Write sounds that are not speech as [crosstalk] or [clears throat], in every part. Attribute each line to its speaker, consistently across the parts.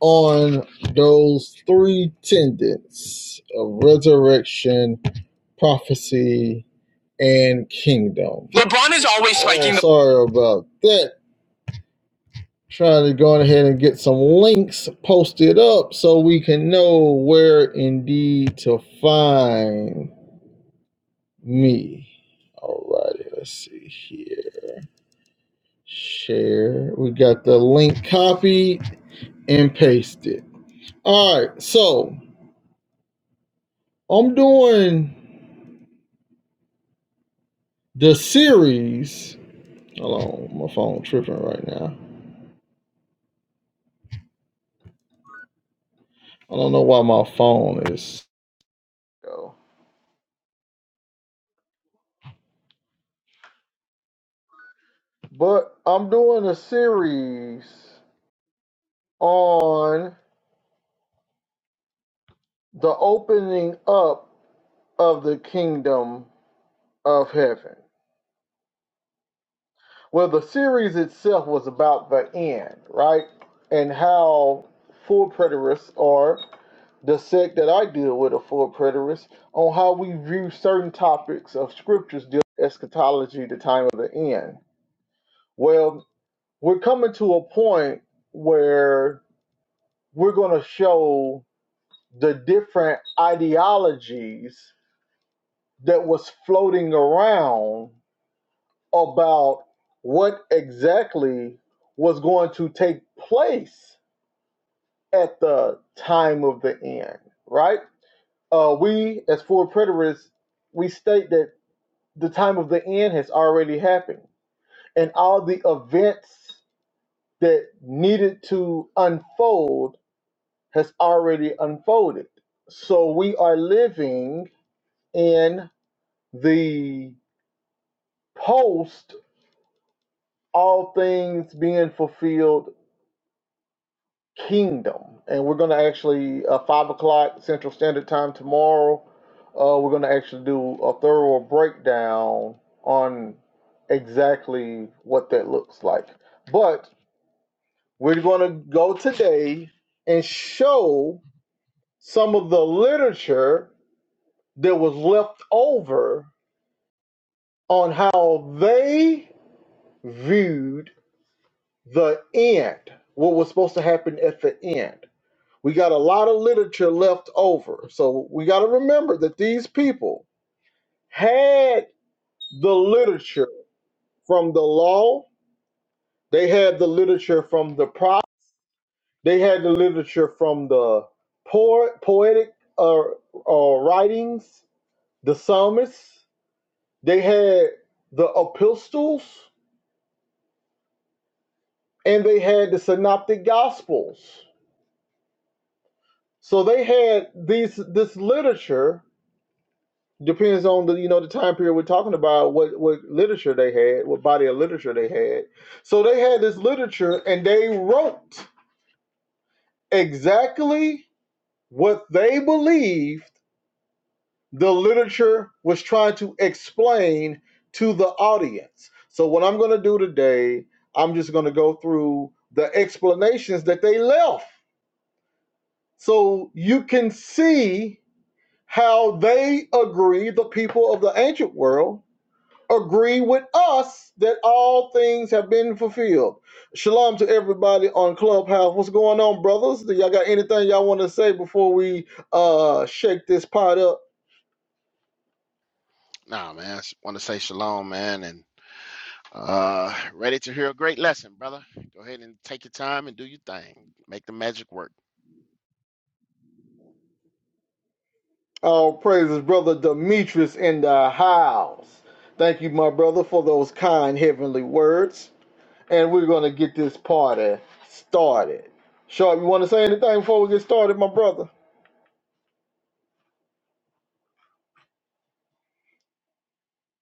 Speaker 1: on those three tenets of resurrection, prophecy, and kingdom. LeBron is always Oh, spiking the. sorry about that. Trying to go ahead and get some links posted up so we can know where indeed to find me. Alrighty, let's see here. Share. We got the link copied and pasted. Alright, so I'm doing The series. Hold on, my phone tripping right now. I don't know why my phone is. But I'm doing a series on the opening up of the kingdom of heaven. Well, the series itself was about the end, right? And how full preterists are the sect that I deal with, a full preterist, on how we view certain topics of scriptures, dealing with eschatology, the time of the end. Well, we're coming to a point where we're going to show the different ideologies that was floating around about what exactly was going to take place at the time of the end, right? Uh, we, as four preterists, we state that the time of the end has already happened, and all the events that needed to unfold has already unfolded. So we are living in the post all things being fulfilled kingdom. And we're going to actually, uh, 5 o'clock Central Standard Time tomorrow, uh, we're going to actually do a thorough breakdown on exactly what that looks like. But we're going to go today and show some of the literature that was left over on how they viewed the end, what was supposed to happen at the end. We got a lot of literature left over. So we got to remember that these people had the literature from the law, they had the literature from the prop, they had the literature from the poet, poetic uh, uh, writings, the psalmists, they had the epistles, and they had the synoptic gospels So they had these this literature depends on the you know the time period we're talking about what what literature they had what body of literature they had so they had this literature and they wrote exactly what they believed the literature was trying to explain to the audience so what i'm going to do today i'm just going to go through the explanations that they left so you can see how they agree, the people of the ancient world, agree with us that all things have been fulfilled. Shalom to everybody on Clubhouse. What's going on, brothers? Do y'all got anything y'all want to say before we uh shake this pot up?
Speaker 2: Nah, man. I want to say shalom, man, and uh, ready to hear a great lesson, brother. Go ahead and take your time and do your thing. Make the magic work.
Speaker 1: All praises, brother Demetrius in the house. Thank you, my brother, for those kind heavenly words. And we're gonna get this party started. Sharp, you want to say anything before we get started, my brother?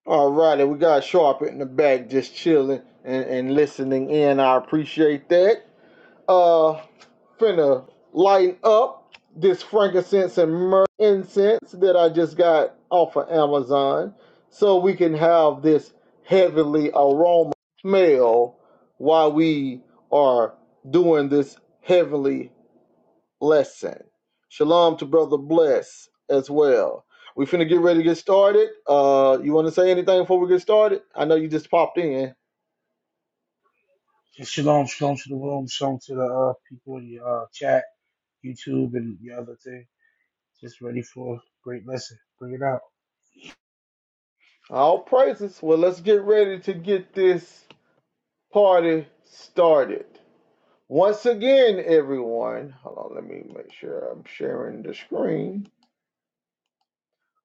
Speaker 1: All righty, we got Sharp in the back just chilling and, and listening in. I appreciate that. Uh, finna lighten up this frankincense and myrrh incense that I just got off of Amazon so we can have this heavenly aroma smell while we are doing this heavenly lesson. Shalom to Brother Bless as well. We finna get ready to get started. Uh, you want to say anything before we get started? I know you just popped in.
Speaker 3: shalom, shalom to the room, shalom to the uh, people in the uh, chat, YouTube, and the other thing. Just ready for a great lesson. Bring it out.
Speaker 1: All praises. Well, let's get ready to get this party started. Once again, everyone, hold on, let me make sure I'm sharing the screen.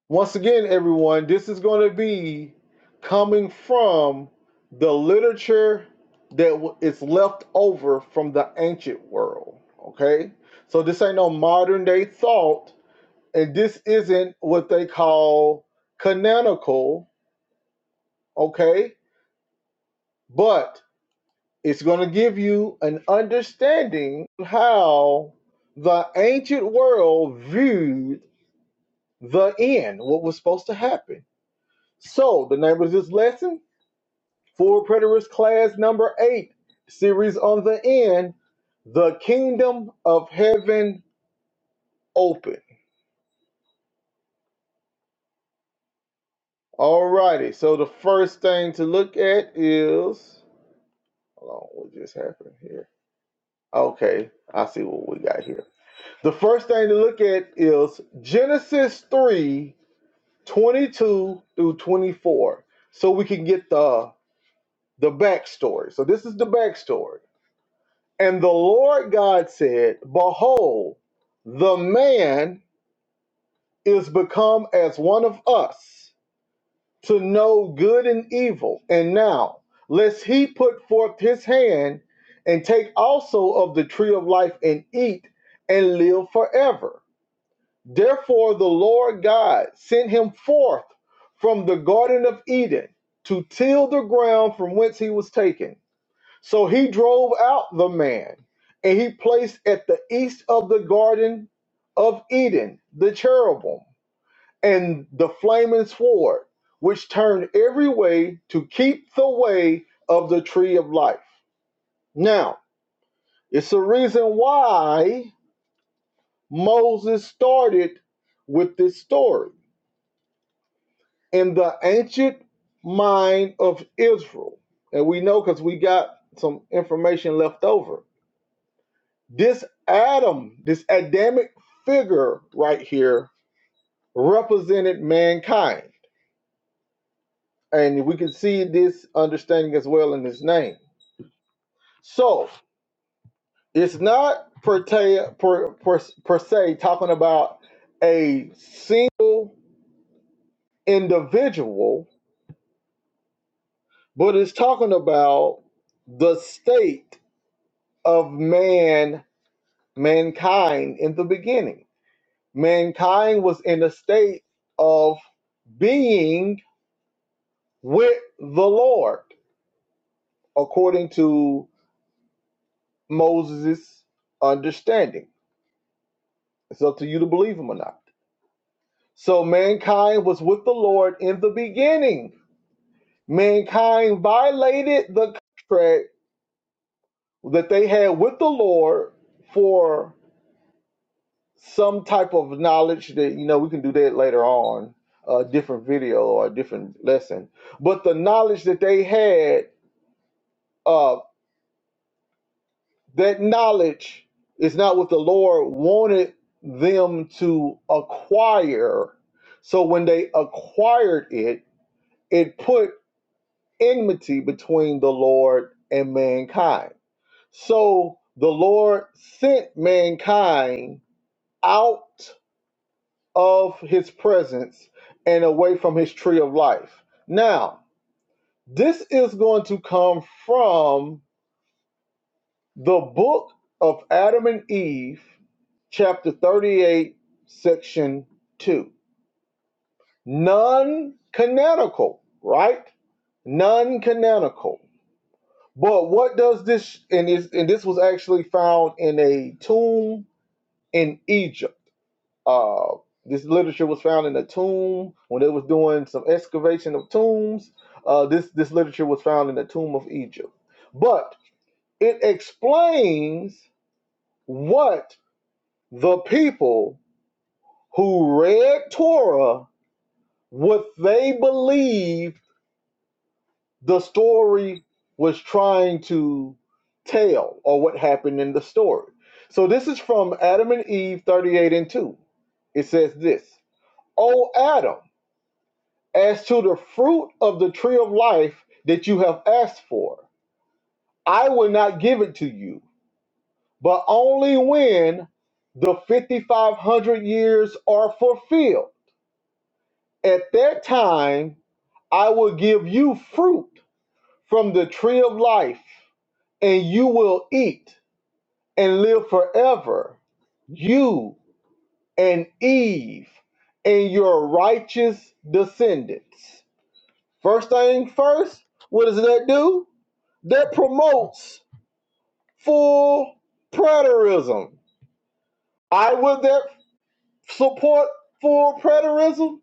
Speaker 1: Once again, everyone, this is going to be coming from the literature that is left over from the ancient world. Okay? So this ain't no modern day thought, and this isn't what they call canonical. Okay? But it's going to give you an understanding how the ancient world viewed the end, what was supposed to happen. So, the name of this lesson Full Preterist Class Number 8, series on the end, The Kingdom of Heaven Open. Alrighty, so the first thing to look at is. Hold on, what just happened here? Okay, I see what we got here. The first thing to look at is Genesis 3 22 through 24, so we can get the the backstory. So, this is the backstory. And the Lord God said, Behold, the man is become as one of us to know good and evil. And now, lest he put forth his hand and take also of the tree of life and eat and live forever. Therefore, the Lord God sent him forth from the Garden of Eden to till the ground from whence he was taken. So he drove out the man, and he placed at the east of the garden of Eden the cherubim and the flaming sword, which turned every way to keep the way of the tree of life. Now, it's the reason why Moses started with this story in the ancient mind of Israel. And we know because we got some information left over This Adam, this Adamic figure right here, represented mankind. And we can see this understanding as well in his name. So it's not per, te, per, per, per se talking about a single individual, but it's talking about the state of man, mankind in the beginning. Mankind was in a state of being with the Lord, according to Moses' understanding. It's up to you to believe him or not. So mankind was with the Lord in the beginning. Mankind violated the contract that they had with the Lord for some type of knowledge that you know we can do that later on a different video or a different lesson but the knowledge that they had uh, That knowledge is not what the Lord wanted them to acquire. So when they acquired it, it put enmity between the Lord and mankind. So the Lord sent mankind out of his presence and away from his tree of life. Now, this is going to come from the book of Adam and Eve chapter 38, section 2. Non canonical, right? Non canonical. But what does this, and, it's, and this was actually found in a tomb in Egypt. Uh, this literature was found in a tomb when they was doing some excavation of tombs. Uh, this, this literature was found in the tomb of Egypt. But it explains what the people who read Torah what they believed the story was trying to tell or what happened in the story. So this is from Adam and Eve 38 and 2. It says this O Adam, as to the fruit of the tree of life that you have asked for, I will not give it to you, but only when the 5,500 years are fulfilled. At that time, I will give you fruit from the tree of life, and you will eat and live forever, you and Eve and your righteous descendants. First thing first, what does that do? That promotes full preterism. I would that support full preterism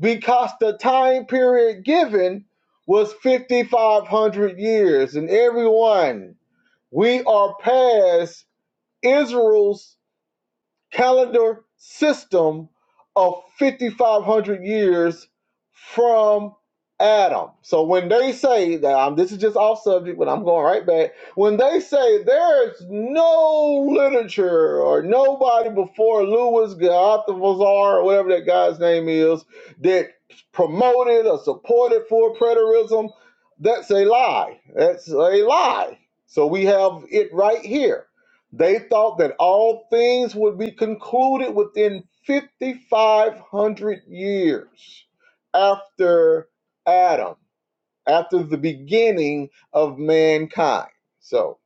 Speaker 1: because the time period given was 5,500 years, and everyone, we are past Israel's calendar system of 5,500 years from Adam. So when they say that i this is just off subject, but I'm going right back. When they say there's no literature or nobody before Louis Gothazar or whatever that guy's name is that promoted or supported for preterism, that's a lie. That's a lie. So we have it right here they thought that all things would be concluded within 5,500 years after Adam, after the beginning of mankind. So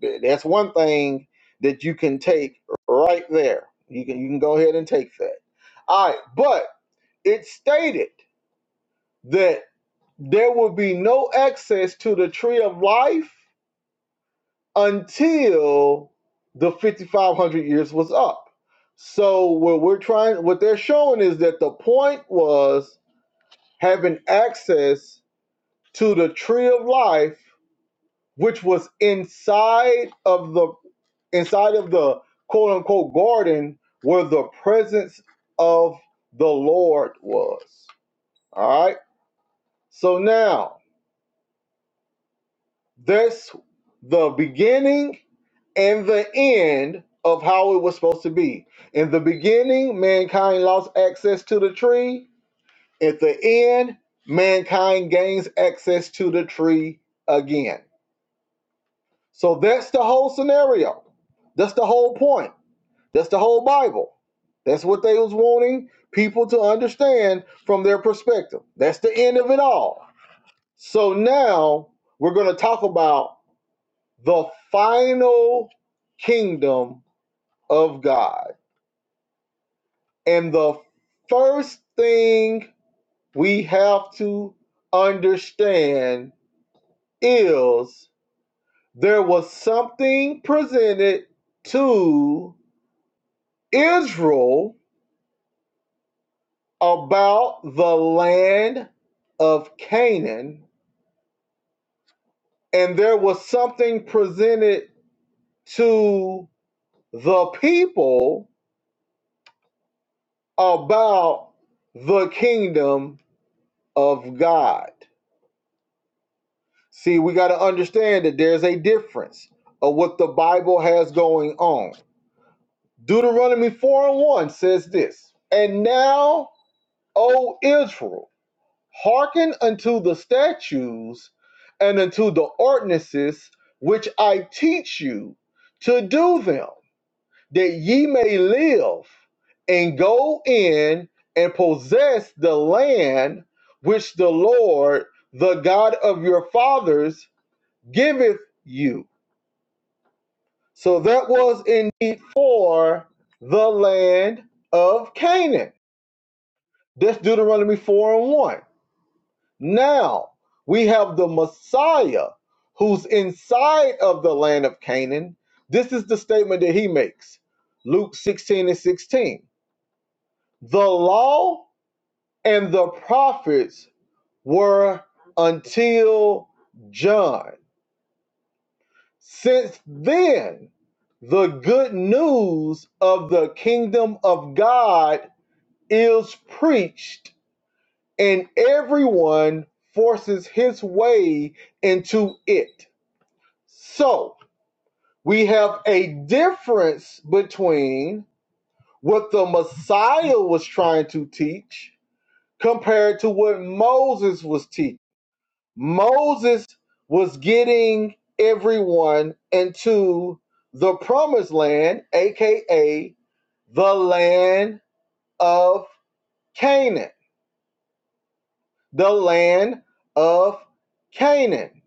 Speaker 1: th- that's one thing that you can take right there. You can, you can go ahead and take that. All right, but it stated that there will be no access to the tree of life until the 5500 years was up so what we're trying what they're showing is that the point was having access to the tree of life which was inside of the inside of the quote unquote garden where the presence of the lord was all right so now that's the beginning and the end of how it was supposed to be. In the beginning, mankind lost access to the tree. At the end, mankind gains access to the tree again. So that's the whole scenario. That's the whole point. That's the whole Bible. That's what they was wanting people to understand from their perspective. That's the end of it all. So now we're going to talk about the final kingdom of God And the first thing we have to understand is there was something presented to Israel about the land of Canaan, and there was something presented to the people about the kingdom of God. See, we got to understand that there's a difference of what the Bible has going on. Deuteronomy 4 and 1 says this And now, O Israel, hearken unto the statutes and unto the ordinances which I teach you to do them, that ye may live and go in and possess the land which the Lord, the God of your fathers, giveth you So that was indeed for the land of Canaan. That's Deuteronomy 4 and 1. Now we have the Messiah who's inside of the land of Canaan. This is the statement that he makes Luke 16 and 16. The law and the prophets were until John. Since then, the good news of the kingdom of God is preached, and everyone forces his way into it. So, we have a difference between what the Messiah was trying to teach compared to what Moses was teaching. Moses was getting everyone into the promised land, aka the land of Canaan. The land of Canaan.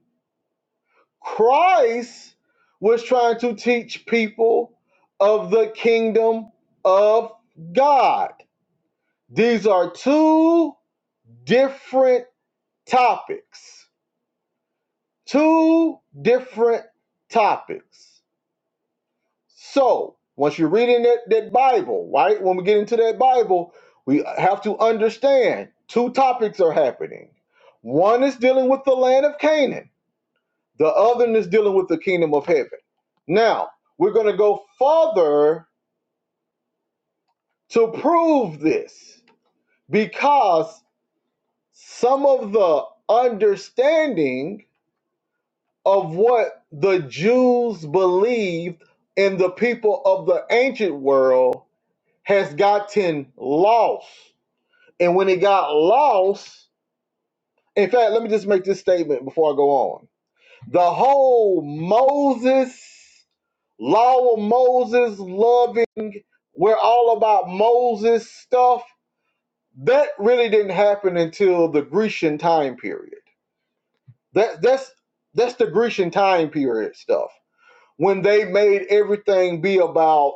Speaker 1: Christ was trying to teach people of the kingdom of God. These are two different topics. Two different topics. So once you're reading that, that Bible, right? When we get into that Bible, we have to understand two topics are happening. One is dealing with the land of Canaan, the other is dealing with the kingdom of heaven. Now, we're going to go further to prove this because some of the understanding of what the Jews believed and the people of the ancient world has gotten lost. And when it got lost, in fact, let me just make this statement before I go on. The whole Moses, law of Moses, loving, we're all about Moses stuff, that really didn't happen until the Grecian time period. That that's that's the Grecian time period stuff. When they made everything be about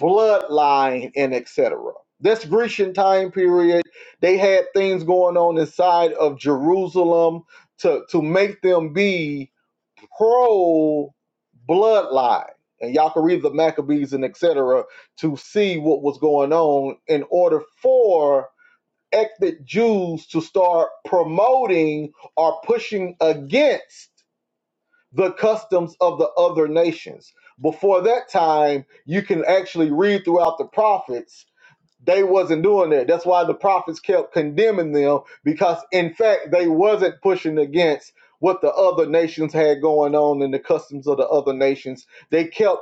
Speaker 1: bloodline, and etc. This Grecian time period, they had things going on inside of Jerusalem to, to make them be pro bloodline. And y'all can read the Maccabees and etc. to see what was going on in order for ethnic Jews to start promoting or pushing against the customs of the other nations. Before that time, you can actually read throughout the prophets, they wasn't doing that. That's why the prophets kept condemning them because in fact they wasn't pushing against what the other nations had going on and the customs of the other nations. They kept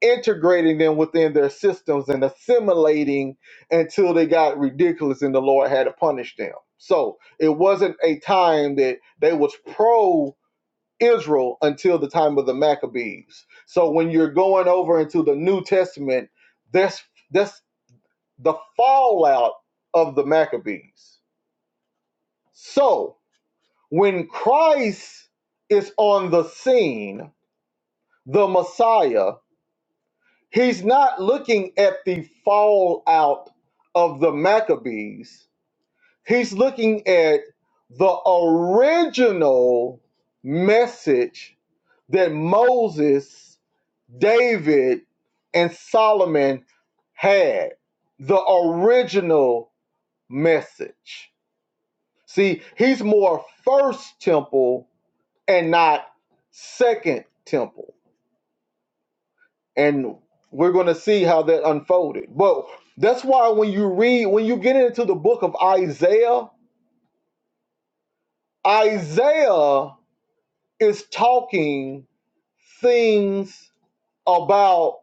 Speaker 1: integrating them within their systems and assimilating until they got ridiculous and the Lord had to punish them. So it wasn't a time that they was pro Israel until the time of the Maccabees. So when you're going over into the New Testament, that's that's the fallout of the Maccabees. So when Christ is on the scene, the Messiah, he's not looking at the fallout of the Maccabees. He's looking at the original message that Moses, David, and Solomon had the original message. See, he's more first temple and not second temple. And we're going to see how that unfolded. But that's why when you read, when you get into the book of Isaiah, Isaiah is talking things about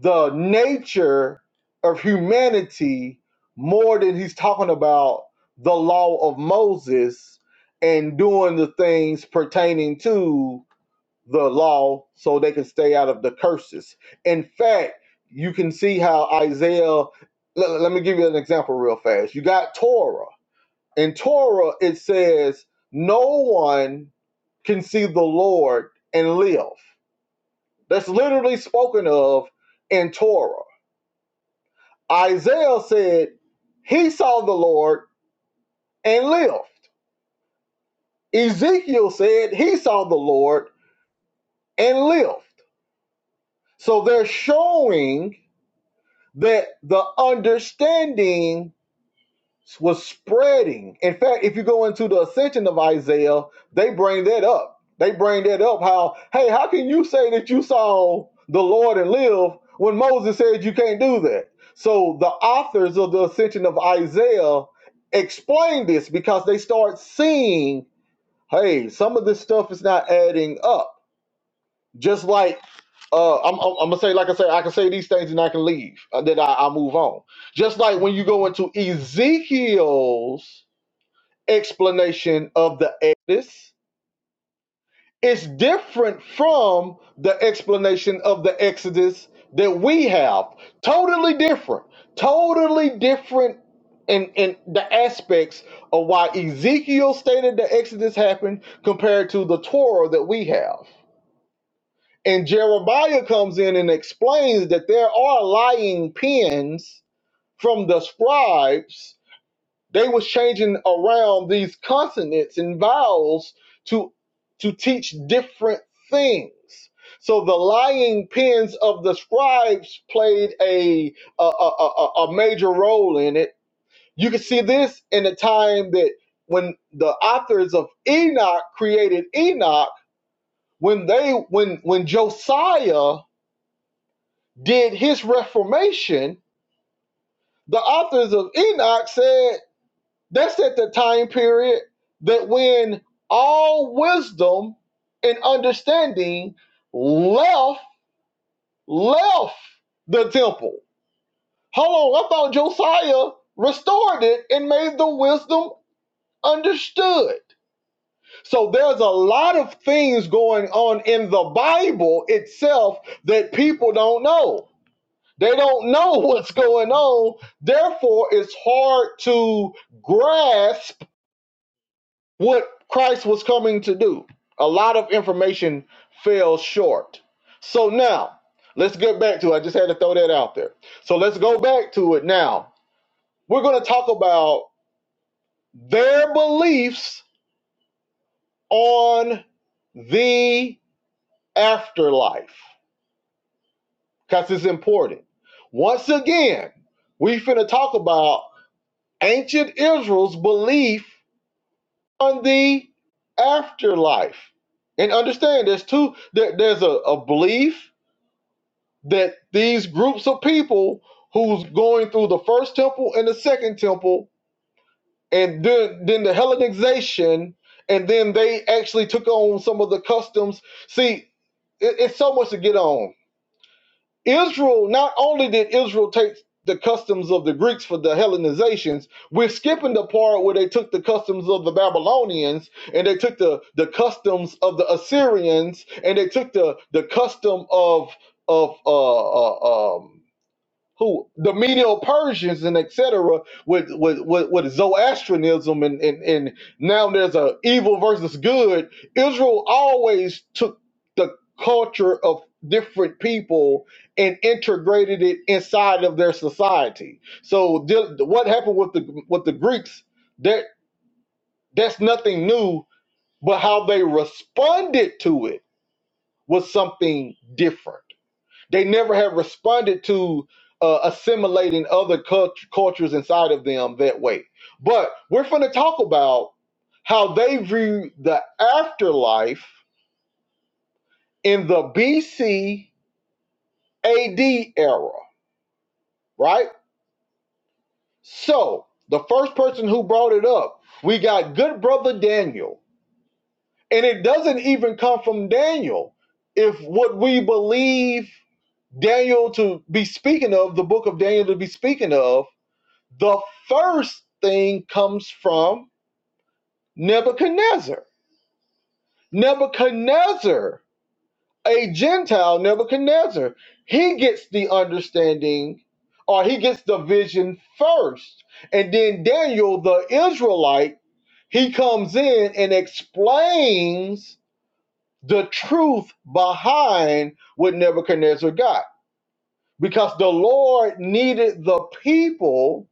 Speaker 1: the nature of humanity more than he's talking about the law of Moses and doing the things pertaining to the law so they can stay out of the curses. In fact, you can see how Isaiah, le- let me give you an example real fast. You got Torah. In Torah, it says, No one can see the Lord and live. That's literally spoken of in Torah Isaiah said he saw the Lord and lived. Ezekiel said he saw the Lord and lived. So they're showing that the understanding was spreading. In fact, if you go into the ascension of Isaiah, they bring that up. They bring that up how, hey, how can you say that you saw the Lord and live when Moses said you can't do that? So the authors of the ascension of Isaiah explain this because they start seeing, hey, some of this stuff is not adding up. Just like uh, I'm, I'm, I'm gonna say, like I say, I can say these things and I can leave, and then I, I move on. Just like when you go into Ezekiel's explanation of the Exodus. It's different from the explanation of the Exodus that we have. Totally different. Totally different in, in the aspects of why Ezekiel stated the Exodus happened compared to the Torah that we have. And Jeremiah comes in and explains that there are lying pens from the scribes They was changing around these consonants and vowels to to teach different things. So the lying pens of the scribes played a a, a, a a major role in it. You can see this in the time that when the authors of Enoch created Enoch, when they when when Josiah did his reformation, the authors of Enoch said. That's at the time period that when all wisdom and understanding left left the temple. Hold on, I thought Josiah restored it and made the wisdom understood. So there's a lot of things going on in the Bible itself that people don't know. They don't know [laughs] what's going on. Therefore, it's hard to grasp what Christ was coming to do. A lot of information fell short. So now, let's get back to it. I just had to throw that out there. So let's go back to it now. We're going to talk about their beliefs on the afterlife because it's important. Once again, we're going to talk about ancient Israel's belief on the afterlife. And understand there's two there, there's a, a belief that these groups of people who's going through the first temple and the second temple and then then the Hellenization and then they actually took on some of the customs. See, it, it's so much to get on Israel, not only did Israel take the customs of the Greeks for the Hellenizations, we're skipping the part where they took the customs of the Babylonians and they took the, the customs of the Assyrians and they took the, the custom of of uh, uh, um, who the Medo Persians and etc. With, with with with Zoroastrianism and, and and now there's a evil versus good. Israel always took the culture of different people and integrated it inside of their society. So the- what happened with the with the Greeks? That that's nothing new, but how they responded to it was something different. They never have responded to uh, assimilating other cult- cultures inside of them that way. But we're going to talk about how they view the afterlife in the BC AD era, right? So the first person who brought it up, we got good brother Daniel. And it doesn't even come from Daniel. If what we believe Daniel to be speaking of, the book of Daniel to be speaking of, The first thing comes from Nebuchadnezzar. Nebuchadnezzar, a Gentile Nebuchadnezzar, he gets the understanding or he gets the vision first. And then Daniel, the Israelite, he comes in and explains the truth behind what Nebuchadnezzar got. Because the Lord needed the people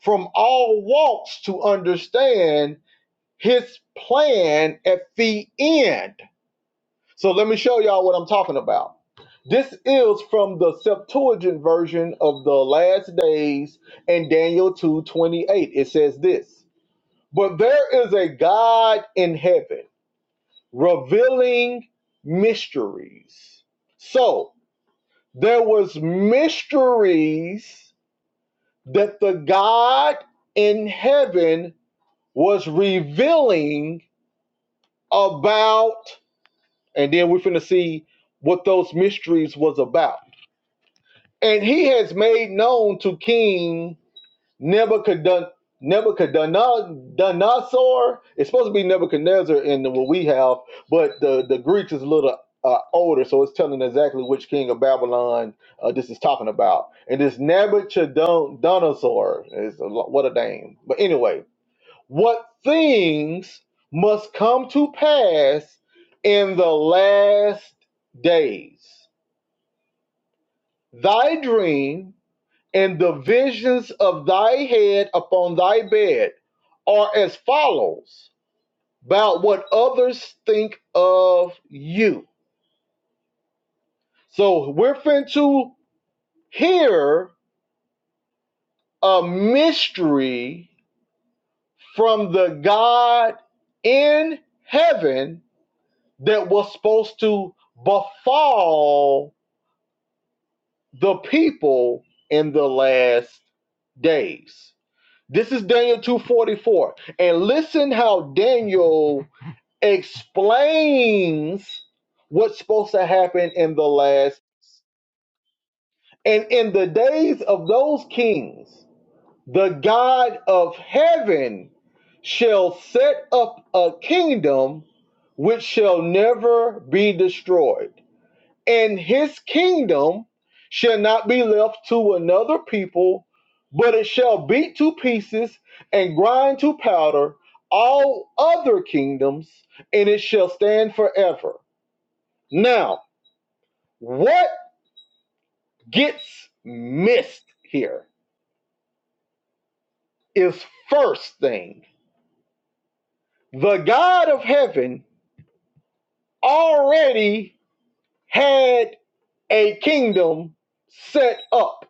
Speaker 1: from all walks to understand his plan at the end. So let me show y'all what I'm talking about. This is from the Septuagint version of the last days and Daniel 2:28. It says this, but there is a God in heaven revealing mysteries. So there was mysteries that the God in heaven was revealing about and then we're finna see what those mysteries was about. And he has made known to King Nebuchadnezzar. Nebuchadnezzar. It's supposed to be Nebuchadnezzar in the, what we have, but the the Greeks is a little uh, older, so it's telling exactly which king of Babylon uh, this is talking about. And this Nebuchadnezzar is a, lo- what a name. But anyway, what things must come to pass in the last days. Thy dream and the visions of thy head upon thy bed are as follows about what others think of you. So we're fin to hear a mystery from the God in heaven that was supposed to befall the people in the last days. This is Daniel 244. And listen how Daniel explains what's supposed to happen in the last and in the days of those kings, the God of heaven shall set up a kingdom which shall never be destroyed and his kingdom shall not be left to another people, but it shall beat to pieces and grind to powder all other kingdoms, and it shall stand forever. Now, what gets missed here is first thing the God of heaven already had a kingdom set up.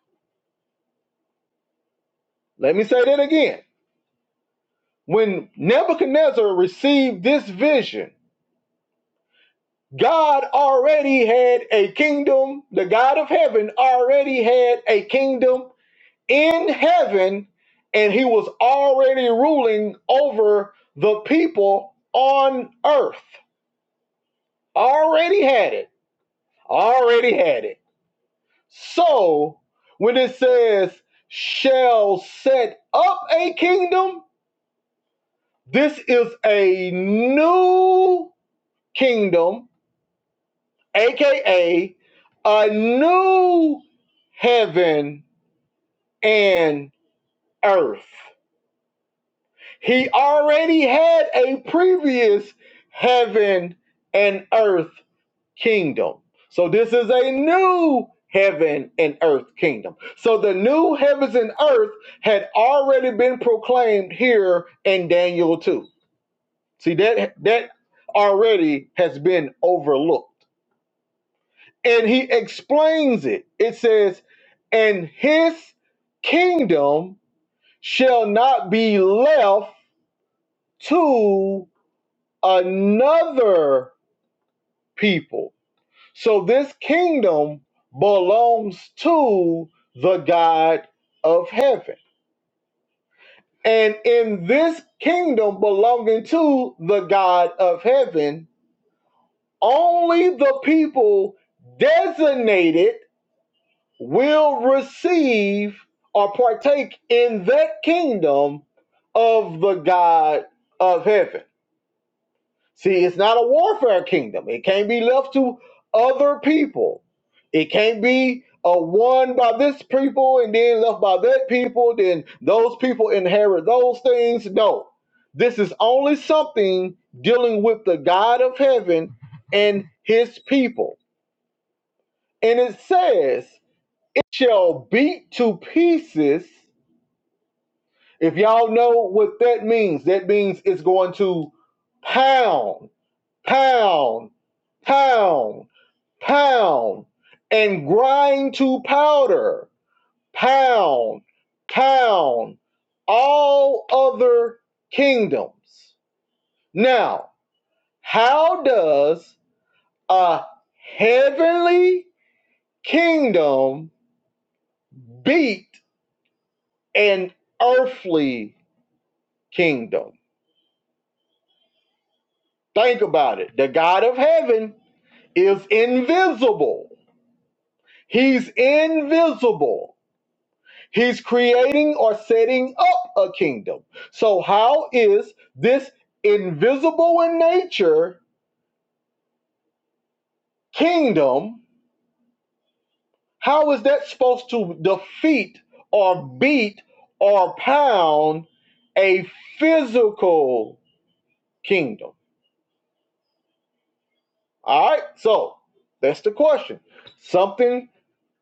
Speaker 1: Let me say that again When Nebuchadnezzar received this vision, God already had a kingdom. The God of heaven already had a kingdom in heaven, and he was already ruling over the people on earth. Already had it. Already had it. So when it says, shall set up a kingdom, this is a new kingdom aka a new heaven and earth. He already had a previous heaven and earth kingdom. So this is a new heaven and earth kingdom. So the new heavens and earth had already been proclaimed here in Daniel 2. See that that already has been overlooked. and he explains it. It says, and his kingdom shall not be left to another people. So this kingdom belongs to the God of heaven. And in this kingdom belonging to the God of heaven, only the people designated will receive or partake in that kingdom of the God of heaven. See, it's not a warfare kingdom. It can't be left to other people. It can't be a one by this people and then left by that people, then those people inherit those things. No. This is only something dealing with the God of heaven and his people. And it says shall beat to pieces. If y'all know what that means, that means it's going to pound, pound, pound, pound, and grind to powder, pound, pound, all other kingdoms. Now, how does a heavenly kingdom beat an earthly kingdom? Think about it. The God of heaven is invisible. He's invisible. He's creating or setting up a kingdom. So, how is this invisible in nature kingdom? How is that supposed to defeat or beat or pound a physical kingdom? All right, so that's the question. Something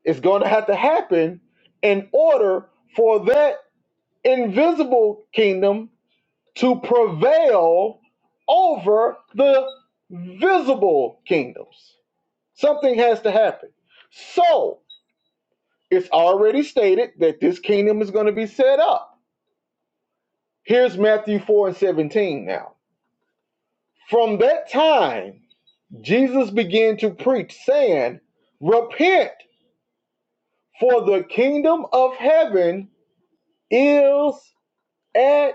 Speaker 1: It's going to have to happen in order for that invisible kingdom to prevail over the visible kingdoms. Something has to happen. So it's already stated that this kingdom is going to be set up. Here's Matthew 4 and 17 now. From that time, Jesus began to preach, saying, Repent, for the kingdom of heaven is at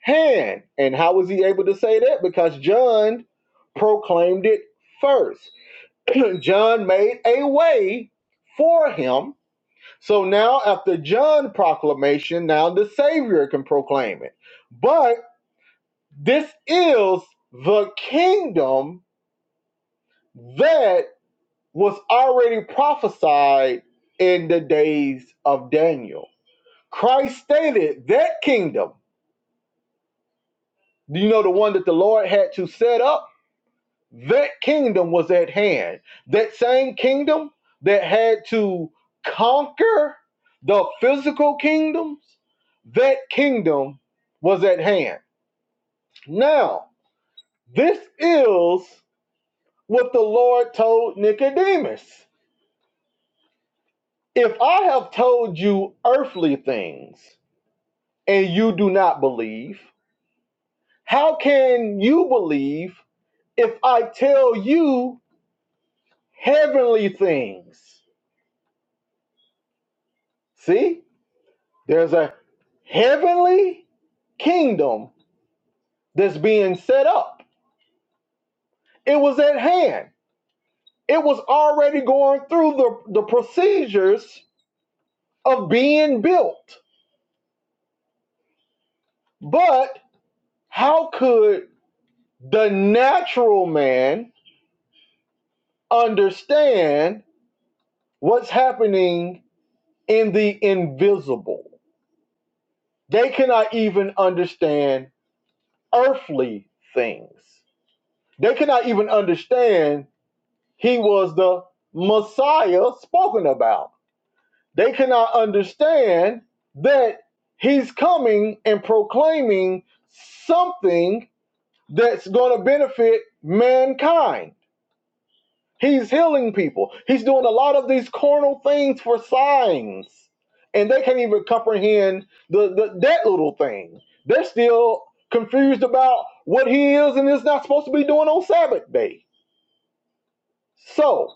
Speaker 1: hand. And how was he able to say that? Because John proclaimed it first. [clears throat] John made a way for him. So now, after John proclamation, now the Savior can proclaim it. But this is the kingdom that was already prophesied in the days of Daniel. Christ stated that kingdom, you know, the one that the Lord had to set up that kingdom was at hand. That same kingdom that had to conquer the physical kingdoms, that kingdom was at hand. Now, this is what the Lord told Nicodemus. If I have told you earthly things and you do not believe, how can you believe if I tell you heavenly things? See? there's a. heavenly kingdom that's being set up. It was at hand. It was already going through the, the procedures of being built. But how could the natural man understand what's happening in the invisible? They cannot even understand earthly things. They cannot even understand he was the Messiah spoken about They cannot understand that he's coming and proclaiming something that's going to benefit mankind. He's healing people. He's doing a lot of these carnal things for signs. And they can't even comprehend the, the that little thing. They're still confused about what he is and is not supposed to be doing on Sabbath day. So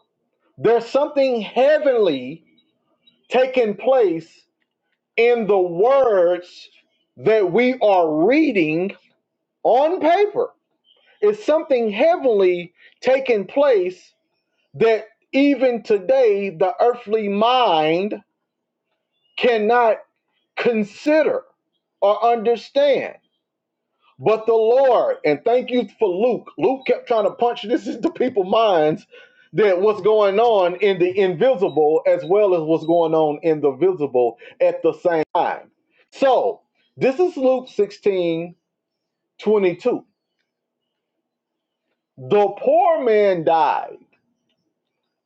Speaker 1: there's something heavenly taking place in the words that we are reading on paper. It's something heavenly taking place that even today the earthly mind cannot consider or understand. But the Lord, and thank you for Luke. Luke kept trying to punch this [laughs] into people's minds that what's going on in the invisible as well as what's going on in the visible at the same time. So this is Luke sixteen twenty two. The poor man died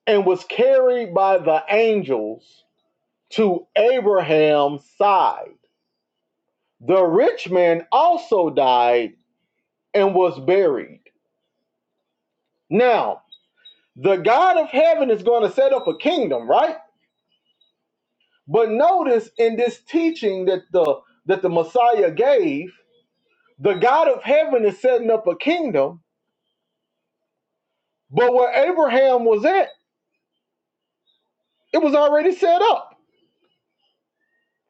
Speaker 1: and was carried by the angels to Abraham's side. The rich man also died and was buried. Now, the God of heaven is going to set up a kingdom, right? But notice in this teaching that the that the Messiah gave, the God of heaven is setting up a kingdom, but where Abraham was at, it was already set up.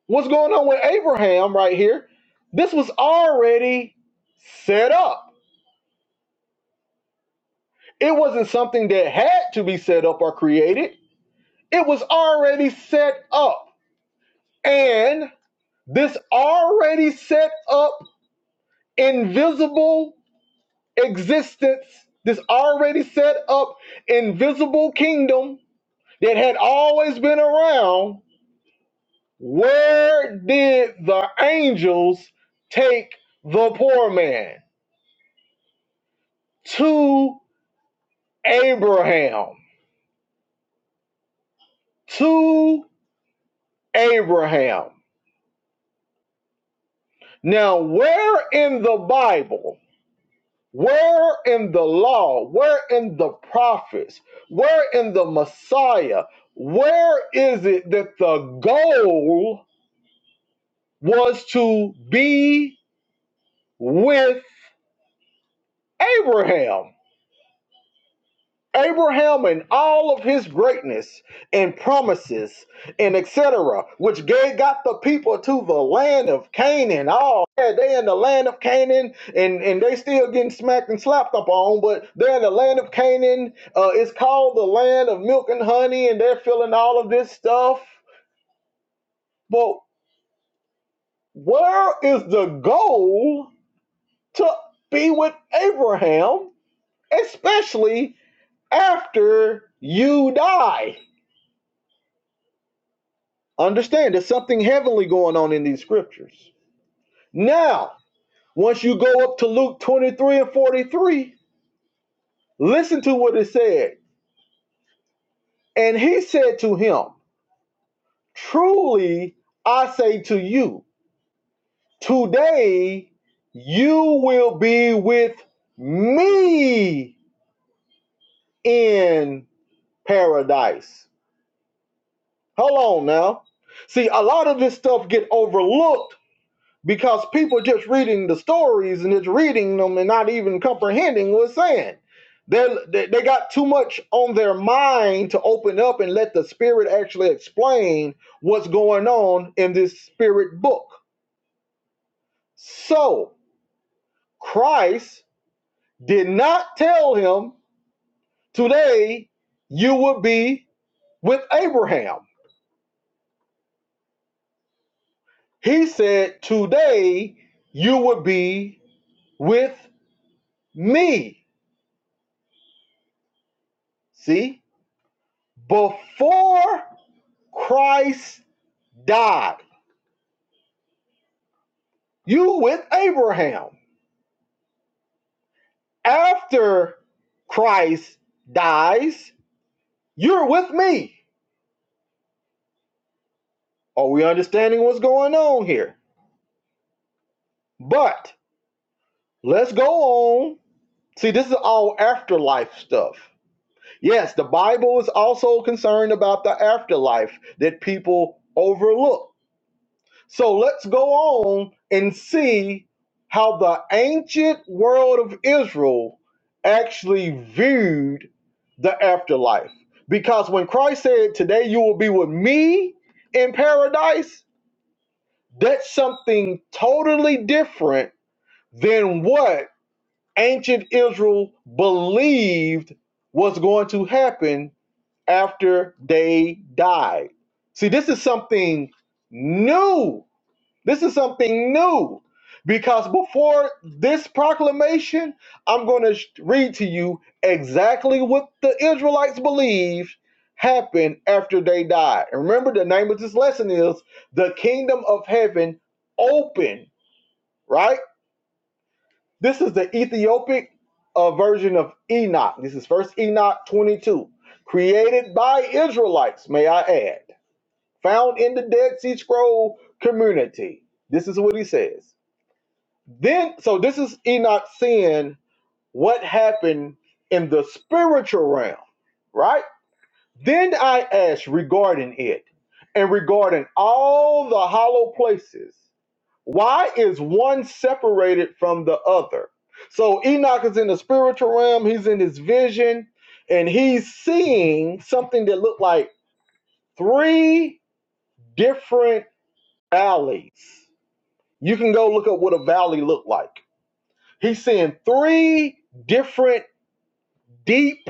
Speaker 1: What's going on with Abraham right here? This was already set up. It wasn't something that had to be set up or created. It was already set up. And this already set up invisible existence, this already set up invisible kingdom that had always been around, where did the angels take the poor man? To Abraham. To Abraham. Now, where in the Bible, where in the law, where in the prophets, where in the Messiah, where is it that the goal was to be with Abraham. Abraham and all of his greatness and promises and etc., which gave, got the people to the land of Canaan. Oh, yeah, they in the land of Canaan, and, and they still getting smacked and slapped up on, but they're in the land of Canaan. Uh, it's called the land of milk and honey, and they're feeling all of this stuff. But where is the goal to be with Abraham especially after you die. Understand, there's something heavenly going on in these scriptures. Now, once you go up to Luke 23 and 43, listen to what it said. And he said to him, Truly I say to you, today you will be with me in paradise. Hold on now. See, a lot of this stuff get overlooked because people just reading the stories and just reading them and not even comprehending what's saying. They're, they they got too much on their mind to open up and let the spirit actually explain what's going on in this spirit book. So Christ did not tell him today you would be with Abraham. He said today you would be with me. See, before Christ died. You with Abraham. After Christ dies, you're with me. Are we understanding what's going on here? But let's go on. See, this is all afterlife stuff. Yes, the Bible is also concerned about the afterlife that people overlook. So let's go on and see how the ancient world of Israel actually viewed the afterlife. Because when Christ said, Today you will be with me in paradise, that's something totally different than what ancient Israel believed was going to happen after they died. See, this is something new this is something new because before this proclamation, I'm going to read to you exactly what the Israelites believed happened after they died. And remember, the name of this lesson is The Kingdom of Heaven Open, right? This is the Ethiopic uh, version of Enoch. This is First Enoch 22, created by Israelites, may I add, found in the Dead Sea Scroll community. This is what he says. Then, so this is Enoch seeing what happened in the spiritual realm, right? Then I asked regarding it and regarding all the hollow places, why is one separated from the other? So Enoch is in the spiritual realm, he's in his vision, and he's seeing something that looked like three different valleys. You can go look up what a valley looked like He's seeing three different deep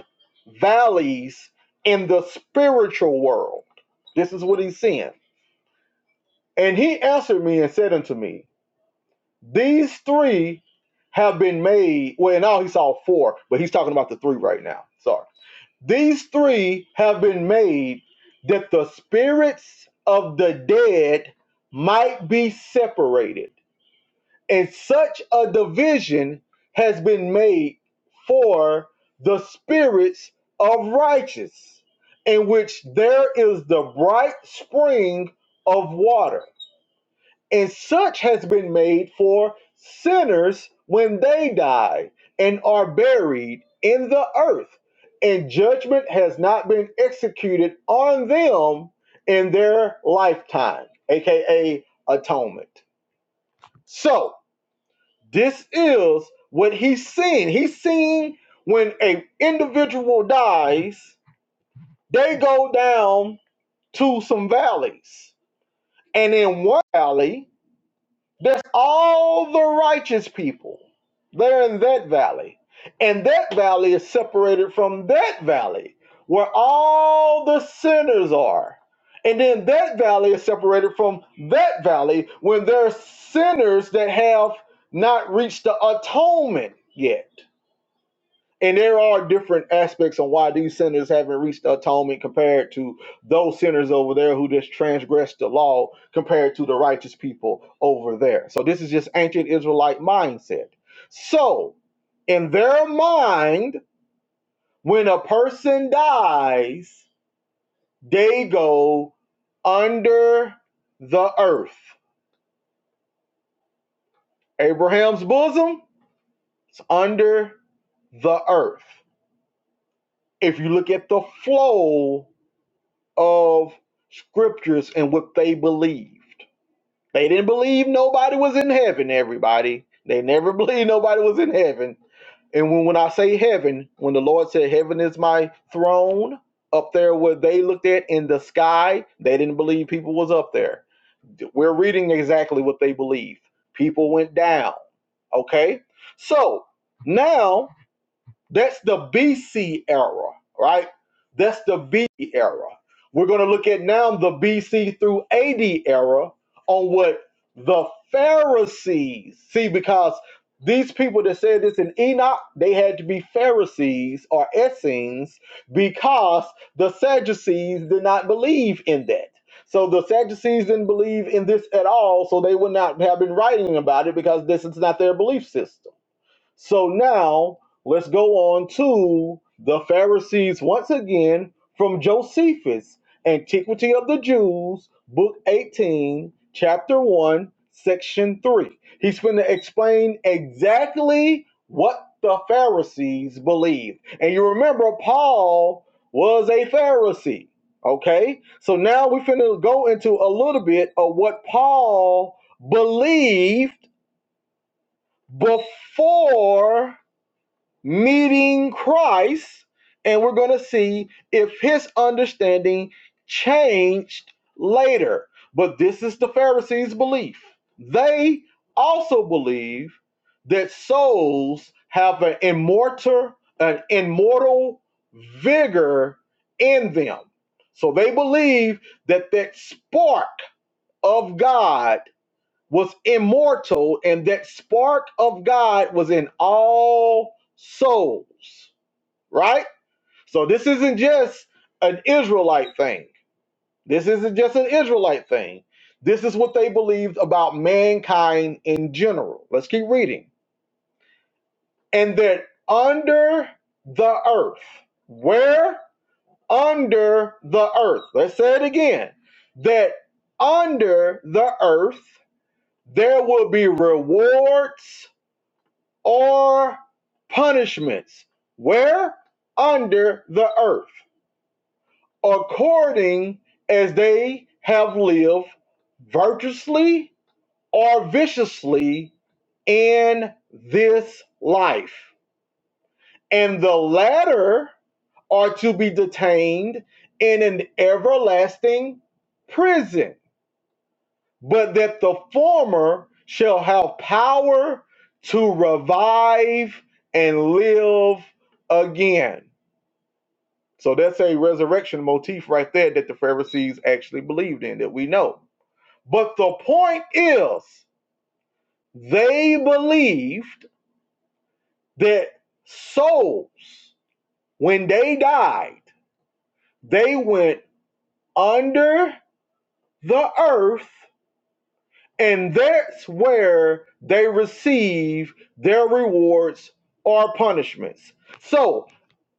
Speaker 1: valleys in the spiritual world. This is what he's seeing. And he answered me and said unto me, These three have been made. Well, now he saw four, but he's talking about the three right now. Sorry. These three have been made that the spirits of the dead might be separated And such a division has been made for the spirits of righteous, in which there is the bright spring of water. And such has been made for sinners when they die and are buried in the earth. And judgment has not been executed on them in their lifetime, aka atonement. So, this is what he's seen. He's seen when a individual dies, they go down to some valleys. And in one valley, that's all the righteous people. They're in that valley. And that valley is separated from that valley where all the sinners are. And then that valley is separated from that valley when there are sinners that have not reached the atonement yet and there are different aspects on why these sinners haven't reached atonement compared to those sinners over there who just transgressed the law compared to the righteous people over there. So this is just ancient Israelite mindset. So in their mind, when a person dies, they go under the earth. Abraham's bosom is under the earth. If you look at the flow of scriptures and what they believed. They didn't believe nobody was in heaven, everybody. They never [laughs] believed nobody was in heaven. And when, when I say heaven, when the Lord said, Heaven is my throne, up there where they looked at in the sky, they didn't believe people was up there. We're reading exactly what they believed. People went down. Okay? So now that's the BC era, right? That's the B C era. We're going to look at now the BC through AD era on what the Pharisees see, because these people that said this in Enoch, they had to be Pharisees or Essenes because the Sadducees did not believe in that. So the Sadducees didn't believe in this at all, so they would not have been writing about it because this is not their belief system. So now let's go on to the Pharisees once again from Josephus, Antiquity of the Jews, Book 18, Chapter 1, Section 3. He's going to explain exactly what the Pharisees believed. And you remember, Paul was a Pharisee. Okay, so now we're going to go into a little bit of what Paul believed before meeting Christ, and we're going to see if his understanding changed later. But this is the Pharisees' belief. They also believe that souls have an immortal, an immortal vigor in them. So they believe that that spark of God was immortal, and that spark of God was in all souls, right? So this isn't just an Israelite thing. This isn't just an Israelite thing. This is what they believed about mankind in general. Let's keep reading. And that under the earth, where? Under the earth. Let's say it again. That under the earth, there will be rewards or punishments where under the earth according as they have lived virtuously or viciously in this life and the latter are to be detained in an everlasting prison but that the former shall have power to revive and live again. So that's a resurrection motif right there that the Pharisees actually believed in, that we know. But the point is, they believed that souls, when they died, they went under the earth And that's where they receive their rewards or punishments. So,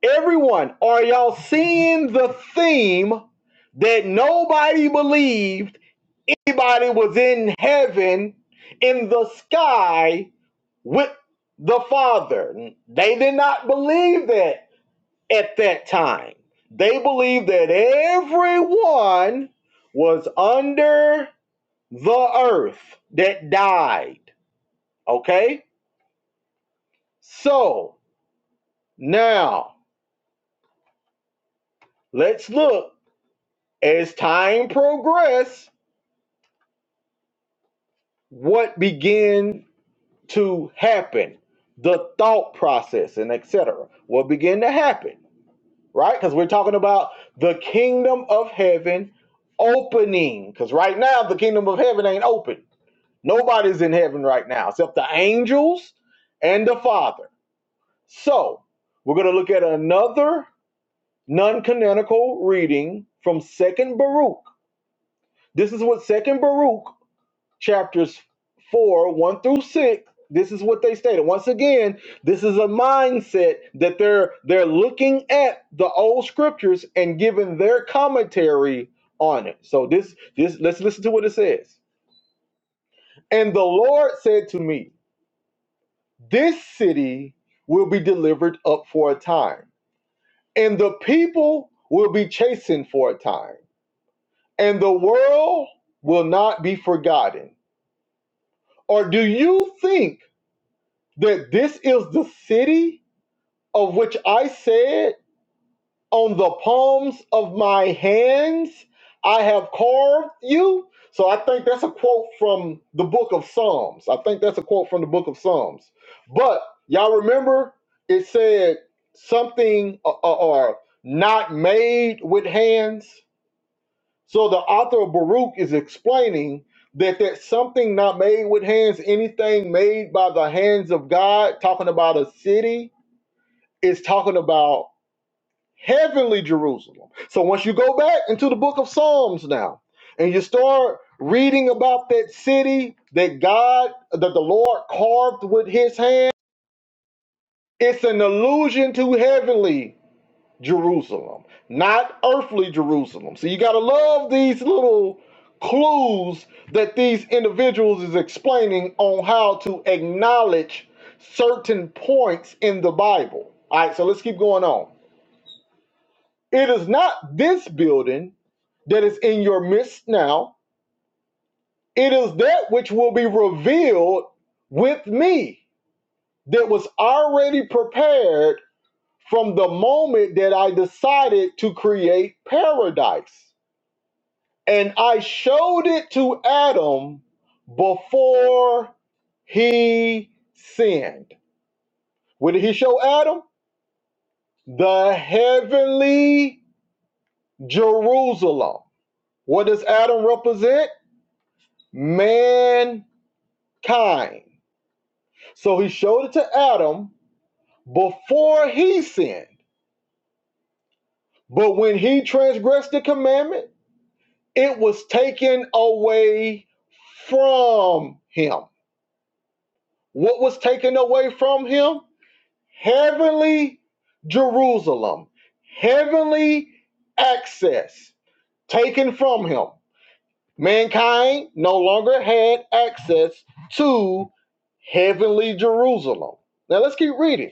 Speaker 1: everyone, are y'all seeing the theme that nobody believed anybody was in heaven in the sky with the Father? They did not believe that at that time. They believed that everyone was under the earth that died. Okay? So now let's look as time progress, what began to happen, the thought process and etc. What began to happen, right? Because we're talking about the kingdom of heaven opening. Because right now the kingdom of heaven ain't open. Nobody's in heaven right now except the angels and the Father. So we're gonna look at another non-canonical reading from second baruch this is what second baruch chapters 4 1 through 6 this is what they stated once again this is a mindset that they're they're looking at the old scriptures and giving their commentary on it so this this let's listen to what it says and the lord said to me this city will be delivered up for a time and the people will be chastened for a time and the world will not be forgotten. Or do you think that this is the city of which I said, On the palms of my hands I have carved you? So I think that's a quote from the book of Psalms. I think that's a quote from the book of Psalms. But y'all remember it said something uh, uh, or not made with hands? So the author of Baruch is explaining that that something not made with hands, anything made by the hands of God, talking about a city, is talking about heavenly Jerusalem. So once you go back into the book of Psalms now, and you start reading about that city that God, that the Lord carved with His hand, it's an allusion to heavenly. Jerusalem, not earthly Jerusalem. So you got to love these little clues that these individuals is explaining on how to acknowledge certain points in the Bible. All right, so let's keep going on. It is not this building that is in your midst now. It is that which will be revealed with me that was already prepared from the moment that I decided to create paradise. And I showed it to Adam before he sinned. What did he show Adam? The heavenly Jerusalem. What does Adam represent? Mankind. So he showed it to Adam before he sinned. But when he transgressed the commandment, it was taken away from him. What was taken away from him? heavenly Jerusalem, heavenly access taken from him. Mankind no longer had access to heavenly Jerusalem. Now let's keep reading.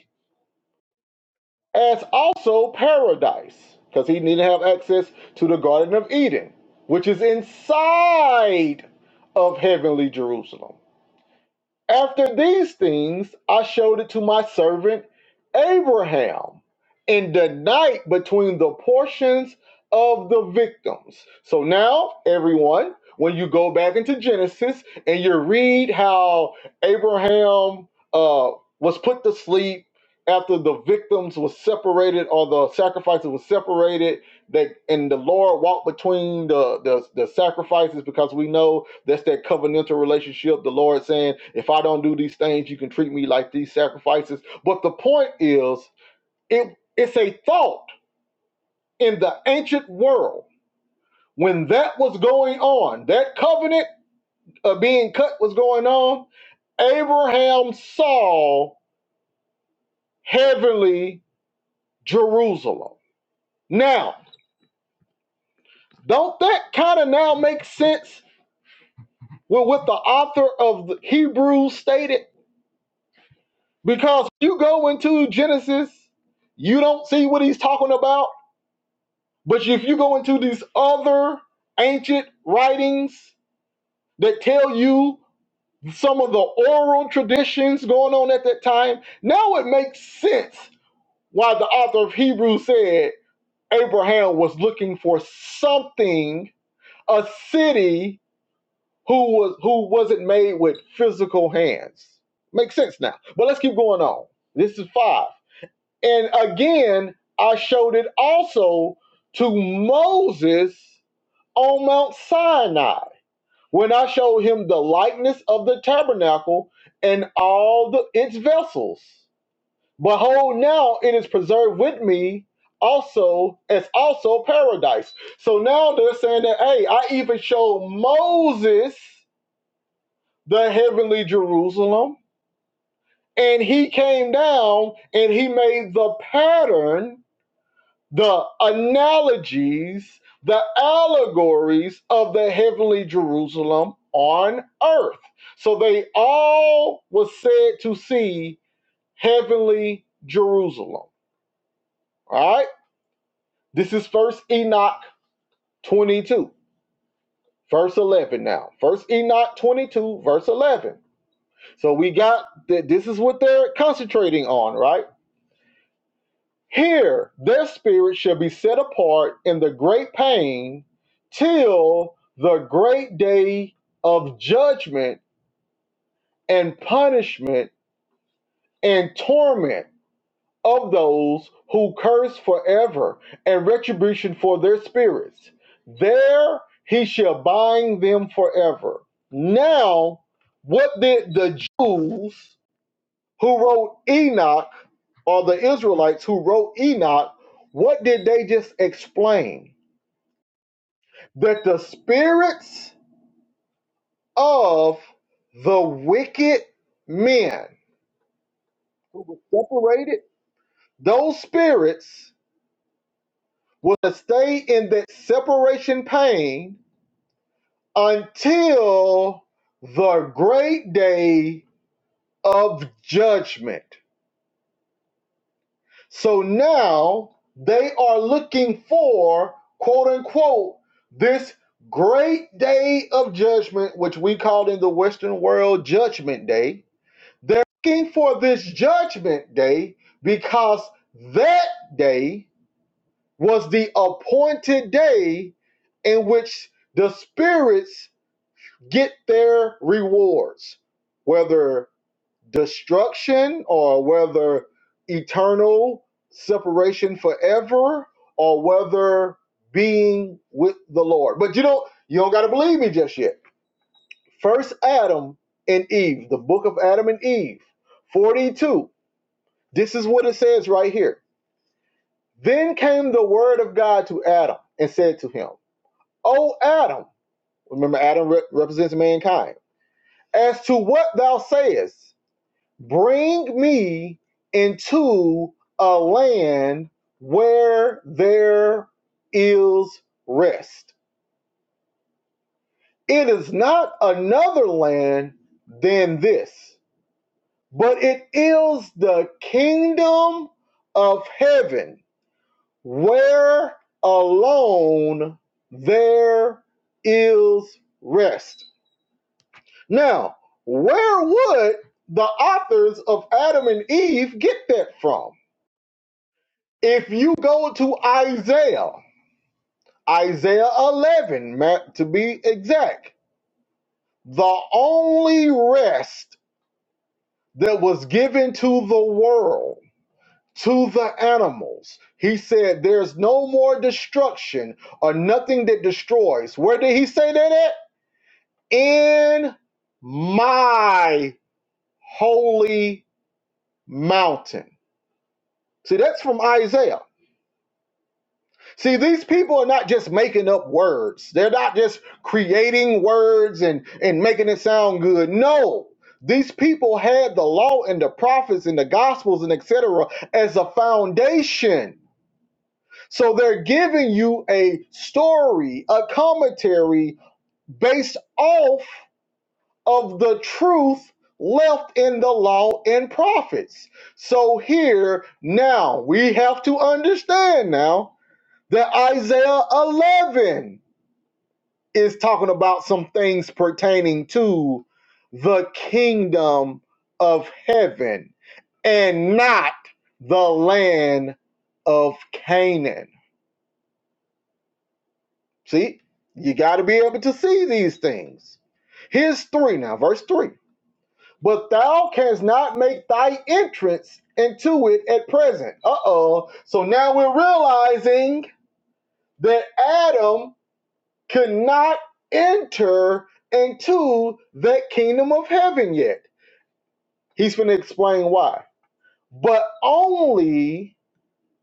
Speaker 1: As also paradise, because he didn't have access to the Garden of Eden, which is inside of heavenly Jerusalem. After these things, I showed it to my servant Abraham in the night between the portions of the victims. So now, everyone, when you go back into Genesis and you read how Abraham uh, was put to sleep after the victims was separated or the sacrifices was separated that and the lord walked between the, the the sacrifices because we know that's that covenantal relationship. The Lord saying, if I don't do these things, you can treat me like these sacrifices. But the point is, it, it's a thought in the ancient world. When that was going on, that covenant of being cut was going on, Abraham saw heavenly Jerusalem. Now, don't that kind of now make sense with what the author of the Hebrews stated? Because you go into Genesis, you don't see what he's talking about. But if you go into these other ancient writings that tell you some of the oral traditions going on at that time, now it makes sense why the author of Hebrews said Abraham was looking for something, a city who was who wasn't made with physical hands. Makes sense now. But let's keep going on. This is five. And again, I showed it also to Moses on Mount Sinai when I showed him the likeness of the tabernacle and all the, its vessels. Behold, now it is preserved with me also as also paradise. So now they're saying that, hey, I even showed Moses the heavenly Jerusalem, and he came down and he made the pattern the analogies, the allegories of the heavenly Jerusalem on earth. So they all was said to see heavenly Jerusalem. All right? This is first Enoch 22, verse 11 now. First Enoch 22, verse 11. So we got that this is what they're concentrating on, right? Here their spirits shall be set apart in the great pain till the great day of judgment and punishment and torment of those who curse forever and retribution for their spirits. There he shall bind them forever. Now, what did the Jews? who wrote Enoch, or the Israelites who wrote Enoch, what did they just explain? That the spirits of the wicked men who were separated, those spirits will stay in that separation pain until the great day of judgment. So now they are looking for, quote unquote, this great day of judgment, which we call in the Western world Judgment Day. They're looking for this Judgment Day because that day was the appointed day in which the spirits get their rewards, whether destruction or whether eternal separation forever or whether being with the Lord. But you don't you don't gotta believe me just yet. First Adam and Eve, the book of Adam and Eve, 42. This is what it says right here. Then came the word of God to Adam and said to him, O Adam, remember Adam re- represents mankind, as to what thou sayest, Bring me into a land where there is rest. It is not another land than this, but it is the kingdom of heaven where alone there is rest. Now, where would the authors of Adam and Eve get that from? If you go to Isaiah, Isaiah 11, to be exact, the only rest that was given to the world, to the animals, he said, There's no more destruction or nothing that destroys. Where did he say that at? In my holy mountain. See, that's from Isaiah. See, these people are not just making up words. They're not just creating words and, and making it sound good. No. These people had the law and the prophets and the gospels and etc. as a foundation. So they're giving you a story, a commentary based off of the truth left in the law and prophets. So here now we have to understand now that Isaiah 11 is talking about some things pertaining to the kingdom of heaven and not the land of Canaan. See, you got to be able to see these things. Here's three now, verse three. But thou canst not make thy entrance into it at present. Uh oh. So now we're realizing that Adam could not enter into that kingdom of heaven yet. He's going to explain why. But only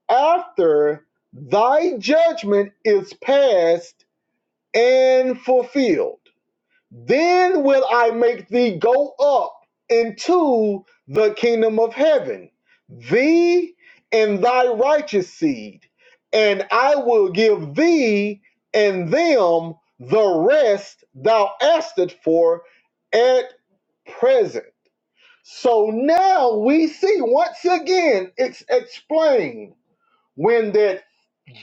Speaker 1: after thy judgment is passed and fulfilled. Then will I make thee go up into the kingdom of heaven, thee and thy righteous seed, and I will give thee and them the rest thou askest for at present. So now we see once again it's explained when that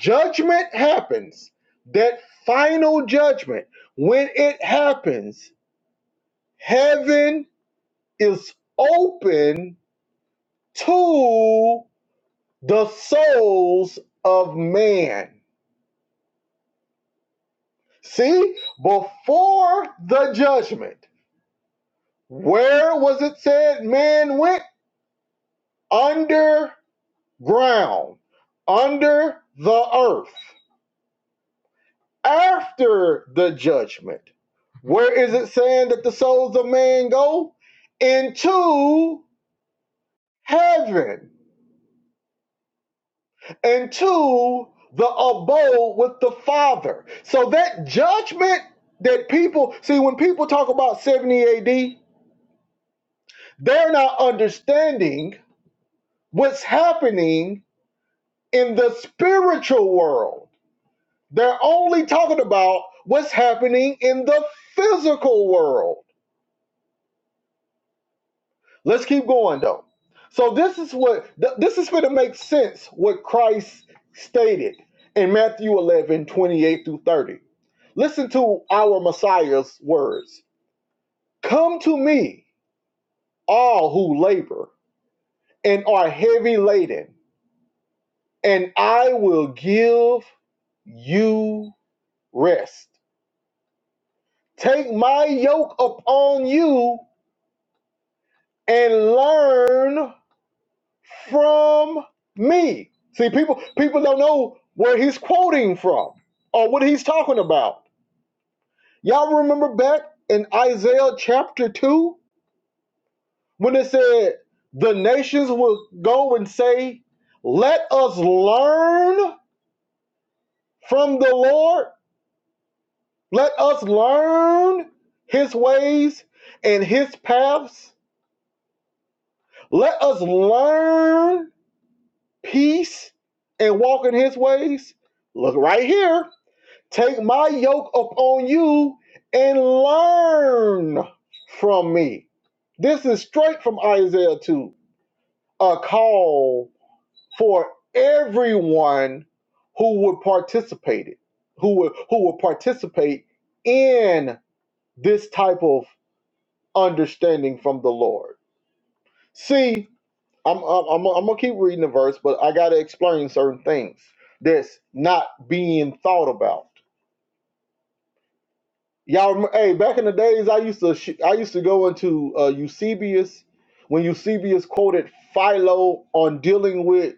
Speaker 1: judgment happens, that final judgment, when it happens Heaven is open to the souls of man. See, before the judgment, where was it said man went? Underground, under the earth. After the judgment, where is it saying that the souls of man go? Into heaven. into the abode with the Father. So that judgment that people see when people talk about 70 AD, they're not understanding what's happening in the spiritual world. They're only talking about what's happening in the physical world. Let's keep going though. So this is what th- this is going to make sense what Christ stated in Matthew 11 28 through 30. Listen to our Messiah's words. Come to me, all who labor and are heavy laden, and I will give you rest. Take my yoke upon you and learn from me. See, people people don't know where he's quoting from or what he's talking about. Y'all remember back in Isaiah chapter 2 when it said the nations will go and say, "Let us learn from the Lord. Let us learn his ways and his paths. Let us learn peace and walk in his ways." Look right here. Take my yoke upon you and learn from me. This is straight from Isaiah 2, a call for everyone who would participate it, who would who would participate in this type of understanding from the Lord. See, I'm I'm, I'm I'm gonna keep reading the verse, but I gotta explain certain things that's not being thought about. Y'all, rem- hey, back in the days, I used to sh- I used to go into uh, Eusebius when Eusebius quoted Philo on dealing with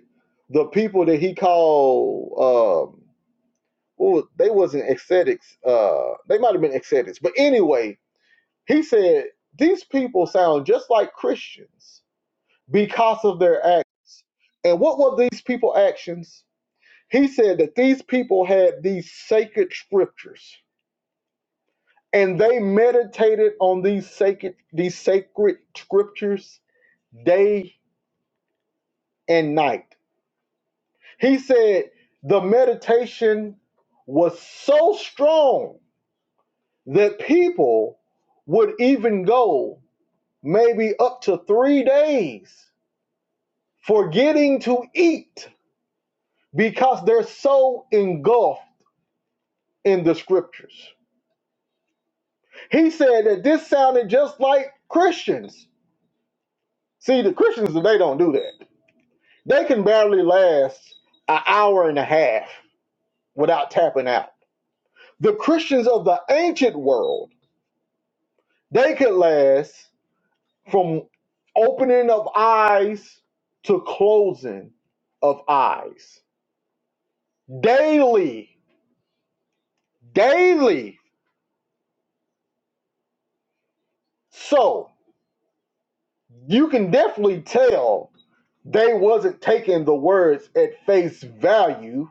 Speaker 1: the people that he called um, what was- they wasn't ascetics. Uh, they might have been ascetics, but anyway, he said these people sound just like Christians because of their actions. And what were these people actions? He said that these people had these sacred scriptures and they meditated on these sacred these sacred scriptures day and night. He said the meditation was so strong that people would even go maybe up to 3 days forgetting to eat because they're so engulfed in the scriptures. He said that this sounded just like Christians. See, the Christians they don't do that They can barely last an hour and a half without tapping out. The Christians of the ancient world, they could last from opening of eyes to closing of eyes daily, daily. So you can definitely tell they wasn't taking the words at face value.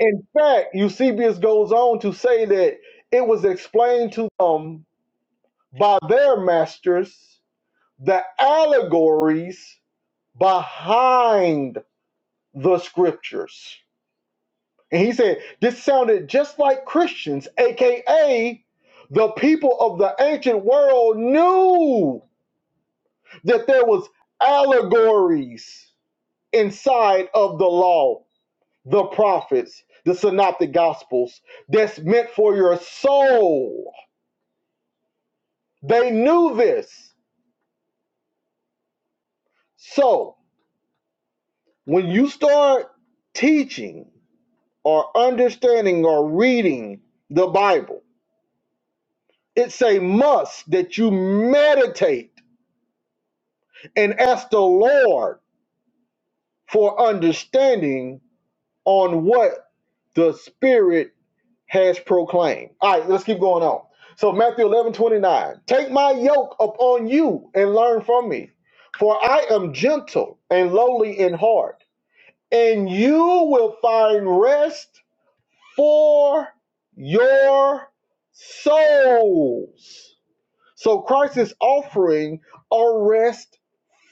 Speaker 1: In fact, Eusebius goes on to say that it was explained to them by their masters the allegories behind the scriptures. And he said, this sounded just like Christians, aka the people of the ancient world knew that there was allegories inside of the law, the prophets, the synoptic gospels that's meant for your soul. They knew this. So, when you start teaching or understanding or reading the Bible. It's a must that you meditate and ask the Lord for understanding on what the Spirit has proclaimed. All right, let's keep going on. So, Matthew 11 29, Take my yoke upon you and learn from me, for I am gentle and lowly in heart, and you will find rest for your souls. So Christ is offering a rest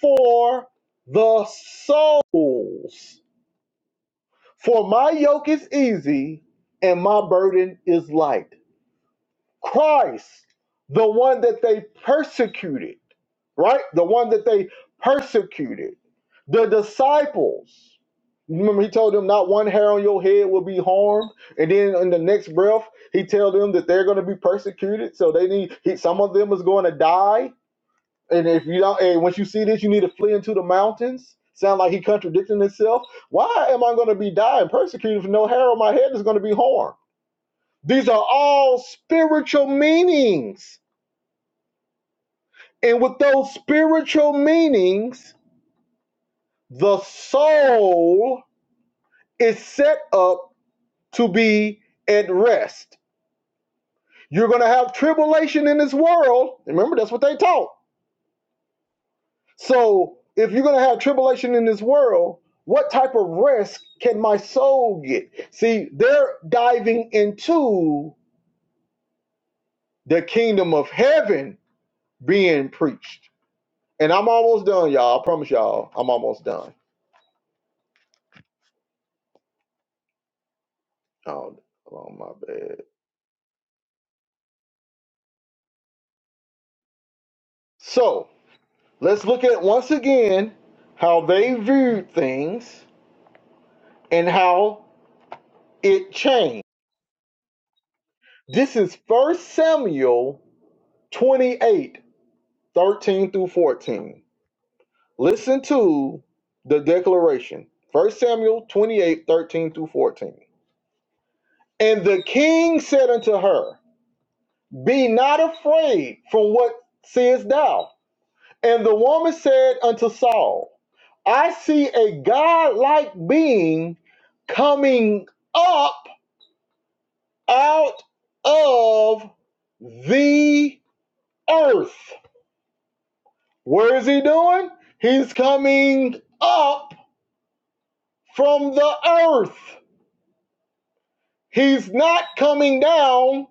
Speaker 1: for the souls. For my yoke is easy and my burden is light. Christ, the one that they persecuted right? The one that they persecuted. The disciples. Remember, he told them not one hair on your head will be harmed. And then in the next breath, he told them that they're going to be persecuted. So they need he, some of them is going to die. And if you don't, and once you see this, you need to flee into the mountains. Sound like he contradicting himself. Why am I going to be dying persecuted for no hair on my head is going to be harmed? These are all spiritual meanings. And with those spiritual meanings, the soul is set up to be at rest. You're going to have tribulation in this world. Remember, that's what they taught. So, if you're going to have tribulation in this world, what type of rest can my soul get? See, they're diving into the kingdom of heaven being preached. And I'm almost done, y'all. I promise y'all, I'm almost done. Oh, oh my bad. So, Let's look at once again how they viewed things and how it changed. This is First Samuel 28 13 through 14. Listen to the declaration First Samuel 28 13 through 14. And the king said unto her, Be not afraid from what seest thou. And the woman said unto Saul, I see a godlike being coming up out of the earth. Where is he doing? He's coming up from the earth. He's not coming down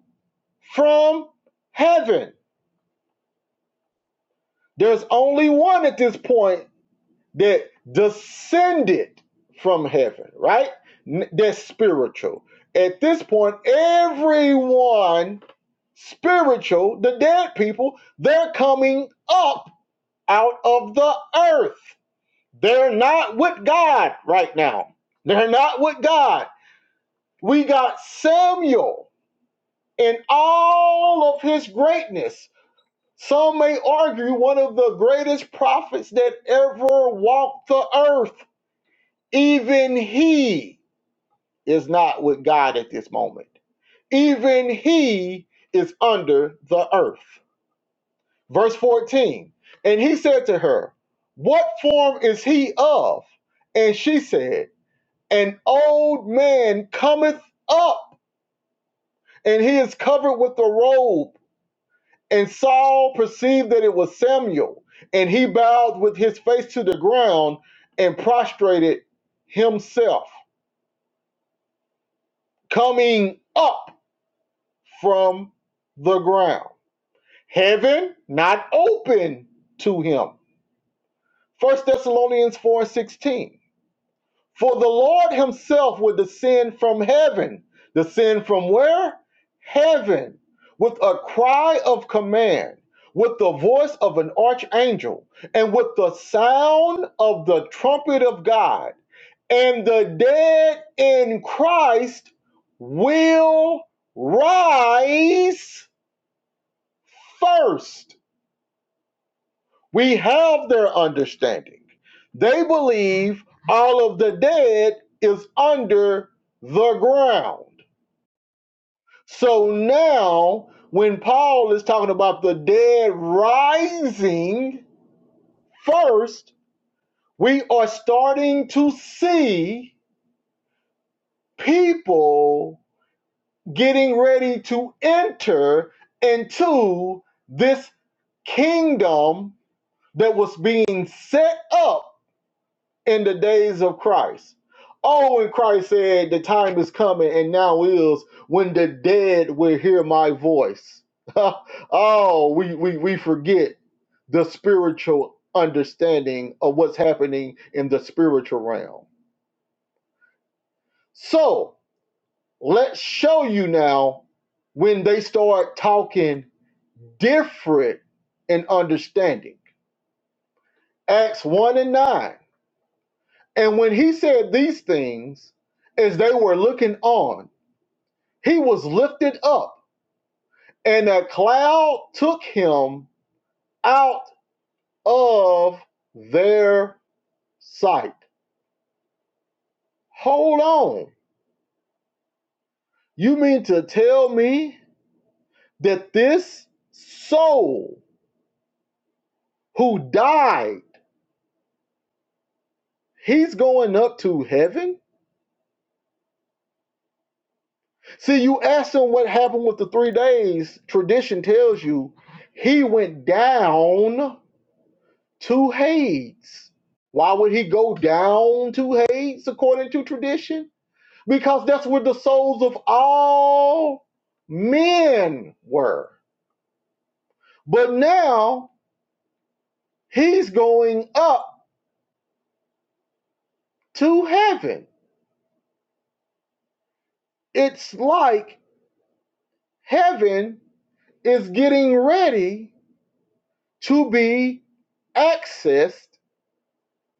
Speaker 1: from heaven. There's only one at this point that descended from heaven, right? That's spiritual. At this point, everyone spiritual, the dead people, they're coming up out of the earth. They're not with God right now. They're not with God. We got Samuel in all of his greatness. Some may argue one of the greatest prophets that ever walked the earth. Even he is not with God at this moment. Even he is under the earth. Verse 14. And he said to her, What form is he of? And she said, An old man cometh up, and he is covered with a robe. And Saul perceived that it was Samuel, and he bowed with his face to the ground and prostrated himself, coming up from the ground. Heaven not open to him. First Thessalonians 4 and 16. For the Lord himself will descend from heaven. Descend from where? Heaven. With a cry of command, with the voice of an archangel, and with the sound of the trumpet of God. And the dead in Christ will rise first. We have their understanding. They believe all of the dead is under the ground. So now, when Paul is talking about the dead rising first, we are starting to see people getting ready to enter into this kingdom that was being set up in the days of Christ. Oh, when Christ said, The time is coming and now is when the dead will hear my voice. [laughs] oh, we, we, we forget the spiritual understanding of what's happening in the spiritual realm. So let's show you now when they start talking different in understanding. Acts 1 and 9. And when he said these things, as they were looking on, He was lifted up, and a cloud took him out of their sight. Hold on. You mean to tell me that this soul who died, he's going up to heaven? See, you asked him what happened with the three days. Tradition tells you he went down to Hades. Why would he go down to Hades according to tradition? because that's where the souls of all men were. But now he's going up to heaven. It's like heaven is getting ready to be accessed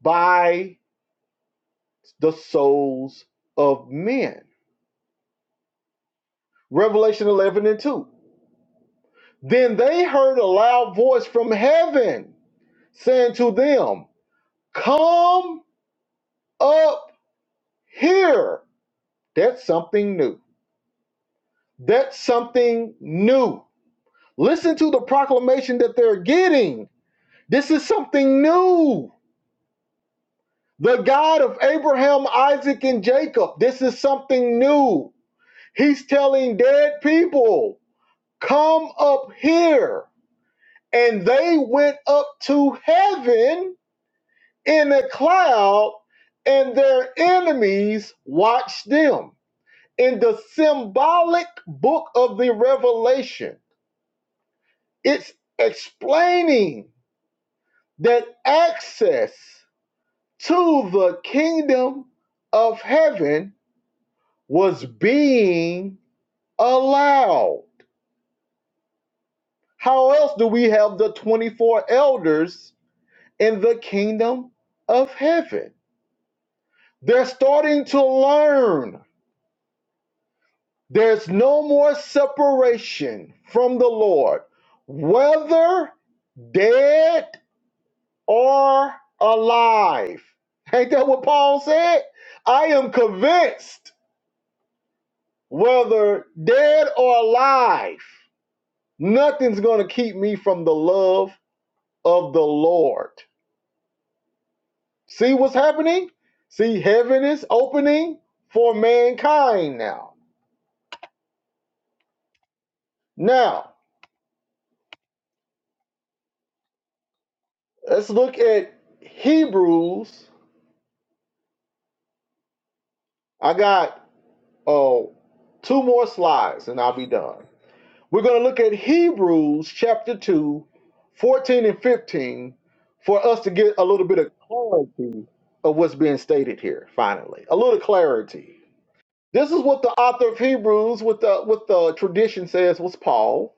Speaker 1: by the souls of men. Revelation 11 and 2. Then they heard a loud voice from heaven saying to them, Come up here That's something new. That's something new. Listen to the proclamation that they're getting. This is something new. The God of Abraham, Isaac, and Jacob. This is something new. He's telling dead people, come up here. And they went up to heaven in a cloud, and their enemies watched them. In the symbolic book of the Revelation, It's explaining that access to the kingdom of heaven was being allowed. How else do we have the 24 elders in the kingdom of heaven? They're starting to learn there's no more separation from the Lord, whether dead or alive. Ain't that what Paul said? I am convinced, whether dead or alive, nothing's going to keep me from the love of the Lord. See what's happening? See, heaven is opening for mankind now. Now, let's look at Hebrews. I got oh two more slides and I'll be done. We're going to look at Hebrews chapter 2, 14 and 15 for us to get a little bit of clarity of what's being stated here, finally. A little clarity. This is what the author of Hebrews with the with the tradition says was Paul.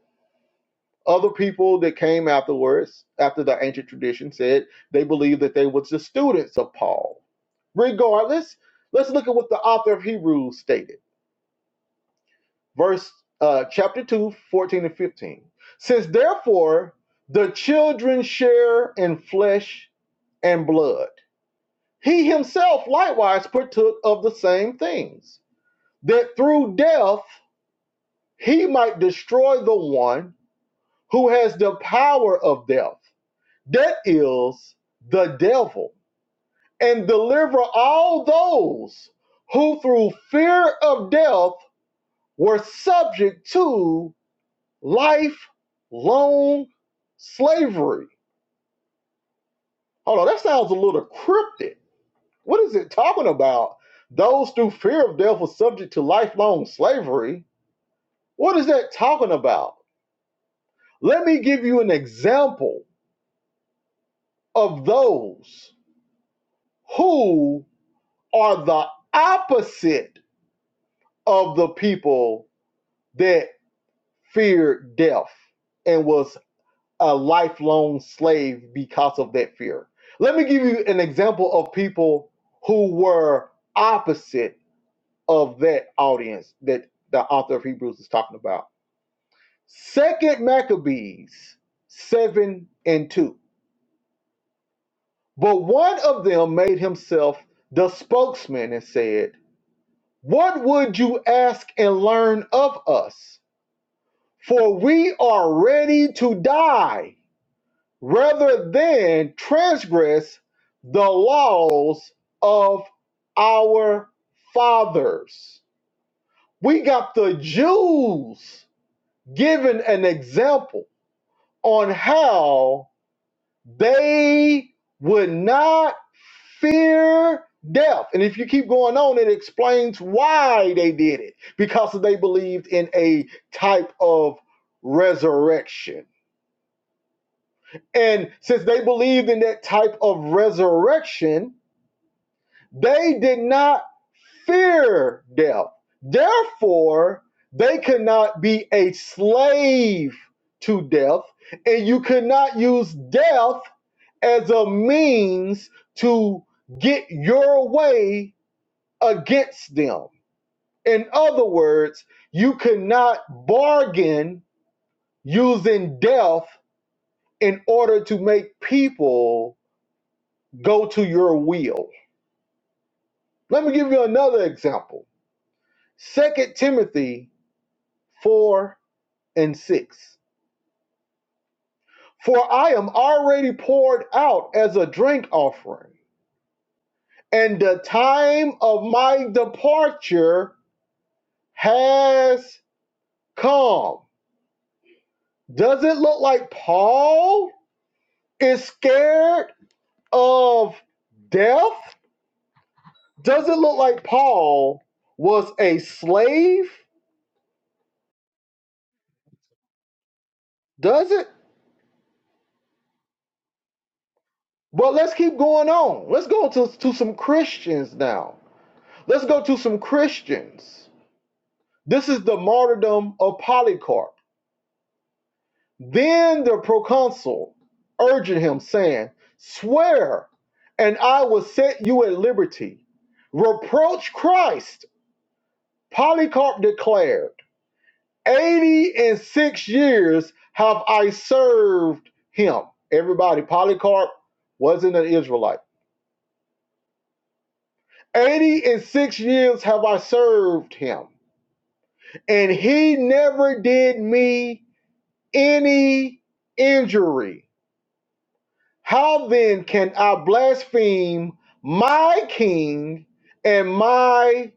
Speaker 1: Other people that came afterwards, after the ancient tradition said they believed that they was the students of Paul. Regardless, let's look at what the author of Hebrews stated verse uh, chapter 2, 14 and 15 since therefore the children share in flesh and blood he himself likewise partook of the same things that through death he might destroy the one who has the power of death that is the devil and deliver all those who through fear of death were subject to Lifelong slavery. Hold on, that sounds a little cryptic. What is it talking about? Those through fear of death were subject to lifelong slavery. What is that talking about? Let me give you an example of those who are the opposite of the people that feared death and was a lifelong slave because of that fear. Let me give you an example of people who were opposite of that audience that the author of Hebrews is talking about. Second Maccabees 7 and 2. But one of them made himself the spokesman and said, What would you ask and learn of us? For we are ready to die rather than transgress the laws of our fathers. We got the Jews giving an example on how they would not fear death. And if you keep going on, it explains why they did it because they believed in a type of resurrection. And since they believed in that type of resurrection, They did not fear death. Therefore, they could not be a slave to death, and you could not use death as a means to get your way against them. In other words, you could not bargain using death in order to make people go to your will. Let me give you another example. Second Timothy 4 and 6. For I am already poured out as a drink offering, and the time of my departure has come. Does it look like Paul is scared of death? Does it look like Paul was a slave? Does it? But let's keep going on. Let's go to, to some Christians now. Let's go to some Christians. This is the martyrdom of Polycarp. Then the proconsul urged him, saying, Swear, and I will set you at liberty. Reproach Christ, Polycarp declared. Eighty and six years have I served him. Everybody, Polycarp wasn't an Israelite. Eighty and six years have I served him, and he never did me any injury. How then can I blaspheme my king and my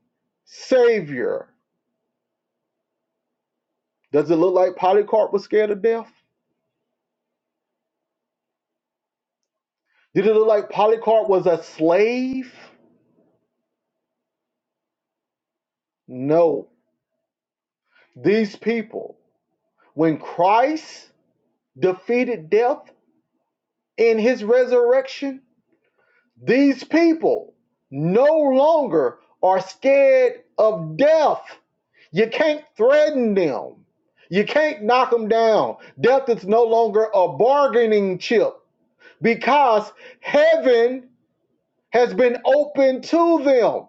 Speaker 1: savior? Does it look like Polycarp was scared of death? Did it look like Polycarp was a slave? No. These people, when Christ defeated death in his resurrection, these people no longer are scared of death. You can't threaten them. You can't knock them down. Death is no longer a bargaining chip because heaven has been open to them.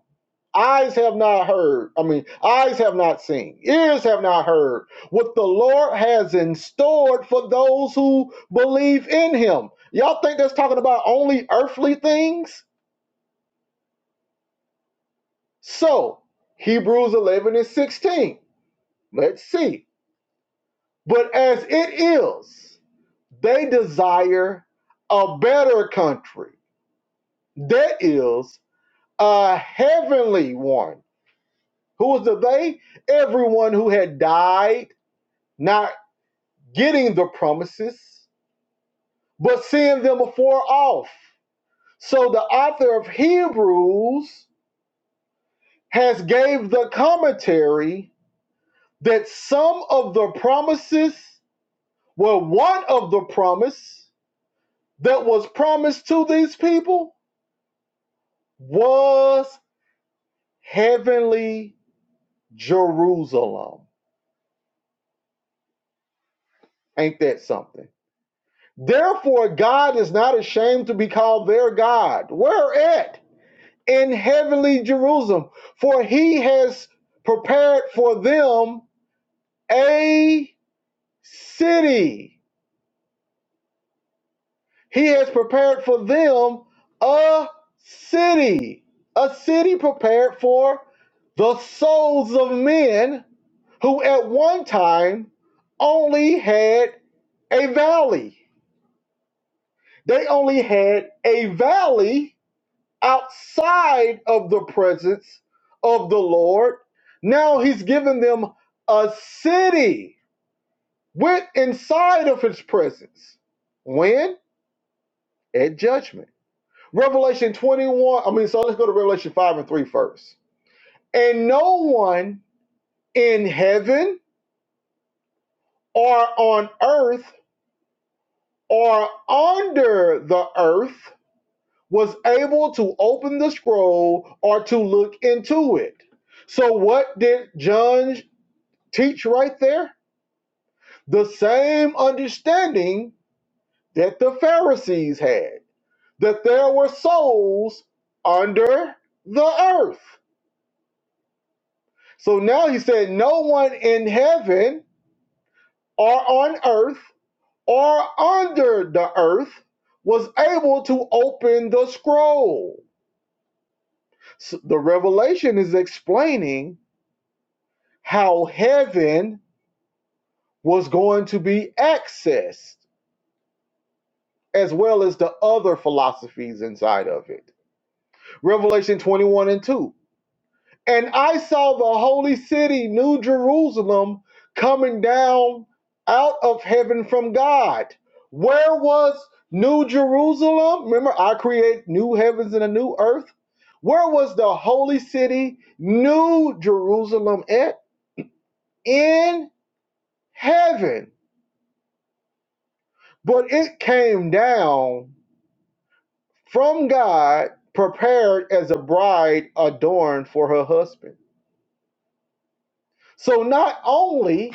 Speaker 1: Eyes have not heard, I mean, eyes have not seen, ears have not heard what the Lord has in store for those who believe in him. Y'all think that's talking about only earthly things? So, Hebrews 11 and 16. Let's see. But as it is, They desire a better country. That is a heavenly one. Who was the they? Everyone who had died, not getting the promises, but seeing them afar off. So the author of Hebrews has gave the commentary that some of the promises were one of the promise that was promised to these people was heavenly Jerusalem. Ain't that something? Therefore, God is not ashamed to be called their God. Where at? In heavenly Jerusalem. For he has prepared for them a city. He has prepared for them a city. A city prepared for the souls of men who at one time only had a valley They only had a valley outside of the presence of the Lord. Now he's given them a city with inside of his presence. When? At judgment. Revelation 21, I mean, so let's go to Revelation 5 and 3 first. And no one in heaven or on earth or under the earth was able to open the scroll or to look into it. So, what did John teach right there? The same understanding that the Pharisees had that there were souls under the earth. So now he said, No one in heaven or on earth or under the earth was able to open the scroll. S- the revelation is explaining how heaven was going to be accessed, as well as the other philosophies inside of it. Revelation 21 and 2. And I saw the holy city, New Jerusalem, coming down out of heaven from God. Where was New Jerusalem? Remember, I create new heavens and a new earth. Where was the holy city, New Jerusalem, at? In heaven. But it came down from God, prepared as a bride adorned for her husband. So not only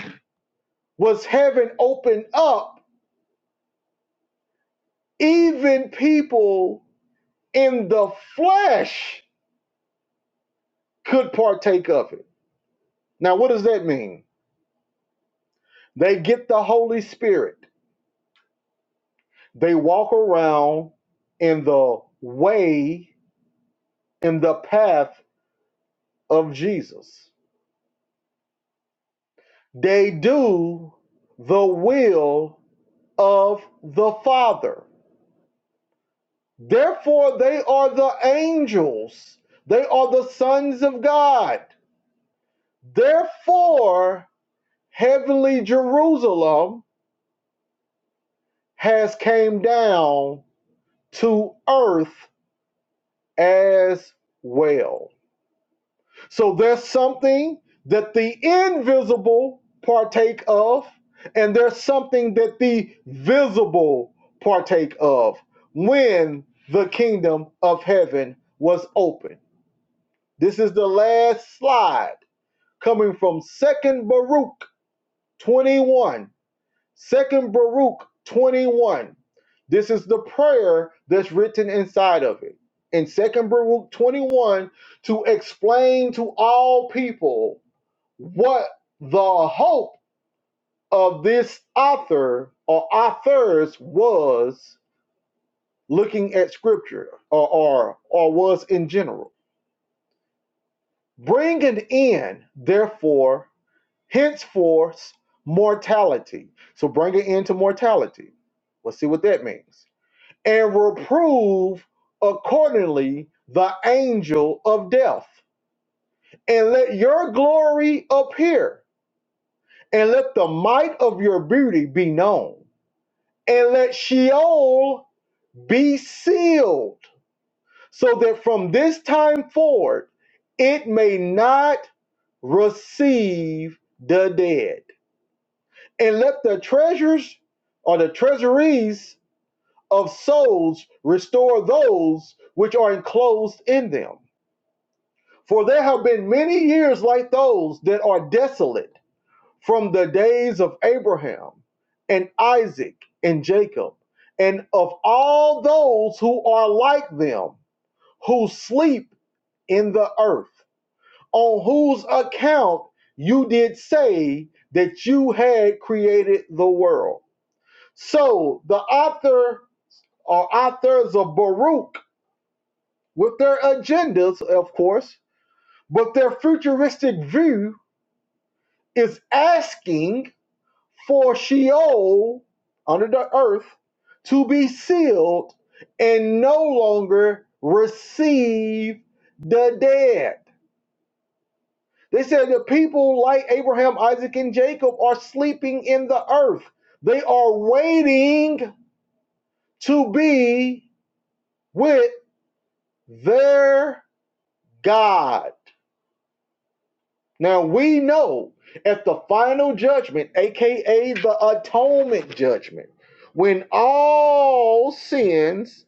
Speaker 1: was heaven opened up, even people in the flesh could partake of it. Now, what does that mean? They get the Holy Spirit, they walk around in the way, in the path of Jesus, they do the will of the Father. Therefore, they are the angels, they are the sons of God. Therefore, heavenly Jerusalem has came down to earth as well. So there's something that the invisible partake of, and there's something that the visible partake of when the kingdom of heaven was opened. This is the last slide coming from 2nd Baruch 21. 2nd Baruch 21. This is the prayer that's written inside of it. In 2nd Baruch 21, to explain to all people what the hope of this author or authors was looking at scripture or, or, or was in general. Bringing in, therefore, henceforth mortality. So bring it into mortality. Let's see what that means. And reprove accordingly the angel of death, and let your glory appear, and let the might of your beauty be known, and let Sheol be sealed, so that from this time forward it may not receive the dead. and let the treasures or the treasuries of souls restore those which are enclosed in them. For there have been many years like those that are desolate from the days of Abraham and Isaac and Jacob, and of all those who are like them, who sleep in the earth, on whose account you did say that you had created the world. So the author or authors of Baruch, with their agendas, of course, but their futuristic view is asking for Sheol under the earth to be sealed and no longer receive the dead. They said the people like Abraham, Isaac, and Jacob are sleeping in the earth. They are waiting to be with their God. Now we know at the final judgment, aka the atonement judgment, when all sins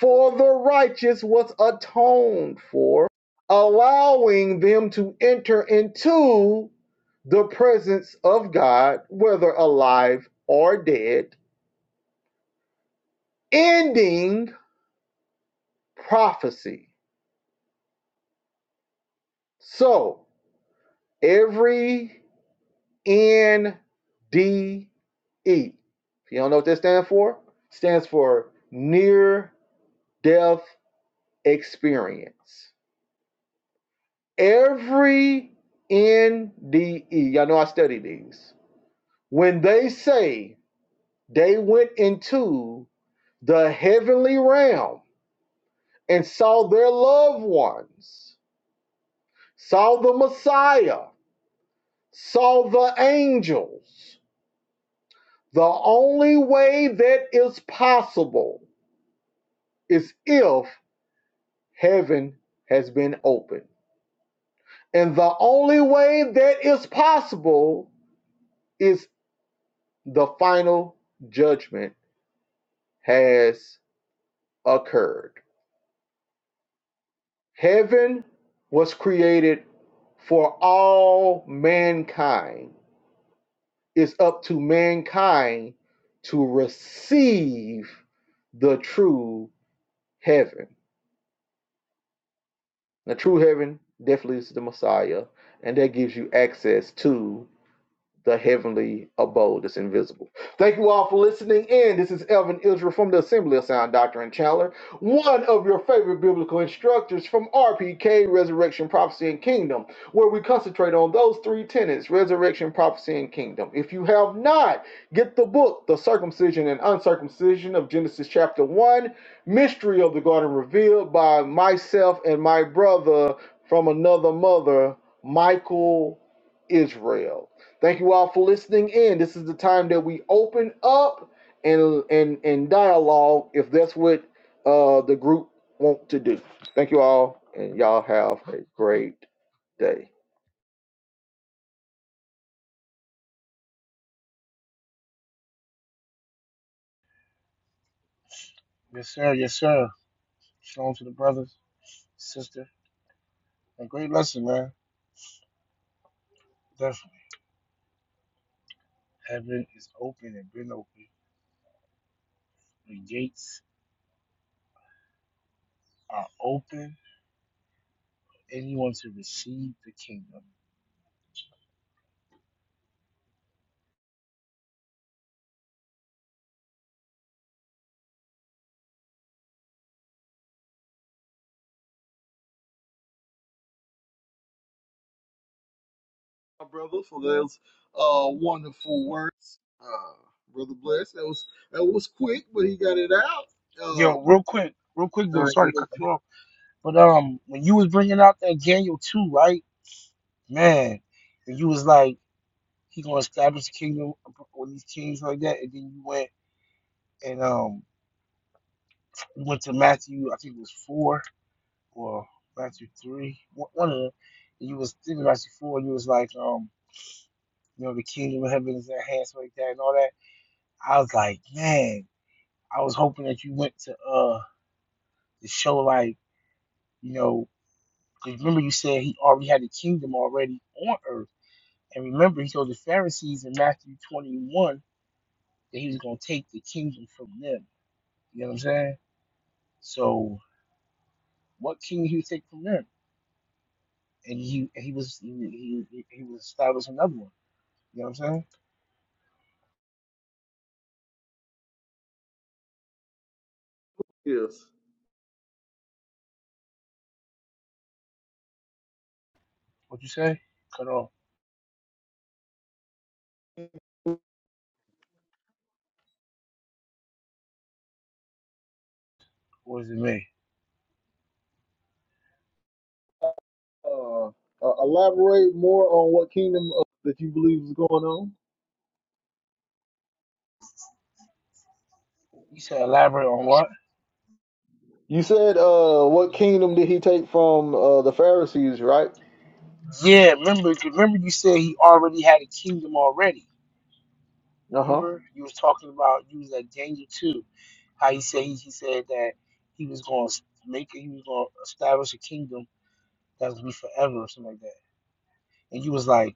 Speaker 1: for the righteous was atoned for, allowing them to enter into the presence of God, whether alive or dead, ending prophecy. So every NDE. If you don't know what that stands for, it stands for near death experience. Every NDE, y'all know I study these. When they say they went into the heavenly realm and saw their loved ones, saw the Messiah, saw the angels, the only way that is possible is if heaven has been opened. And the only way that is possible is the final judgment has occurred. Heaven was created for all mankind. It's up to mankind to receive the true heaven. The true heaven definitely is the Messiah, and that gives you access to the heavenly abode that's invisible. Thank you all for listening in. This is Elvin Israel from the Assembly of Sound Doctrine Chandler, one of your favorite biblical instructors from RPK, Resurrection, Prophecy, and Kingdom, where we concentrate on those three tenets resurrection, prophecy, and kingdom. If you have not, get the book, The Circumcision and Uncircumcision of Genesis chapter 1, Mystery of the Garden Revealed by myself and my brother from another mother, Michael Israel. Thank you all for listening in. This is the time that we open up and and and dialogue if that's what uh, the group want to do. Thank you all, and y'all have a great day.
Speaker 3: Yes, sir. Yes, sir. Shalom to the brothers, sister. A great lesson, man. Definitely. Heaven is open and been open. The gates are open for anyone to receive the kingdom.
Speaker 1: my brother, for those uh, wonderful words. Uh, brother Bless, that was that was quick, but he got it out.
Speaker 3: Yo,
Speaker 1: Um,
Speaker 3: real quick, real quick
Speaker 1: all
Speaker 3: though.
Speaker 1: right,
Speaker 3: Sorry to cut you off, but um, when you was bringing out that Daniel two, right? Man, and you was like. He gonna establish kingdom on these kings like that. And then you went and um you went to Matthew, I think it was four or Matthew three, one of them. And you was thinking Matthew four, and you was like, um, you know, the kingdom of heaven is at hand, so like that and all that. I was like, man, I was hoping that you went to uh the show like, you know, because remember you said he already had the kingdom already on earth. And remember he told the Pharisees in Matthew twenty one that he was gonna take the kingdom from them. You know what I'm saying? So what can you take from that? And he he was he he, he was establishing another one. You know what I'm saying?
Speaker 1: yes.
Speaker 3: What you say? Cut off. Or is it me?
Speaker 1: Uh, uh, elaborate more on what kingdom uh, that you believe is going on.
Speaker 3: You said elaborate on what?
Speaker 1: You said, uh, what kingdom did he take from uh, the Pharisees, right?
Speaker 3: Yeah, remember remember you said he already had a kingdom already.
Speaker 1: Uh huh.
Speaker 3: Remember you was talking about you was at Daniel two, how he said he, he said that he was gonna make it, he was gonna establish a kingdom that was gonna be forever or something like that. And you was like,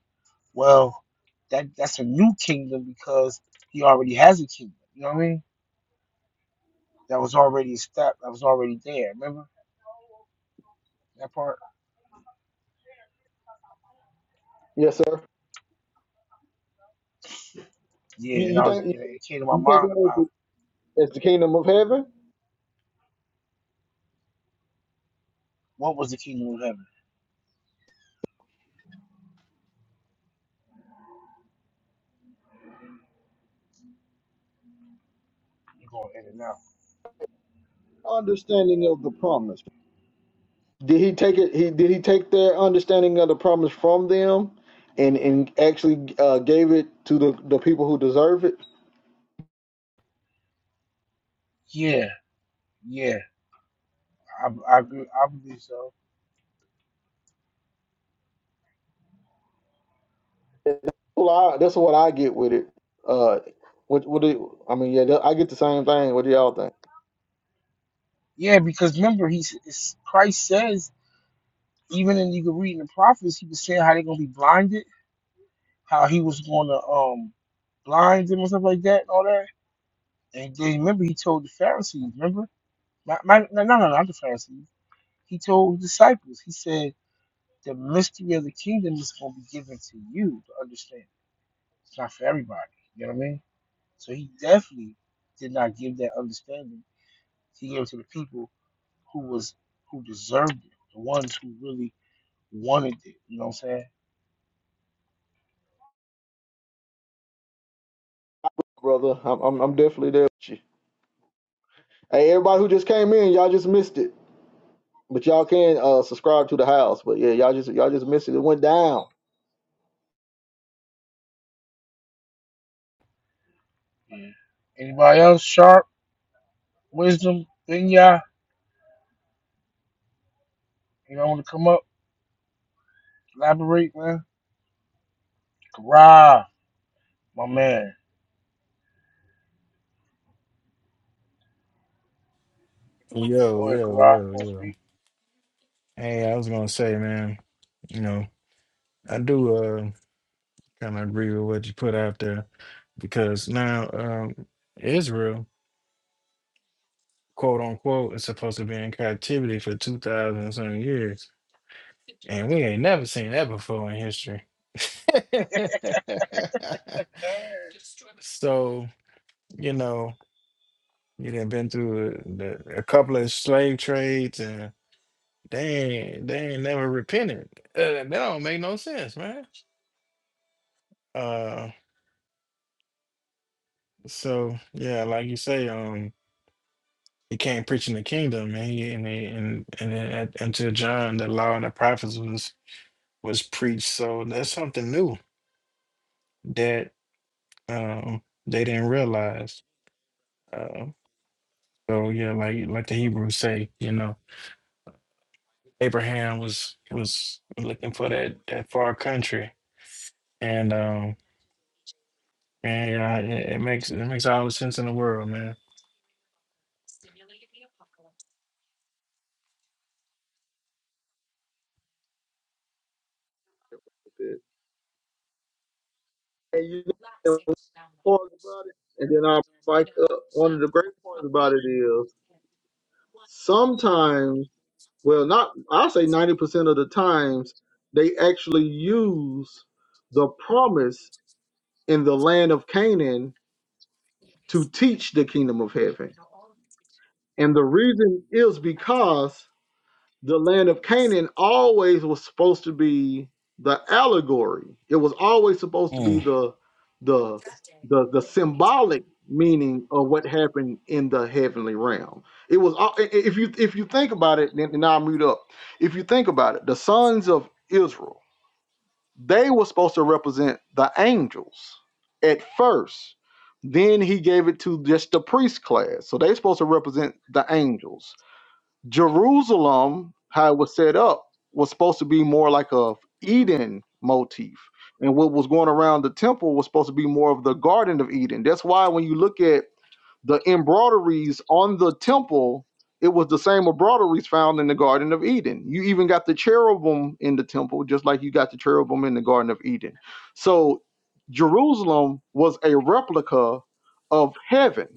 Speaker 3: well, that that's a new kingdom because he already has a kingdom. You know what I mean? that was already established, that was already there. Remember that part?
Speaker 1: Yes, sir. You,
Speaker 3: Yeah, and
Speaker 1: you
Speaker 3: I was
Speaker 1: think you,
Speaker 3: it came to my
Speaker 1: you take
Speaker 3: mind
Speaker 1: that as
Speaker 3: about
Speaker 1: the, as the kingdom of heaven?
Speaker 3: what was the kingdom of heaven? You're going in and out.
Speaker 1: Understanding of the promise. Did he take it? He did he take their understanding of the promise from them, and and actually uh, gave it to the, the people who deserve it?
Speaker 3: Yeah, yeah, I, I agree. I believe so.
Speaker 1: That's what I, that's what I get with it. Uh, what what do you, I mean? Yeah, I get the same thing. What do y'all think,
Speaker 3: Yeah, because remember, he's it's, Christ says even in you can read in the prophets, he was saying how they're gonna be blinded, how he was gonna um blind them and stuff like that and all that. And then remember, he told the Pharisees. Remember, my, my, no, no, no, not the Pharisees. He told the disciples. He said. The mystery of the kingdom is going to be given to you to understand. It's not for everybody. You know what I mean? So he definitely did not give that understanding. He gave it to the people who was who deserved it, the ones who really wanted it. You know what I'm saying?
Speaker 1: brother? I'm I'm, I'm definitely there with you. Hey, everybody who just came in, y'all just missed it. But y'all can uh subscribe to the house. But yeah, y'all just y'all just missed it. It went down.
Speaker 3: Mhm. Anybody else? Sharp, wisdom, Binya, you know, want to come up, elaborate, man? Kara, my man.
Speaker 4: Yo,
Speaker 3: Go ahead,
Speaker 4: yo,
Speaker 3: Kara. You
Speaker 4: yo,
Speaker 3: want to
Speaker 4: yo.
Speaker 3: speak?
Speaker 4: Hey, I was gonna say, man, you know, I do uh kind of agree with what you put out there because now um Israel, quote unquote, is supposed to be in captivity for two thousand and some years, and we ain't never seen that before in history. [laughs]
Speaker 3: [laughs]
Speaker 4: So, you know, you done been through a, the- a couple of slave trades and they ain't, they ain't never repented. Uh, that don't make no sense, man. Uh, So yeah, like you say, um, he came preaching the kingdom, and he and he, and and then at, until John, the law and the prophets was was preached. So that's something new that um they didn't realize. Uh, so yeah, like like the Hebrews say, you know, Abraham was was looking for that that far country, and um and yeah, it, it makes it makes all the sense in the world, man.
Speaker 1: And you know about it. And then I like uh, one of the great points about it is sometimes, well, not I say ninety percent of the times they actually use the promise in the land of Canaan to teach the kingdom of heaven. And the reason is because the land of Canaan always was supposed to be the allegory. It was always supposed to be
Speaker 4: Mm,
Speaker 1: the the the the symbolic meaning of what happened in the heavenly realm. It was al- if you if you think about it, and and I'll mute up. If you think about it, the sons of Israel, they were supposed to represent the angels at first. Then he gave it to just the priest class. So they're supposed to represent the angels Jerusalem, how it was set up, was supposed to be more like a Eden motif, and what was going around the temple was supposed to be more of the Garden of Eden. That's why when you look at the embroideries on the temple, it was the same embroideries found in the Garden of Eden. You even got the cherubim in the temple, just like you got the cherubim in the Garden of Eden. So Jerusalem was a replica of heaven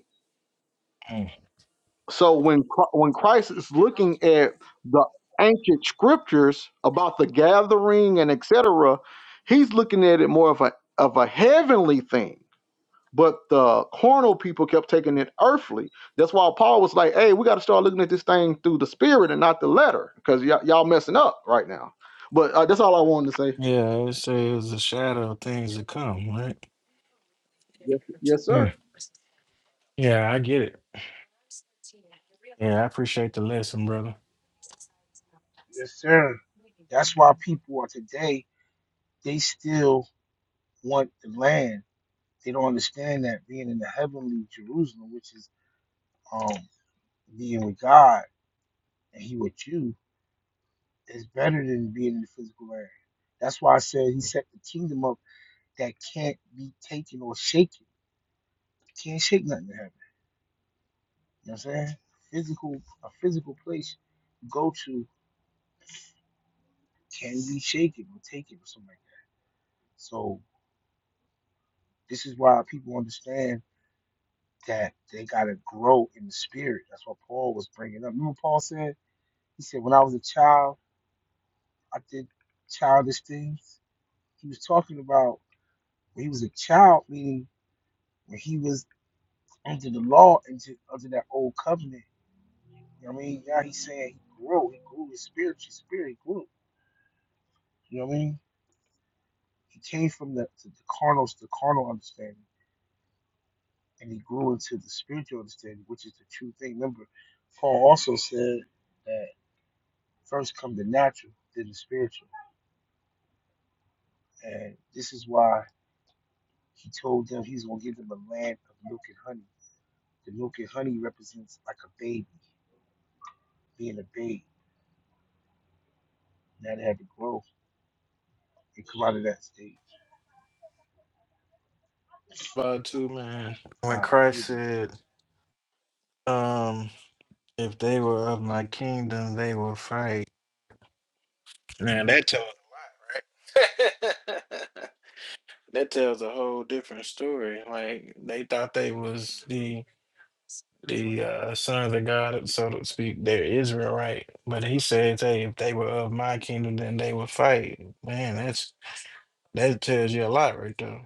Speaker 4: mm.
Speaker 1: so when Chri- when Christ is looking at the ancient scriptures about the gathering and etc., he's looking at it more of a of a heavenly thing. But the carnal people kept taking it earthly. That's why Paul was like, "Hey, we got to start looking at this thing through the spirit and not the letter, because y- y'all messing up right now." But uh, that's all I wanted to say.
Speaker 4: Yeah, I would say it was a shadow of things to come, right?
Speaker 1: Yes, yes sir.
Speaker 4: Yeah, I get it. Yeah, I appreciate the lesson, brother.
Speaker 3: Yes, sir. That's why people are today, they still want the land. They don't understand that being in the heavenly Jerusalem, which is um being with God and He with you, is better than being in the physical land. That's why I said He set the kingdom up that can't be taken or shaken. You Can't shake nothing in heaven. You know what I'm saying? Physical, a physical place you go to can be shaken or taken or something like that. So this is why people understand that they gotta grow in the spirit. That's what Paul was bringing up. Remember Paul said He said, when I was a child, I did childish things. He was talking about when he was a child, meaning when he was under the law, under, under that old covenant. You know what I mean? Now he's saying he grew. He grew his spiritual spirit. He grew. You know what I mean? He came from the, to the carnal, the carnal understanding, and he grew into the spiritual understanding, which is the true thing. Remember, Paul also said that first come the natural, then the spiritual. And this is why he told them he's going to give them a land of milk and honey The milk and honey represents like a baby, being a baby, that had to grow and come out of that state.
Speaker 4: But too, man,
Speaker 3: Uh,
Speaker 4: when
Speaker 3: I don't
Speaker 4: Christ
Speaker 3: even.
Speaker 4: said, um, if they were of my kingdom, they will fight. Man, that tells a lot, right? [laughs] that tells a whole different story. Like they thought they was the the uh, sons of God, so to speak. They're Israel, right? But he says, hey, if they were of my kingdom, then they would fight. Man, that's that tells you a lot right there.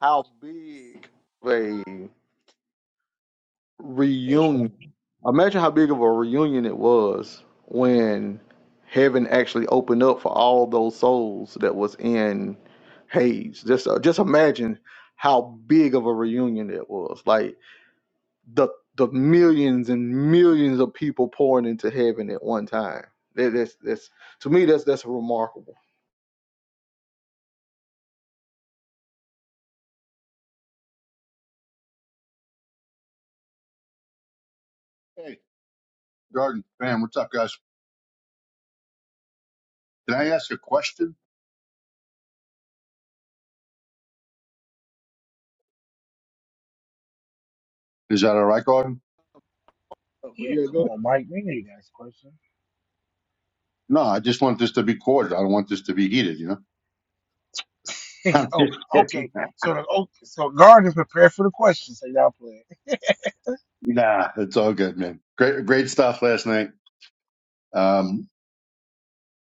Speaker 1: How big?
Speaker 5: Hey, Sh-
Speaker 1: reunion. Imagine how big of a reunion it was when heaven actually opened up for all those souls that was in Hades. Just uh, just imagine how big of a reunion it was. Like the the millions and millions of people pouring into heaven at one time. That, that's that's to me that's that's remarkable.
Speaker 5: hey, Garden fam, what's up, guys? Can I ask a question? Is that all right, Garden?
Speaker 1: Uh, But
Speaker 3: Yeah,
Speaker 1: yeah, go
Speaker 3: come
Speaker 1: ahead.
Speaker 3: on, Mike. We know you got a question.
Speaker 5: No, I just want this to be corded. I don't want this to be heated. You know, [laughs]
Speaker 3: [laughs]
Speaker 5: I'm
Speaker 3: oh,
Speaker 5: just
Speaker 3: okay.
Speaker 5: kidding.
Speaker 3: So the oh, so garden prepared for the question. So y'all play.
Speaker 5: Nah, it's all good, man. Great, great stuff last night. Um,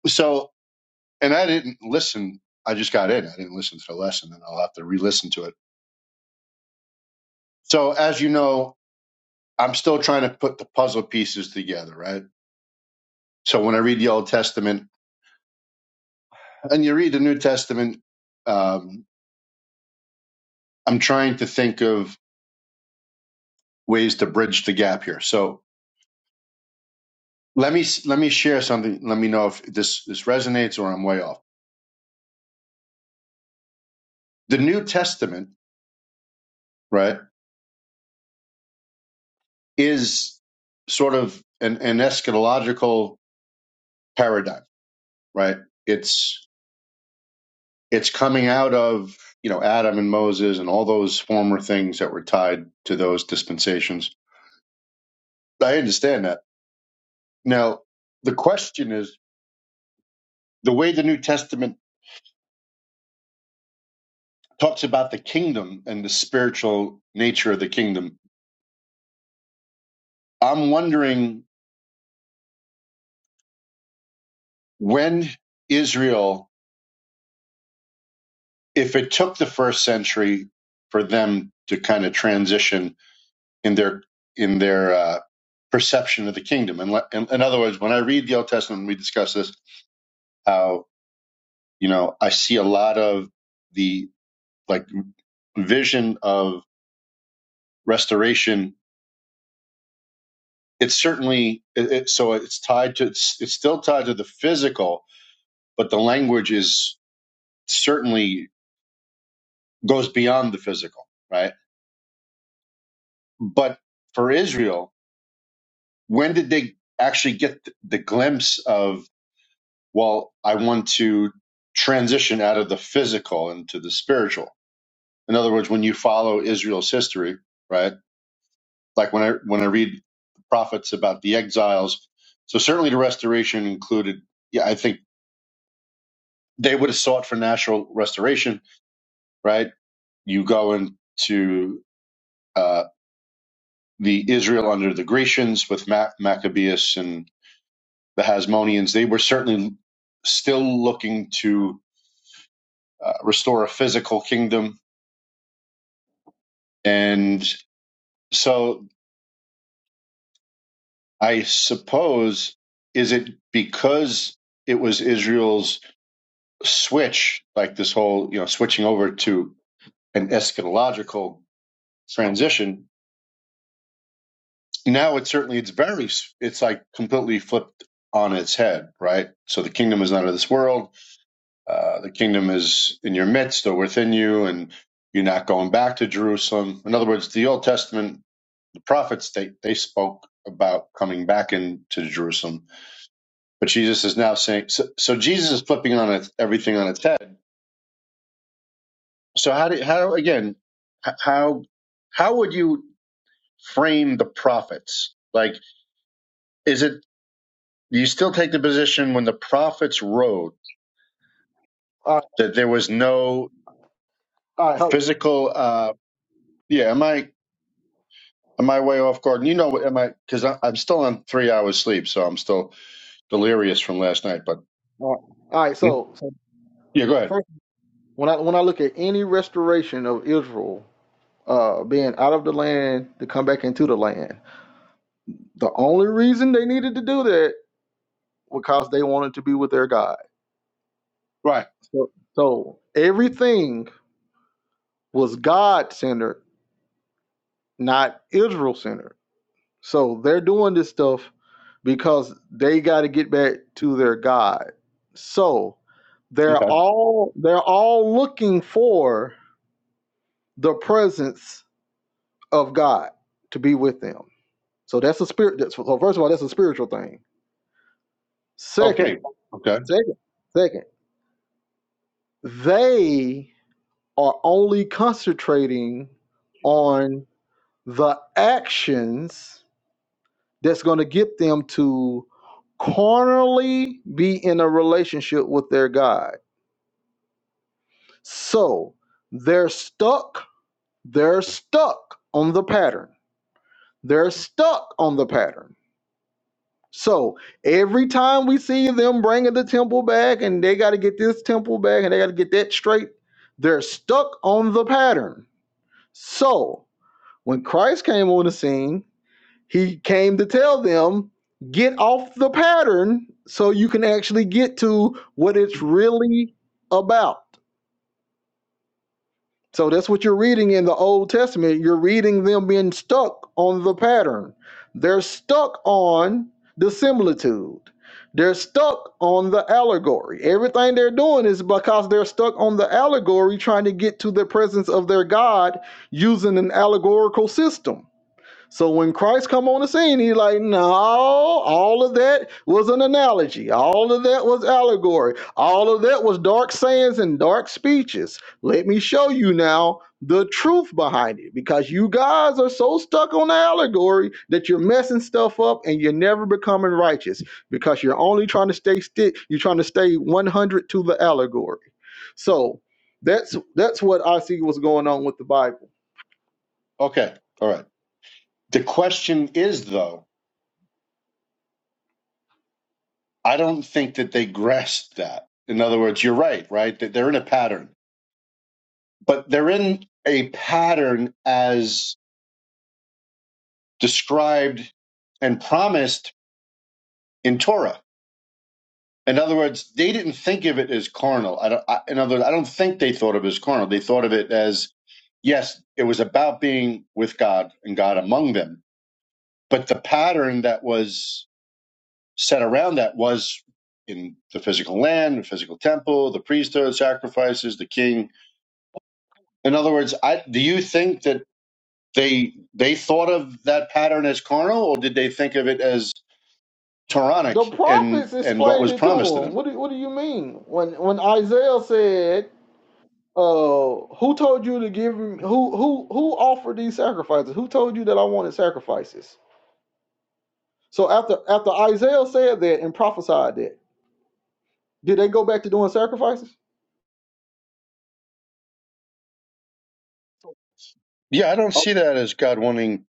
Speaker 5: so, and I didn't listen. I just got in. I didn't listen to the lesson, and I'll have to re-listen to it. So, as you know, I'm still trying to put the puzzle pieces together, right? So, when I read the Old Testament and you read the New Testament, um, I'm trying to think of ways to bridge the gap here. So let me let me share something. Let me know if this this resonates or I'm way off. The New Testament, right, is sort of an, an eschatological paradigm, right? It's it's coming out of you know Adam and Moses and all those former things that were tied to those dispensations. I understand that. Now the question is the way the New Testament talks about the kingdom and the spiritual nature of the kingdom. I'm wondering when Israel, if it took the first century for them to kind of transition in their in their uh, perception of the kingdom, and le- in, in other words, when I read the Old Testament, we discuss this how you know I see a lot of the like vision of restoration. It's certainly it, it, so it's tied to it's, it's still tied to the physical, but the language is certainly goes beyond the physical, right? But for Israel, when did they actually get the glimpse of well i want to transition out of the physical into the spiritual in other words when you follow israel's history right like when i when i read the prophets about the exiles so certainly the restoration included yeah i think they would have sought for national restoration right you go into uh the israel under the grecians with Ma- maccabeus and the hasmoneans they were certainly still looking to uh, restore a physical kingdom. And so I suppose, is it because it was Israel's switch, like this whole, you know, switching over to an eschatological transition? Now it's certainly, it's very, it's like completely flipped on its head, right? So the kingdom is not of this world. Uh, the kingdom is in your midst or within you, and you're not going back to Jerusalem. In other words, the Old Testament prophets they they spoke about coming back into Jerusalem, but Jesus is now saying so. So Jesus is flipping on its everything on its head. So how do how again h- how how would you frame the prophets? Like, is it do you still take the position when the prophets wrote
Speaker 1: All right,
Speaker 5: that there was no
Speaker 1: all right,
Speaker 5: physical? uh Yeah, am I am I way off, Gordon? You know, am I because I'm still on three hours sleep, so I'm still delirious from last night. But
Speaker 1: all right. All right,
Speaker 5: yeah,
Speaker 1: so, so
Speaker 5: yeah go
Speaker 1: f-
Speaker 5: ahead.
Speaker 1: first, when I when I look at any restoration of Israel, uh, being out of the land to come back into the land. The only reason they needed to do that was because they wanted to be with their God.
Speaker 5: Right.
Speaker 1: So, so everything was God centered, not Israel centered. So they're doing this stuff because they got to get back to their God. So they're
Speaker 5: Okay.
Speaker 1: all they're all looking for the presence of God to be with them. So that's a spirit. that's- So first of all, that's a spiritual thing. Second.
Speaker 5: Okay. Okay.
Speaker 1: Second, second, they are only concentrating on the actions that's going to get them to carnally be in a relationship with their God. So they're stuck. They're stuck on the pattern. They're stuck on the pattern. So every time we see them bringing the temple back and they got to get this temple back and they got to get that straight, they're stuck on the pattern So when Christ came on the scene, he came to tell them, get off the pattern so you can actually get to what it's really about. So that's what you're reading in the Old Testament. You're reading them being stuck on the pattern. They're stuck on the similitude. They're stuck on the allegory. Everything they're doing is because they're stuck on the allegory trying to get to the presence of their God using an allegorical system So when Christ come on the scene, he's like, no, all of that was an analogy. All of that was allegory. All of that was dark sayings and dark speeches. Let me show you now the truth behind it because you guys are so stuck on the allegory that you're messing stuff up and you're never becoming righteous because you're only trying to stay stick. You're trying to stay 100 to the allegory. So that's that's what I see was going on with the Bible
Speaker 5: Okay. All right. The question is, though, I don't think that they grasped that. In other words, you're right, right? That they're in a pattern, but they're in a pattern as described and promised in Torah. In other words, they didn't think of it as carnal. I don't, I, in other words, I don't think they thought of it as carnal. They thought of it as yes, it was about being with God and God among them. But the pattern that was set around that was in the physical land, the physical temple, the priesthood, sacrifices, the king. In other words, I, do you think that they they thought of that pattern as carnal, or did they think of it as
Speaker 1: The
Speaker 5: Quranic and
Speaker 1: prophets
Speaker 5: and what
Speaker 1: explained
Speaker 5: was
Speaker 1: it to
Speaker 5: promised to
Speaker 1: him.
Speaker 5: them?
Speaker 1: What do, what do you mean? When when Isaiah said, uh, who told you to give him who who who offered these sacrifices? Who told you that I wanted sacrifices? So after after Isaiah said that and prophesied that, did they go back to doing sacrifices?
Speaker 5: Yeah, I don't
Speaker 1: Oh,
Speaker 5: see that as God wanting.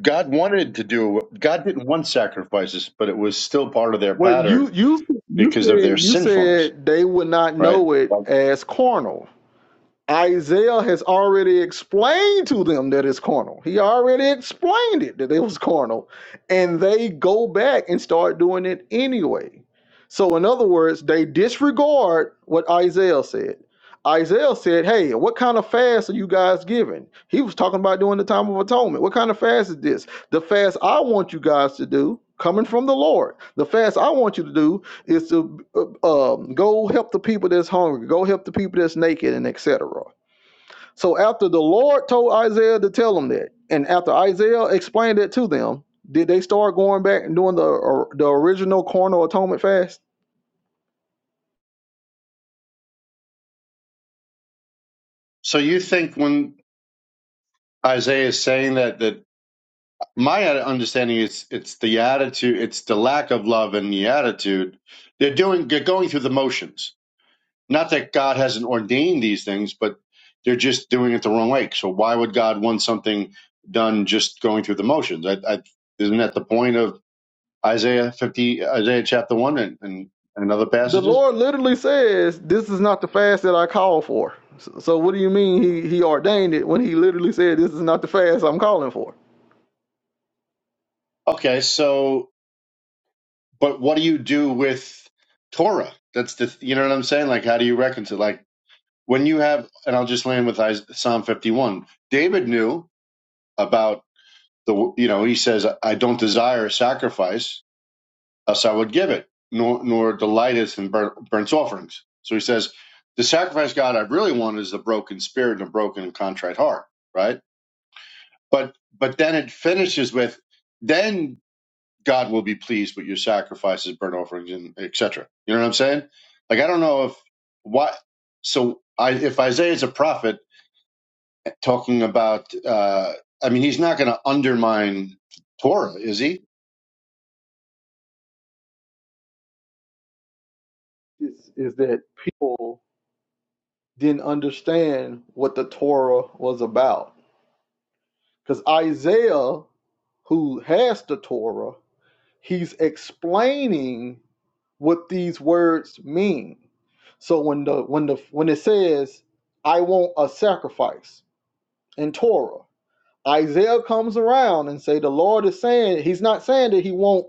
Speaker 5: God wanted to do. God didn't want sacrifices, but it was still part of their
Speaker 1: Well, you
Speaker 5: pattern
Speaker 1: you you
Speaker 5: because of their
Speaker 1: said you
Speaker 5: sinfulness,
Speaker 1: said they would not
Speaker 5: right?
Speaker 1: know it
Speaker 5: Right.
Speaker 1: as carnal. Isaiah has already explained to them that it's carnal. He already explained it that it was carnal. And they go back and start doing it anyway. So, in other words, they disregard what Isaiah said. Isaiah said, Hey, what kind of fast are you guys giving? He was talking about doing the time of atonement. What kind of fast is this? The fast I want you guys to do, coming from the Lord, the fast I want you to do it's to uh, um, go help the people that's hungry, go help the people that's naked, and etc. So after the Lord told Isaiah to tell them that, and after Isaiah explained it to them, did they start going back and doing the or the original carnal atonement fast?
Speaker 5: So you think when Isaiah is saying that that my understanding is it's the attitude, it's the lack of love and the attitude. They're doing, they're going through the motions. Not that God hasn't ordained these things, but they're just doing it the wrong way. So why would God want something done just going through the motions? I, I, isn't that the point of Isaiah fifty, Isaiah chapter one, and, and and other
Speaker 1: The
Speaker 5: passages?
Speaker 1: Lord literally says, "This is not the fast that I called for." So, so what do you mean he he ordained it when he literally said, "This is not the fast I'm calling for"?
Speaker 5: Okay, so but what do you do with Torah? That's the, you know what I'm saying? Like, how do you reconcile? Like when you have, and I'll just land with Psalm 51. David knew about the, you know, he says, I don't desire sacrifice, else I would give it, nor, nor delighteth in burnt, burnt offerings. So he says, the sacrifice God I really want is the broken spirit and a broken and contrite heart, right? But, but then it finishes with, then God will be pleased with your sacrifices, burnt offerings, and et cetera. You know what I'm saying? Like, I don't know if, why, so I, if Isaiah is a prophet, talking about. Uh, I mean, he's not going to undermine Torah, is he?
Speaker 1: Is is that people didn't understand what the Torah was about? Because Isaiah, who has the Torah, he's explaining what these words mean. So when the when the when it says, "I want a sacrifice" in Torah Isaiah comes around and say the Lord is saying he's not saying that he won't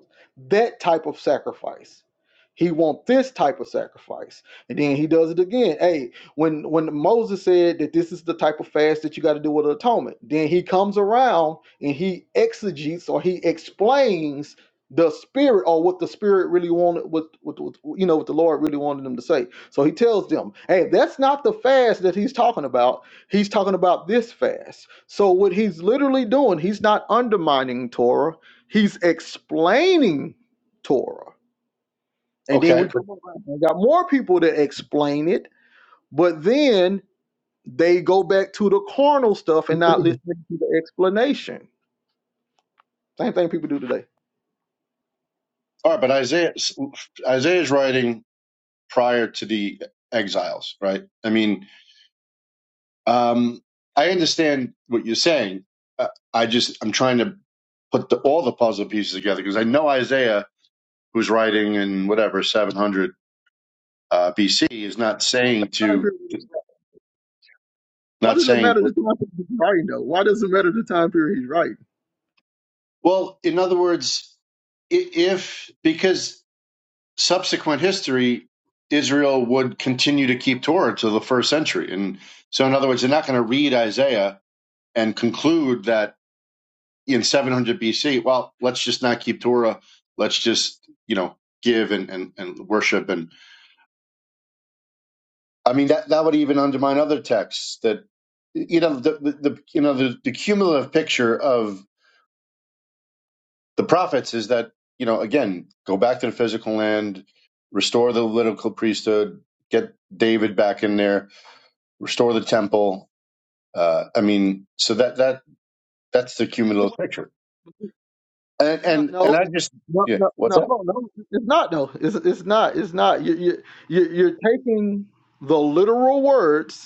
Speaker 1: that type of sacrifice. He want this type of sacrifice. And then he does it again. Hey, when when Moses said that this is the type of fast that you got to do with atonement, then he comes around and he exegetes or he explains the spirit or what the spirit really wanted what, what, what you know what the Lord really wanted them to say. So he tells them, "Hey, that's not the fast that he's talking about. He's talking about this fast." So what he's literally doing, he's not undermining Torah, he's explaining Torah. And then
Speaker 5: Okay,
Speaker 1: we
Speaker 5: but
Speaker 1: come around and got more people to explain it, but then they go back to the carnal stuff and not listening to the explanation. Same thing people do today.
Speaker 5: all right. But Isaiah Isaiah is writing prior to the exiles, right? I mean, um, I understand what you're saying. Uh, I just I'm trying to put the, all the puzzle pieces together because I know Isaiah, who's writing in whatever 700 uh, BC, is not saying
Speaker 1: Time
Speaker 5: to
Speaker 1: period. Why
Speaker 5: not
Speaker 1: does it
Speaker 5: saying.
Speaker 1: matter the time period he's writing though? Why does it matter the time period he's writing?
Speaker 5: Well, in other words, i- if because subsequent history, Israel would continue to keep Torah to the first century. And so, in other words, they're not going to read Isaiah and conclude that in 700 BC, well, let's just not keep Torah. Let's just, you know, give and, and, and worship. And I mean, that, that would even undermine other texts that, you know, the, the, the you know, the, the cumulative picture of the prophets is that, you know, again, go back to the physical land, restore the Levitical priesthood, get David back in there restore the temple. Uh, I mean, so that that that's the cumulative picture. And
Speaker 1: No, no,
Speaker 5: and and I
Speaker 1: no,
Speaker 5: just
Speaker 1: no,
Speaker 5: yeah,
Speaker 1: no,
Speaker 5: what's
Speaker 1: no,
Speaker 5: that?
Speaker 1: hold on, no, it's not though. It's it's not. It's not. You you you- you're taking the literal words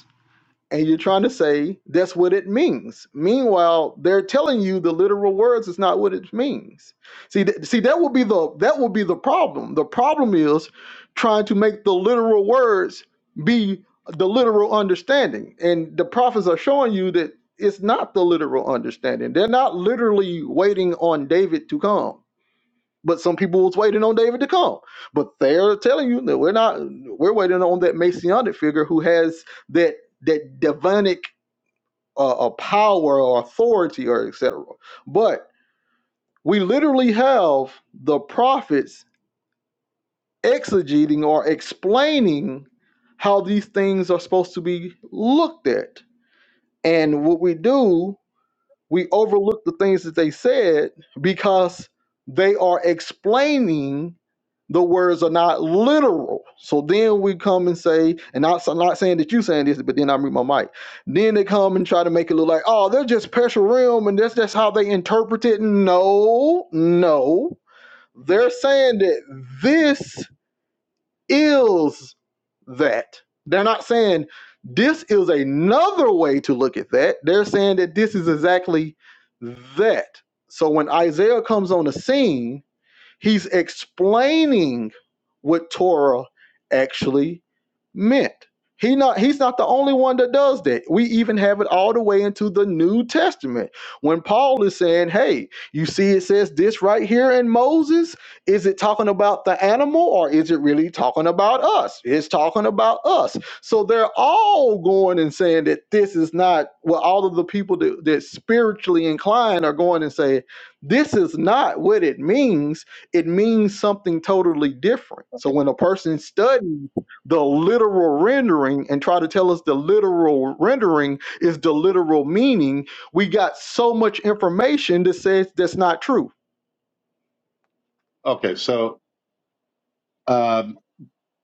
Speaker 1: and you're trying to say that's what it means. Meanwhile, they're telling you the literal words is not what it means. See, th- see that will be the that will be the problem. The problem is trying to make the literal words be the literal understanding, and the prophets are showing you that it's not the literal understanding. They're not literally waiting on David to come. But some people was waiting on David to come. But they're telling you that we're not we're waiting on that messianic figure who has that that divinic uh, uh, power or authority or etc. But we literally have the prophets exegeting or explaining how these things are supposed to be looked at. And what we do we overlook the things that they said because they are explaining the words are not literal. So then we come and say, and I, am not saying that you saying this, but then I mute my mic. Then they come and try to make it look like, oh, they're just partial realm and that's just how they interpret it. No, no. They're saying that this is that. They're not saying this is another way to look at that. They're saying that this is exactly that. So when Isaiah comes on the scene, He's explaining what Torah actually meant. He not he's not the only one that does that. We even have it all the way into the New Testament. When Paul is saying, "Hey, you see it says this right here in Moses, is it talking about the animal or is it really talking about us? It's talking about us." So they're all going and saying that this is not well all of the people that, that spiritually inclined are going and saying, "This is not what it means." it means something totally different. So when a person studies the literal rendering and try to tell us the literal rendering is the literal meaning, we got so much information that says that's not true.
Speaker 5: Okay, so um,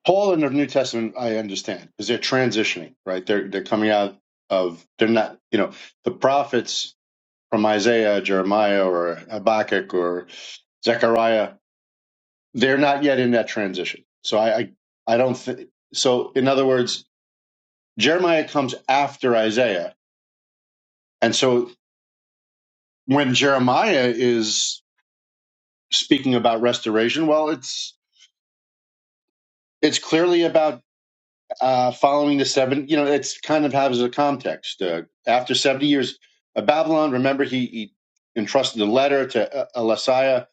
Speaker 5: Paul in the New Testament, I understand, because they're transitioning, right? They're they're coming out of they're not you know the prophets from Isaiah, Jeremiah, or Habakkuk or Zechariah, they're not yet in that transition. So I I, I don't think so. In other words, Jeremiah comes after Isaiah, and so when Jeremiah is speaking about restoration well it's it's clearly about uh, following the seven you know it's kind of has a context uh, after 70 years of babylon remember he, he entrusted the letter to uh, Elisaiah,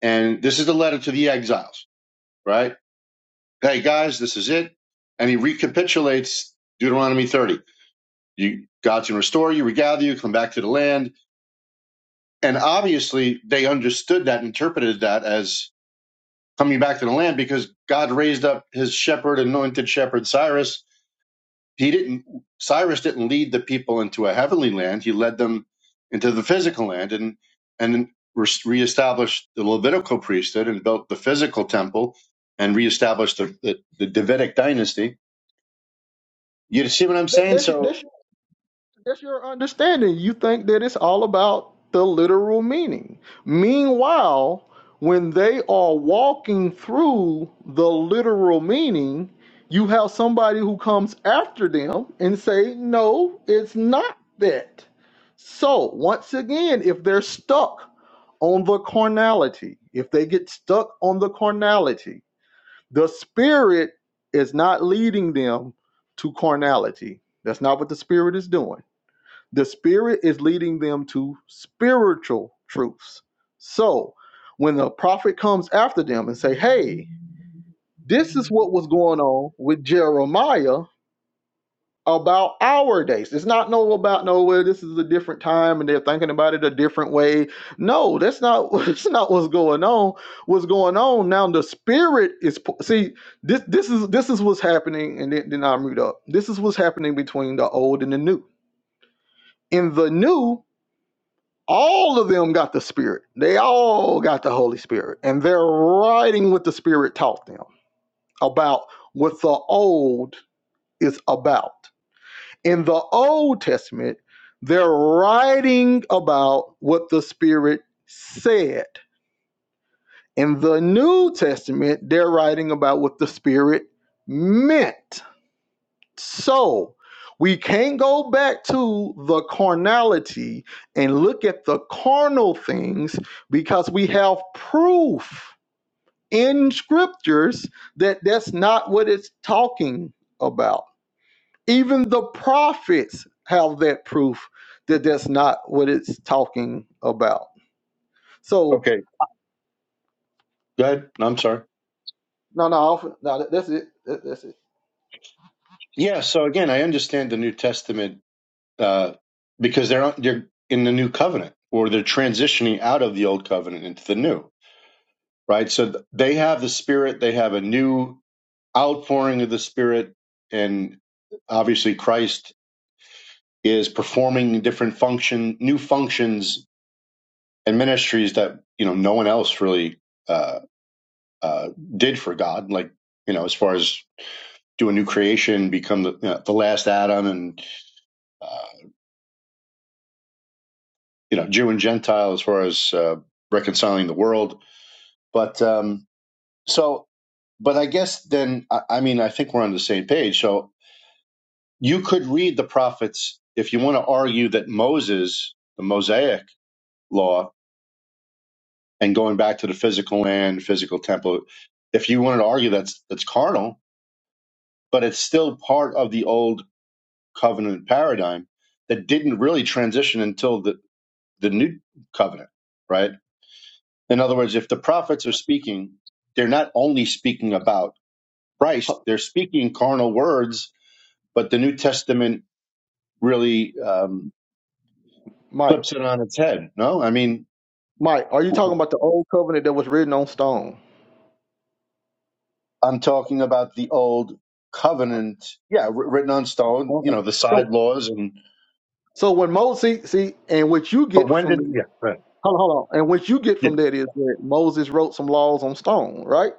Speaker 5: and this is the letter to the exiles right hey guys this is it and he recapitulates deuteronomy 30 you god's going to restore you regather you come back to the land and obviously they understood that interpreted that as. coming back to the land because God raised up his shepherd, anointed shepherd Cyrus. He didn't, Cyrus didn't lead the people into a heavenly land. He led them into the physical land and, and reestablished the Levitical priesthood and built the physical temple and reestablished the, the, the Davidic dynasty. You see what I'm
Speaker 1: That,
Speaker 5: saying?
Speaker 1: that, should,
Speaker 5: So,
Speaker 1: that should That's your understanding. You think that it's all about the literal meaning. Meanwhile, when they are walking through the literal meaning, you have somebody who comes after them and say, "No, it's not that." So, once again, if they're stuck on the carnality, if they get stuck on the carnality, the spirit is not leading them to carnality. That's not what the spirit is doing the Spirit is leading them to spiritual truths. So when the prophet comes after them and say, hey, this is what was going on with Jeremiah about our days. It's not no about nowhere. This is a different time, and they're thinking about it a different way. No, that's not. [laughs] That's not what's going on. What's going on now? The spirit is see. This this is this is what's happening, and then, then I mute up. This is what's happening between the old and the new. In the new, all of them got the Spirit. They all got the Holy Spirit. And they're writing what the Spirit taught them about what the old is about. In the Old Testament, they're writing about what the Spirit said. In the New Testament, they're writing about what the Spirit meant. So we can't go back to the carnality and look at the carnal things because we have proof in scriptures that that's not what it's talking about. Even the prophets have that proof that that's not what it's talking about. So
Speaker 5: okay, go ahead. No, I'm sorry.
Speaker 1: no, no, no. That's it. That- That's it.
Speaker 5: Yeah. So again, I understand the New Testament, uh, because they're, they're in the new covenant or they're transitioning out of the old covenant into the new right? So th- they have the Spirit, they have a new outpouring of the Spirit, and obviously Christ is performing different function, new functions and ministries that you know no one else really uh, uh, did for God, like you know as far as do a new creation, become the, you know, the last Adam, and uh, you know Jew and Gentile as far as uh, reconciling the world, but um, so. But I guess then, I I mean, I think we're on the same page. So you could read the prophets if you want to argue that Moses, the Mosaic law, and going back to the physical land, physical temple, if you wanted to argue that's that's carnal, but it's still part of the old covenant paradigm that didn't really transition until the, the new covenant, right? In other words, if the prophets are speaking, they're not only speaking about
Speaker 1: Huh,
Speaker 5: Christ, they're speaking carnal words, but the New Testament really um,
Speaker 1: Mike,
Speaker 5: flips it on its head. No, I mean,
Speaker 1: Mike, are you talking about the old covenant that was written on stone?
Speaker 5: I'm talking about the old covenant, yeah, wr- written on stone. You know, the
Speaker 1: Okay.
Speaker 5: side laws and.
Speaker 1: So when Moses, see, and what you
Speaker 5: But
Speaker 1: get
Speaker 5: when
Speaker 1: from
Speaker 5: did?
Speaker 1: the
Speaker 5: Yeah, right.
Speaker 1: hold on, hold on, and what you get
Speaker 5: Yeah.
Speaker 1: from that is that Moses wrote some laws on stone, right?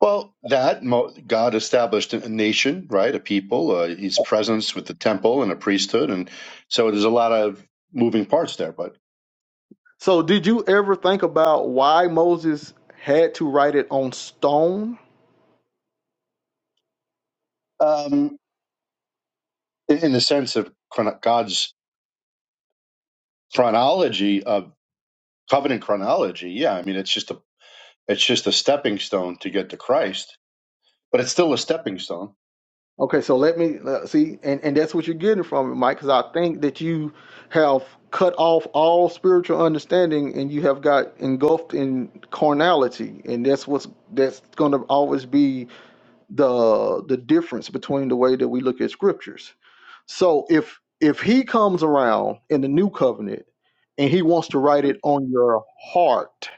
Speaker 5: Well, that mo- God established a a nation, right? A people, uh, his presence with the temple and a priesthood. And so there's a lot of moving parts there. But
Speaker 1: So did you ever think about why Moses had to write it on stone?
Speaker 5: um, in in the sense of chron- God's chronology of covenant chronology, yeah, I mean, it's just a it's just a stepping stone to get to Christ, but it's still a stepping stone.
Speaker 1: Okay, so let me uh, see, and and that's what you're getting from it, Mike, because I think that you have cut off all spiritual understanding and you have got engulfed in carnality and that's what's that's going to always be the the difference between the way that we look at scriptures So if if he comes around in the new covenant and he wants to write it on your heart,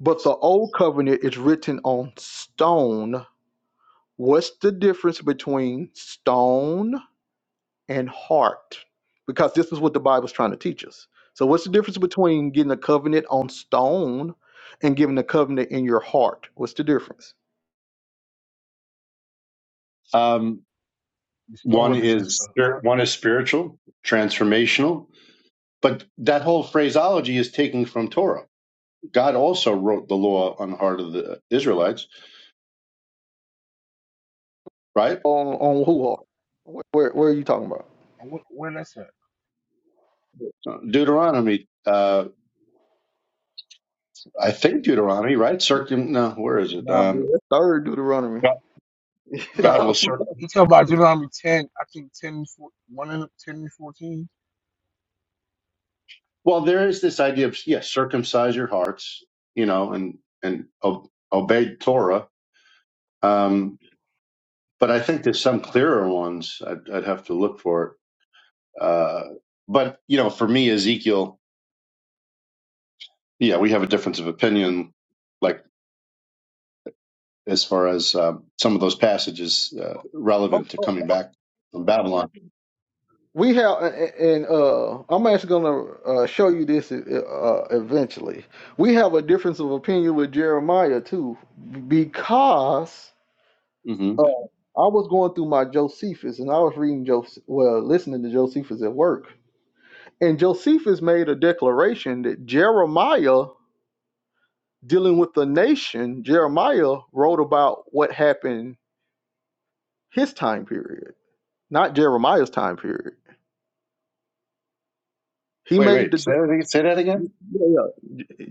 Speaker 1: but the old covenant is written on stone, what's the difference between stone and heart? Because this is what the Bible's trying to teach us. So what's the difference between getting a covenant on stone and giving a covenant in your heart? What's the difference?
Speaker 5: Um,
Speaker 3: The stone
Speaker 5: one
Speaker 3: represents
Speaker 5: is
Speaker 3: the
Speaker 5: spir-
Speaker 3: heart.
Speaker 5: one is spiritual, transformational, but that whole phraseology is taken from Torah. God also wrote the law on the heart of the Israelites, right?
Speaker 1: On on who heart? Where, where, where are you talking about?
Speaker 3: And wh- where that's at?
Speaker 5: Uh, Deuteronomy, uh, I think Deuteronomy, right? Circum, no, where is it?
Speaker 1: Nah, man,
Speaker 5: Um,
Speaker 1: that's third Deuteronomy.
Speaker 5: God God will
Speaker 3: No,
Speaker 5: circum.
Speaker 3: he talking about Deuteronomy ten. I think 10, four, 1 and 10 and fourteen.
Speaker 5: Well, there is this idea of yes, circumcise your hearts, you know, and and o- obey Torah. Um, but I think there's some clearer ones. I'd, I'd have to look for it. Uh, but you know, for me, Ezekiel, yeah, we have a difference of opinion, like as far as um, some of those passages uh, relevant to coming back from
Speaker 1: [laughs]
Speaker 5: Babylon.
Speaker 1: we have and uh i'm actually going to uh, show you this uh, uh, eventually we have a difference of opinion with jeremiah too because
Speaker 5: hmm
Speaker 1: uh, i was going through my josephus and i was reading Joseph. well listening to josephus at work and josephus made a declaration that jeremiah dealing with the nation jeremiah wrote about what happened his time period not jeremiah's time period he
Speaker 5: Wait,
Speaker 1: made the
Speaker 5: wait, say that again. Say that
Speaker 1: de-
Speaker 5: again?
Speaker 1: yeah,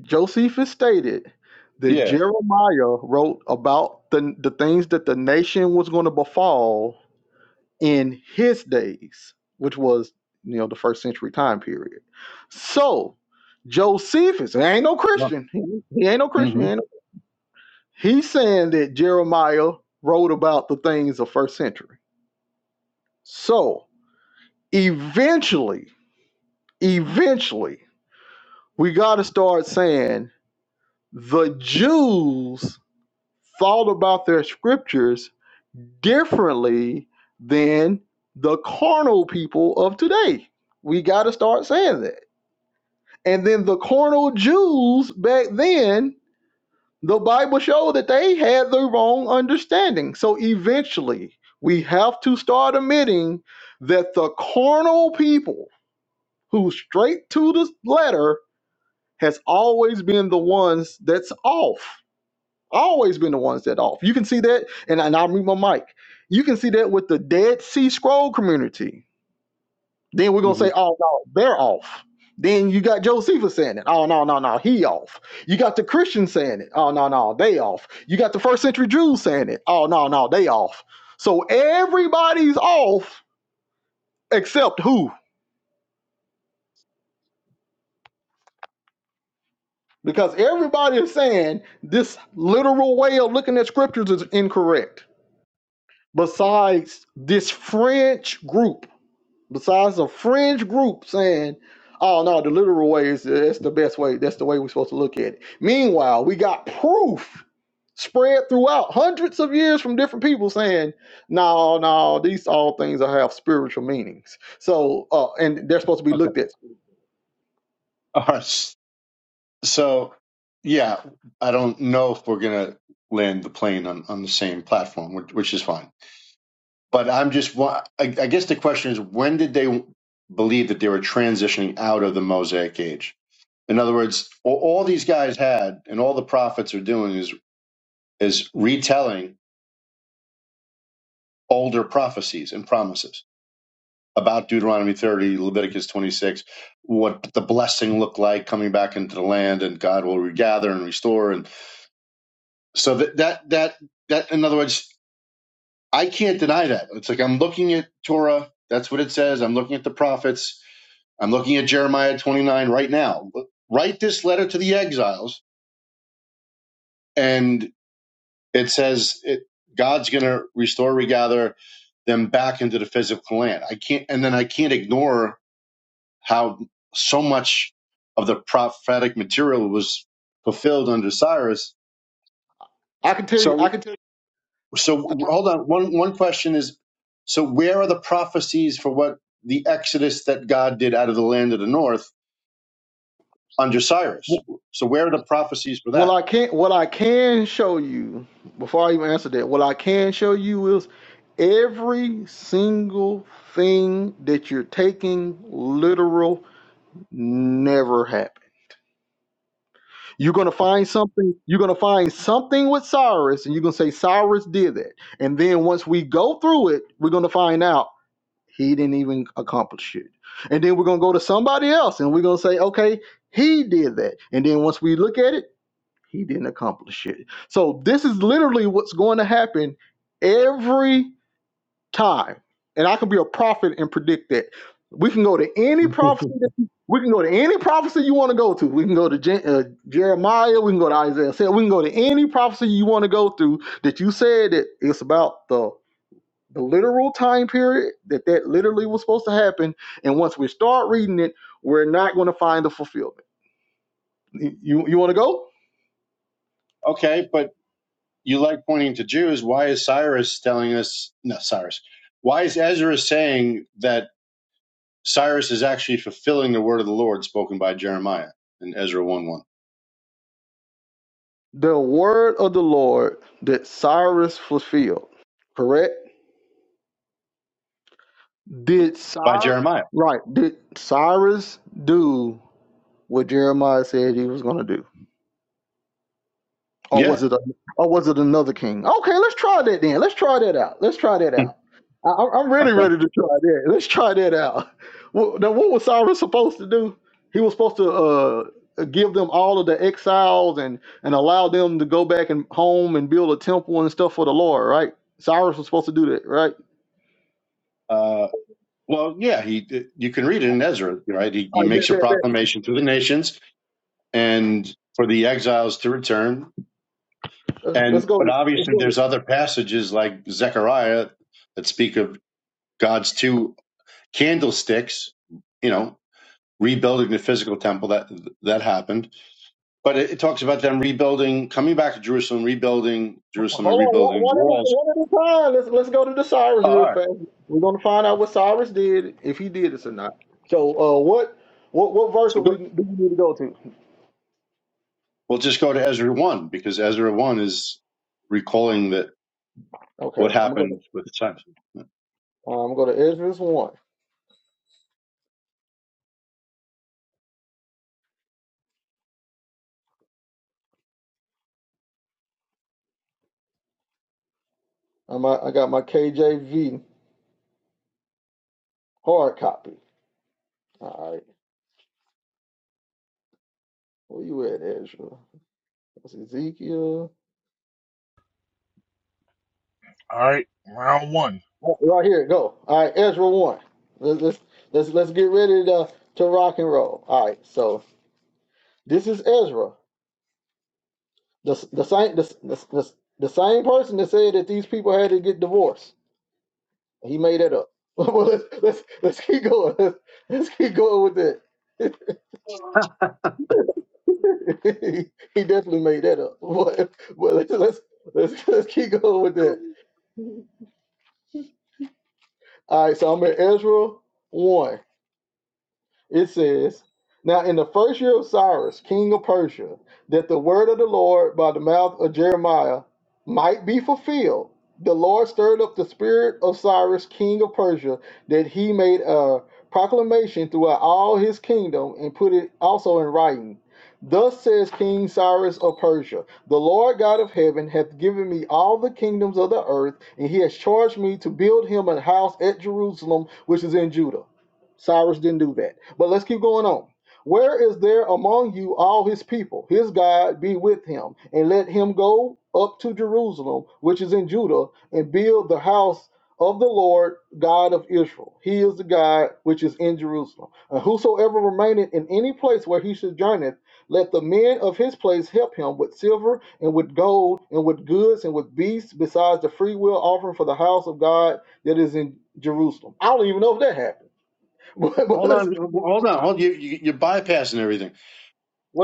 Speaker 1: Josephus stated that
Speaker 5: Yeah.
Speaker 1: Jeremiah wrote about the, the things that the nation was going to befall in his days, which was you know the first century time period. So Josephus, he ain't no Christian. He, he ain't no Christian.
Speaker 5: hmm
Speaker 1: he ain't no- he's saying that Jeremiah wrote about the things of first century. So eventually, eventually, we got to start saying the Jews thought about their scriptures differently than the carnal people of today. We got to start saying that. And then the carnal Jews back then, the Bible showed that they had the wrong understanding. So eventually, we have to start admitting that the carnal people who straight to the letter has always been the ones that's off Always been the ones that off. You can see that, and, and I'll mute my mic. You can see that with the Dead Sea Scroll community. Then we're gonna
Speaker 5: hmm
Speaker 1: say, oh no, they're off. Then you got Josephus saying it. Oh no, no, no, he off. You got the Christians saying it. Oh no, no, they off. You got the first century Jews saying it. Oh no, no, they off. So everybody's off except who? Because everybody is saying this literal way of looking at scriptures is incorrect. Besides this French group besides a fringe group saying, "Oh no, the literal way is that's the best way. That's the way we're supposed to look at it." Meanwhile, we got proof spread throughout hundreds of years from different people saying, "No, no, these all things are- have spiritual meanings." So, uh, and they're supposed to be
Speaker 5: Okay.
Speaker 1: looked at.
Speaker 5: All right. [laughs] So, yeah, I don't know if we're going to land the plane on, on the same platform, which, which is fine. But I'm just, I, I guess the question is when did they believe that they were transitioning out of the Mosaic age? In other words, all, all these guys had and all the prophets are doing is, is retelling older prophecies and promises about Deuteronomy 30, Leviticus 26, what the blessing looked like coming back into the land and God will regather and restore. and. So that that that that in other words, I can't deny that. It's like I'm looking at Torah. That's what it says. I'm looking at the prophets. I'm looking at Jeremiah 29 right now. Write this letter to the exiles, and it says it, God's going to restore, regather them back into the physical land. I can't, and then I can't ignore how so much of the prophetic material was fulfilled under Cyrus.
Speaker 1: I can tell you.
Speaker 5: So
Speaker 1: I can tell you.
Speaker 5: So
Speaker 1: I'm not-
Speaker 5: hold on. One one question is so where are the prophecies for what the exodus that God did out of the land of the north under Cyrus? So where are the prophecies for
Speaker 1: What
Speaker 5: that?
Speaker 1: I
Speaker 5: [laughs]
Speaker 1: can, what I can show you before I even answer that, what I can show you is every single thing that you're taking literal Never happened. You're gonna find something. You're gonna find something with Cyrus, and you're gonna say Cyrus did that. And then once we go through it, we're gonna find out he didn't even accomplish it. And then we're gonna go to somebody else, and we're gonna say, okay, he did that. And then once we look at it, he didn't accomplish it. So this is literally what's going to happen every time. And I can be a prophet and predict that. We can go to any prophecy. That you, we can go to any prophecy you want to go to. We can go to Je- uh, Jeremiah. We can go to Isaiah. Say we can go to any prophecy you want to go through that you said that it's about the the literal time period that that literally was supposed to happen. And once we start reading it, we're not going to find the fulfillment. You you, you want to go?
Speaker 5: Okay, but you like pointing to Jews. Why is Cyrus telling us no Cyrus? Why is Ezra saying that Cyrus is actually fulfilling the word of the Lord spoken by Jeremiah in Ezra one one?
Speaker 1: The word of the Lord that Cyrus fulfilled. Correct. Did
Speaker 5: By
Speaker 1: Cyrus
Speaker 5: Jeremiah.
Speaker 1: right? Did Cyrus do what Jeremiah said he was going to do, or
Speaker 5: Yeah.
Speaker 1: was it a, or was it another king? Okay, let's try that then. Let's try that out. Let's try that
Speaker 5: [laughs]
Speaker 1: out. I, I'm I'm really
Speaker 5: Okay.
Speaker 1: ready to try that. Let's try that out. Well, now, what was Cyrus supposed to do? He was supposed to uh, give them all of the exiles and and allow them to go back and home and build a temple and stuff for the Lord, right? Cyrus was supposed to do that, right?
Speaker 5: Uh, well, yeah, he you can read it in Ezra, right? He,
Speaker 1: All
Speaker 5: he
Speaker 1: right, bet,
Speaker 5: makes a
Speaker 1: bet, bet.
Speaker 5: proclamation to the nations, and for the exiles to return.
Speaker 1: Uh, Let's
Speaker 5: And
Speaker 1: go.
Speaker 5: but
Speaker 1: To, let's
Speaker 5: obviously,
Speaker 1: go.
Speaker 5: there's other passages like Zechariah that speak of God's two candlesticks. You know, rebuilding the physical temple that that happened. But it, it talks about them rebuilding, coming back to Jerusalem, rebuilding Jerusalem, and
Speaker 1: Hold on,
Speaker 5: rebuilding
Speaker 1: one one at a,
Speaker 5: walls.
Speaker 1: one at a time. Let's let's go to the Cyrus
Speaker 5: Oh, all
Speaker 1: real
Speaker 5: right,
Speaker 1: fast. We're gonna find out what Cyrus did, if he did this or not. So, uh, what what what verse
Speaker 5: so
Speaker 1: are we
Speaker 5: go,
Speaker 1: do we need to go to?
Speaker 5: we'll just go to Ezra one because Ezra one is recalling that
Speaker 1: Okay,
Speaker 5: what
Speaker 1: I'm gonna go to
Speaker 5: happened with Samson.
Speaker 1: uh, I'm gonna go to Ezra's one. I'm a, I got my KJV hard copy. All right, where you at, Ezra? That's Ezekiel.
Speaker 3: All right, round one.
Speaker 1: Oh, Right here, go. All right, Ezra one. Let's let's let's, let's get ready to to rock and roll. All right, so this is Ezra. The the same the, the, the, the same person that said that these people had to get divorced. He made that up. [laughs] well, let's, let's let's keep going. Let's, let's keep going with that. [laughs] he, he definitely made that up. [laughs] But, but let's, let's let's let's keep going with that. All right. So I'm at Ezra one. It says, Now in the first year of Cyrus, king of Persia, that the word of the Lord by the mouth of Jeremiah might be fulfilled, the Lord stirred up the spirit of Cyrus, king of Persia, that he made a proclamation throughout all his kingdom and put it also in writing. Thus says King Cyrus of Persia, The Lord God of heaven hath given me all the kingdoms of the earth, and he has charged me to build him a house at Jerusalem, which is in Judah. Cyrus didn't do that. But let's keep going on. Where is there among you all his people? His God be with him, and let him go up to Jerusalem, which is in Judah, and build the house of the Lord God of Israel. He is the God which is in Jerusalem. And whosoever remaineth in any place where he sojourneth, let the men of his place help him with silver and with gold and with goods and with beasts, besides the freewill offering for the house of God that is in Jerusalem. I don't even know if that happened. [laughs] well,
Speaker 5: Hold
Speaker 1: let
Speaker 5: on, hold on, hold you. you you're bypassing everything.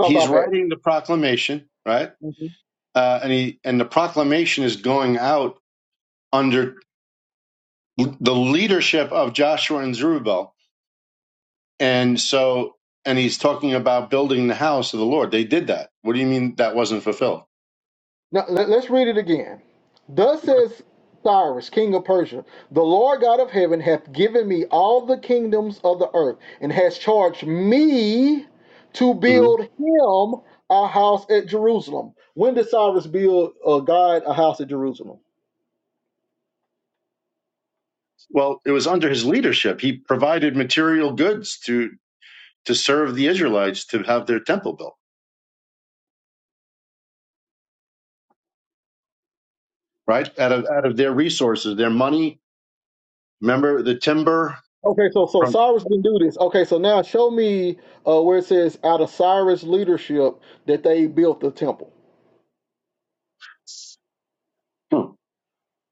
Speaker 5: he's
Speaker 1: about that.
Speaker 5: writing the proclamation, right?
Speaker 1: Mhm.
Speaker 5: Uh, and he and the proclamation is going out under the leadership of Joshua and Zerubbabel, and so and he's talking about building the house of the Lord. They did that. What do you mean that wasn't fulfilled?
Speaker 1: Now let, us read it again. Thus says Cyrus, king of Persia, the Lord God of heaven hath given me all the kingdoms of the earth, and has charged me to
Speaker 5: Mhm.
Speaker 1: build him a house at Jerusalem. When did Cyrus build uh, God a house at Jerusalem?
Speaker 5: Well, it was under his leadership. He provided material goods to to serve the Israelites to have their temple built, right? Out of out of their resources, their money. Remember the timber
Speaker 1: Okay, so so
Speaker 5: from
Speaker 1: Cyrus didn't do this. Okay, so now show me uh, where it says out of Cyrus' leadership that they built the temple.
Speaker 5: hmm,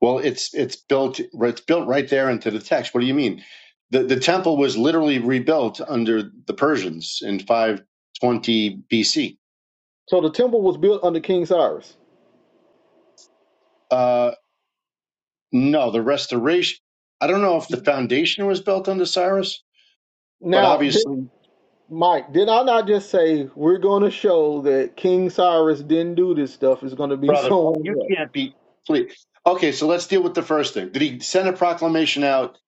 Speaker 5: Well, it's it's built it's built right there into the text. What do you mean? The the temple was literally rebuilt under the Persians in 520 BC.
Speaker 1: So the temple was built under King Cyrus.
Speaker 5: Uh, no, the restoration. I don't know if the foundation was built under Cyrus, but
Speaker 1: Now,
Speaker 5: obviously,
Speaker 1: Mike, did I not just say we're going to show that King Cyrus didn't do this stuff? It's going to be [laughs]
Speaker 5: brother,
Speaker 1: someone
Speaker 5: you
Speaker 1: else.
Speaker 5: can't be. Please. Okay, so let's deal with the first thing. Did he send a proclamation out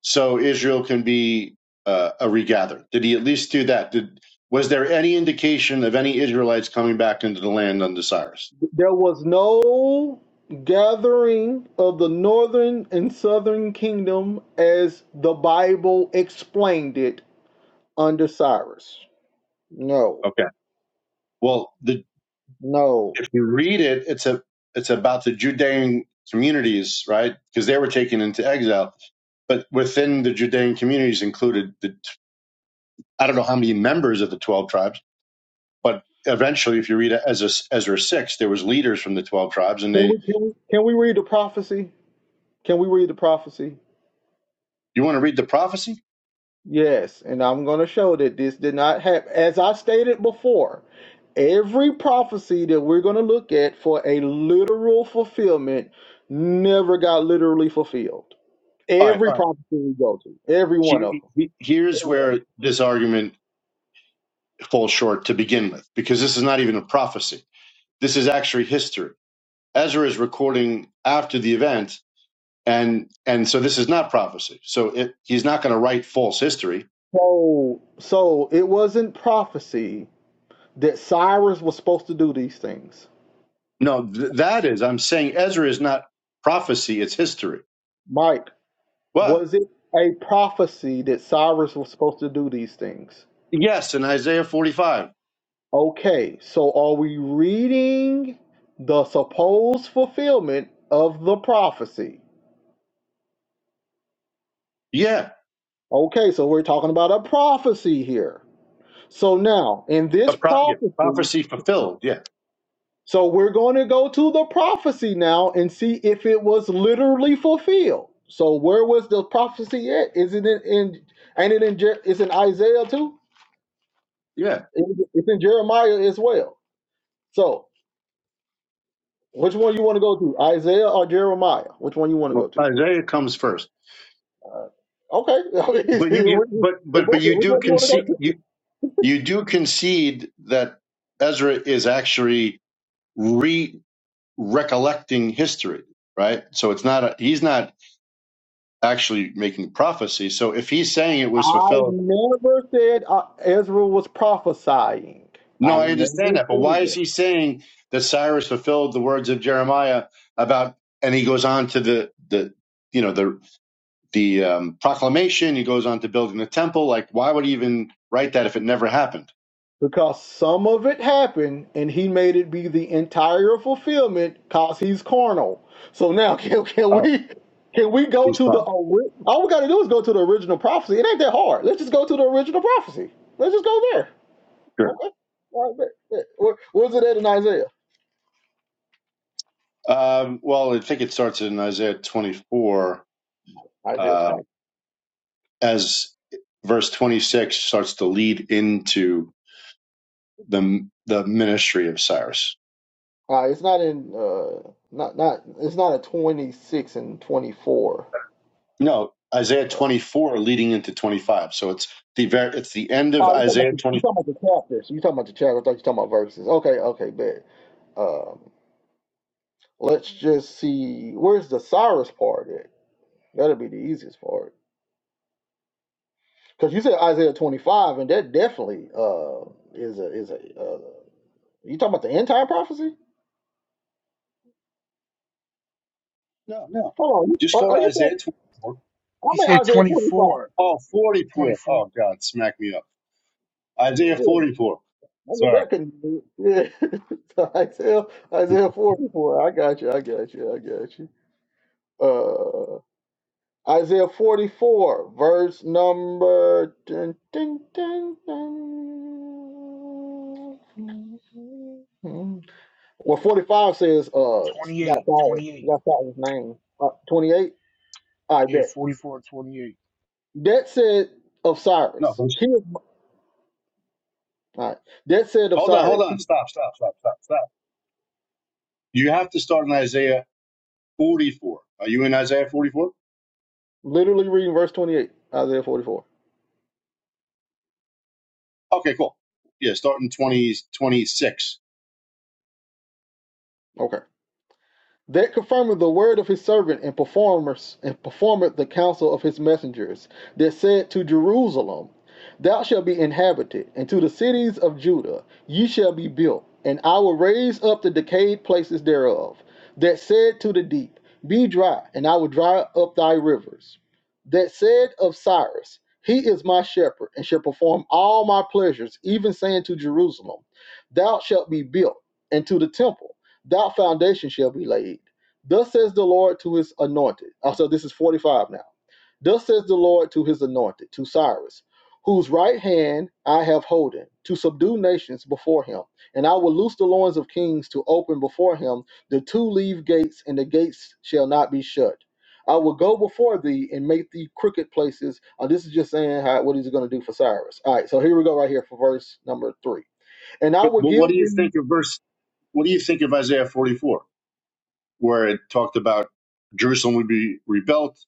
Speaker 5: so Israel can be uh, a regather? Did he at least do that? Did was there any indication of any Israelites coming back into the land under Cyrus?
Speaker 1: There was no gathering of the northern and southern kingdom as the Bible explained it under Cyrus. No,
Speaker 5: Okay. Well, the
Speaker 1: no.
Speaker 5: if you read it, it's a it's about the Judean communities, right? Because they were taken into exile, but within the Judean communities included the I don't know how many members of the twelve tribes, but eventually, if you read Ezra Ezra six, there was leaders from the twelve tribes, and
Speaker 1: Can
Speaker 5: they.
Speaker 1: we, can we, can we read the prophecy? Can we read the prophecy?
Speaker 5: You want to read the prophecy?
Speaker 1: Yes, and I'm going to show that this did not happen. As I stated before, every prophecy that we're going to look at for a literal fulfillment never got literally fulfilled.
Speaker 5: All right,
Speaker 1: Every
Speaker 5: all right.
Speaker 1: prophecy we go to, every one
Speaker 5: Here,
Speaker 1: of them,
Speaker 5: here's
Speaker 1: every one.
Speaker 5: where this argument falls short to begin with, because this is not even a prophecy. This is actually history. Ezra is recording after the event and and so this is not prophecy so it, he's not going to write false history
Speaker 1: So, so it wasn't prophecy that Cyrus was supposed to do these things.
Speaker 5: no th- that is i'm saying ezra is not prophecy it's history
Speaker 1: Mike,
Speaker 5: what
Speaker 1: was it a prophecy that Cyrus was supposed to do these things?
Speaker 5: yes in isaiah 45
Speaker 1: Okay, so are we reading the supposed fulfillment of the prophecy?
Speaker 5: yeah
Speaker 1: Okay, so we're talking about a prophecy here. So now, in
Speaker 5: a
Speaker 1: this
Speaker 5: pro- yeah,
Speaker 1: prophecy,
Speaker 5: prophecy fulfilled yeah
Speaker 1: so we're going to go to the prophecy now and see if it was literally fulfilled. So where was the prophecy at? Is it in? in ain't it in? Jer- It's in Isaiah too.
Speaker 5: yeah
Speaker 1: It- It's in Jeremiah as well. So which one you want to go to, Isaiah or Jeremiah? Which one you want to go
Speaker 5: well,
Speaker 1: to?
Speaker 5: isaiah comes first
Speaker 1: Okay. [laughs] I
Speaker 5: but you,
Speaker 1: mean,
Speaker 5: you
Speaker 1: what do you-
Speaker 5: but but but
Speaker 1: what do
Speaker 5: you
Speaker 1: you
Speaker 5: do
Speaker 1: want
Speaker 5: concede
Speaker 1: to go to?
Speaker 5: you you do concede that ezra is actually re recollecting history right so it's not a he's not actually making the prophecy. So if he's saying it was
Speaker 1: I
Speaker 5: fulfilled,
Speaker 1: never said uh, Ezra was prophesying.
Speaker 5: no,
Speaker 1: I
Speaker 5: I
Speaker 1: never
Speaker 5: understand that. But why
Speaker 1: said
Speaker 5: is
Speaker 1: that.
Speaker 5: he saying that Cyrus fulfilled the words of Jeremiah about? And he goes on to the the you know the the um, proclamation. He goes on to building the temple. Like, why would he even write that if it never happened?
Speaker 1: Because some of it happened and he made it be the entire fulfillment because he's carnal. So now [laughs] can, can
Speaker 5: Oh,
Speaker 1: we can we go
Speaker 5: he's
Speaker 1: to the
Speaker 5: fine.
Speaker 1: ori- all we gotta do is go to the original prophecy. It ain't that hard. Let's just go to the original prophecy. Let's just go there.
Speaker 5: Sure.
Speaker 1: Okay. All right, bet, bet. Where- Where's it at in Isaiah?
Speaker 5: Um, well, I think it starts in Isaiah 24
Speaker 1: Isaiah
Speaker 5: uh,
Speaker 1: 28.
Speaker 5: as verse 26 starts to lead into the the ministry of Cyrus.
Speaker 1: Uh, it's not in uh not not it's not a 26 and 24.
Speaker 5: No, Isaiah
Speaker 1: Uh,
Speaker 5: 24 leading into 25. So it's the ver- it's the end of
Speaker 1: oh, you talking about
Speaker 5: Isaiah
Speaker 1: the, you
Speaker 5: 20.
Speaker 1: talking about the chapters. You talking about the chapter. I thought you talking about verses. Okay, okay, bet. Um, let's just see where's the Cyrus part at. That'll be the easiest part. Cause you said Isaiah 25, and that definitely uh is a is a uh, you talking about the end time prophecy?
Speaker 5: No, no.
Speaker 1: Hold on,
Speaker 5: Just
Speaker 1: you-
Speaker 5: go
Speaker 1: are,
Speaker 5: to
Speaker 1: are you saying
Speaker 5: Isaiah 24.
Speaker 3: He said
Speaker 1: I'm in Isaiah
Speaker 3: twenty
Speaker 1: 25?
Speaker 3: four,
Speaker 5: Oh,
Speaker 3: twenty
Speaker 5: 44.
Speaker 3: four,
Speaker 5: Oh, God, smack me up. Isaiah
Speaker 1: Yeah.
Speaker 5: 44.
Speaker 1: I knew
Speaker 5: Sorry.
Speaker 1: that couldn't be it. Yeah. [laughs] so Isaiah,
Speaker 5: [laughs]
Speaker 1: Isaiah 44. I got you. I got you. I got you. Uh, Isaiah 44, verse number. Dun, dun, dun, dun. Well, 45 says, uh,
Speaker 3: twenty
Speaker 1: got
Speaker 3: eight,
Speaker 1: Cyrus.
Speaker 3: twenty eight.
Speaker 1: Got Cyrus' name. Uh, 28. I
Speaker 3: Yeah,
Speaker 1: bet.
Speaker 3: 44, 28.
Speaker 1: That said of
Speaker 5: No,
Speaker 1: Cyrus.
Speaker 5: but-
Speaker 1: He, is, all right. That said of
Speaker 5: hold on, hold
Speaker 1: Cyrus.
Speaker 5: on. Stop, stop, stop, stop, stop. You have to start in Isaiah 44. Are you in Isaiah 44?
Speaker 1: Literally reading verse 28, Isaiah 44.
Speaker 5: Okay, cool. Yeah, start in 20 26.
Speaker 1: Okay. that confirmed the word of his servant and performers and performeth the counsel of his messengers that said to Jerusalem, Thou shalt be inhabited, and to the cities of Judah ye shall be built, and I will raise up the decayed places thereof, that said to the deep, Be dry, and I will dry up thy rivers. That said of Cyrus, He is my shepherd, and shall perform all my pleasures, even saying to Jerusalem, Thou shalt be built, and to the temple that foundation shall be laid. Thus says the Lord to his anointed. Oh, so this is 45 now. Thus says the Lord to his anointed, to Cyrus, whose right hand I have holden, to subdue nations before him. And I will loose the loins of kings to open before him the two leave gates, and the gates shall not be shut. I will go before thee and make thee crooked places. Uh, this is just saying how, what he's going to do for Cyrus. All right, so here we go right here for verse number three. And I
Speaker 5: But,
Speaker 1: will
Speaker 5: but
Speaker 1: give
Speaker 5: what do you
Speaker 1: thee
Speaker 5: think of verse, what do you think of Isaiah 44, where it talked about Jerusalem would be rebuilt?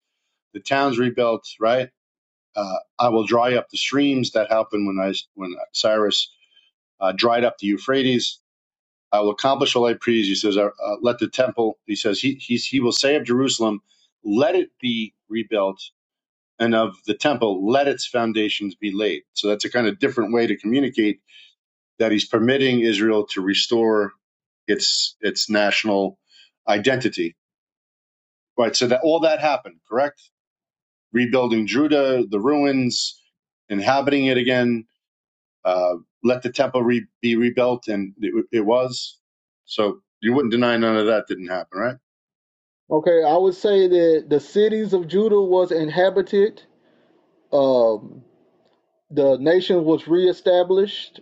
Speaker 5: The town's rebuilt, right? Uh, I will dry up the streams. That happened when I when Cyrus uh, dried up the Euphrates. I will accomplish all I please. He says, uh, uh, "Let the temple." He says, "He he's, he will say of Jerusalem, let it be rebuilt, and of the temple, let its foundations be laid." So that's a kind of different way to communicate that he's permitting Israel to restore its its national identity. Right. So that all that happened, correct? rebuilding Judah, the ruins, inhabiting it again. Uh, let the temple re- be rebuilt, and it, it was. So you wouldn't deny none of that didn't happen, right?
Speaker 1: Okay, I would say that the cities of Judah was inhabited. Um, the nation was reestablished,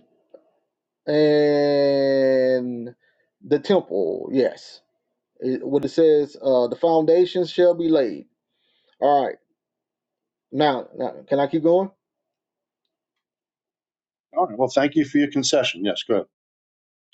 Speaker 1: and the temple. Yes, it, what it says, uh, the foundations shall be laid. All right, now, now, can I keep going?
Speaker 5: All right. Well, thank you for your concession. Yes, go ahead.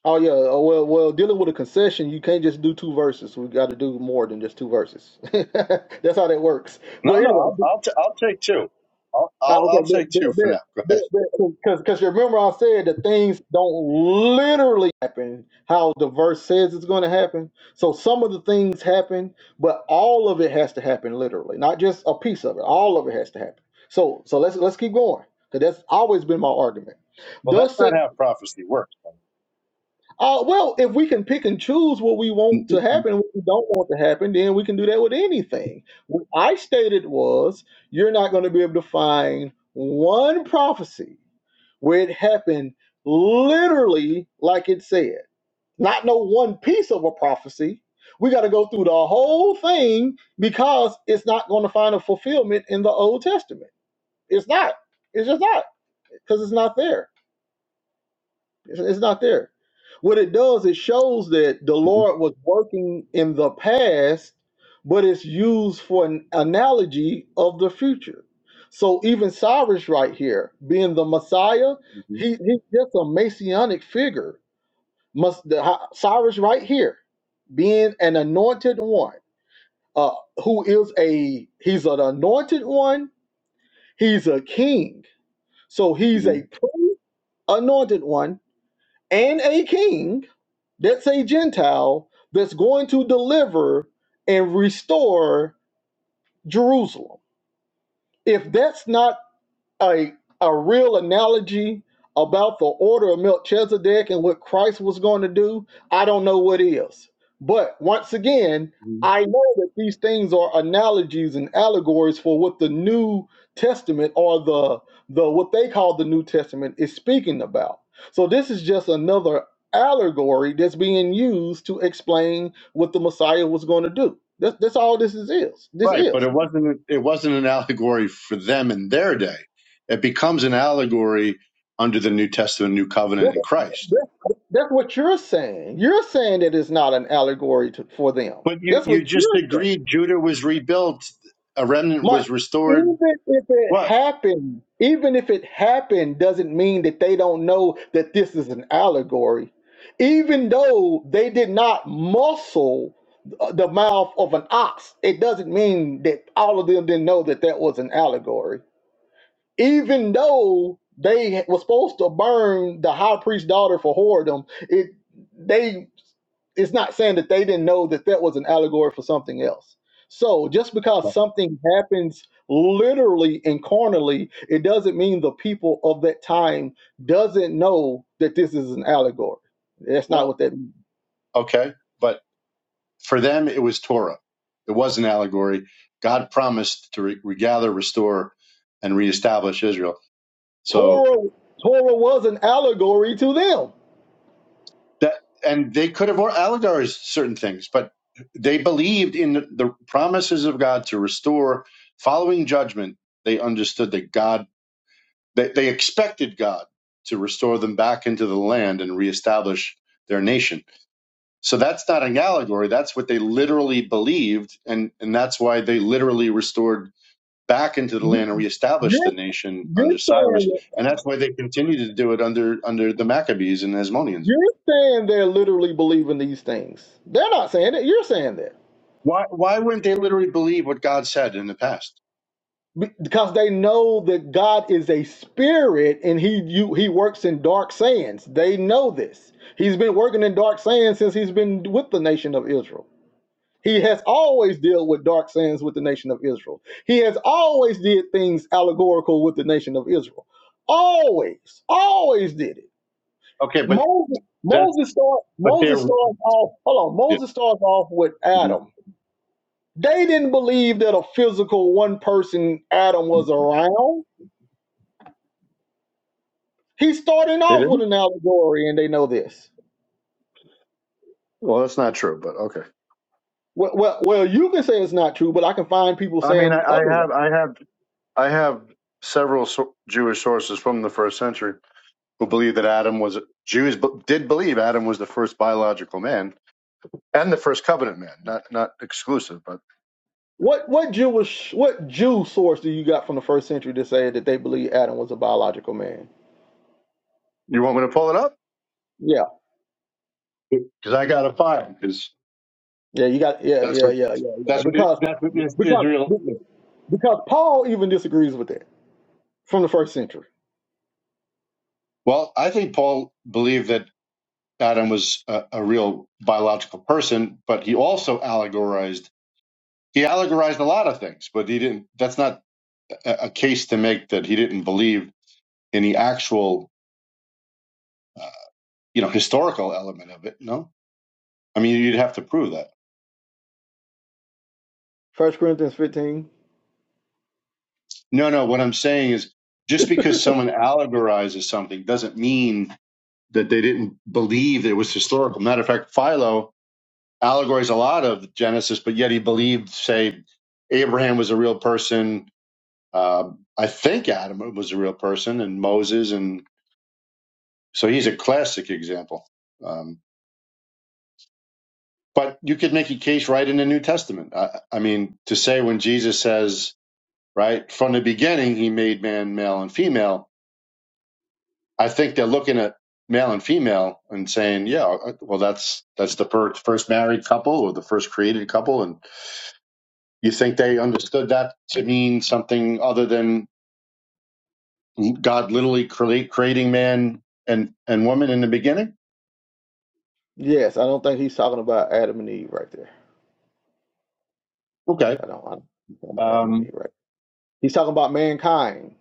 Speaker 1: Oh yeah. uh, Well, well, dealing with a concession, you can't just do two verses. We got to do more than just two verses. [laughs] That's how that works. But
Speaker 5: No, no,
Speaker 1: anyway,
Speaker 5: I'll I'll, t- I'll take two. I'll,
Speaker 1: Ah,
Speaker 5: I'll
Speaker 1: okay,
Speaker 5: I'll take two for now. Go ahead.
Speaker 1: because because remember I said that things don't literally happen how the verse says it's going to happen. So some of the things happen, but all of it has to happen literally, not just a piece of it. All of it has to happen. So so let's let's keep going because that's always been my argument.
Speaker 5: Well, that's
Speaker 1: Thus says.
Speaker 5: not how prophecy works.
Speaker 1: Uh, well, if we can pick and choose what we
Speaker 5: Mhm,
Speaker 1: want to happen, what we don't want to happen, then we can do that with anything. What I stated was you're not going to be able to find one prophecy where it happened literally like it said. Not no one piece of a prophecy. We got to go through the whole thing because it's not going to find a fulfillment in the Old Testament. It's not. It's just not because it's not there. It's, it's not there. What it does, it shows that the
Speaker 5: mhm,
Speaker 1: Lord was working in the past, but it's used for an analogy of the future. So even Cyrus, right here, being the Messiah,
Speaker 5: mhm,
Speaker 1: he, he's just a messianic figure. Must the, how- Cyrus right here, being an anointed one, uh, who is a he's an anointed one. He's a king, so he's
Speaker 5: mhm,
Speaker 1: a pre-anointed one and a king that's a Gentile that's going to deliver and restore Jerusalem. If that's not a a real analogy about the order of Melchizedek and what Christ was going to do, I don't know what is. But once again,
Speaker 5: mhm.
Speaker 1: I know that these things are analogies and allegories for what the New Testament or the the what they call the New Testament is speaking about. So this is just another allegory that's being used to explain what the Messiah was going to do. That's, that's all this is, is. This
Speaker 5: Right, but
Speaker 1: is.
Speaker 5: it wasn't it wasn't an allegory for them in their day. It becomes an allegory under the New Testament, New Covenant
Speaker 1: That's
Speaker 5: in Christ.
Speaker 1: that- That's what you're saying. You're saying that it's not an allegory to, for them.
Speaker 5: But you,
Speaker 1: That's
Speaker 5: you
Speaker 1: what
Speaker 5: just
Speaker 1: you're saying.
Speaker 5: agreed Judah was rebuilt, a remnant
Speaker 1: My,
Speaker 5: was restored.
Speaker 1: even if it
Speaker 5: What?
Speaker 1: happened, even if it happened, doesn't mean that they don't know that this is an allegory. Even though they did not muscle the mouth of an ox, it doesn't mean that all of them didn't know that that was an allegory even though they were supposed to burn the high priest's daughter for whoredom, it they it's not saying that they didn't know that that was an allegory for something else. So just because something happens literally and carnally, it doesn't mean the people of that time doesn't know that this is an allegory. That's not
Speaker 5: Well,
Speaker 1: what that means.
Speaker 5: okay. But for them, it was Torah. It was an allegory. God promised to re- regather, restore, and reestablish Israel. So
Speaker 1: Torah Torah was an allegory to them.
Speaker 5: that, and they could have allegorized certain things, but they believed in the, the promises of God to restore following judgment. They understood that God They, they expected God to restore them back into the land and reestablish their nation. So that's not an allegory. That's what they literally believed. And, and that's why they literally restored back into the
Speaker 1: You-
Speaker 5: land and reestablished the
Speaker 1: You're,
Speaker 5: nation
Speaker 1: you're
Speaker 5: under Cyrus.
Speaker 1: saying
Speaker 5: And that's why they continue to do it under, under the Maccabees and Hasmoneans.
Speaker 1: You're saying they're literally believing these things. They're not saying it. You're saying that
Speaker 5: Why, why wouldn't they literally believe what God said in the past?
Speaker 1: because they know that God is a spirit and he you, he works in dark sands. They know this. He's been working in dark sands since he's been with the nation of Israel. He has always dealt with dark sands with the nation of Israel. He has always did things allegorical with the nation of Israel. Always, always did it.
Speaker 5: Okay, but
Speaker 1: Moses,
Speaker 5: that's,
Speaker 1: Moses starts.
Speaker 5: but they're,
Speaker 1: Moses starts off. Hold on.
Speaker 5: yeah.
Speaker 1: Moses starts off with
Speaker 5: Mhm.
Speaker 1: Adam They didn't believe that a physical one person Adam was around. He's starting
Speaker 5: They
Speaker 1: off with
Speaker 5: didn't?
Speaker 1: an allegory, and they know this.
Speaker 5: Well, that's not true, but okay.
Speaker 1: Well, well, well, you can say it's not true, but I can find people
Speaker 5: I mean, I,
Speaker 1: saying
Speaker 5: I have,
Speaker 1: otherwise.
Speaker 5: I have I have several so- Jewish sources from the first century who believe that Adam was Jews b- did believe Adam was the first biological man and the first covenant man. Not not exclusive, but
Speaker 1: What what Jewish what Jew source do you got from the first century to say that they believe Adam was a biological man?
Speaker 5: you want me to pull it up
Speaker 1: Yeah,
Speaker 5: because I got a file because
Speaker 1: yeah, you got yeah,
Speaker 5: that's
Speaker 1: yeah,
Speaker 5: what
Speaker 1: yeah, yeah, yeah.
Speaker 5: that's what it-
Speaker 1: Because
Speaker 5: that's what is-
Speaker 1: because
Speaker 5: Israel.
Speaker 1: because Paul even disagrees with that from the first century.
Speaker 5: Well, I think Paul believed that Adam was a, a real biological person, but he also allegorized. He allegorized a lot of things, but he didn't. That's not a, a case to make that he didn't believe in the actual uh, you know, historical element of it. No, I mean, you'd have to prove that.
Speaker 1: First Corinthians fifteen.
Speaker 5: No, no. What I'm saying is, just because someone allegorizes something doesn't mean that they didn't believe it was historical. Matter of fact, Philo allegorized a lot of Genesis, but yet he believed, say, Abraham was a real person. Uh, I think Adam was a real person, and Moses, and so he's a classic example. Um, but you could make a case right in the New Testament. I, I mean, to say when Jesus says right? From the beginning, he made man male and female. I think they're looking at male and female and saying, yeah, uh, well, that's that's the per- first married couple or the first created couple, and you think they understood that to mean something other than God literally create, creating man and and woman in the beginning?
Speaker 1: Yes, I don't think he's talking about Adam and Eve right there. Yeah,
Speaker 5: Okay,
Speaker 1: I don't. I don't he's talking about Adam and
Speaker 5: um,
Speaker 1: Eve, right? He's talking about mankind,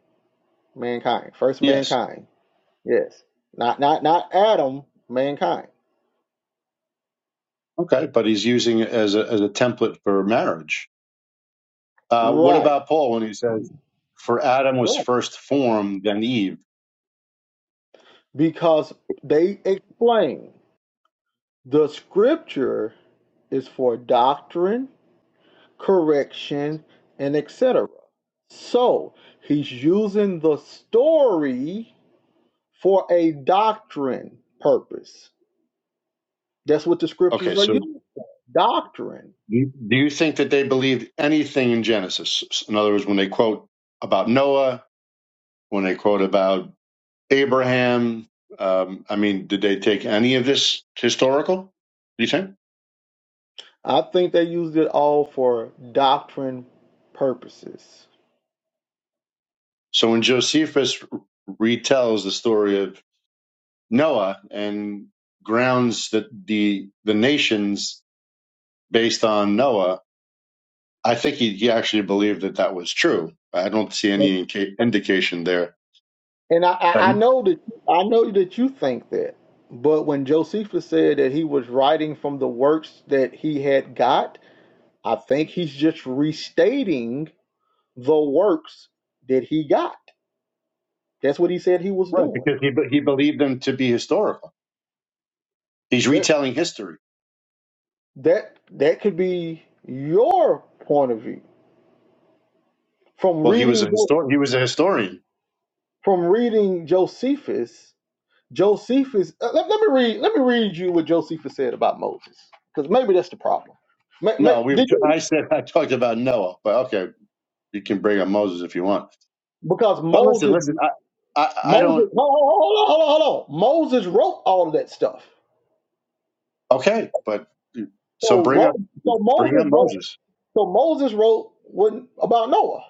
Speaker 1: mankind, first
Speaker 5: yes,
Speaker 1: mankind. Yes, not not not Adam, mankind.
Speaker 5: okay, but he's using it as a as a template for marriage. Uh, what
Speaker 1: Right,
Speaker 5: about Paul when he says, "For Adam was
Speaker 1: right.
Speaker 5: first formed, then Eve"?
Speaker 1: Because they explain the scripture is for doctrine, correction, and etc. So he's using the story for a doctrine purpose. That's what the
Speaker 5: Okay,
Speaker 1: scriptures are
Speaker 5: so
Speaker 1: used for. Doctrine.
Speaker 5: Do do you think that they believed anything in Genesis? In other words, when they quote about Noah, when they quote about Abraham, um, I mean, did they take any of this historical? Do you think?
Speaker 1: I think they used it all for doctrine purposes.
Speaker 5: So when Josephus retells the story of Noah and grounds the the, the nations based on Noah, I think he, he actually believed that that was true. I don't see any inca- indication there.
Speaker 1: And I, I I
Speaker 5: Um,
Speaker 1: know that I know that you think that, but when Josephus said that he was writing from the works that he had got, I think he's just restating the works that he got. That's what he said he was
Speaker 5: Right,
Speaker 1: doing.
Speaker 5: because he be- he believed them to be historical. He's
Speaker 1: That's
Speaker 5: retelling history.
Speaker 1: that that could be your point of view from
Speaker 5: Well, he was
Speaker 1: reading
Speaker 5: a
Speaker 1: Jo-
Speaker 5: historian. He was a historian.
Speaker 1: from reading Josephus. Josephus, uh, let, let me read. Let me read you what Josephus said about Moses, because maybe that's the problem. May, may,
Speaker 5: No, we.
Speaker 1: did you?
Speaker 5: I said I talked about Noah, but okay, you can bring up Moses if you want.
Speaker 1: Because
Speaker 5: But listen,
Speaker 1: Moses,
Speaker 5: listen, I, I, I
Speaker 1: Moses,
Speaker 5: don't.
Speaker 1: hold on, hold on, hold on, hold on. Moses wrote all of that stuff.
Speaker 5: Okay, but so
Speaker 1: So
Speaker 5: bring up,
Speaker 1: wrote, so
Speaker 5: bring up
Speaker 1: Moses wrote,
Speaker 5: Moses.
Speaker 1: so Moses wrote what about Noah.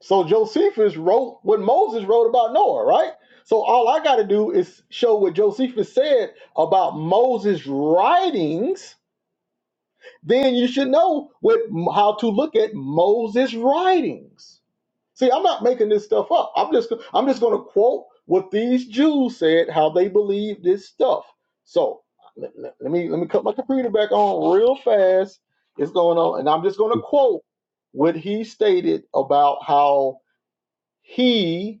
Speaker 1: So Josephus wrote what Moses wrote about Noah, right? So all I got to do is show what Josephus said about Moses' writings then you should know what how to look at Moses' writings. See, I'm not making this stuff up. I'm just I'm just going to quote what these Jews said, how they believe this stuff. So let, let- let me let me cut my computer back on real fast. It's going on, and I'm just going to quote what he stated about how he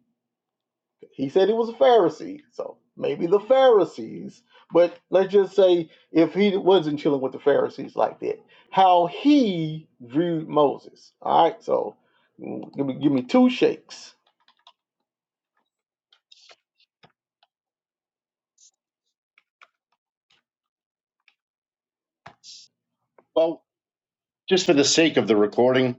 Speaker 1: he said he was a Pharisee, so maybe the Pharisees. But let's just say if he wasn't chilling with the Pharisees like that, how he viewed Moses. All right, so mm, give me give me two shakes.
Speaker 5: Well, just for the sake of the recording,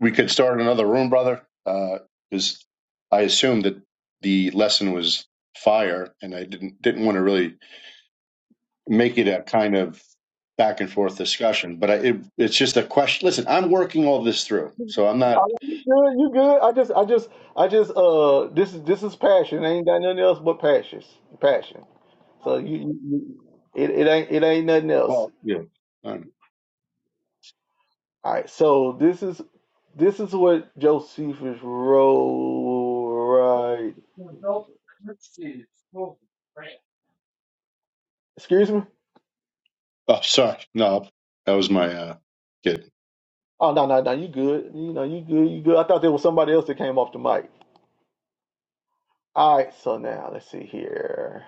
Speaker 5: we could start another room, brother, because I assumed that the lesson was fire, and I didn't didn't want to really make it a kind of back and forth discussion. But I, it, it's just a question. Listen, I'm working all this through, so I'm
Speaker 1: All
Speaker 5: not.
Speaker 1: right, You good? You good? I just I just I just uh this is this is passion. I ain't got nothing else but passion, passion. So you, you, you it, it ain't it ain't nothing else.
Speaker 5: Well, yeah. I'm,
Speaker 1: All right, so this is this is what Josephus wrote. Right? Excuse me.
Speaker 5: oh, sorry. No, that was my uh, kid.
Speaker 1: Oh no, no, no, you good. You know, you good, you good. I thought there was somebody else that came off the mic. All right, so now let's see here.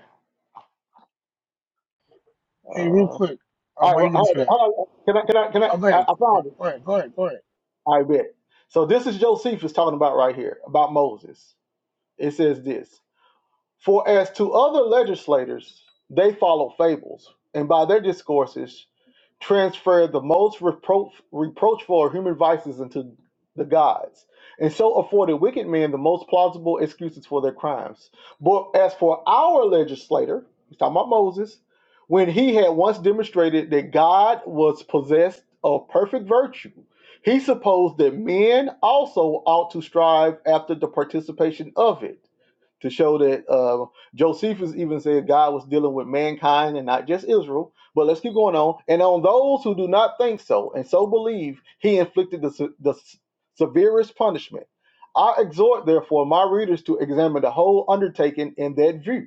Speaker 3: Hey, real
Speaker 1: Uh, all
Speaker 3: quick, um,
Speaker 1: right,
Speaker 3: why
Speaker 1: well,
Speaker 3: you looking
Speaker 1: hold
Speaker 3: for that?
Speaker 1: on, hold on. Can I, can I, can
Speaker 3: Oh, go
Speaker 1: I, I,
Speaker 3: ahead,
Speaker 1: I
Speaker 3: go
Speaker 1: found it.
Speaker 3: go ahead, go ahead, go ahead.
Speaker 1: I bet. So this is Josephus talking about right here about Moses. It says this: For as to other legislators, they follow fables, and by their discourses transferred the most reproach, reproachful human vices into the gods, and so afforded wicked men the most plausible excuses for their crimes. But as for our legislator, he's talking about Moses, when he had once demonstrated that God was possessed of perfect virtue, he supposed that men also ought to strive after the participation of it to show that uh, Josephus even said God was dealing with mankind and not just Israel. But let's keep going on. And on those who do not think so and so believe, he inflicted the, se- the s- severest punishment. I exhort, therefore, my readers to examine the whole undertaking in that view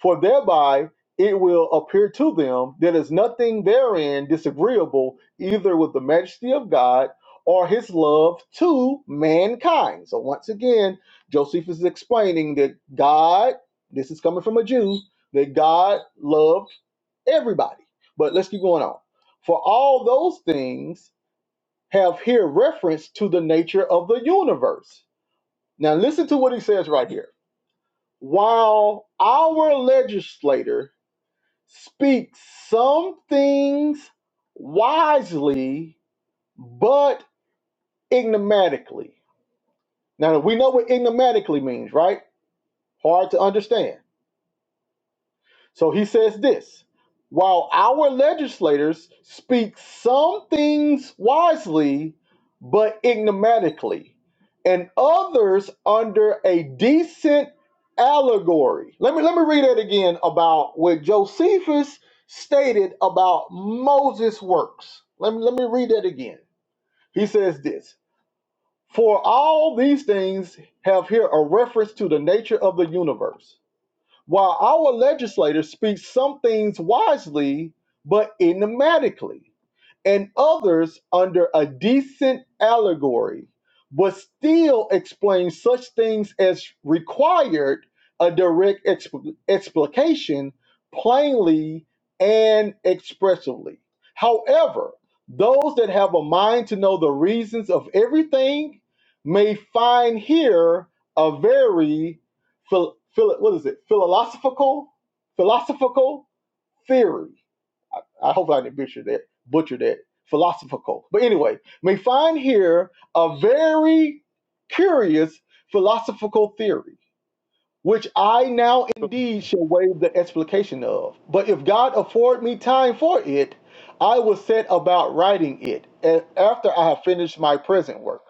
Speaker 1: for thereby it will appear to them that is nothing therein disagreeable either with the majesty of God or his love to mankind. So once again, Josephus is explaining that God, this is coming from a Jew, that God loved everybody. But let's keep going on. For all those things have here reference to the nature of the universe. Now listen to what he says right here. While our legislator Speak some things wisely, but ignomatically. Now we know what ignomatically means, right? Hard to understand. So he says this while our legislators speak some things wisely, but ignominiously, and others under a decent allegory. Let me let me read that again about what Josephus stated about Moses' works. Let me let me read that again. He says this for all these things have here a reference to the nature of the universe while our legislators speak some things wisely, but enigmatically, and others under a decent allegory, but still explain such things as required a direct expl- explication plainly and expressively. However, those that have a mind to know the reasons of everything may find here a very phil, phil, what is it? Philosophical, philosophical theory. I, I hope I didn't butcher that. Butcher that. Philosophical. But anyway, we find here a very curious philosophical theory, which I now indeed shall waive the explication of. But if God afford me time for it, I will set about writing it a- after I have finished my present work.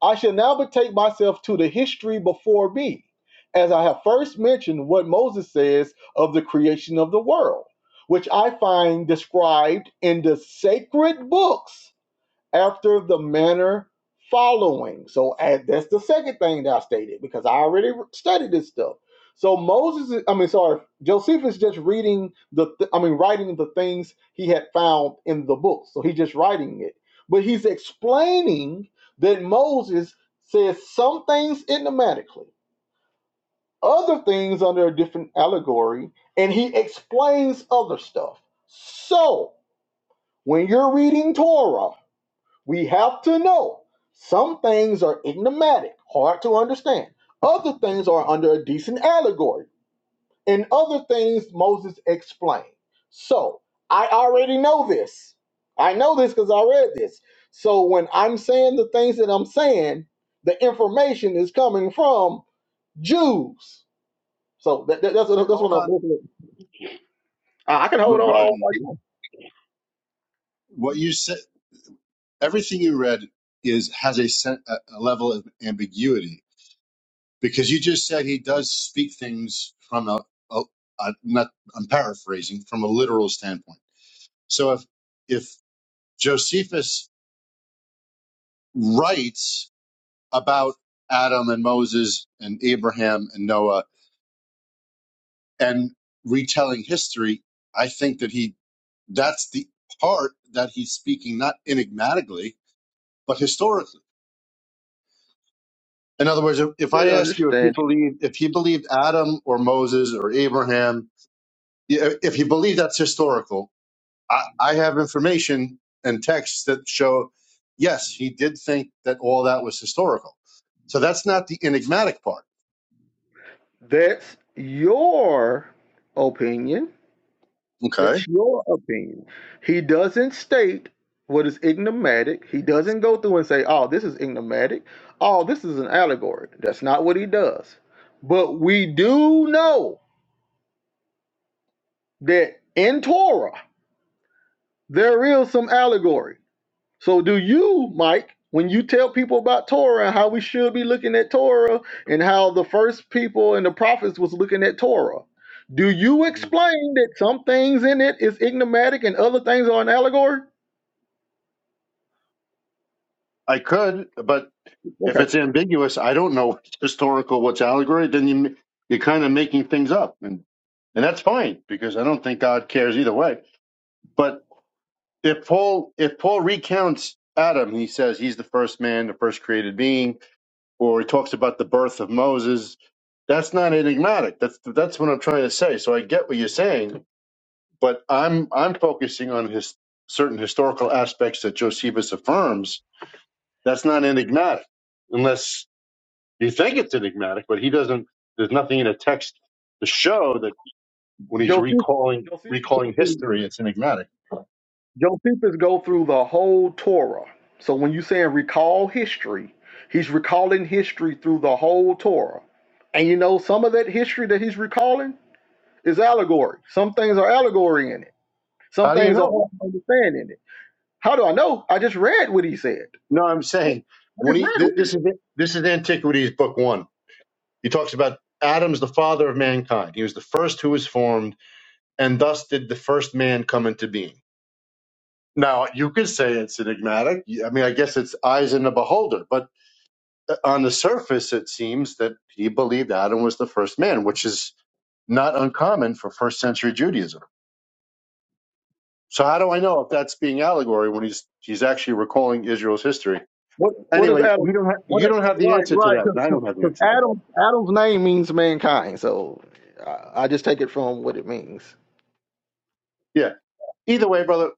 Speaker 1: I shall now betake myself to the history before me, as I have first mentioned what Moses says of the creation of the world, which I find described in the sacred books after the manner following. So and that's the second thing that I stated because I already studied this stuff. So Moses, I mean, sorry, Josephus just reading the, th- I mean, writing the things he had found in the book. So he's just writing it, but he's explaining that Moses says some things enigmatically, other things under a different allegory, and he explains other stuff. So when you're reading Torah, we have to know some things are enigmatic, hard to understand. Other things are under a decent allegory, and other things Moses explained. So I already know this. I know this because I read this. So when I'm saying the things that I'm saying, the information is coming from Jews. So that, that- that's
Speaker 5: Okay,
Speaker 1: that's what
Speaker 5: hold on.
Speaker 1: I'm. I can
Speaker 5: But
Speaker 1: hold on all.
Speaker 5: Garden,
Speaker 1: I want.
Speaker 5: what you said, everything you read is has a, sen- a a level of ambiguity because you just said he does speak things from a, a, a not. I'm paraphrasing from a literal standpoint. So if if Josephus writes about Adam and Moses and Abraham and Noah and retelling history, I think that he that's the part that he's speaking not enigmatically but historically. In other words, if if I
Speaker 1: That
Speaker 5: ask you if he
Speaker 1: understanding.
Speaker 5: believed if he believed Adam or Moses or Abraham, i- if he believed that's historical, I, I have information and texts that show yes, he did think that all that was historical. So that's not the enigmatic part.
Speaker 1: That's your opinion.
Speaker 5: Okay.
Speaker 1: That's your opinion. He doesn't state what is ignomatic. He doesn't go through and say, oh, this is ignomatic. Oh, this is an allegory. That's not what he does. But we do know that in Torah, there is some allegory. So, do you, Mike, when you tell people about Torah and how we should be looking at Torah and how the first people and the prophets was looking at Torah, do you explain that some things in it is ignomatic and other things are an allegory?
Speaker 5: I could, but If it's ambiguous, I don't know what's historical, what's allegory, then you, you're kind of making things up. And, and that's fine because I don't think God cares either way. But if Paul, if Paul recounts Adam, he says he's the first man, the first created being, or he talks about the birth of Moses. That's not enigmatic. That's, that's what I'm trying to say. So I get what you're saying, but I'm, I'm focusing on his certain historical aspects that Josephus affirms. That's not enigmatic unless You think it's enigmatic, but he doesn't. There's nothing in a text to show that when he's
Speaker 1: Joseph,
Speaker 5: recalling
Speaker 1: Josephus, go
Speaker 5: recalling
Speaker 1: through-
Speaker 5: history, it's enigmatic.
Speaker 1: Josephus go through the whole Torah. So when you saying recall history, he's recalling history through the whole Torah. And you know, some of that history that he's recalling is allegory. Some things are allegory in it. Some
Speaker 5: How do you
Speaker 1: things are
Speaker 5: know?
Speaker 1: hard to understand in it. How do I know? I just read what he said.
Speaker 5: No, I'm
Speaker 1: I
Speaker 5: saying when
Speaker 1: just
Speaker 5: he
Speaker 1: read
Speaker 5: th-
Speaker 1: what he
Speaker 5: this is
Speaker 1: said.
Speaker 5: this is Antiquities Book One. He talks about Adam's the father of mankind. He was the first who was formed, and thus did the first man come into being. Now you could say it's enigmatic. I mean, I guess it's eyes in the beholder, but on the surface, it seems that he believed Adam was the first man, which is not uncommon for first century Judaism. So how do I know if that's being allegory when he's he's actually recalling Israel's history?
Speaker 1: What what is
Speaker 5: Anyway, we
Speaker 1: Adam?
Speaker 5: don't have
Speaker 1: What
Speaker 5: you don't have the
Speaker 1: right,
Speaker 5: answer to
Speaker 1: right.
Speaker 5: that, and I don't have the
Speaker 1: Because
Speaker 5: answer to that.
Speaker 1: Adam Adam's name means mankind. So I, I just take it from what it means.
Speaker 5: Yeah. Either way, brother,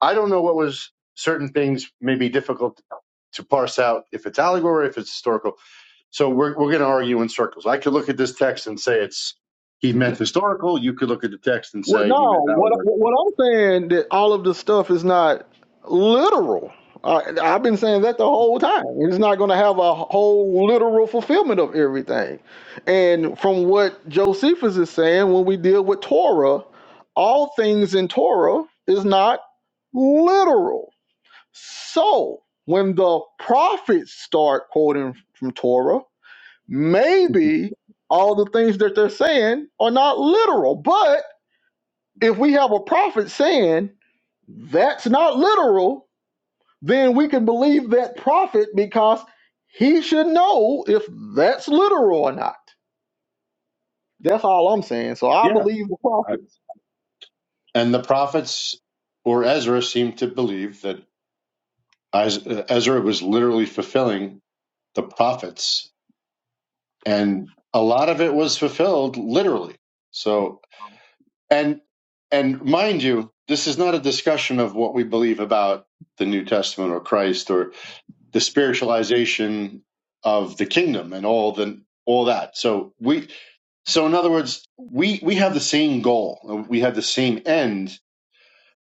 Speaker 5: I don't know what was certain things may be difficult to parse out if it's allegory, if it's historical. So we're we're gonna argue in circles. I could look at this text and say it's he meant historical, you could look at the text and
Speaker 1: Well,
Speaker 5: say he meant
Speaker 1: no, what
Speaker 5: allegory.
Speaker 1: what I'm saying that all of this stuff is not literal. I, I've been saying that the whole time. It's not going to have a whole literal fulfillment of everything. And from what Josephus is saying, when we deal with Torah, all things in Torah is not literal. So when the prophets start quoting from Torah, maybe all the things that they're saying are not literal, but if we have a prophet saying that's not literal, then we can believe that prophet because he should know if that's literal or not. That's all I'm saying. So I
Speaker 5: Yeah.
Speaker 1: believe the
Speaker 5: I,
Speaker 1: prophets.
Speaker 5: And the prophets or Ezra seem to believe that Is- Ezra was literally fulfilling the prophets, and a lot of it was fulfilled literally. So, and and mind you, this is not a discussion of what we believe about the New Testament or Christ or the spiritualization of the kingdom and all the all that. So we so in other words, we we have the same goal, we have the same end,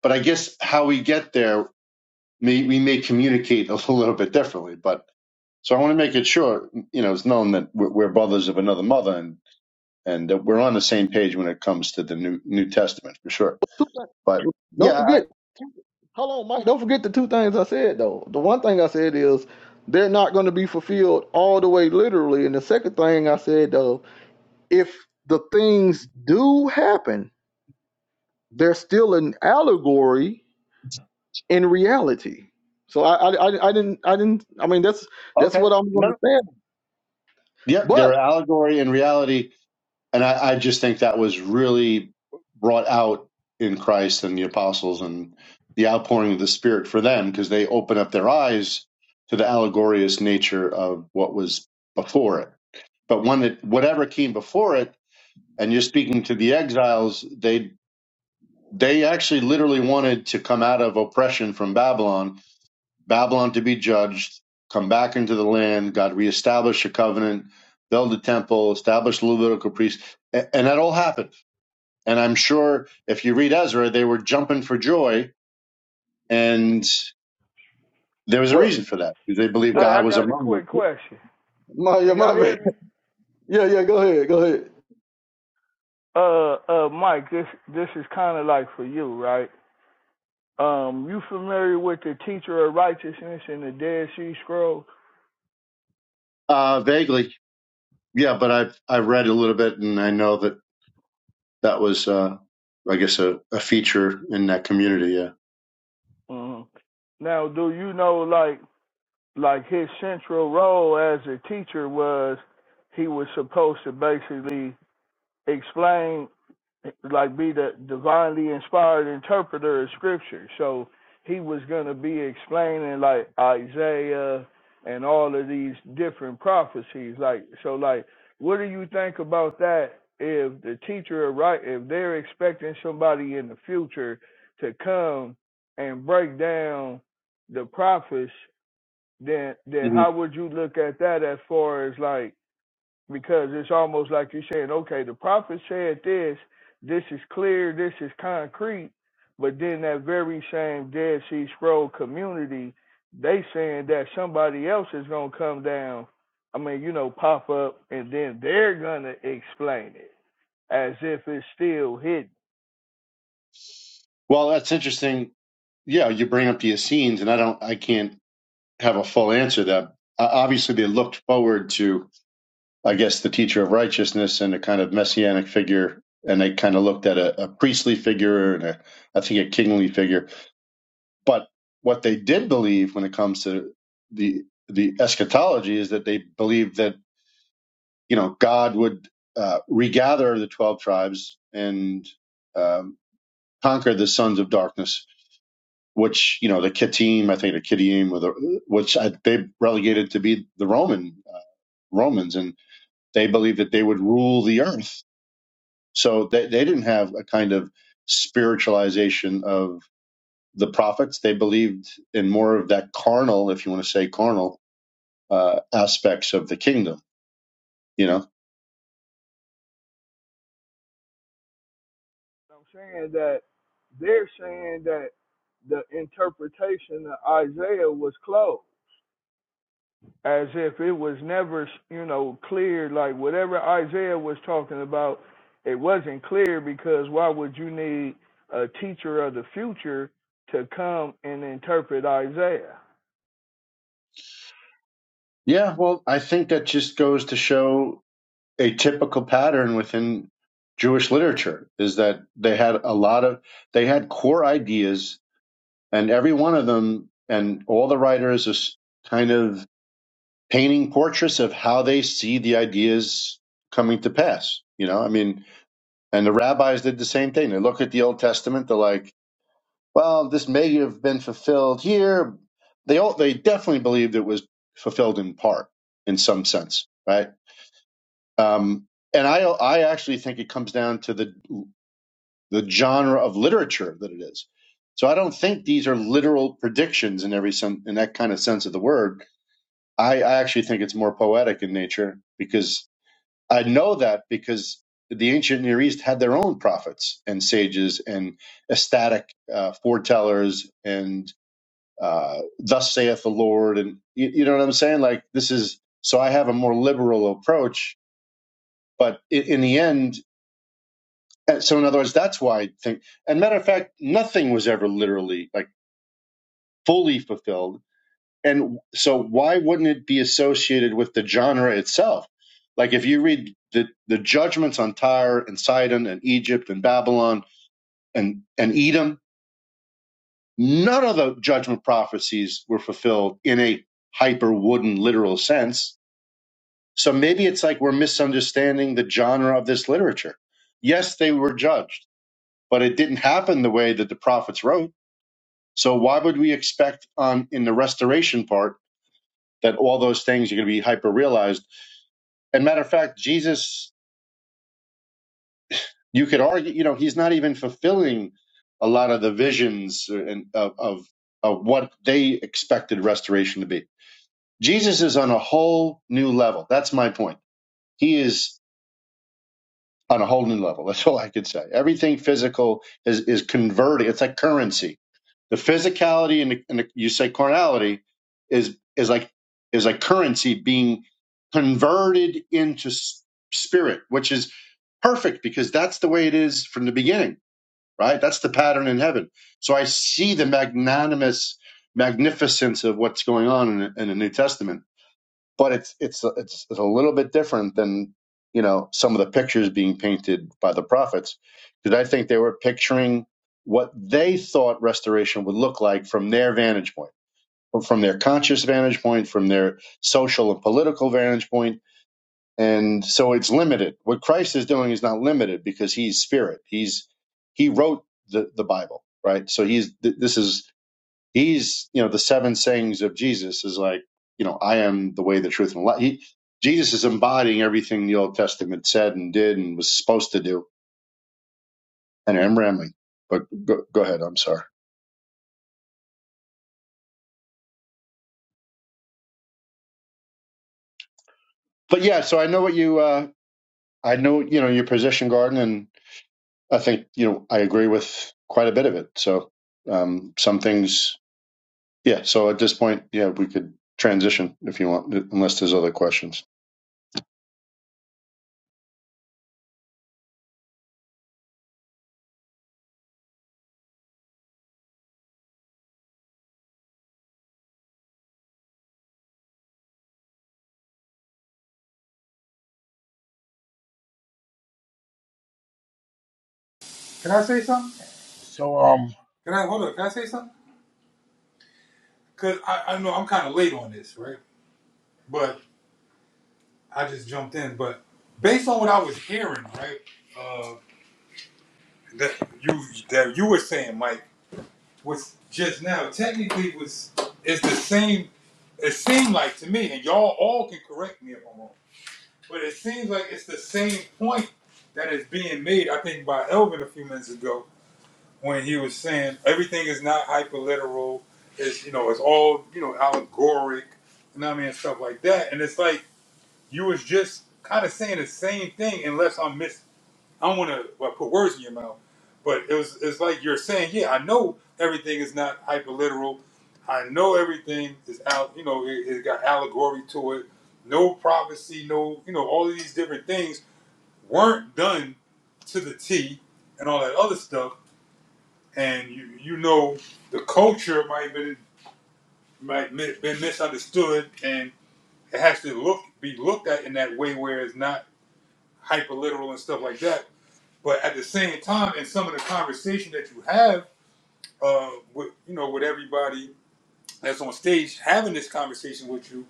Speaker 5: but I guess how we get there may, we may communicate [laughs] a little bit differently. But so I want to make it sure, you know, it's known that we're, we're brothers of another mother and, and that we're on the same page when it comes to the New, New Testament for sure.
Speaker 1: Two things.
Speaker 5: But
Speaker 1: Don't
Speaker 5: yeah,
Speaker 1: forget, hold on, Mike. Don't forget the two things I said though. The one thing I said is they're not going to be fulfilled all the way literally, and the second thing I said though, if the things do happen, they're still an allegory in reality. So I, I, I, didn't, I didn't. I mean, that's
Speaker 5: I,
Speaker 1: that's
Speaker 5: okay.
Speaker 1: what I'm going
Speaker 5: No.
Speaker 1: to stand.
Speaker 5: Yeah,
Speaker 1: But
Speaker 5: they're allegory and reality and I, I just think that was really brought out in Christ and the apostles and the outpouring of the Spirit for them because they open up their eyes to the allegorious nature of what was before it. But when it, whatever came before it, and you're speaking to the exiles, they they actually literally wanted to come out of oppression from Babylon, Babylon to be judged, come back into the land. God reestablished a covenant, build the temple, establish the Levitical priests, and, and that all happened and I'm sure if you read Ezra, they were jumping for joy, and there was a
Speaker 1: what,
Speaker 5: reason for that. They believed
Speaker 6: Uh,
Speaker 1: what
Speaker 6: I
Speaker 5: God was
Speaker 6: got a
Speaker 5: among them.
Speaker 6: quick question.
Speaker 1: my, yeah,
Speaker 6: Can y'all
Speaker 1: my bad.
Speaker 6: hear
Speaker 1: [laughs]
Speaker 6: me?
Speaker 1: Yeah, yeah. Go ahead, go ahead.
Speaker 6: Uh, uh, Mike, this this is kind of like for you, right? Um, you familiar with the teacher of righteousness in the Dead Sea Scrolls?
Speaker 5: Uh, vaguely, yeah, but I've I've read a little bit, and I know that that was, uh, I guess, a, a feature in that community. Yeah.
Speaker 6: hmm Now, do you know like like his central role as a teacher was he was supposed to basically explain like be the divinely inspired interpreter of scripture. So he was gonna be explaining like Isaiah and all of these different prophecies. Like so like what do you think about that if the teacher right if they're expecting somebody in the future to come and break down the prophets, then then
Speaker 5: hmm
Speaker 6: how would you look at that as far as like because it's almost like you're saying, okay, the prophet said this, this is clear, this is concrete, but then that very same Dead Sea Scroll community, they saying that somebody else is gonna come down, I mean, you know, pop up, and then they're gonna explain it as if it's still hidden.
Speaker 5: Well, that's interesting. Yeah, you bring up the Essenes, and I don't, I can't have a full answer to that. Uh, obviously, they looked forward to I guess, the teacher of righteousness and a kind of messianic figure. And they kind of looked at a, a priestly figure and a, I think a kingly figure. But what they did believe when it comes to the the eschatology is that they believed that you know God would uh, regather the twelve tribes and um, conquer the sons of darkness, which you know the Kittim, I think the Kittim, were the, which I, they relegated to be the Roman uh, Romans, and they believed that they would rule the earth So they, they didn't have a kind of spiritualization of the prophets. They believed in more of that carnal, if you want to say carnal, uh, aspects of the kingdom, you know?
Speaker 6: I'm saying that they're saying that the interpretation of Isaiah was closed as if it was never, you know, clear. Like whatever Isaiah was talking about, it wasn't clear because why would you need a teacher of the future to come and interpret Isaiah?
Speaker 5: Yeah, well, I think that just goes to show a typical pattern within Jewish literature is that they had a lot of, they had core ideas, and every one of them, and all the writers are kind of painting portraits of how they see the ideas coming to pass. You know, I mean, And the rabbis did the same thing. They look at the Old Testament. They're like, well, this may have been fulfilled here. They all, they definitely believed it was fulfilled in part, in some sense, right? Um, and I I actually think it comes down to the the genre of literature that it is. So I don't think these are literal predictions in every sen- in that kind of sense of the word. I, I actually think it's more poetic in nature because I know that because the ancient Near East had their own prophets and sages and ecstatic uh, foretellers and uh, thus saith the Lord. And you, you know what I'm saying? Like this is so I have a more liberal approach, but in, in the end, and so in other words, that's why I think. And matter of fact, nothing was ever literally like fully fulfilled and so why wouldn't it be associated with the genre itself? Like if you read the, the judgments on Tyre and Sidon and Egypt and Babylon and, and Edom, none of the judgment prophecies were fulfilled in a hyper wooden literal sense. So maybe it's like we're misunderstanding the genre of this literature. Yes, they were judged, but it didn't happen the way that the prophets wrote. So why would we expect on in the restoration part that all those things are going to be hyper realized? And matter of fact, Jesus, you could argue, you know, he's not even fulfilling a lot of the visions and of, of of what they expected restoration to be. Jesus is on a whole new level. That's my point. He is. on a whole new level. That's all I could say. Everything physical is is converting. It's like currency. The physicality and, the, and the, you say carnality is is like is like currency being converted into s- spirit, which is perfect because that's the way it is from the beginning, right? That's the pattern in heaven. So I see the magnanimous magnificence of what's going on in, in the New Testament but it's it's it's a little bit different than you know some of the pictures being painted by the prophets because I think they were picturing what they thought restoration would look like from their vantage point, or from their conscious vantage point, from their social and political vantage point, and so it's limited. What Christ is doing is not limited because He's Spirit. He's He wrote the the Bible, right? So He's th- this is He's, you know, the seven sayings of Jesus is like, you know, I am the way, the truth, and the life. He, Jesus is embodying everything the Old Testament said and did and was supposed to do. And I'm rambling, but go, go ahead. I'm sorry. But yeah, so I know what you, uh, I know, you know, your position, Garden, and I think, you know, I agree with quite a bit of it. So um, some things, yeah. So at this point, yeah, we could transition if you want, unless there's other questions.
Speaker 7: Can I say something?
Speaker 3: So, um,
Speaker 7: Can I hold up? Can I say something? Cause I, I know I'm kind of late on this, right? But I just jumped in. But based on what I was hearing, right, uh, that you that you were saying, Mike, was just now technically was it's the same. It seemed like to me, and y'all all can correct me if I'm wrong, but it seems like it's the same point that is being made. I think by Elvin a few minutes ago when he was saying everything is not hyperliteral. It's you know it's all you know allegoric, you know what I mean, and stuff like that. And it's like you was just kind of saying the same thing, unless I'm miss. I don't want to like, put words in your mouth, but it was it's like you're saying, yeah, I know everything is not hyperliteral. I know everything is out. You know, it, it got allegory to it. No prophecy, no you know all of these different things weren't done to the T and all that other stuff and you you know the culture might have been might been misunderstood, and it has to look be looked at in that way where it's not hyper literal and stuff like that. But at the same time, in some of the conversation that you have uh, with you know with everybody that's on stage having this conversation with you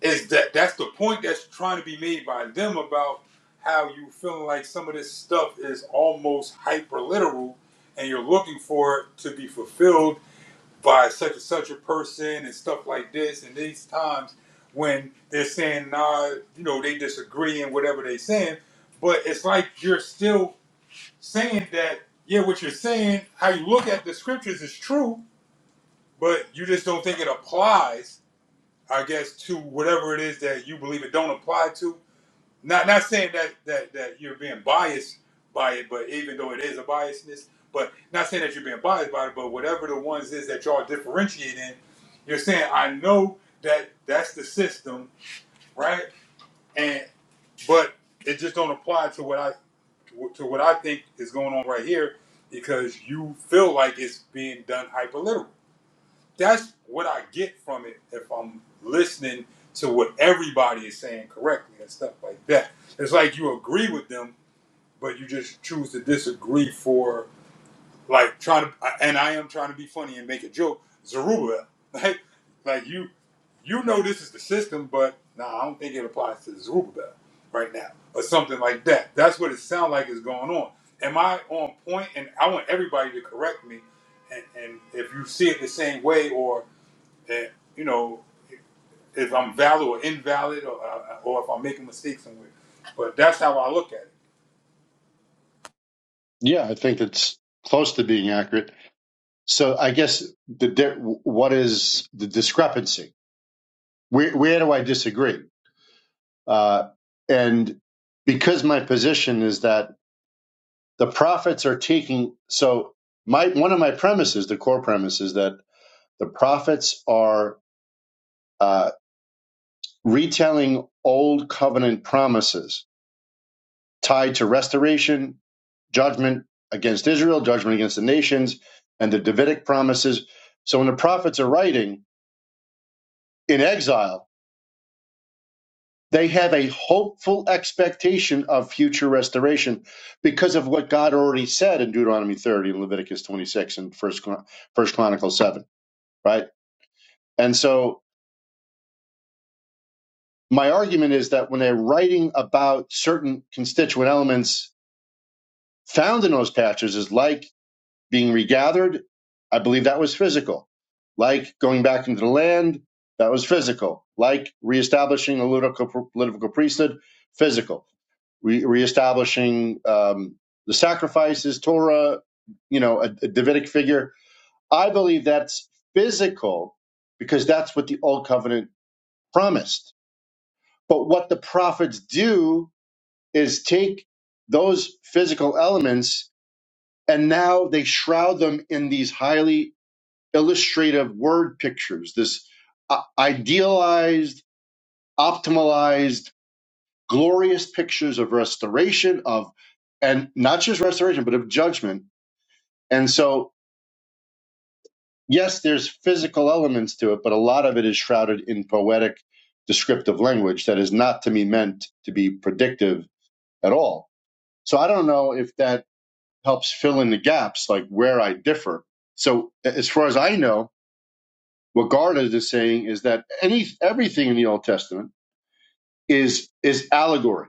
Speaker 7: is that that's the point that's trying to be made by them about how you feeling like some of this stuff is almost hyper literal and you're looking for it to be fulfilled by such and such a person and stuff like this. And these times when they're saying, nah, you know, they disagree and whatever they saying, but it's like you're still saying that, yeah, what you're saying, how you look at the scriptures is true, but you just don't think it applies, I guess, to whatever it is that you believe it don't apply to. Not not saying that that that you're being biased by it, but even though it is a biasness, but not saying that you're being biased by it, but whatever the ones is that y'all differentiate in, you're saying I know that that's the system, right? And but it just don't apply to what I to what I think is going on right here because you feel like it's being done hyperliteral. That's what I get from it if I'm listening to what everybody is saying correctly and stuff like that. It's like you agree with them but you just choose to disagree for like trying to and I am trying to be funny and make a joke, Zerubbabel. [laughs] Like like you you know this is the system, but nah, I don't think it applies to Zerubbabel right now. Or something like that. That's what it sounds like is going on. Am I on point? And I want everybody to correct me and, and if you see it the same way or eh, you know, if I'm valid or invalid or, uh, or if I'm making mistakes somewhere. But that's how I look at it.
Speaker 5: Yeah, I think it's close to being accurate. So I guess the di- what is the discrepancy? Where where do I disagree? Uh, and because my position is that the prophets are taking so my one of my premises, the core premise is that the prophets are uh, retelling old covenant promises tied to restoration, judgment against Israel, judgment against the nations, and the Davidic promises. So when the prophets are writing in exile They have a hopeful expectation of future restoration because of what God already said in Deuteronomy 30 and Leviticus 26 and First, Chron- First Chronicles 7, right? And so my argument is that when they're writing about certain constituent elements found in those passages, like being regathered, I believe that was physical. Like going back into the land, that was physical. Like reestablishing a political, political priesthood, physical re- reestablishing um, the sacrifices, Torah, you know, a, a Davidic figure. I believe that's physical because that's what the Old Covenant promised. But what the prophets do is take those physical elements and now they shroud them in these highly illustrative word pictures, this uh, idealized, optimalized glorious pictures of restoration of and not just restoration but of judgment and so yes there's physical elements to it but a lot of it is shrouded in poetic descriptive language that is not to me meant to be predictive at all so i don't know if that helps fill in the gaps like where i differ so as far as i know what garda is saying is that any everything in the old testament is is allegory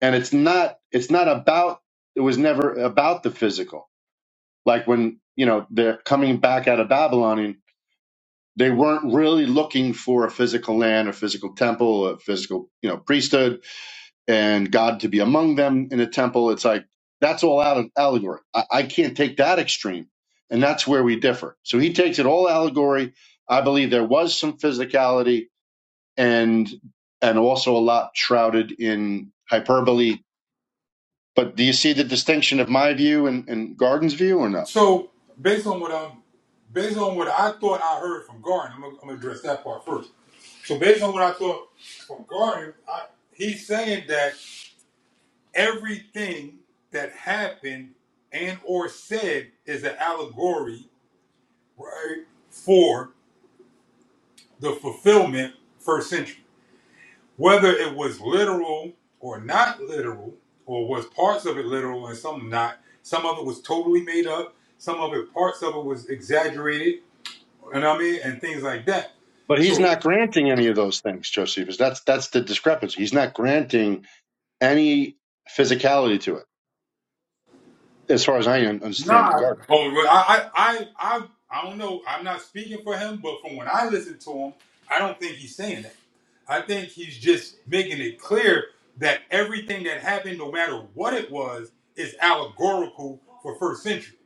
Speaker 5: and it's not it's not about it was never about the physical like when you know they're coming back out of babylon and they weren't really looking for a physical land a physical temple a physical you know priesthood and god to be among them in a temple it's like that's all out of allegory i, I can't take that extreme and that's where we differ so he takes it all allegory i believe there was some physicality and and also a lot shrouded in hyperbole But do you see the distinction of my view and, and Garden's view or no?
Speaker 7: So based on what I'm, based on what I thought I heard from Garden, I'm gonna, I'm gonna address that part first. So based on what I thought from Garden, I, he's saying that everything that happened and or said is an allegory, right, for the fulfillment first century. Whether it was literal or not literal, or was parts of it literal and some not, some of it was totally made up, some of it parts of it was exaggerated You know what I mean? And things like that.
Speaker 5: But he's
Speaker 7: So
Speaker 5: not granting any of those things, Josephus. That's that's the discrepancy. He's not granting any physicality to it, as far as I understand
Speaker 7: nah.
Speaker 5: Garden.
Speaker 7: Oh, well, I, I, I, I, I don't know. I'm not speaking for him, but from when I listen to him, I don't think he's saying that. I think he's just making it clear that everything that happened, no matter what it was, is allegorical for first century.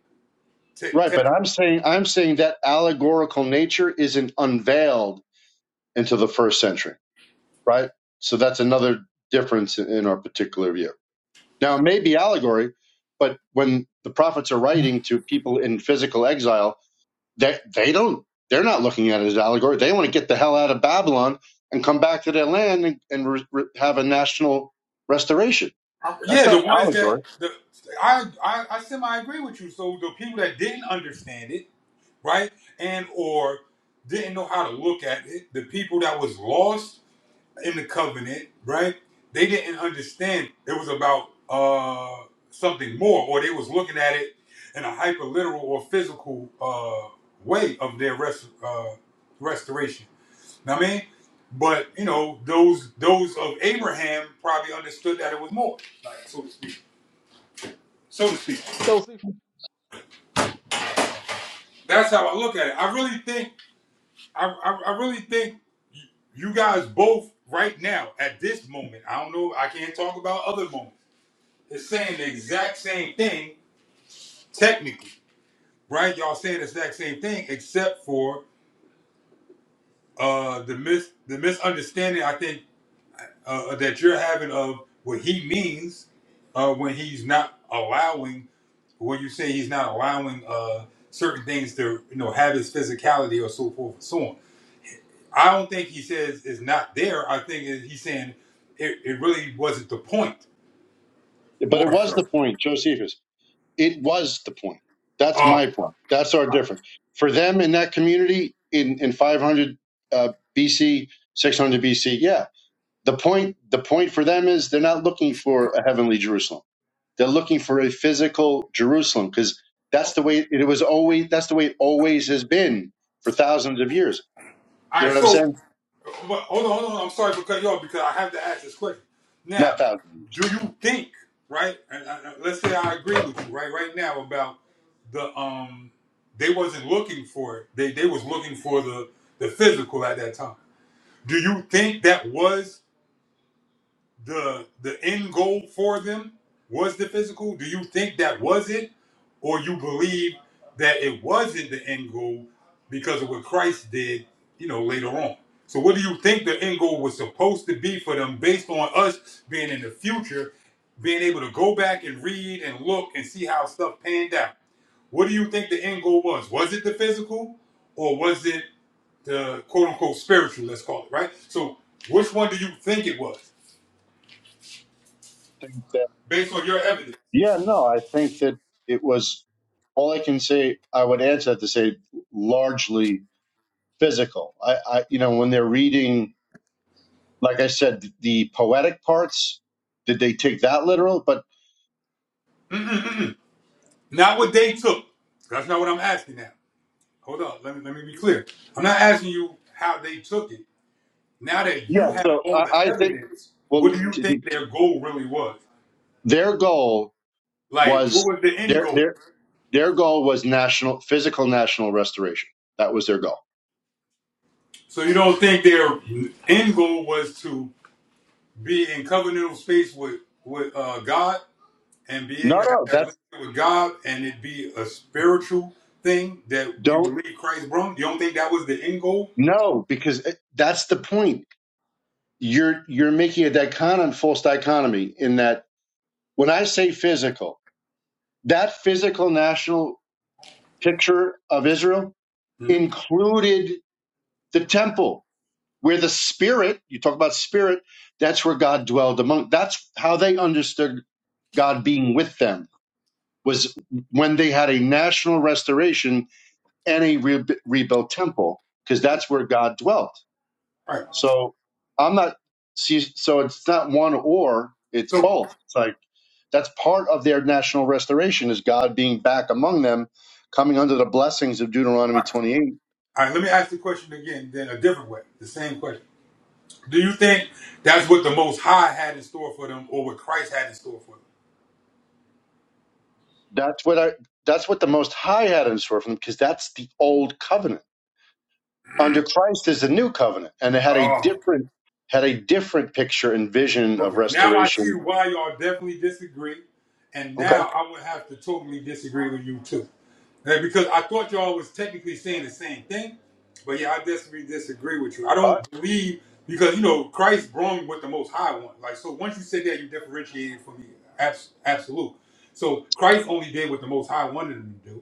Speaker 7: Te-
Speaker 5: Right,
Speaker 7: te-
Speaker 5: but I'm saying I'm saying that allegorical nature isn't unveiled until the first century, right? So that's another difference in in our particular view. Now it may be allegory, but when the prophets are writing to people in physical exile, They they don't they're not looking at it as allegory. They want to get the hell out of Babylon and come back to their land and, and re, re- have a national restoration. That's
Speaker 7: yeah,
Speaker 5: not
Speaker 7: the ones that
Speaker 5: allegory,
Speaker 7: the I, I I semi agree with you. So the people that didn't understand it, right, and or didn't know how to look at it, the people that was lost in the covenant, right? They didn't understand it was about uh, something more, or they was looking at it in a hyper literal or physical uh, way of their rest, uh, restoration. Know what I mean, but you know, those those of Abraham probably understood that it was more, like, so to speak. So to speak.
Speaker 1: Joseph
Speaker 7: That's how I look at it. I really think, I, I, I really think you guys both right now at this moment. I don't know. I can't talk about other moments is saying the exact same thing technically, right? Y'all saying the exact same thing, except for uh, the mis the misunderstanding I think uh, uh, that you're having of what he means uh, when he's not allowing when you say he's not allowing uh, certain things to you know have his physicality or so forth and so on. I don't think he says it's not there. I think he's saying it, it really wasn't the point.
Speaker 5: but it
Speaker 7: More
Speaker 5: was
Speaker 7: so.
Speaker 5: the point, Josephus. It was the point.
Speaker 7: Oh,
Speaker 5: That's
Speaker 7: all
Speaker 5: my point. That's our difference. For them in that community in in 500 uh, BC, 600 BC, yeah, The point, the point for them is they're not looking for a heavenly Jerusalem. They're looking for a physical Jerusalem because that's the way it was always. That's the way it always has been for thousands of years. You know
Speaker 7: right.
Speaker 5: what I'm
Speaker 7: So
Speaker 5: saying?
Speaker 7: But hold on, hold on. I'm sorry because y'all because I have to ask this question. Now,
Speaker 5: Not thousands of years.
Speaker 7: do you think right? And, uh, uh, let's say I agree with you right right now about the um they wasn't looking for it. They they was looking for the the physical at that time. Do you think that was? the the end goal for them was the physical? Do you think that was it, or you believe that it wasn't the end goal because of what Christ did, you know, later on? So, what do you think the end goal was supposed to be for them, based on us being in the future, being able to go back and read and look and see how stuff panned out? What do you think the end goal was? Was it the physical, or was it the quote unquote spiritual? Let's call it right. So, which one do you think it was?
Speaker 5: I think that,
Speaker 7: based on your evidence.
Speaker 5: yeah, no, I think that it was all I can say, I would answer that to say largely physical. I, I, you know, when they're reading, like I said, the poetic parts, did they take that literal? But
Speaker 7: Mm-mm-mm. Not what they took. That's not what I'm asking now. Hold on. Let me let me be clear. I'm not asking you how they took it. Now that you
Speaker 5: yeah,
Speaker 7: have
Speaker 5: so
Speaker 7: all
Speaker 5: I,
Speaker 7: the
Speaker 5: I think,
Speaker 7: evidence, what
Speaker 5: well,
Speaker 7: do you
Speaker 5: to,
Speaker 7: think their goal really was?
Speaker 5: Their goal
Speaker 7: Like, what
Speaker 5: was
Speaker 7: was the end
Speaker 5: their
Speaker 7: goal?
Speaker 5: their their goal was national physical national restoration. That was their goal.
Speaker 7: So you don't think their end goal was to be in covenantal space with with uh, God and be able
Speaker 5: No,
Speaker 7: to have
Speaker 5: no,
Speaker 7: that
Speaker 5: that's
Speaker 7: relationship with God and it be a spiritual thing that we
Speaker 5: don't
Speaker 7: believe Christ brought? You don't think that was the end goal?
Speaker 5: no because it- that's the point. You're you're making a dichotomy, false dichotomy in that when I say physical, that physical national picture of Israel
Speaker 7: Mm-hmm.
Speaker 5: included the temple where the spirit, you talk about spirit, that's where God dwelled among. That's how they understood God being with them was when they had a national restoration and a re- rebuilt temple because that's where God dwelt.
Speaker 7: All right.
Speaker 5: So I'm not see, so it's not one or it's
Speaker 7: So
Speaker 5: both. It's like that's part of their national restoration is God being back among them, coming under the blessings of Deuteronomy 28.
Speaker 7: All right, let me ask the question again, then a different way, the same question. Do you think that's what the Most High had in store for them, or what Christ had in store for them?
Speaker 5: That's what I that's what the most high had in store for them because that's the old covenant. Under Christ is the new covenant and it had a
Speaker 7: Oh,
Speaker 5: different had a different picture and vision of
Speaker 7: okay. Now I see
Speaker 5: restoration
Speaker 7: why y'all definitely disagree, and
Speaker 5: Okay.
Speaker 7: now I would have to totally disagree with you too, Now, because I thought y'all was technically saying the same thing, but yeah, I definitely disagree with you. I
Speaker 5: All right.
Speaker 7: don't believe because you know Christ brought what the Most High wanted. Like so, once you said that, you differentiated from the abs- absolute. So Christ only did what the Most High wanted him to do.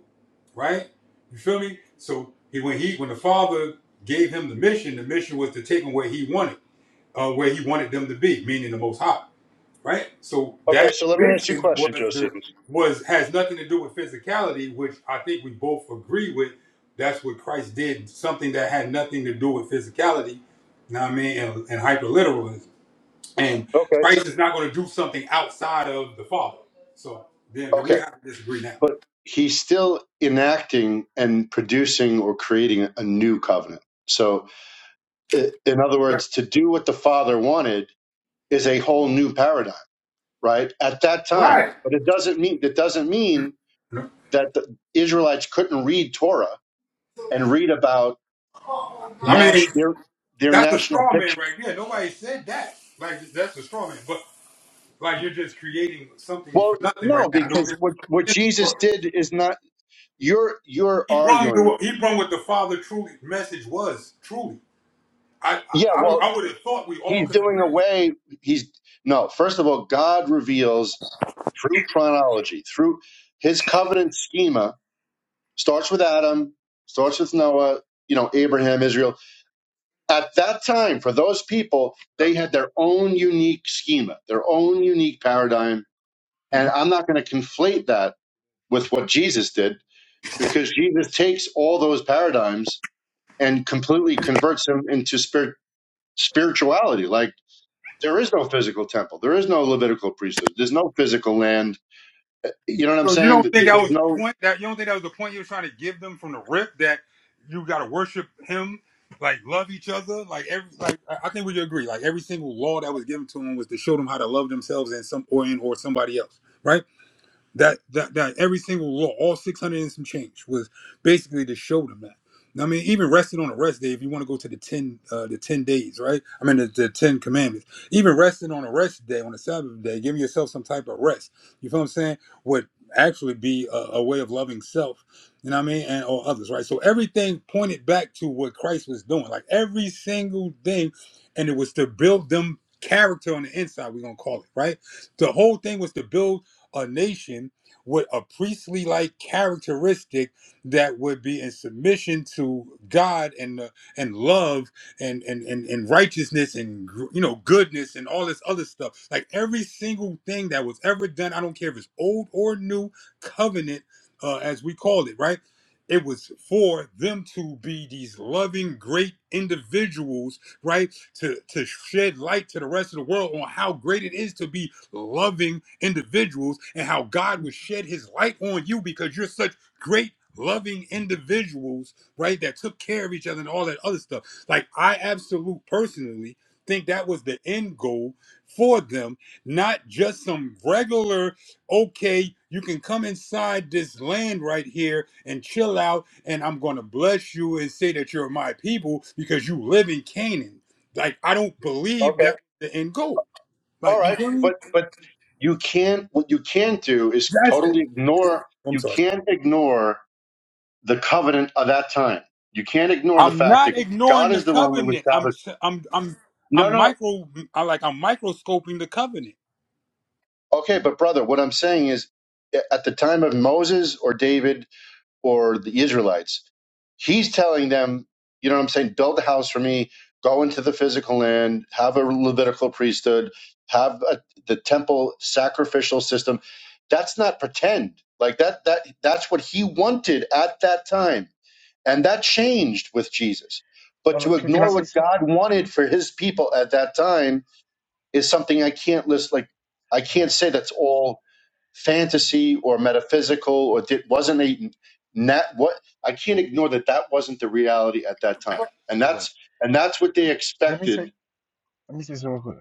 Speaker 7: right? You feel me? So he, when he when the father gave him the mission, the mission was to take him where he wanted, uh, where he wanted them to be, meaning the Most High, right? So
Speaker 5: Okay,
Speaker 7: that
Speaker 5: so let me ask you a
Speaker 7: mission was
Speaker 5: question, Joe
Speaker 7: the
Speaker 5: Stevens.
Speaker 7: was has nothing to do with physicality, which I think we both agree with. That's what Christ did, something that had nothing to do with physicality, you know what I mean, and, and hyperliteralism. And
Speaker 5: Okay.
Speaker 7: Christ is not going to do something outside of the Father. So then we
Speaker 5: Okay,
Speaker 7: have to disagree now.
Speaker 5: but he's still enacting and producing or creating a new covenant. So, i- in other words, to do what the Father wanted is a whole new paradigm, right? At that time,
Speaker 7: Right.
Speaker 5: but it doesn't mean that doesn't mean that the Israelites couldn't read Torah and read about
Speaker 7: I mean,
Speaker 5: Nash, their their
Speaker 7: That's a
Speaker 5: national
Speaker 7: straw man
Speaker 5: picture.
Speaker 7: right there. Nobody said that. Like that's a straw man. But like you're just creating something for
Speaker 5: Well,
Speaker 7: nothing right
Speaker 5: no,
Speaker 7: now. No
Speaker 5: because
Speaker 7: dis-
Speaker 5: what what Jesus did is not. You're you're
Speaker 7: He brung
Speaker 5: arguing.
Speaker 7: the he brung what the father truly message was truly. I
Speaker 5: Yeah,
Speaker 7: I, I, would,
Speaker 5: well,
Speaker 7: I would have thought we all
Speaker 5: He's
Speaker 7: could
Speaker 5: doing
Speaker 7: agree with
Speaker 5: away. He's no. First of all, God reveals through chronology, through His covenant schema, starts with Adam, starts with Noah, you know, Abraham, Israel. At that time, for those people,
Speaker 7: that.
Speaker 5: they had their own unique schema, their own unique paradigm,
Speaker 7: And
Speaker 5: and
Speaker 7: you,
Speaker 5: I'm not going to conflate that with what Jesus did, because Jesus takes all those paradigms and completely converts them into spirit spirituality, like there is no physical temple. There is no Levitical priesthood. There's no physical land. You know what I'm
Speaker 7: so you
Speaker 5: saying?
Speaker 7: don't
Speaker 5: Th-
Speaker 7: think that
Speaker 5: There's
Speaker 7: was the
Speaker 5: no.
Speaker 7: point that you don't think that was the point you were trying to give them from the rip that you got to worship him, like love each other, like every like I I think we could agree. Like every single law that was given to him was to show them how to love themselves and some or in or somebody else, right? That that that every single law, all six hundred and some change, was basically to show them that. I mean, even resting on a rest day, if you want to go to the ten uh, the ten days, right? I mean, the, the ten commandments. Even resting on a rest day, on a Sabbath day, giving yourself some type of rest. You feel what I'm saying? Would actually be a, a way of loving self. You know what I mean? And or others, right? So everything pointed back to what Christ was doing. Like every single thing, and it was to build them character on the inside. We're gonna call it right. The whole thing was to build a nation with a priestly like characteristic that would be in submission to God and uh, and love and and, and and righteousness and gr- you know goodness and all this other stuff like every single thing that was ever done I don't care if it's old or new covenant uh, as we call it right it was for them to be these loving great individuals right to to shed light to the rest of the world on how great it is to be loving individuals and how God would shed his light on you because you're such great loving individuals, right? That took care of each other and all that other stuff. Like I absolutely personally think that was the end goal for them, not just some regular, okay, you can come inside this land right here and chill out and I'm gonna bless you and say that you're my people because you live in Canaan. Like I don't believe
Speaker 5: Okay.
Speaker 7: that was the end goal.
Speaker 5: All
Speaker 7: Like you
Speaker 5: right.
Speaker 7: feel me?
Speaker 5: But but you can't. What you can't do is
Speaker 7: That's it.
Speaker 5: totally ignore.
Speaker 7: I'm
Speaker 5: You
Speaker 7: sorry.
Speaker 5: can't ignore the covenant of that time. You can't ignore the
Speaker 7: I'm
Speaker 5: fact that
Speaker 7: not
Speaker 5: God
Speaker 7: ignoring the
Speaker 5: is the one who
Speaker 7: covenant. I'm
Speaker 5: established.
Speaker 7: I'm I'm
Speaker 5: No,
Speaker 7: I'm
Speaker 5: no.
Speaker 7: micro I like I'm microscoping the covenant.
Speaker 5: Okay, but brother, what I'm saying is, at the time of Moses or David or the Israelites. He's telling them, you know what I'm saying, build a house for me, go into the physical land, have a Levitical priesthood, have a, the temple sacrificial system. That's not pretend. Like that that that's what he wanted at that time. And that changed with Jesus. But
Speaker 3: hold on,
Speaker 5: to
Speaker 3: can, can I
Speaker 5: ignore
Speaker 3: say
Speaker 5: what
Speaker 3: something?
Speaker 5: God wanted for his people at that time is something I can't list like I
Speaker 3: Uh,
Speaker 5: can't say that's all
Speaker 3: yeah.
Speaker 5: fantasy or metaphysical or it wasn't a not what I can't ignore that that wasn't the reality at that time, and
Speaker 7: All right.
Speaker 5: that's and that's what they
Speaker 3: Let me
Speaker 5: expected.
Speaker 3: say, let me say something real quick.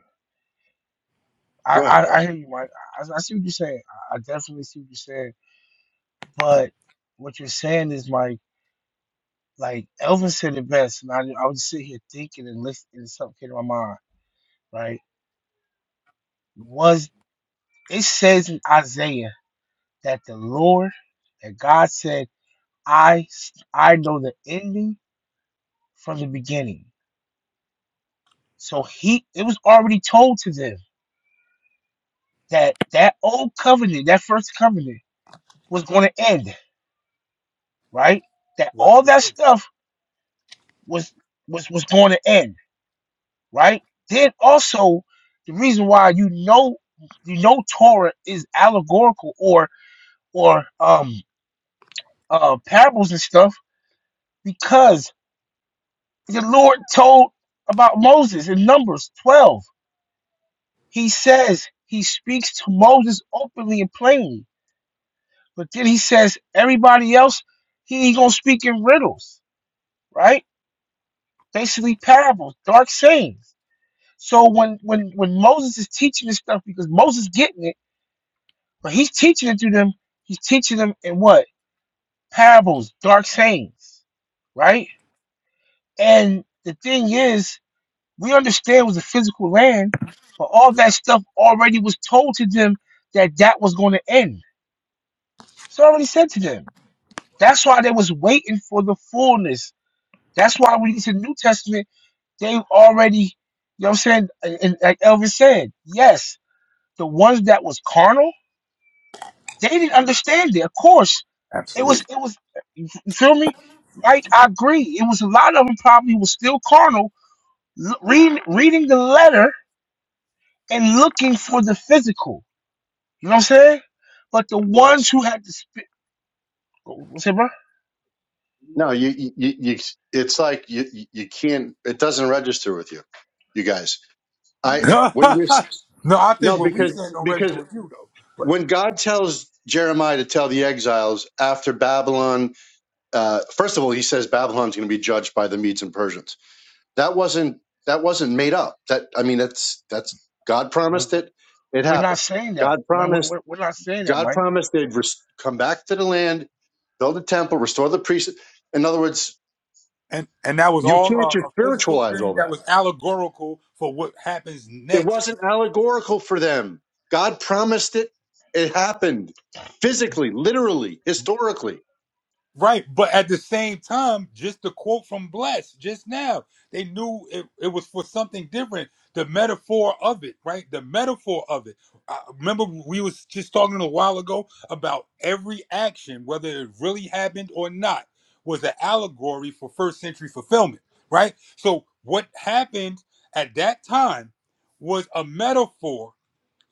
Speaker 3: I,
Speaker 5: Go ahead,
Speaker 3: I, I
Speaker 5: bless.
Speaker 3: hear you, Mike. I, I see what you're saying. I, I definitely see what you're saying. But what you're saying is, Mike, like Elvin said it best, and I, I was sitting here thinking and listening, and something came to my mind. Right? Was it says in Isaiah that the Lord, that God said, I, I know the ending from the beginning So he, it was already told to them that that old covenant, that first covenant, was going to end, right? That
Speaker 7: What?
Speaker 3: all that stuff was was was going to end, right? Then also, the reason why you know you know Torah is allegorical or or um uh parables and stuff because the Lord told about Moses in Numbers twelve. He says he speaks to Moses openly and plainly But then he says everybody else, he ain't gonna speak in riddles, right? Basically parables, dark sayings. So when when when Moses is teaching this stuff, because Moses getting it, but he's teaching it to them, he's teaching them in what? Parables, dark sayings, right? And the thing is, we understand it was a physical land, but all that stuff already was told to them that that was going to end. It's already said to them. That's why they was waiting for the fullness That's why when you get to the New Testament, they've already, you know what I'm saying? And, and like Elvis said, yes, the ones that was carnal, they didn't understand it. Of course, it was,
Speaker 7: Absolutely.
Speaker 3: it was, you feel me? Right? I agree. It was a lot of them probably was still carnal, l- reading, reading the letter and looking for the physical. You know what I'm saying? But the ones
Speaker 5: Bless.
Speaker 3: who had the spirit, what's it, bro?
Speaker 5: No, you you, you you- it's like you you you can't. It doesn't register with you, you guys.
Speaker 7: [laughs]
Speaker 5: I
Speaker 7: no,
Speaker 5: what you're s-
Speaker 7: I think
Speaker 5: no
Speaker 7: what we
Speaker 5: because
Speaker 7: said don't register
Speaker 5: because
Speaker 7: with you though. But
Speaker 5: when God tells Jeremiah to tell the exiles after Babylon, uh, first of all, he says Babylon's going to be judged by the Medes and Persians That wasn't that wasn't made up. That I mean, that's that's God
Speaker 3: We-
Speaker 5: promised it. It
Speaker 3: We're not
Speaker 5: happened.
Speaker 3: saying that.
Speaker 5: God
Speaker 3: We're, we're,
Speaker 5: promised.
Speaker 3: we're we're not saying that,
Speaker 5: God
Speaker 3: Mike.
Speaker 5: promised they'd res- come back to the land, build a temple, restore the priest. In other words,
Speaker 7: and and that was
Speaker 5: you
Speaker 7: all
Speaker 5: can't
Speaker 7: a,
Speaker 5: just
Speaker 7: a physical
Speaker 5: spiritualize all
Speaker 7: thing that
Speaker 5: that.
Speaker 7: was allegorical for what happens
Speaker 5: It
Speaker 7: next
Speaker 5: wasn't allegorical for them. God promised it. It happened physically, literally, historically.
Speaker 7: Right, but at the same time, just the quote from Bless just now, they knew it, it was for something different. The metaphor of it, right? The metaphor of it. I remember we was just talking a while ago about every action, whether it really happened or not, was an allegory for first century fulfillment, right? So what happened at that time was a metaphor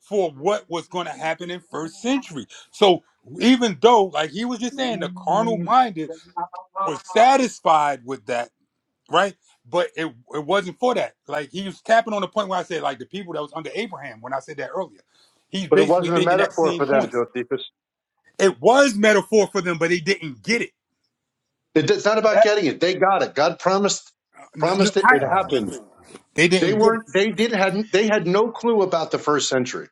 Speaker 7: for what was going to happen in first century. So even though, like he was just saying, the carnal minded was satisfied with that, right? But it it wasn't for that. Like he was tapping on the point where I said, like the people that was under Abraham when I said that earlier. He's basically making that same point.
Speaker 5: Deepest.
Speaker 7: It was metaphor for them, but they didn't get it.
Speaker 5: It- It's not about
Speaker 3: That,
Speaker 5: getting it. They got it. God promised
Speaker 7: N- n-
Speaker 5: promised it.
Speaker 7: I-
Speaker 5: It
Speaker 3: oh,
Speaker 5: happened.
Speaker 7: they
Speaker 5: They
Speaker 7: didn't get it.
Speaker 5: weren't. They did hadn't. They had no clue about the first century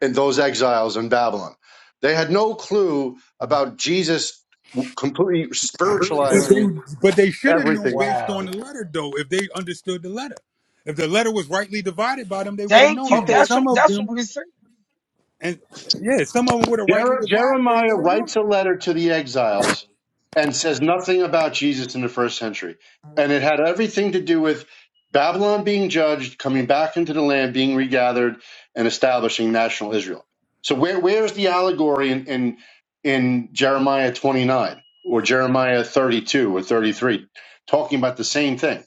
Speaker 5: and those exiles in Babylon. They had no clue about Jesus completely
Speaker 7: But they,
Speaker 5: spiritualizing
Speaker 7: but they should have known
Speaker 5: everything.
Speaker 7: based on
Speaker 3: wow.
Speaker 7: the letter, though, if they understood the letter. If the letter was rightly divided by them, they would have
Speaker 3: Thank
Speaker 7: known
Speaker 3: you.
Speaker 7: it. And
Speaker 5: Okay,
Speaker 3: That's what
Speaker 7: some of
Speaker 3: that's what
Speaker 7: them
Speaker 3: we say.
Speaker 7: And yeah, some of them would have rightly
Speaker 5: Jer-
Speaker 7: divided and
Speaker 5: Jeremiah
Speaker 7: would have known.
Speaker 5: writes a letter to the exiles and says nothing about Jesus in the first century. And it had everything to do with Babylon being judged, coming back into the land, being regathered, and establishing national Israel. So where where's the allegory in, in in Jeremiah 29 or Jeremiah 32 or 33 talking about the same thing?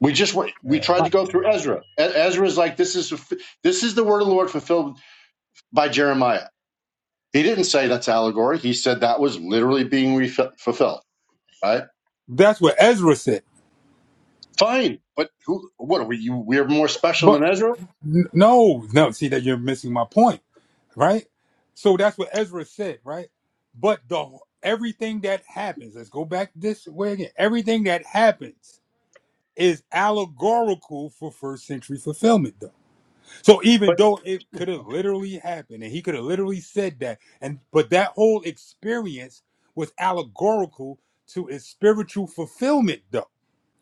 Speaker 5: We just went- we
Speaker 3: Yeah,
Speaker 5: tried
Speaker 7: Right.
Speaker 5: to
Speaker 3: yeah,
Speaker 5: go
Speaker 3: yeah,
Speaker 5: through
Speaker 3: I get
Speaker 5: Ezra. E- Ezra's like this is this is the word of the Lord fulfilled by Jeremiah He didn't say that's allegory. He said that was literally being re- fulfilled. Right?
Speaker 7: That's what Ezra said.
Speaker 5: Fine, but who? What are we? You, we're more special than
Speaker 7: But
Speaker 5: Ezra.
Speaker 7: n- no, no, see that you're missing my point, right? So that's what Ezra said, right? But the everything that happens, let's go back this way again. Everything that happens is allegorical for first century fulfillment though. So even
Speaker 5: But
Speaker 7: though it could have literally happened and he could have literally said that and but that whole experience was allegorical to its spiritual fulfillment though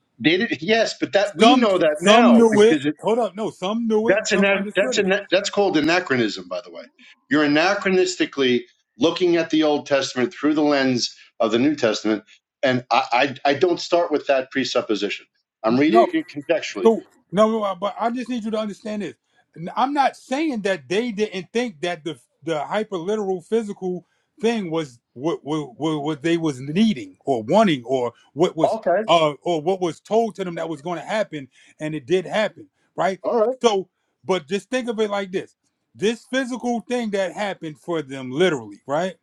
Speaker 5: they did, yes, but that we
Speaker 7: Some
Speaker 5: know that
Speaker 7: some
Speaker 5: now
Speaker 7: knew
Speaker 5: because
Speaker 7: it.
Speaker 5: it,
Speaker 7: Hold up, no, some knew it.
Speaker 5: that's an
Speaker 7: Some
Speaker 5: that's
Speaker 7: understood it.
Speaker 5: an that's called anachronism. By the way, you're anachronistically looking at the Old Testament through the lens of the New Testament, and I I, I don't start with that presupposition. I'm
Speaker 7: N- No,
Speaker 5: reading it contextually.
Speaker 7: so no, no, uh, but I just need you to understand this. N- I'm not saying that they didn't think that the the hyperliteral physical thing was what what, what what they was needing or wanting or what was
Speaker 5: Okay,
Speaker 7: uh or what was told to them that was going to happen and it did happen, right?
Speaker 5: all right.
Speaker 7: So, but just think of it like this: this physical thing that happened for them, literally, right?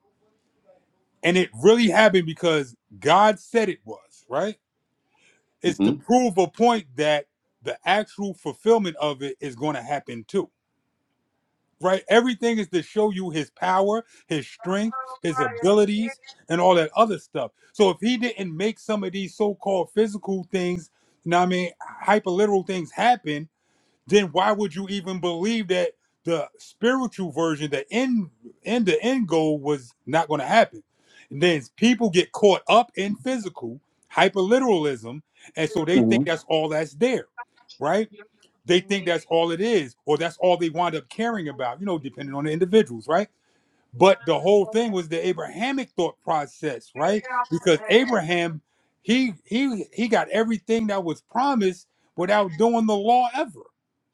Speaker 7: And it really happened because God said it was, right? It's to
Speaker 5: Mm-hmm.
Speaker 7: prove a point that the actual fulfillment of it is going to happen too, right? Everything is to show you his power, his strength, his abilities, and all that other stuff. So if he didn't make some of these so called physical things, you know what I mean, hyperliteral things happen, then why would you even believe that the spiritual version, the end, end the end goal was not going to happen? And then people get caught up in physical hyperliteralism, and so they
Speaker 5: Mm-hmm.
Speaker 7: think that's all that's there, right? They think that's all it is, or that's all they wind up caring about, you know, depending on the individuals, right? But the whole thing was the Abrahamic thought process, right? Because Abraham, he he he got everything that was promised without doing the law ever,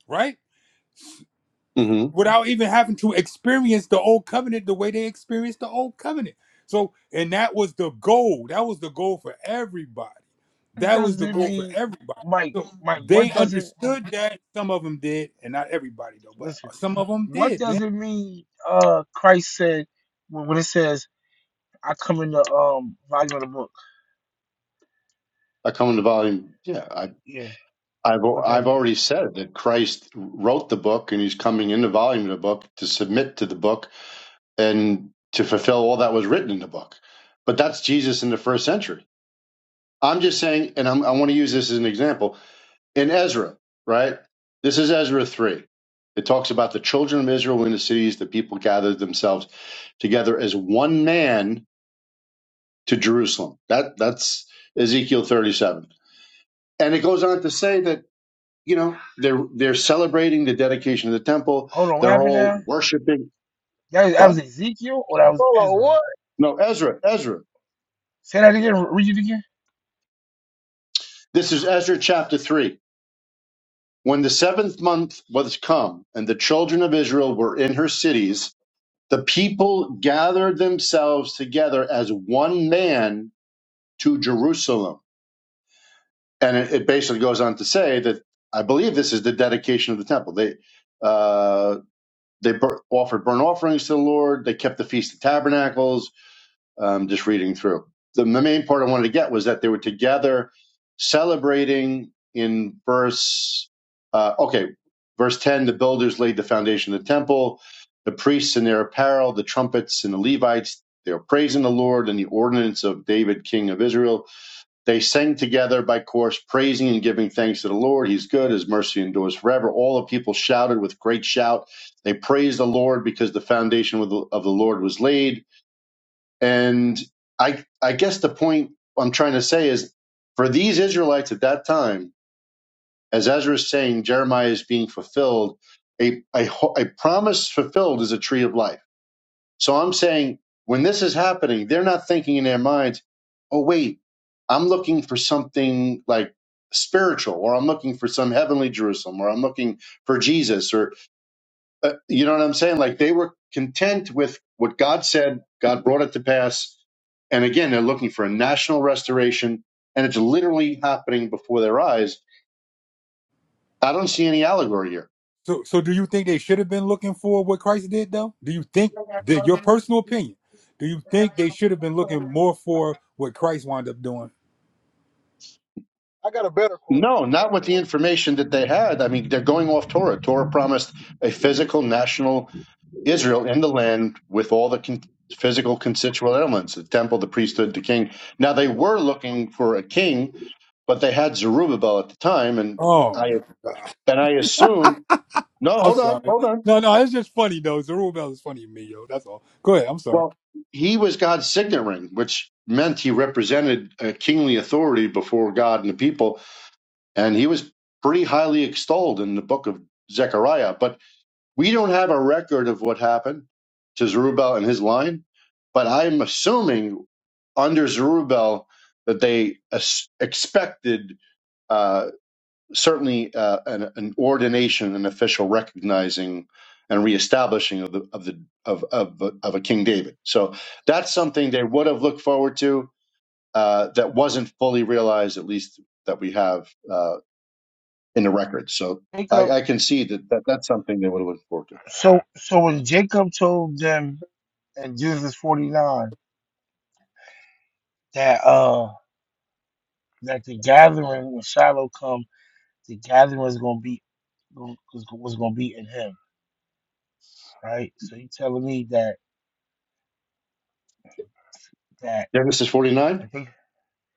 Speaker 7: right?
Speaker 5: Mm-hmm.
Speaker 7: without even having to experience the old covenant the way they experienced the old covenant. So, and that was the goal. That was the goal for everybody.
Speaker 3: it. It
Speaker 7: That was the
Speaker 3: doesn't
Speaker 7: goal for
Speaker 3: mean
Speaker 7: everybody.
Speaker 3: Mike,
Speaker 7: So
Speaker 3: Mike, what
Speaker 7: they
Speaker 3: does it
Speaker 7: understood that. Some of them did, and not everybody though, but
Speaker 3: listen,
Speaker 7: some of them
Speaker 3: what
Speaker 7: did,
Speaker 3: does
Speaker 7: man.
Speaker 3: it mean uh Christ said when, when it says I come in the um volume of the book?
Speaker 5: I come into volume. Yeah,
Speaker 3: Yeah,
Speaker 5: I've
Speaker 3: what that
Speaker 5: I've
Speaker 3: mean?
Speaker 5: already said that Christ wrote the book and he's coming in the volume of the book to submit to the book and to fulfill all that was written in the book. But that's Jesus in the first century. I'm just saying, and I'm, I want to use this as an example in Ezra, right? This is Ezra three. It talks about the children of Israel in the cities. The people gathered themselves together as one man to Jerusalem. That that's Ezekiel 37, and it goes on to say that you know they're they're celebrating the dedication of the temple
Speaker 3: Hold on, what
Speaker 5: they're
Speaker 3: happened
Speaker 5: all
Speaker 3: now?
Speaker 5: worshiping
Speaker 3: That, that was
Speaker 5: what
Speaker 3: Ezekiel or that was
Speaker 1: Solo,
Speaker 3: Ezra?
Speaker 1: what?
Speaker 5: no ezra ezra
Speaker 3: Say that again, read it again.
Speaker 5: this is ezra chapter 3 when the seventh month was come and the children of israel were in her cities the people gathered themselves together as one man to jerusalem and it, it basically goes on to say that i believe this is the dedication of the temple they uh they bur- offered burnt offerings to the lord they kept the feast of tabernacles um, just reading through. The, main part I wanted to get was that they were together celebrating in verse, uh, okay, verse 10 the builders laid the foundation of the temple, the priests in their apparel, the trumpets and the Levites, they were praising the Lord and the ordinance of David, king of Israel. They sang together by course, praising and giving thanks to the Lord. He's good, his mercy endures forever. All the people shouted with great shout. They praised the Lord because the foundation of the of the Lord was laid and I, I guess the point I'm trying to say is for these Israelites at that time, as Ezra is saying, Jeremiah is being fulfilled. A, a, a promise fulfilled is a tree of life. So I'm saying when this is happening, they're not thinking in their minds, oh, wait, I'm looking for something like spiritual, or I'm looking for some heavenly Jerusalem, or I'm looking for Jesus, or uh, you know what I'm saying? Like they were content with what God said. God brought it to pass. And again, they're looking for a national restoration, and it's literally happening before their eyes. I don't see any allegory here.
Speaker 7: So, so do you think they should have been looking for what Christ did though? Do you think that your personal opinion? Do you think they should have been looking more for what Christ wound up doing?
Speaker 1: I got a better question.
Speaker 5: No, not
Speaker 1: Well,
Speaker 5: with the
Speaker 1: when-
Speaker 5: information that they had. I mean, they're going off Torah. Torah promised a physical national Israel in the land with all the con- physical constituent elements the temple, the priesthood, the king. Now, they were looking for a king, but they had Zerubbabel at the time. And
Speaker 7: Oh
Speaker 5: I, and I assume No,
Speaker 7: I'm
Speaker 5: hold on,
Speaker 7: sorry.
Speaker 5: hold on.
Speaker 7: No, no, it's just funny though. Zerubbabel is funny to me, yo. That's all. Go ahead. I'm sorry.
Speaker 5: Well, he was God's signet ring, which meant he represented a kingly authority before God and the people, and he was pretty highly extolled in the book of Zechariah. But we don't have a record of what happened to Zerubbabel and his line. But I'm assuming under Zerubbabel that they as- expected. uh, certainly uh, an, an ordination, an official recognizing and reestablishing of the of the of of, of a King David. So that's something they would have looked forward to uh, that wasn't fully realized, at least that we have uh, in the record. So I,
Speaker 3: Jacob
Speaker 5: I can see that, that that's something they would have looked forward to.
Speaker 3: so so when Jacob told them in Genesis forty nine that uh that the gathering when Shiloh comes The gathering was gonna be was, was gonna be in him, right? So you telling me that that
Speaker 5: Genesis forty
Speaker 3: I
Speaker 5: nine.
Speaker 3: think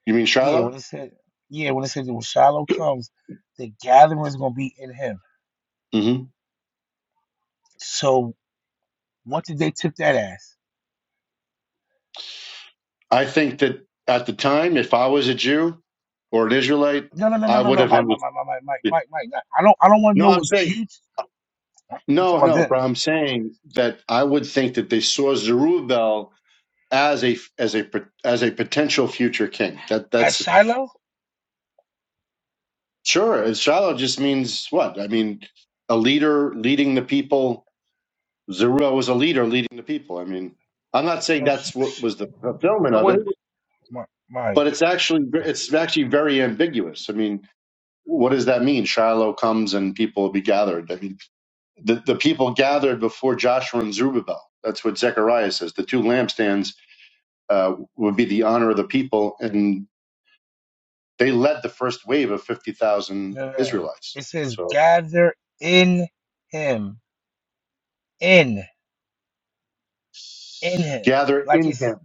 Speaker 5: You mean
Speaker 3: yeah, when
Speaker 5: Shiloh?
Speaker 3: it said yeah, when it said when Shiloh comes, the gathering was gonna be in him.
Speaker 5: hmm
Speaker 3: So what did they tip that ass?
Speaker 5: I think that at the time, if I was a Jew or an Israelite,
Speaker 3: No, no, no, no,
Speaker 5: I
Speaker 3: no,
Speaker 5: would
Speaker 3: no,
Speaker 5: have
Speaker 3: Mike, Mike,
Speaker 5: understood.
Speaker 3: Mike, Mike, Mike, Mike, Mike, Mike. no, I don't, I don't want to
Speaker 5: No,
Speaker 3: know
Speaker 5: I'm
Speaker 3: what
Speaker 5: saying
Speaker 3: you. I'm talking
Speaker 5: No,
Speaker 3: about
Speaker 5: no, but
Speaker 3: them
Speaker 5: I'm saying that I would think that they saw Zerubbabel as a as a as a potential future king. That
Speaker 3: at
Speaker 5: that's
Speaker 3: Shiloh.
Speaker 5: sure. Shiloh just means what? I mean, a leader leading the people. Zerubbabel was a leader leading the people. I mean, I'm not saying
Speaker 3: No, sh-
Speaker 5: that's what
Speaker 3: sh-
Speaker 5: was the fulfillment
Speaker 1: so
Speaker 5: of
Speaker 1: when he
Speaker 5: it,
Speaker 1: was,
Speaker 3: Mi- Mike,
Speaker 5: but it's actually
Speaker 3: no,
Speaker 5: it's actually very ambiguous. I mean, what does that mean? Shiloh comes and people will be gathered. I mean, the the people gathered before Joshua and Zerubbabel. That's what Zechariah says. The two lampstands uh, would be the honor of the people, and they led the first wave of fifty thousand
Speaker 3: no, no. no.
Speaker 5: Israelites.
Speaker 3: It says
Speaker 5: So
Speaker 3: gather in him, in, in him,
Speaker 5: gather
Speaker 3: like
Speaker 5: in
Speaker 3: it's.
Speaker 5: him.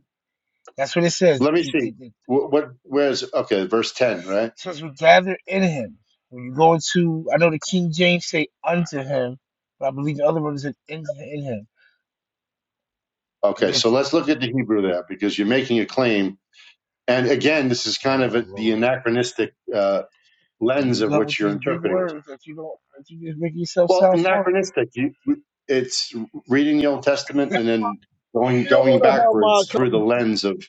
Speaker 3: That's what it says.
Speaker 5: Let me see
Speaker 3: It
Speaker 5: what, what where's okay verse ten right?
Speaker 3: says we gather in him. When you go into, I know the King James say unto him, but I believe the other one said in, in him. And
Speaker 5: Okay, so
Speaker 3: just,
Speaker 5: let's look at the Hebrew there because you're making a claim, and again, this is kind of
Speaker 3: oh
Speaker 5: a, the
Speaker 3: Lord,
Speaker 5: anachronistic uh,
Speaker 3: here we
Speaker 5: lens of
Speaker 3: go with
Speaker 5: which you're
Speaker 3: these big
Speaker 5: interpreting this.
Speaker 3: words that you don't, that you just make yourself
Speaker 5: Well,
Speaker 3: sound smart.
Speaker 5: anachronistic. You, it's reading
Speaker 1: hey,
Speaker 5: the
Speaker 1: I
Speaker 5: Old
Speaker 1: still,
Speaker 5: Testament and then
Speaker 1: I
Speaker 5: going
Speaker 1: still
Speaker 5: going
Speaker 1: want to
Speaker 5: backwards
Speaker 1: have
Speaker 5: through the lens of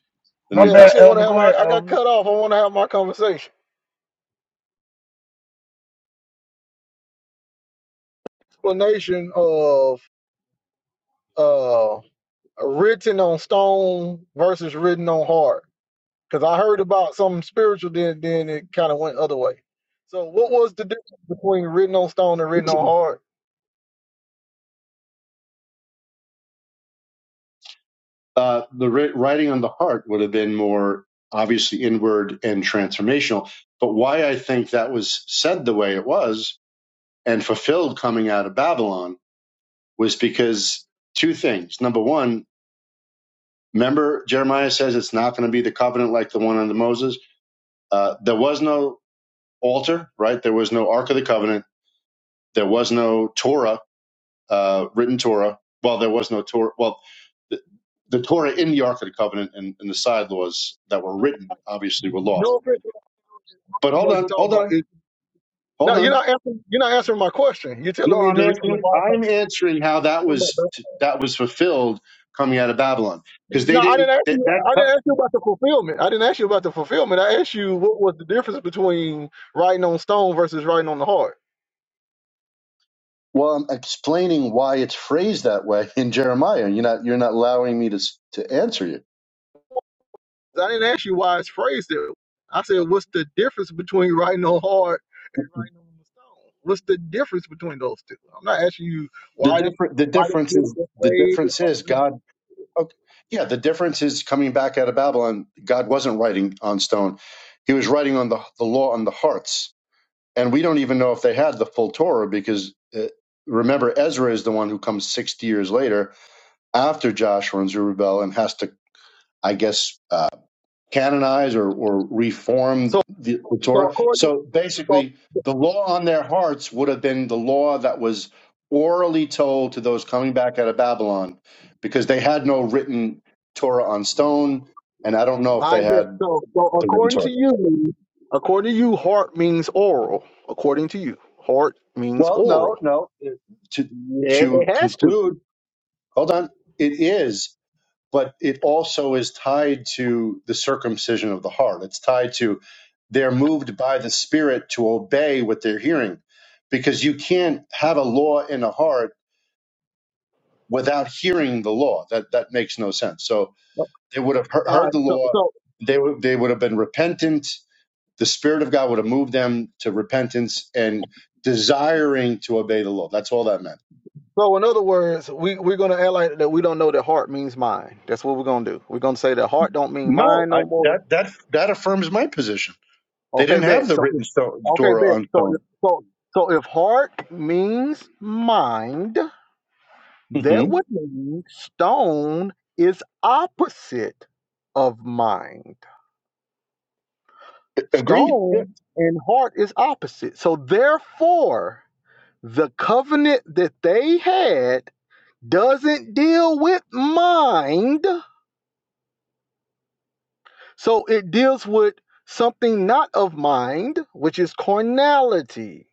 Speaker 5: the
Speaker 3: My
Speaker 5: New
Speaker 1: my, co- yeah, I
Speaker 5: Testament.
Speaker 3: bad,
Speaker 1: still want
Speaker 3: Elvin.
Speaker 1: to have
Speaker 3: Go
Speaker 1: my.
Speaker 3: ahead,
Speaker 1: I got
Speaker 3: Elvin.
Speaker 1: cut off. I want to have my conversation. Explanation of uh, written on stone versus written on heart. Because I heard about something spiritual, then then it kind of went other way. So what was the difference between written on stone and written on hard?
Speaker 5: uh, the writing on the heart would have been more obviously inward and transformational. But why I think that was said the way it was and fulfilled coming out of Babylon was because two things. Number one, remember Jeremiah says it's not going to be the covenant like the one under Moses. Uh, there was no altar, right? There was no Ark of the Covenant. There was no Torah uh, written Torah. Well, there was no Torah. Well, the, the Torah in the Ark of the Covenant and, and the side laws that were written obviously were lost.
Speaker 1: No offense, I don't
Speaker 5: But
Speaker 1: know
Speaker 5: hold
Speaker 1: what you're
Speaker 5: on,
Speaker 1: talking
Speaker 5: hold
Speaker 1: about.
Speaker 5: on,
Speaker 1: It-
Speaker 5: hold
Speaker 1: no, you're
Speaker 5: on.
Speaker 1: not answering. You're not answering my question. You're telling
Speaker 5: No,
Speaker 1: me
Speaker 5: I'm
Speaker 1: the reason
Speaker 5: answering.
Speaker 1: why. I'm
Speaker 5: I'm answering how that
Speaker 1: talking about
Speaker 5: was
Speaker 1: that.
Speaker 5: that was fulfilled coming out of Babylon because they
Speaker 1: No, I
Speaker 5: didn't.
Speaker 1: didn't ask
Speaker 5: That,
Speaker 1: you.
Speaker 5: that
Speaker 1: I didn't ask you about the fulfillment. I didn't ask you about the fulfillment. I asked you what was the difference between writing on stone versus writing on the heart.
Speaker 5: Well, I'm explaining why it's phrased that way in Jeremiah. You're not you're not allowing me to s- to answer you.
Speaker 1: I didn't ask you why it's phrased that. way. I said, what's the difference between writing on hard and writing on the stone? What's the difference between those two? I'm not asking you
Speaker 5: The
Speaker 1: why they
Speaker 5: different the
Speaker 1: why
Speaker 5: difference
Speaker 1: they did it
Speaker 5: is
Speaker 1: this
Speaker 5: the
Speaker 1: way.
Speaker 5: difference is God. Okay. Yeah, the difference is coming back out of Babylon, God wasn't writing on stone. He was writing on the, the law on the hearts. And we don't even know if they had the full Torah because uh, remember, Ezra is the one who comes 60 years later after Joshua and Zerubbabel and has to, I guess, uh, canonize or, or reform
Speaker 1: So
Speaker 5: the, the
Speaker 1: so
Speaker 5: Torah.
Speaker 1: according
Speaker 5: So
Speaker 1: so
Speaker 5: basically, the law on their hearts would have been the law that was orally told to those coming back out of Babylon because they had no written Torah on stone. And I don't know if
Speaker 1: I
Speaker 5: they
Speaker 1: bet.
Speaker 5: had
Speaker 1: So so
Speaker 5: the written
Speaker 1: according to
Speaker 5: Torah.
Speaker 1: you, according to you, heart means oral. According to you, heart means
Speaker 5: Well, no,
Speaker 1: oral.
Speaker 5: no. To,
Speaker 1: Yeah,
Speaker 5: to
Speaker 1: it has to.
Speaker 5: conclude, hold on. It is. but it also is tied to the circumcision of the heart. It's tied to they're moved by the Spirit to obey what they're hearing, because you can't have a law in a heart without hearing the law. That that makes no sense. So they would have he-
Speaker 1: All
Speaker 5: heard
Speaker 1: right.
Speaker 5: the
Speaker 1: so.
Speaker 5: law,
Speaker 1: so
Speaker 5: they would they would have been repentant. The Spirit of God would have moved them to repentance and desiring to obey the law. That's all that meant.
Speaker 1: So in other words, we we're gonna act like that we don't know that heart means mind. That's what we're gonna do. We're gonna say that heart don't mean
Speaker 5: No,
Speaker 1: mind
Speaker 5: I,
Speaker 1: no more.
Speaker 5: that that that affirms my position. They
Speaker 1: Okay,
Speaker 5: didn't have
Speaker 1: bet.
Speaker 5: the
Speaker 1: So if-
Speaker 5: written stone,
Speaker 1: okay,
Speaker 5: Torah
Speaker 1: bet.
Speaker 5: on
Speaker 1: So if,
Speaker 5: stone.
Speaker 1: so so if heart means mind, that would mean stone is opposite of mind.
Speaker 5: Agreed. Yeah.
Speaker 1: Stone and heart is opposite. So therefore, the covenant that they had doesn't deal with mind So it deals with something not of mind, which is carnality.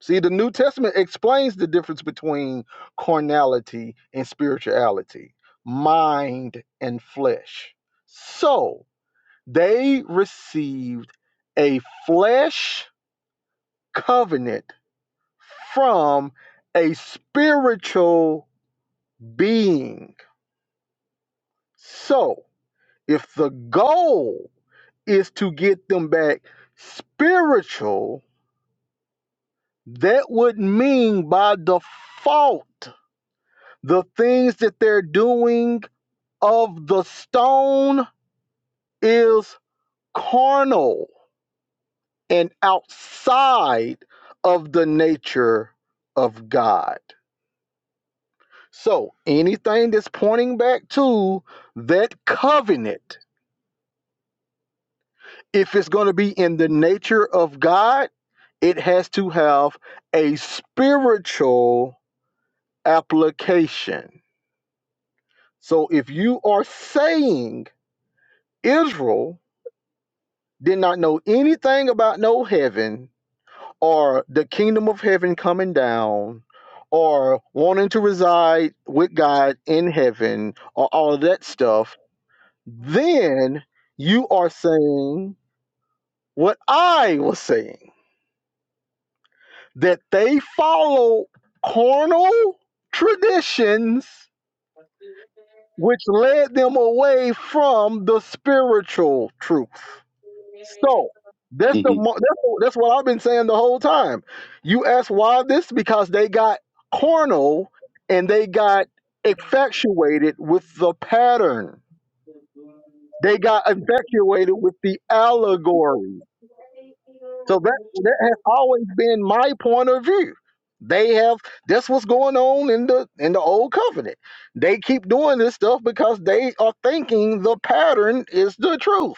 Speaker 1: See, the New Testament explains the difference between carnality and spirituality, mind and flesh. So they received a flesh covenant from a spiritual being. So if the goal is to get them back spiritual, That would mean by default, the things that they're doing of the stone is carnal and outside of the nature of God. So anything that's pointing back to that covenant, if it's going to be in the nature of God, it has to have a spiritual application. So if you are saying Israel did not know anything about no heaven or the kingdom of heaven coming down or wanting to reside with God in heaven or all of that stuff, then you are saying what I was saying that they follow carnal traditions which led them away from the spiritual truth. So that's the
Speaker 5: hmm
Speaker 1: mo- that's, the- that's what I've been saying the whole time. You ask why this because they got carnal and they got infatuated with the pattern. They got infatuated with the allegory. So that that has always been my point of view. They have that's what's going on in the in the old covenant. They keep doing this stuff because they are thinking the pattern is the truth.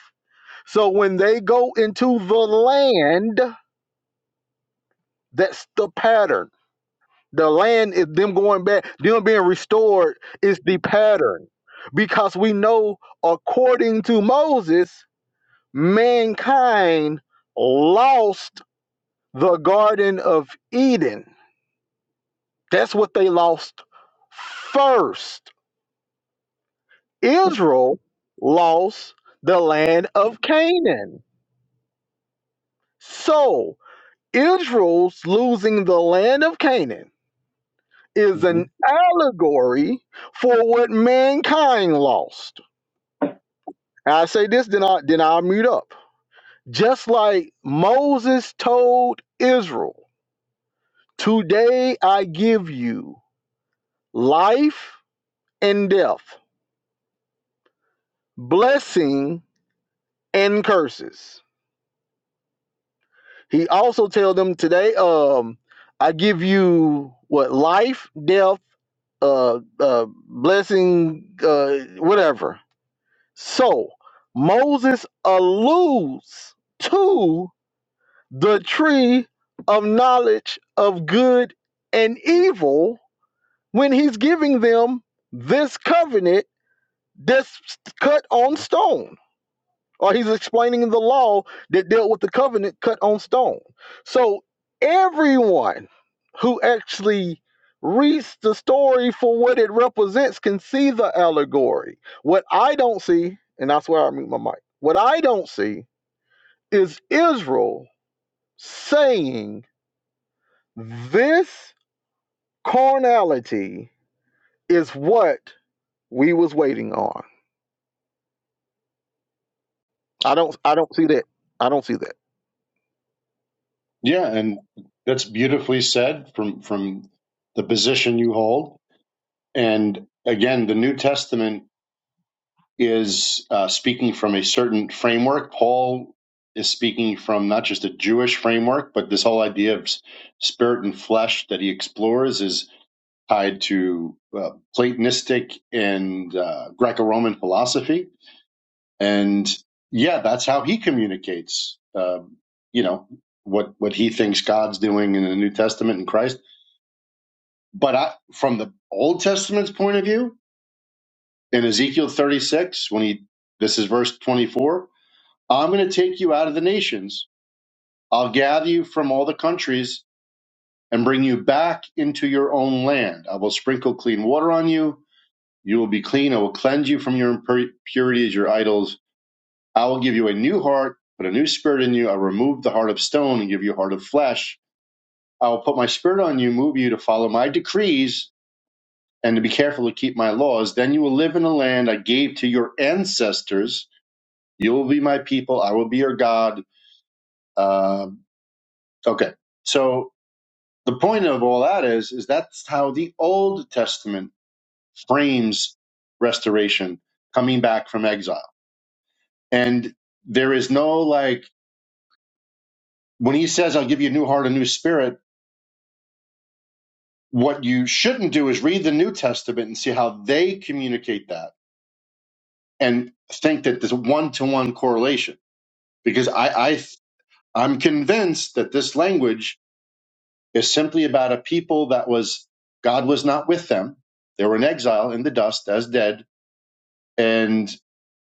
Speaker 1: So when they go into the land, That's the pattern. The land is them going back, them being restored is the pattern. Because we know, according to Moses, mankind lost the Garden of Eden. That's what they lost first. Israel lost the land of Canaan. So, Israel's losing the land of Canaan is
Speaker 5: hmm
Speaker 1: an allegory for what mankind lost. And I say this, then I then I'll mute up. Just like Moses told Israel, today I give you life and death, blessing and curses. He also tell them today, um, I give you what life, death, uh, uh blessing, uh, whatever So Moses alludes to the tree of knowledge of good and evil when he's giving them this covenant that's cut on stone or he's explaining the law that dealt with the covenant cut on stone. So everyone who actually reads the story for what it represents can see the allegory. What I don't see, and that's where I mute my mic. What I don't see is Israel saying this carnality is what we was waiting on. I don't I don't see that. I don't see that.
Speaker 5: Yeah, and that's beautifully said from from the position you hold. And again, the New Testament is uh, speaking from a certain framework. Paul is speaking from not just a Jewish framework, but this whole idea of s- spirit and flesh that he explores is tied to uh, Platonistic and uh, Greco-Roman philosophy and yeah, that's how he communicates. Um, you know what what he thinks God's doing in the New Testament and Christ. But I, from the Old Testament's point of view, in Ezekiel 36, when he this is verse 24, I'm going to take you out of the nations. I'll gather you from all the countries and bring you back into your own land. I will sprinkle clean water on you. You will be clean. I will cleanse you from your impurity as your idols I will give you a new heart, put a new spirit in you. I'll remove the heart of stone and give you a heart of flesh. I will put my spirit on you, move you to follow my decrees and to be careful to keep my laws. Then you will live in a land I gave to your ancestors. You will be my people. I will be your God. Uh, okay. So the point of all that is, is that's how the Old Testament frames restoration, coming back from exile. And there is no like, when he says, I'll give you a new heart, a new spirit, what you shouldn't do is read the New Testament and see how they communicate that and think that there's a one to one correlation. Because I, I I'm convinced that this language is simply about a people that was God was not with them. They were in exile in the dust as dead and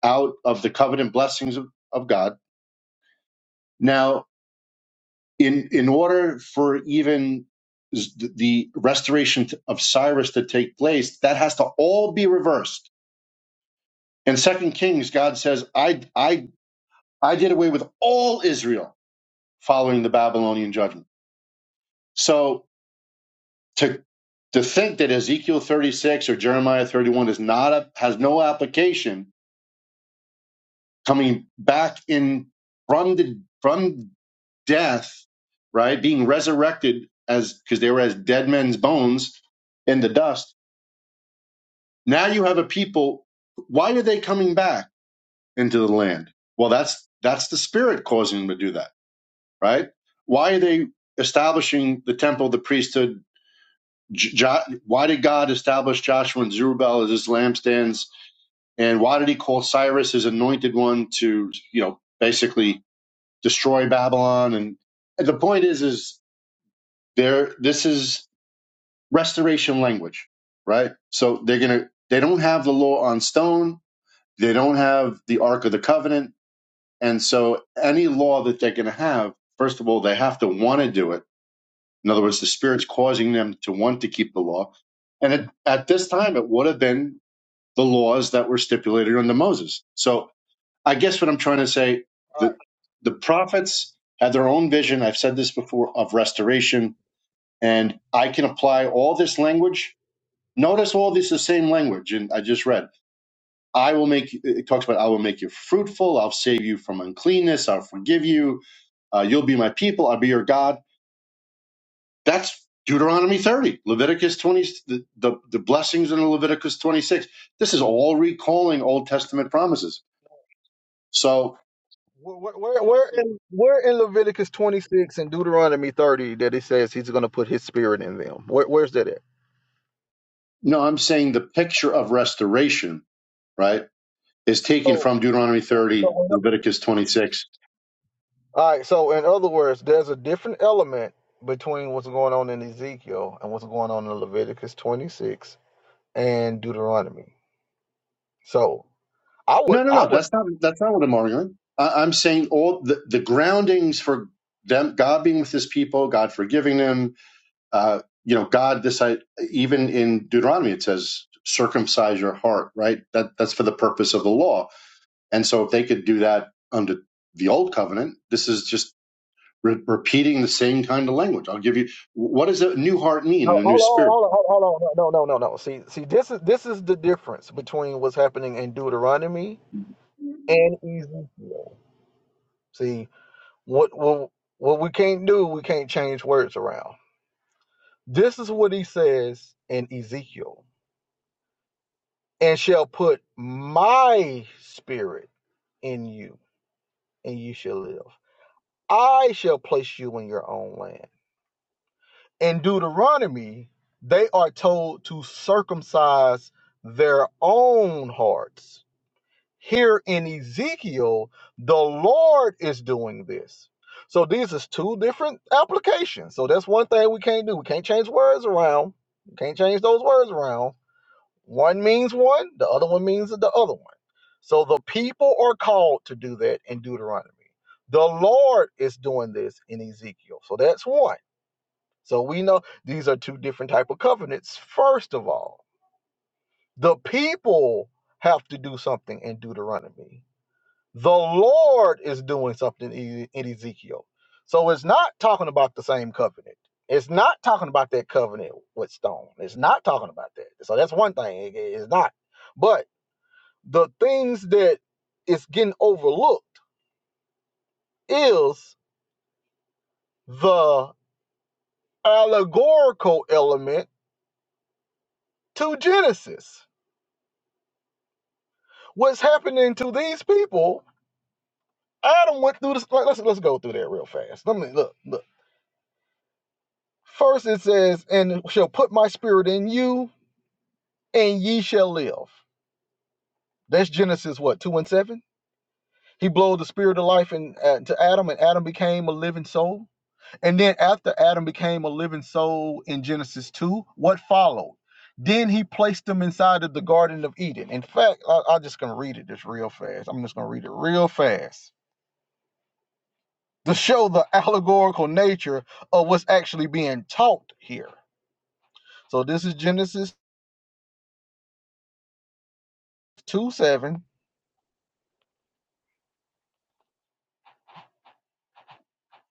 Speaker 5: out of the covenant blessings of, of God. Now, in in order for even s- the restoration t- of Cyrus to take place, that has to all be reversed In Second Kings, God says, I, I, I did away with all Israel following the Babylonian judgment. So to, to think that Ezekiel 36 or Jeremiah 31 is not a, has no application coming back in from the, from death, right? Being resurrected as, because they were as dead men's bones in the dust. Now you have a people. Why are they coming back into the land? Well, that's, that's the spirit causing them to do that right? Why are they establishing the temple, the priesthood? Jo- why did God establish Joshua and Zerubbabel as his lampstands? And why did he call Cyrus his anointed one to, you know, basically destroy Babylon? And, and the point is, is there, this is restoration language, right? So they're going to, they don't have the law on stone. They don't have the Ark of the Covenant. And so any law that they're going to have, first of all, they have to want to do it In other words, the Spirit's causing them to want to keep the law. And it, at this time, it would have been the laws that were stipulated under Moses. So I guess what I'm trying to say, the, the prophets had their own vision. I've said this before of restoration, and I can apply all this language. Notice all this is the same language, and I just read. I will make, it talks about, I will make you fruitful. I'll save you from uncleanness. I'll forgive you. Uh, you'll be my people. I'll be your God That's Deuteronomy 30, Leviticus 20, the, the, the blessings in Leviticus 26. This is all recalling Old Testament promises. So,
Speaker 1: Where, where, where in where in Leviticus 26 and Deuteronomy 30 that it says he's going to put his spirit in them? Where, where's that at?
Speaker 5: no, I'm saying the picture of restoration, right, is taken
Speaker 1: So,
Speaker 5: from Deuteronomy 30,
Speaker 1: so-
Speaker 5: Leviticus 26.
Speaker 1: all right. So, in other words, there's a different element between what's going on in Ezekiel and what's going on in Leviticus 26 and Deuteronomy. So, I would,
Speaker 5: No, no,
Speaker 1: I
Speaker 5: no,
Speaker 1: would.
Speaker 5: that's not that's not what I'm arguing. I, I'm saying all the, the groundings for them, God being with His people, God forgiving them, uh, you know, God decided, even in Deuteronomy, it says, circumcise your heart, right? That That's for the purpose of the law. And so if they could do that under the old covenant, this is just re- repeating the same kind of language. I'll give you, what does a new heart mean and
Speaker 1: No,
Speaker 5: a new
Speaker 1: hold on,
Speaker 5: spirit?
Speaker 1: hold on, hold on, hold on. No, no, no, no. See, see, this is this is the difference between what's happening in Deuteronomy and Ezekiel. See. What what what we can't do, we can't change words around. This is what he says in Ezekiel, and shall put my spirit in you, and you shall live. I shall place you in your own land. In Deuteronomy, they are told to circumcise their own hearts Here in Ezekiel, the Lord is doing this. So these is two different applications. So that's one thing we can't do. We can't change words around. We can't change those words around. One means one, the other one means the other one. So the people are called to do that in Deuteronomy. The Lord is doing this in Ezekiel. So that's one. So we know these are two different type of covenants. First of all, the people have to do something in Deuteronomy the Lord is doing something in Ezekiel. So it's not talking about the same covenant. It's not talking about that covenant with stone. It's not talking about that. So that's one thing. it- it's not. But the things that is getting overlooked is the allegorical element to Genesis. What's happening to these people? Adam went through this. like, Let's let's go through that real fast. Let me look. Look. First, it says, "And shall put my spirit in you." and ye shall live. That's Genesis what two and seven. He blew the spirit of life in, uh, to Adam, and Adam became a living soul. And then after Adam became a living soul in Genesis two, what followed? Then he placed them inside of the Garden of Eden. In fact, I, I'm just gonna read it just real fast. I'm just gonna read it real fast to show the [laughs] allegorical nature of what's actually being taught here. So this is Genesis two seven.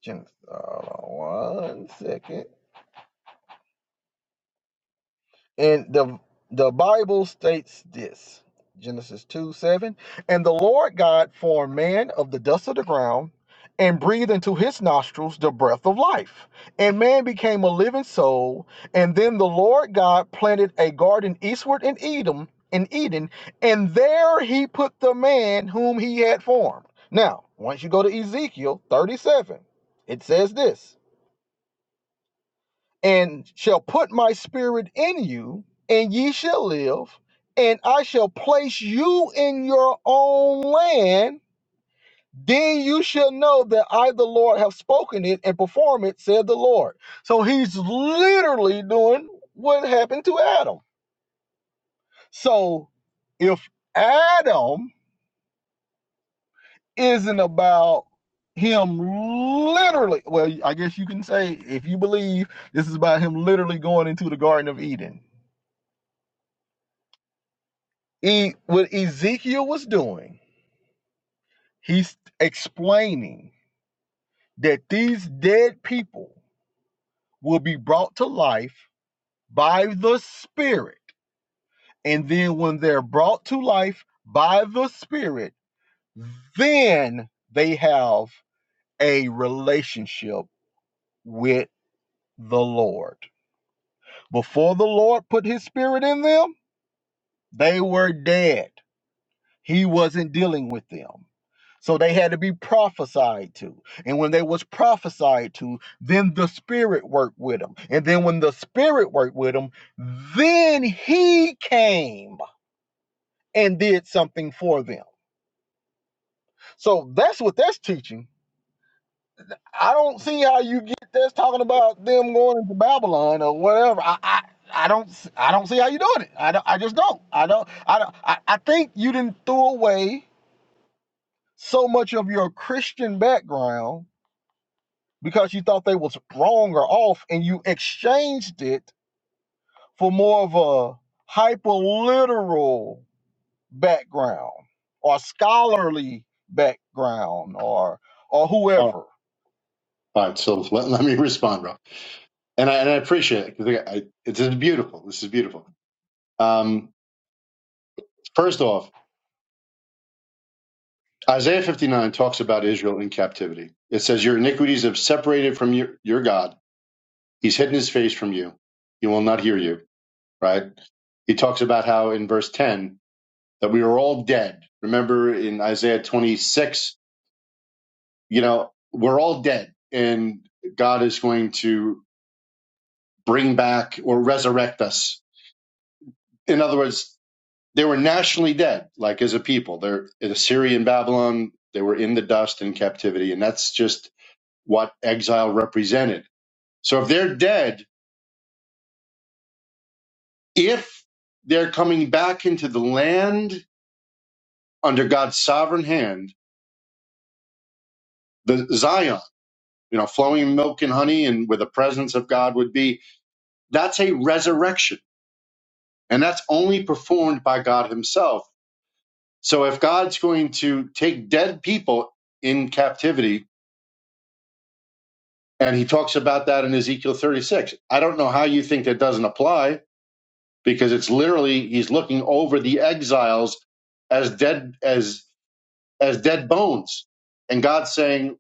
Speaker 1: Genesis. uh, one second. And the the Bible states this Genesis 2 7. And the Lord God formed man of the dust of the ground and breathed into his nostrils the breath of life. And man became a living soul. And then the Lord God planted a garden eastward in Edom in Eden, and there he put the man whom he had formed. Now, once you go to Ezekiel 37, it says this and shall put my spirit in you, and ye shall live, and I shall place you in your own land. Then you shall know that I, the Lord, have spoken it and perform it, said the Lord. So he's literally doing what happened to Adam. So if Adam isn't about him literally, well, I guess you can say, if you believe, this is about him literally going into the Garden of Eden E, what Ezekiel was doing, he's explaining that these dead people will be brought to life by the Spirit. And then when they're brought to life by the Spirit, then they have a relationship with the Lord. Before the Lord put his Spirit in them, they were dead. He wasn't dealing with them. So they had to be prophesied to. And when they was prophesied to, then the spirit worked with them. And then when the spirit worked with them, then he came and did something for them. So that's what that's teaching. I don't see how you get this talking about them going into Babylon or whatever. I, I I don't I I don't see how you doing it. I don't, I just don't. I don't I don't I, I think you didn't throw away so much of your Christian background because you thought they was wrong or off, and you exchanged it for more of a hyperliteral background or scholarly background or or
Speaker 5: All
Speaker 1: whoever.
Speaker 5: right, so let, let me [laughs] respond, Rob. And I, and I appreciate it. 'cause I, I, this is beautiful. This is beautiful. Um, first off, Isaiah 59 talks about Israel in captivity. It says, Your iniquities have separated from your, your God He's hidden his face from you. He will not hear you, right? He talks about how in verse 10 that we are all dead. Remember in Isaiah 26, you know, we're all dead and God is going to bring back or resurrect us. In other words, they were nationally dead, like as a people. They're in Assyria and Babylon, they were in the dust in captivity, and that's just what exile represented. So if they're dead, if they're coming back into the land under God's sovereign hand, the Zion, you know, flowing milk and honey and where the presence of God would be, that's a resurrection. And that's only performed by God himself. So if God's going to take dead people in captivity, and he talks about that in Ezekiel 36, I don't know how you think that doesn't apply because it's literally he's looking over the exiles as dead as as dead bones. And God's saying,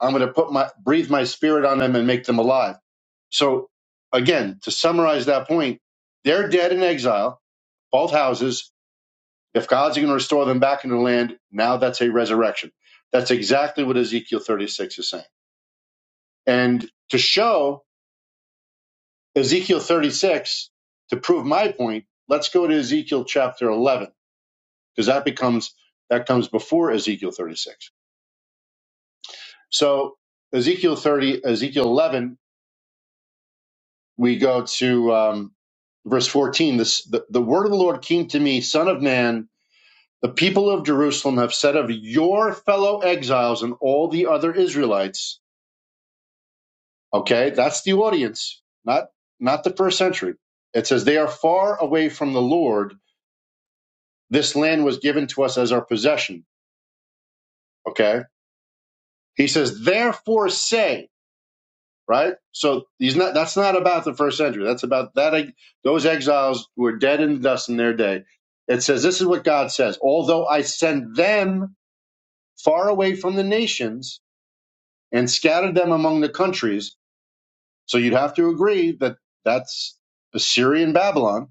Speaker 5: I'm going to put my breathe my spirit on them and make them alive So again, to summarize that point, they're dead in exile, both houses. If God's going to restore them back into the land, now that's a resurrection. That's exactly what Ezekiel 36 is saying. And to show Ezekiel 36, to prove my point, let's go to Ezekiel chapter 11, because that becomes, that comes before Ezekiel 36. So Ezekiel 30, Ezekiel 11, we go to um, verse 14. This, the, the word of the Lord came to me, son of man, The people of Jerusalem have said of your fellow exiles and all the other Israelites, okay, that's the audience, not not the first century. It says they are far away from the Lord. This land was given to us as our possession. Okay. He says, therefore say, right? So he's not that's not about the first century. That's about that those exiles who were dead in the dust in their day. It says, This is what God says. Although I send them far away from the nations, and scattered them among the countries. So you'd have to agree that that's Assyrian Babylon.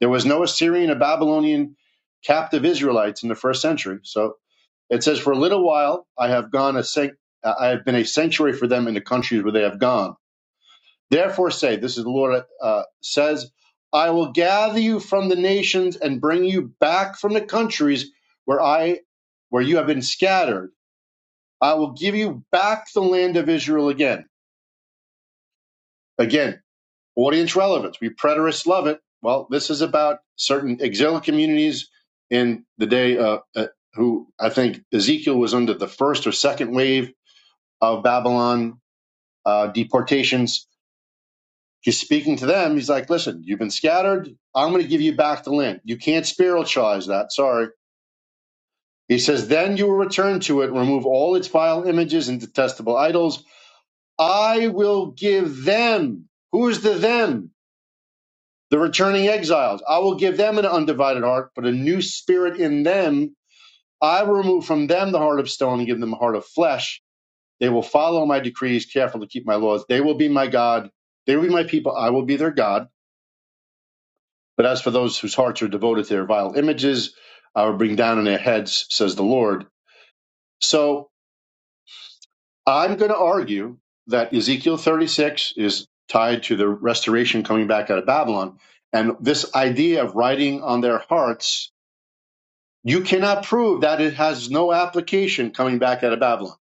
Speaker 5: There was no Assyrian or Babylonian captive Israelites in the first century. So it says, For a little while I have gone a sanct- I have been a sanctuary for them in the countries where they have gone. Therefore say, this is the Lord uh, says, I will gather you from the nations and bring you back from the countries where I where you have been scattered. I will give you back the land of Israel again. Again, Audience relevance. We preterists love it. Well, this is about certain exilic communities in the day uh, uh, who I think Ezekiel was under the first or second wave of Babylon uh, deportations. He's speaking to them. He's like, listen, you've been scattered. I'm going to give you back the land. You can't spiritualize that. Sorry. He says, then you will return to it, remove all its vile images and detestable idols. I will give them. Who is the them? The returning exiles, I will give them an undivided heart, but a new spirit in them. I will remove from them the heart of stone and give them a heart of flesh. They will follow my decrees, careful to keep my laws. They will be my God. They will be my people. I will be their God. But as for those whose hearts are devoted to their vile images, I will bring down on their heads, says the Lord. So I'm going to argue that Ezekiel 36 is tied to the restoration coming back out of Babylon. And this idea of writing on their hearts you cannot prove that it has no application coming back out of Babylon.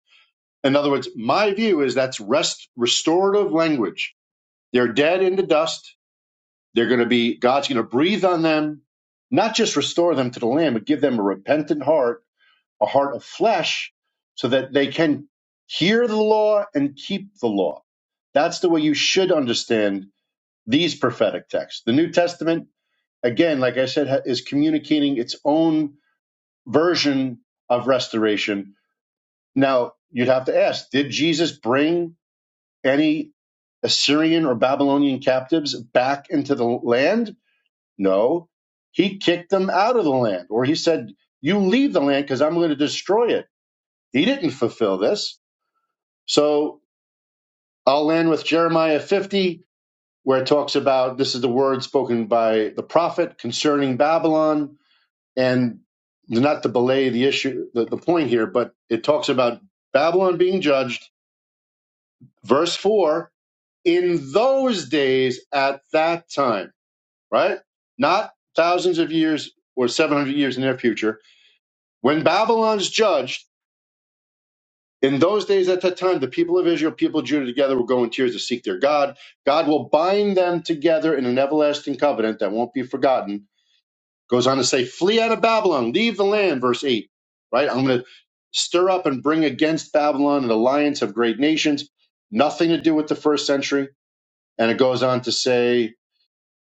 Speaker 5: In other words, my view is that's rest restorative language. They're dead in the dust. They're going to be God's going to breathe on them, not just restore them to the land, but give them a repentant heart, a heart of flesh, so that they can hear the law and keep the law. That's the way you should understand these prophetic texts. The New Testament, again, like I said, is communicating its own version of restoration. Now, you'd have to ask did Jesus bring any Assyrian or Babylonian captives back into the land? No. He kicked them out of the land, or he said, You leave the land because I'm going to destroy it. He didn't fulfill this. So I'll land with Jeremiah 50, where it talks about this is the word spoken by the prophet concerning Babylon And not to belay the issue, the, the point here, but it talks about Babylon being judged, verse 4, in those days at that time, right? Not thousands of years or 700 years in their future. When Babylon's judged, in those days at that time, the people of Israel, people of Judah together will go in tears to seek their God. God will bind them together in an everlasting covenant that won't be forgotten Goes on to say, flee out of Babylon, leave the land, verse 8. Right? I'm going to stir up and bring against Babylon an alliance of great nations. Nothing to do with the first century. And it goes on to say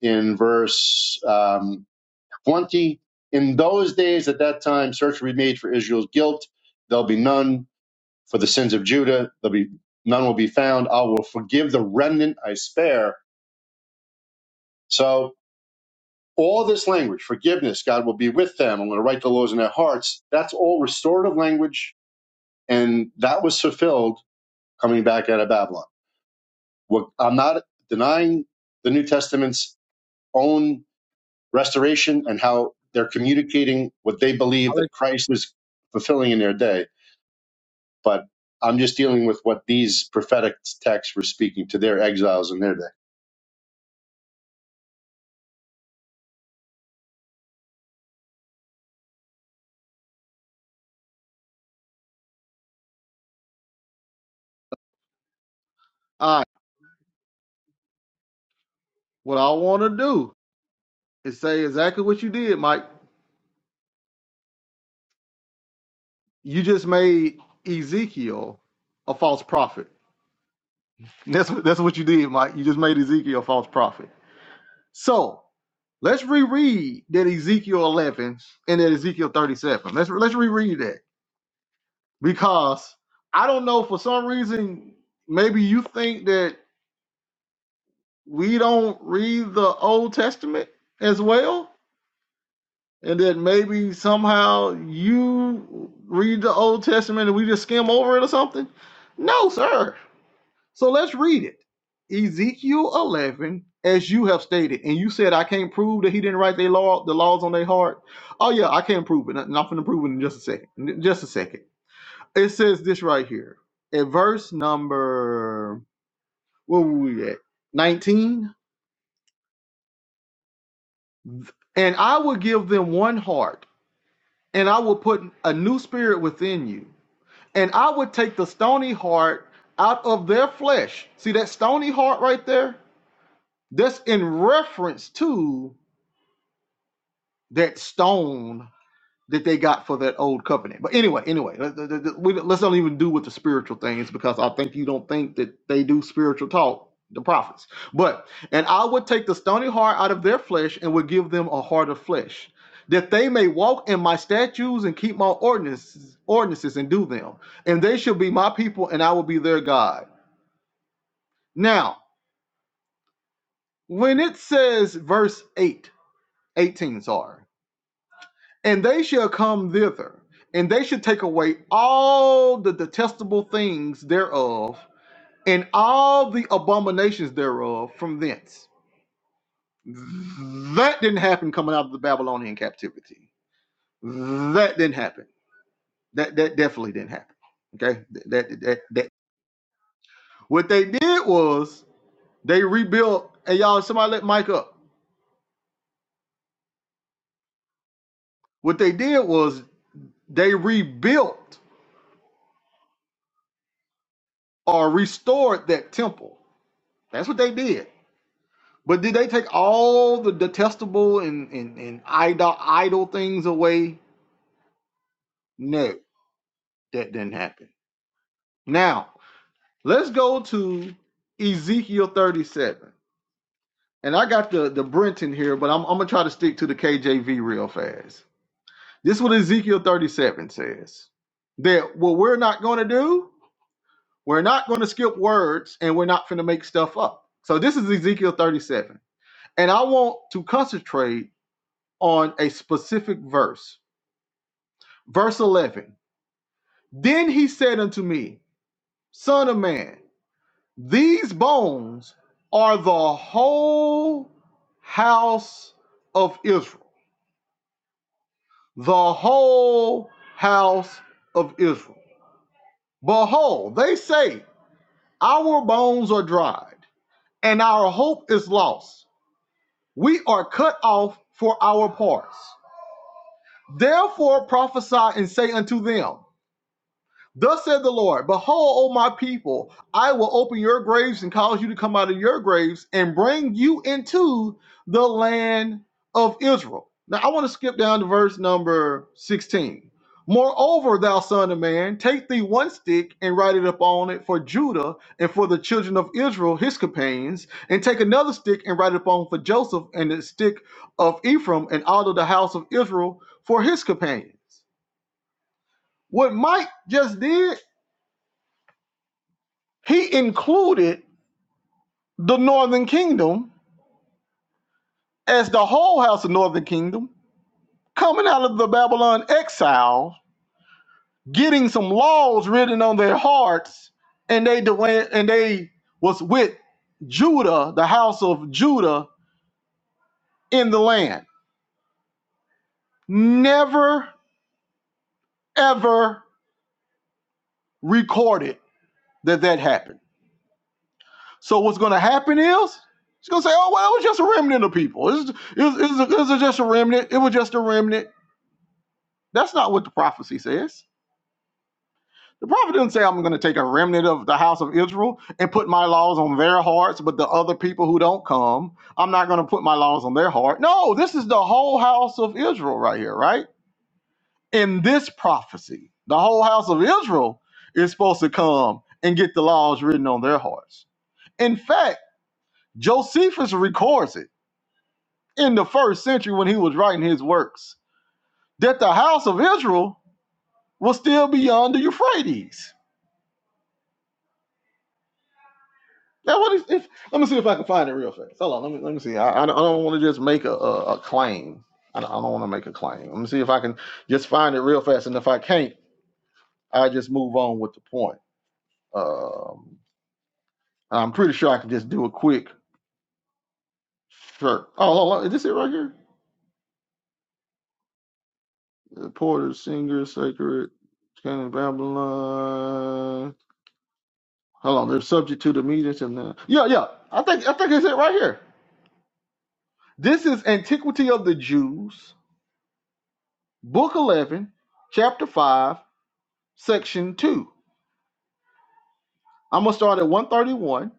Speaker 5: in verse um, 20, in those days at that time, search will be made for Israel's guilt. There'll be none for the sins of Judah. There'll be none will be found. I will forgive the remnant I spare. So all this language, forgiveness, God will be with them. I'm going to write the laws in their hearts. That's all restorative language. And that was fulfilled coming back out of Babylon. What, I'm not denying the New Testament's own restoration and how they're communicating what they believe that Christ was fulfilling in their day. But I'm just dealing with what these prophetic texts were speaking to their exiles in their day.
Speaker 1: All right. What I want to do is say exactly what you did, Mike. You just made Ezekiel a false prophet. That's what, that's what you did, Mike. You just made Ezekiel a false prophet. So Let's reread that Ezekiel 11 and that Ezekiel 37. Let's let's reread that because I don't know for some reason maybe you think that we don't read the Old Testament as well and that maybe somehow you read the Old Testament and we just skim over it or something. No, sir. So let's read it. Ezekiel 11, as you have stated, and you said I can't prove that he didn't write their law, the laws on their heart. Oh yeah, I can't prove it, and I'm gonna prove it in just a second. Just a second. It says this right here, at verse number what were we at? 19. And I will give them one heart, and I will put a new spirit within you, and I will take the stony heart out of their flesh. See that stony heart right there? That's in reference to that stone that they got for that old covenant. But anyway, anyway, let- us not even do with the spiritual things because I think you don't think that they do spiritual talk, the prophets. But and I would take the stony heart out of their flesh and would give them a heart of flesh, that they may walk in my statutes and keep my ordinances, ordinances and do them. And they shall be my people, and I will be their God. Now, when it says verse 8, 18, sorry. and they shall come thither, and they shall take away all the detestable things thereof, and all the abominations thereof from thence. That didn't happen coming out of the Babylonian captivity. That didn't happen. That that definitely didn't happen. Okay, that that, that, that- what they did was they rebuilt. Hey y'all, somebody let Mike up. What they did was they rebuilt or restored that temple. That's what they did But did they take all the detestable and, and, and idol, idol things away? No, that didn't happen. Now, let's go to Ezekiel 37. And I got the, the Brenton here, but I'm, I'm going to try to stick to the KJV real fast. This is what Ezekiel 37 says that what we're not going to do, we're not going to skip words and we're not going to make stuff up. So this is Ezekiel 37. And I want to concentrate on a specific verse Verse 11 Then he said unto me, Son of man, these bones are the whole house of Israel. The whole house of Israel. Behold, they say, Our bones are dried, and our hope is lost. We are cut off for our parts. Therefore prophesy and say unto them, Thus said the Lord, Behold, O my people, I will open your graves and cause you to come out of your graves and bring you into the land of Israel. Now I want to skip down to verse number 16. Moreover, thou son of man, take thee one stick and write it upon it for Judah and for the children of Israel, his companions, and take another stick and write it upon for Joseph and the stick of Ephraim and all of the house of Israel for his companions. What Mike just did, he ended the known as them coming out of Babylon exile, getting some laws written on their hearts, and they dwell- and they was with Judah, the house of Judah in the land. Never ever reported that that happened. So what's going to happen is it's going to say, "Oh well, it was just a remnant of people. It's, it's, it's just a remnant. It was." That's not what the prophecy says. The prophet didn't say I'm going to take a remnant of the house of Israel and put my laws on their hearts, but the other people who don't come, I'm not going to put my laws on their heart. No, this is the whole house of Israel right here, right? In this prophecy, the whole house of Israel is supposed to come and get the laws written on their hearts. In fact, Josephus records it in the first century when he was writing his works that the house of Israel was still beyond the Euphrates Now, what if, if let me see if I can find it real fast. Hold on, let me let me see. I, I don't, don't want to just make a, a, a claim. I don't, I don't want to make a claim. Let me see if I can just find it real fast. And if I can't, I just move on with the point. Um, I'm pretty sure I can just do a quick shirt. Oh, hold on, is this it right here? The Porter, singer, sacred, kind Babylon. Hold on, they're subject to the meetings and the yeah, yeah. I think I think it's it right here. This is antiquity of the Jews. Book 11, Chapter 5, Section 2. I'm going to start at 131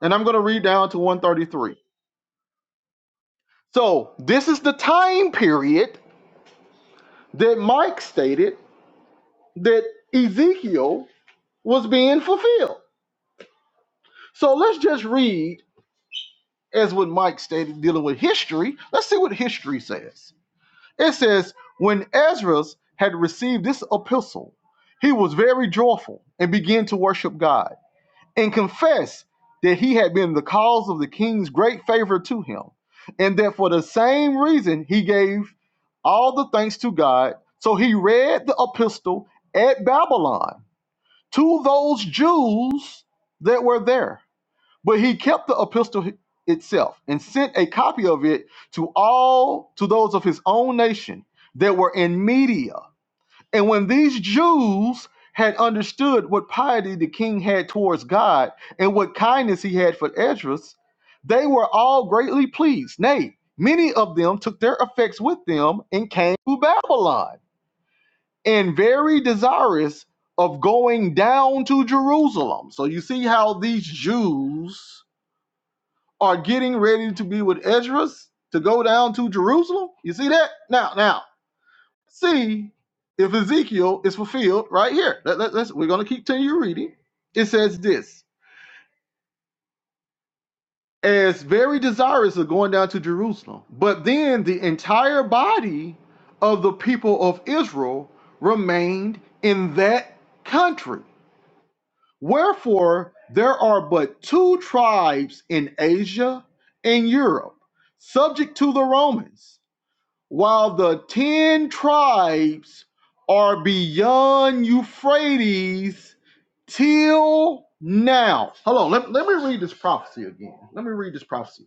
Speaker 1: and I'm going to read down to 133. So, this is the time period that Mike stated that Ezekiel was being fulfilled. So, let's just read as what Mike stated dealing with history. Let's see what history says. It says, When Ezra had received this epistle, he was very joyful and began to worship God. and confessed that he had been the cause of the king's great favor to him, and that for the same reason he gave all the thanks to God. So he read the epistle at Babylon to those Jews that were there. But he kept the epistle itself and sent a copy of it to all to those of his own nation that were in Media and when these Jews had understood what piety the king had towards God and what kindness he had for Esdras, they were all greatly pleased. Nay, many of them took their effects with them and came to Babylon, and very desirous of going down to Jerusalem. So you see how these Jews are getting ready to be with Esdras to go down to Jerusalem? You see that? Now, now see if Ezekiel is fulfilled right here. Let, let, us we're going to keep continue reading. It says this as very desirous of going down to Jerusalem, but then the entire body of the people of Israel remained in that country. Wherefore, there are but two tribes in Asia and Europe, subject to the Romans. while the ten tribes are beyond Euphrates till now. Hold on, let, let me read this prophecy again. Let me read this prophecy.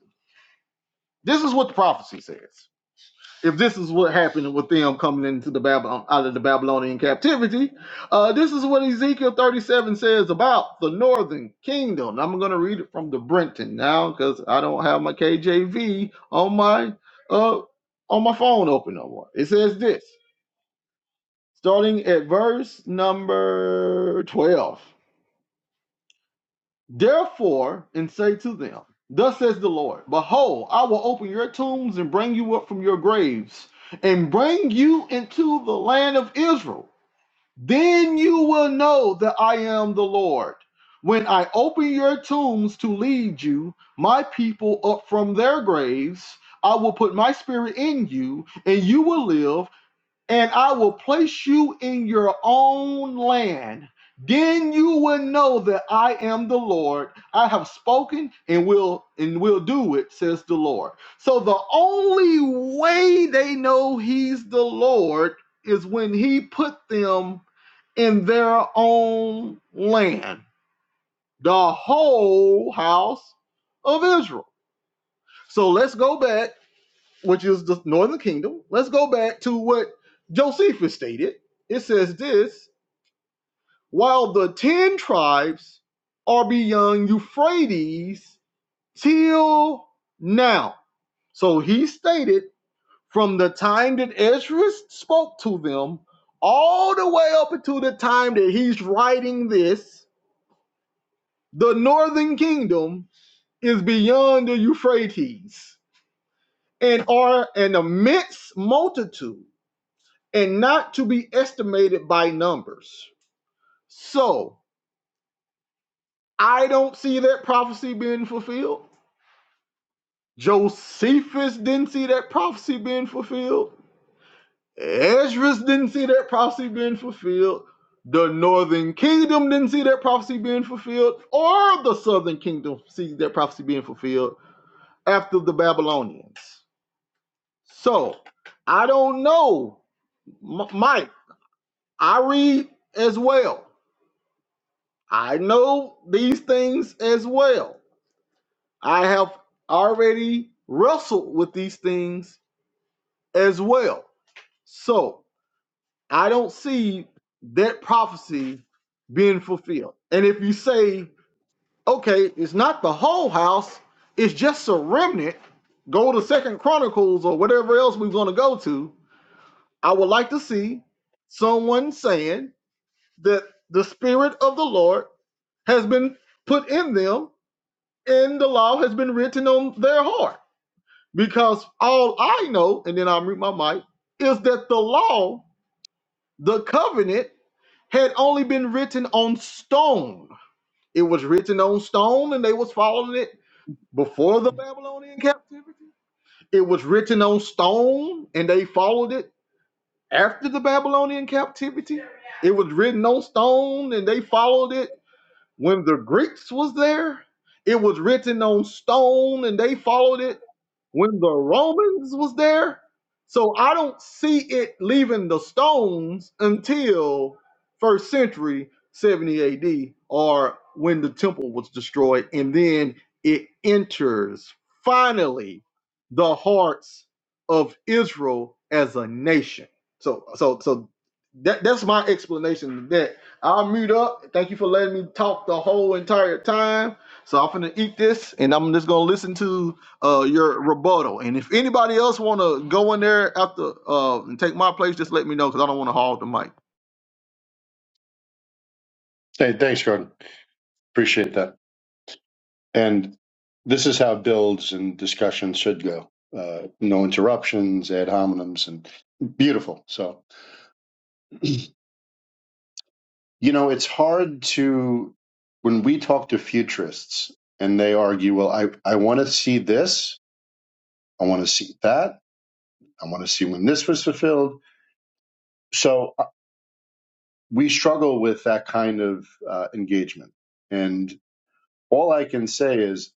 Speaker 1: This is what the prophecy says. If this is what happened with them coming into the Babylon out of the Babylonian captivity, uh, this is what Ezekiel 37 says about the northern kingdom. I'm gonna read it from the Brenton now because I don't have my KJV on my uh on my phone open no more. It says this starting at verse number 12. Therefore, and say to them, Thus says the Lord, Behold, I will open your tombs and bring you up from your graves, and bring you into the land of Israel. Then you will know that I am the Lord. When I open your tombs to lead you, my people, up from their graves, I will put my spirit in you, and you will live, and I will place you in your own land. Then you will know that I am the Lord. I have spoken and will and will do it, says the Lord. So the only way they know he's the Lord is when he put them in their own land, the whole house of Israel. So let's go back which is the northern kingdom. Let's go back to what Josephus stated. It says this while the 10 tribes are beyond Euphrates till now. So he stated from the time that Ezra spoke to them all the way up until the time that he's writing this, the northern kingdom is beyond the Euphrates and are an immense multitude and not to be estimated by numbers. So I don't see that prophecy being fulfilled. Joseph, that prophecy being fulfilled. Ezra's didn't see that prophecy being fulfilled. The northern kingdom didn't see that prophecy being fulfilled, or the southern kingdom see that prophecy being fulfilled after the Babylonians. So I don't know, Mike. I read as well. I know these things as well. I have already wrestled with these things as well. So I don't see that prophecy being fulfilled. And if you say, okay, it's not the whole house, it's just a remnant, go to Second Chronicles or whatever else we're going to go to. I would like to see someone saying that the Spirit of the Lord has been put in them and the law has been written on their heart Because all I know, and then I'll mute my mic, is that the law, the covenant, had only been written on stone. It was written on stone and they was following it before the Babylonian captivity. It was written on stone and they followed it after the Babylonian captivity. It was written on stone and they followed it when the Greeks was there. It was written on stone and they followed it when the Romans was there. So I don't see it leaving the stones until first century 70 AD or when the temple was destroyed. And then it enters finally the hearts of Israel as a nation. So so so that that's my explanation of that. I'll mute up. Thank you for letting me talk the whole entire time. So I'm gonna eat this and I'm just gonna listen to uh your rebuttal. And if anybody else want to go in there after uh and take my place, just let me know because I don't want to hog the mic.
Speaker 5: Hey, thanks, Gordon. Appreciate that. And this is how builds and discussions should go. Uh, no interruptions, ad hominems, and beautiful. So, you know, it's hard to, when we talk to futurists and they argue, well, I, I want to see this, I want to see that, I want to see when this was fulfilled. So uh, we struggle with that kind of uh, engagement. And all I can say is,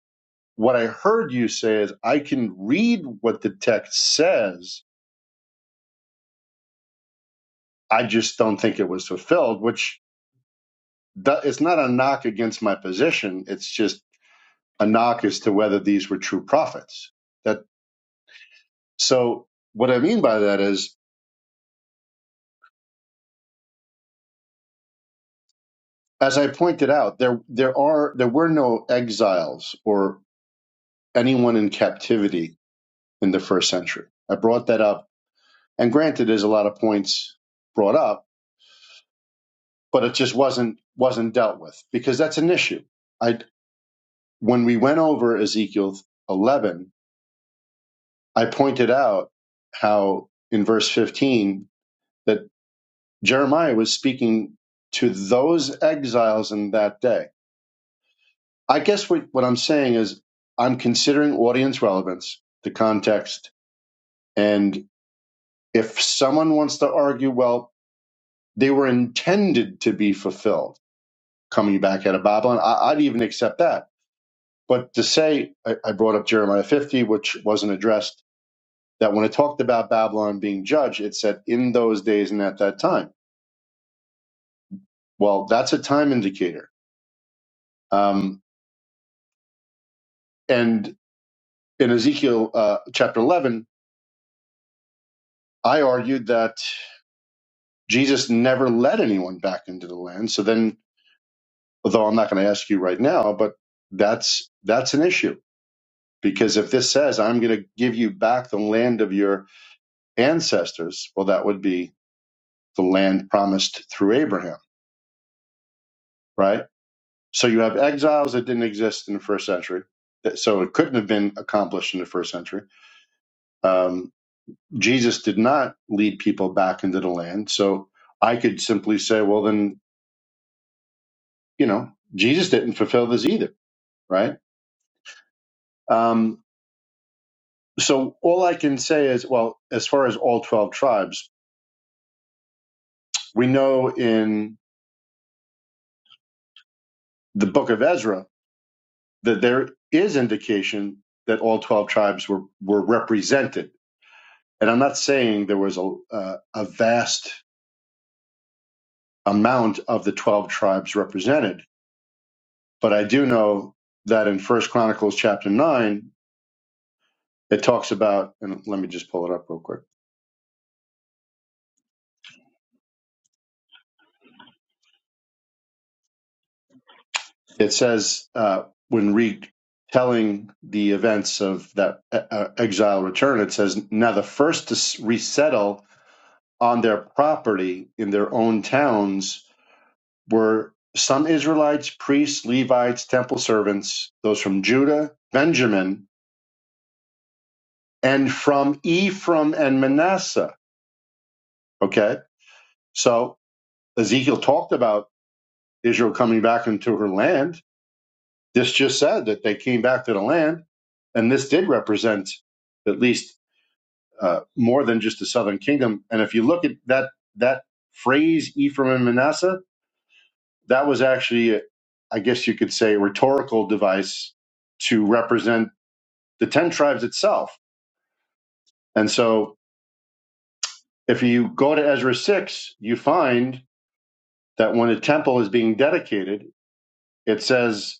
Speaker 5: what I heard you say is, I can read what the text says I just don't think it was fulfilled, which do- it's not a knock against my position. It's just a knock as to whether these were true prophets. That so what I mean by that is, as I pointed out, there there are there were no exiles or anyone in captivity in the first century. I brought that up, and granted, there's a lot of points brought up, but it just wasn't wasn't dealt with because that's an issue. I when we went over Ezekiel 11 I pointed out how in verse 15 that Jeremiah was speaking to those exiles in that day. I guess what, what I'm saying is I'm considering audience relevance, the context, and if someone wants to argue, well, they were intended to be fulfilled coming back out of Babylon, I, I'd even accept that. But to say, I, I brought up Jeremiah 50, which wasn't addressed, that when it talked about Babylon being judged, it said in those days and at that time Well, that's a time indicator. Um, and in Ezekiel uh, chapter 11, I argued that Jesus never led anyone back into the land. So then, although I'm not going to ask you right now, but that's that's an issue because if this says I'm going to give you back the land of your ancestors, well, that would be the land promised through Abraham, right? So you have exiles that didn't exist in the first century, that- so it couldn't have been accomplished in the first century. Um, Jesus did not lead people back into the land. So I could simply say, well, then, you know, Jesus didn't fulfill this either, right? Um, so all I can say is, well, as far as all 12 tribes, we know in the book of Ezra that there is indication that all 12 tribes were, were represented. And I'm not saying there was a, uh, a vast amount of the 12 tribes represented, but I do know that in First Chronicles chapter 9, it talks about, and let me just pull it up real quick. It says uh, when retelling the events of that uh, uh, exile return, it says, now the first to resettle on their property in their own towns were some Israelites, priests, Levites, temple servants, those from Judah, Benjamin, and from Ephraim and Manasseh. Okay. So Ezekiel talked about Israel coming back into her land This just said that they came back to the land, and this did represent at least uh, more than just the southern kingdom. And if you look at that that phrase, Ephraim and Manasseh, that was actually, I guess you could say, a rhetorical device to represent the ten tribes itself. And so, if you go to Ezra six, you find that when the temple is being dedicated, it says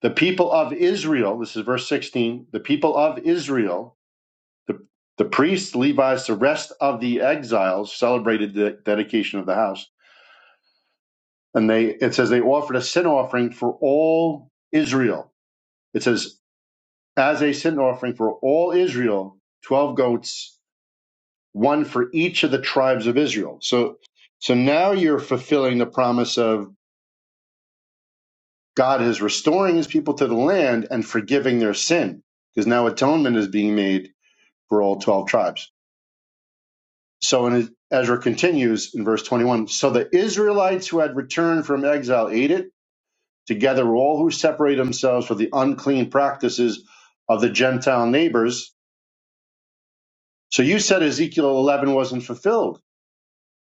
Speaker 5: the people of Israel. This is verse sixteen. The people of Israel The, the priests, Levites, the rest of the exiles celebrated the dedication of the house. And they it says they offered a sin offering for all Israel. It says, as a sin offering for all Israel, twelve goats, one for each of the tribes of Israel. So so now you're fulfilling the promise of God is restoring his people to the land and forgiving their sin. Because now atonement is being made for all twelve tribes. So in, Ezra continues in verse 21 So the Israelites who had returned from exile ate it, together with all who separate themselves for the unclean practices of the Gentile neighbors. So you said Ezekiel 11 wasn't fulfilled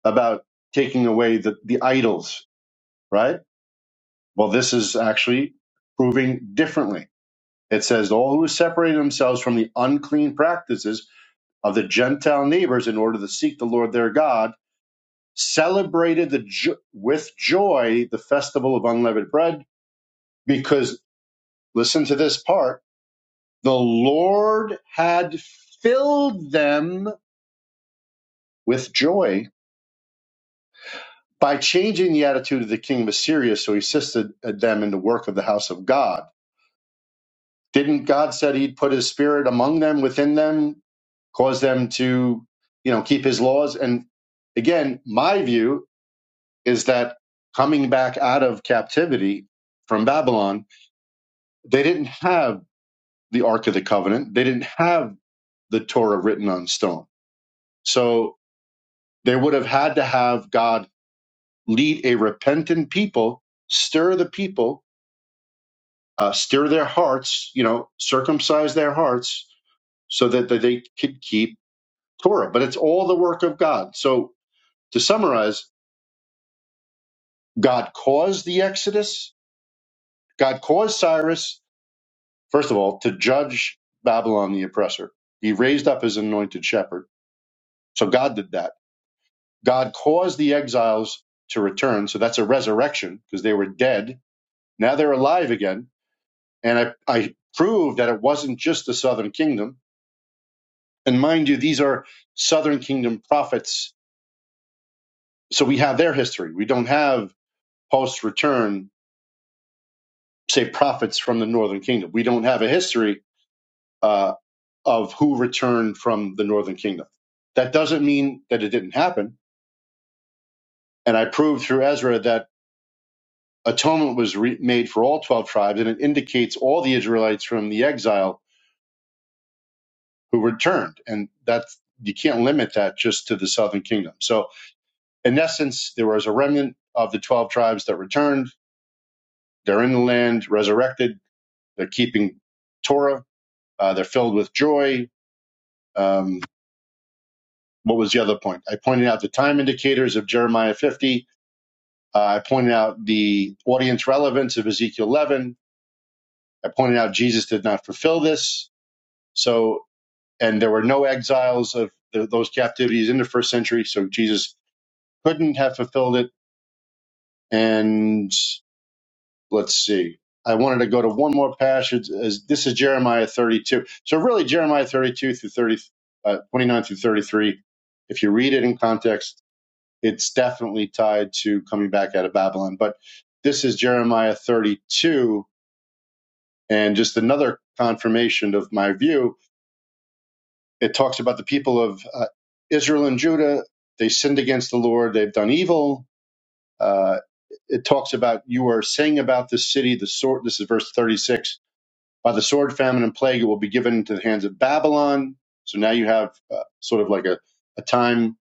Speaker 5: about taking away the, the idols, right? Well, this is actually proving differently. It says, All who separate themselves from the unclean practices of the Gentile neighbors in order to seek the Lord their God celebrated the jo- with joy the festival of unleavened bread because listen to this part the lord had filled them with joy by changing the attitude of the king of assyria so he assisted them in the work of the house of god didn't god said he'd put his spirit among them within them cause them to you know keep his laws and again my view is that coming back out of captivity from babylon They didn't have the Ark of the Covenant. They didn't have the Torah written on stone. So they would have had to have God lead a repentant people, stir the people, uh, stir their hearts, you know, circumcise their hearts so that that they could keep Torah. But it's all the work of God. So to summarize, God caused the Exodus. God caused Cyrus, first of all, to judge Babylon the oppressor. He raised up his anointed shepherd. So God did that. God caused the exiles to return. So that's a resurrection because they were dead. Now they're alive again. And I, I proved that it wasn't just the southern kingdom. And mind you, these are southern kingdom prophets. So we have their history. We don't have post return, say, prophets from the northern kingdom. We don't have a history uh, of who returned from the northern kingdom. That doesn't mean that it didn't happen. And I proved through Ezra that atonement was re- made for all 12 tribes and it indicates all the israelites from the exile who returned and that's you can't limit that just to the southern kingdom so in essence there was a remnant of the 12 tribes that returned they're in the land resurrected they're keeping torah uh, they're filled with joy um, what was the other point i pointed out the time indicators of jeremiah 50 uh, i pointed out the audience relevance of ezekiel 11 i pointed out jesus did not fulfill this so and there were no exiles of th those captivities in the first century, so Jesus couldn't have fulfilled it. And let's see. I wanted to go to one more passage. As this is Jeremiah 32. So really, Jeremiah 32 through 30, uh, 29 through 33. If you read it in context, it's definitely tied to coming back out of Babylon. But this is Jeremiah 32, and just another confirmation of my view It talks about the people of uh, Israel and Judah. They sinned against the Lord. They've done evil. Uh, it talks about you are saying about this city, the sword. This is verse 36. By the sword, famine, and plague, it will be given into the hands of Babylon. So now you have uh, sort of like a, a time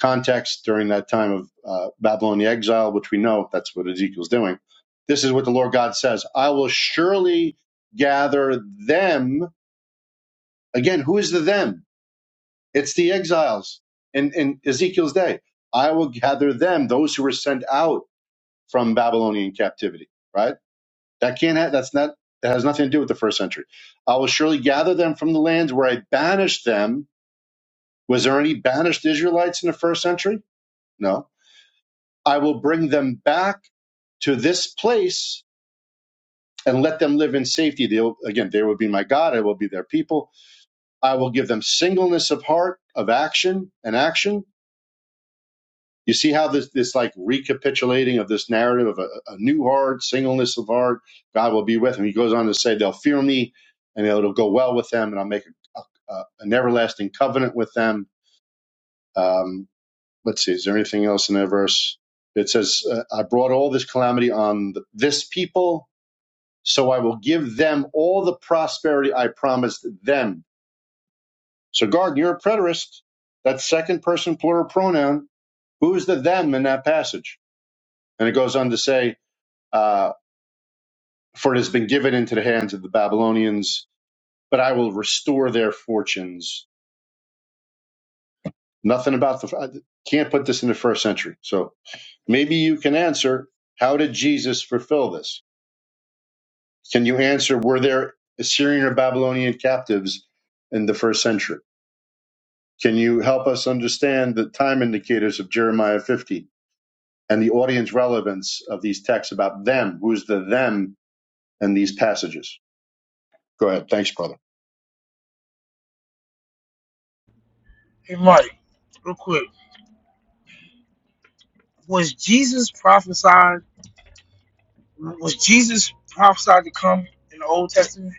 Speaker 5: context during that time of uh, Babylon the exile, which we know that's what Ezekiel's doing. This is what the Lord God says I will surely gather them. Again, who is the them? It's the exiles in, in Ezekiel's day. I will gather them, those who were sent out from Babylonian captivity. Right? That can't. Ha- that's not. That has nothing to do with the first century. I will surely gather them from the lands where I banished them. Was there any banished Israelites in the first century? No. I will bring them back to this place and let them live in safety. They'll, again, they will be my God. I will be their people. I will give them singleness of heart, of action, and action You see how this this like recapitulating of this narrative of a, a new heart, singleness of heart. God will be with him. He goes on to say, "They'll fear me, and it'll go well with them, and I'll make a, a, an everlasting covenant with them." Um, let's see, is there anything else in that verse? It says, uh, "I brought all this calamity on th- this people, so I will give them all the prosperity I promised them." So, Garden, you're a preterist. That's second person plural pronoun. Who's the them in that passage? And it goes on to say, uh, for it has been given into the hands of the Babylonians, but I will restore their fortunes. Nothing about the, I can't put this in the first century. So maybe you can answer, how did Jesus fulfill this? Can you answer, were there Assyrian or Babylonian captives in the first century? Can you help us understand the time indicators of Jeremiah 50 and the audience relevance of these texts about them? Who's the them in these passages? Go ahead. Thanks, brother.
Speaker 3: Hey, Mike, real quick. Was Jesus prophesied? Was Jesus prophesied to come in the Old Testament?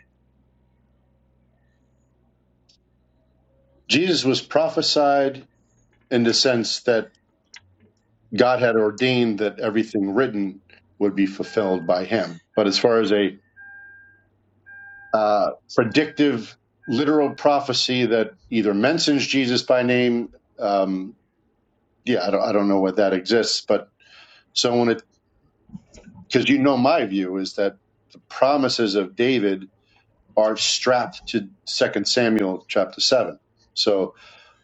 Speaker 5: Jesus was prophesied in the sense that God had ordained that everything written would be fulfilled by him. But as far as a uh, predictive, literal prophecy that either mentions Jesus by name, um, yeah, I don't, I don't know what that exists. But so when it, because you know my view is that the promises of David are strapped to Second Samuel chapter seven. So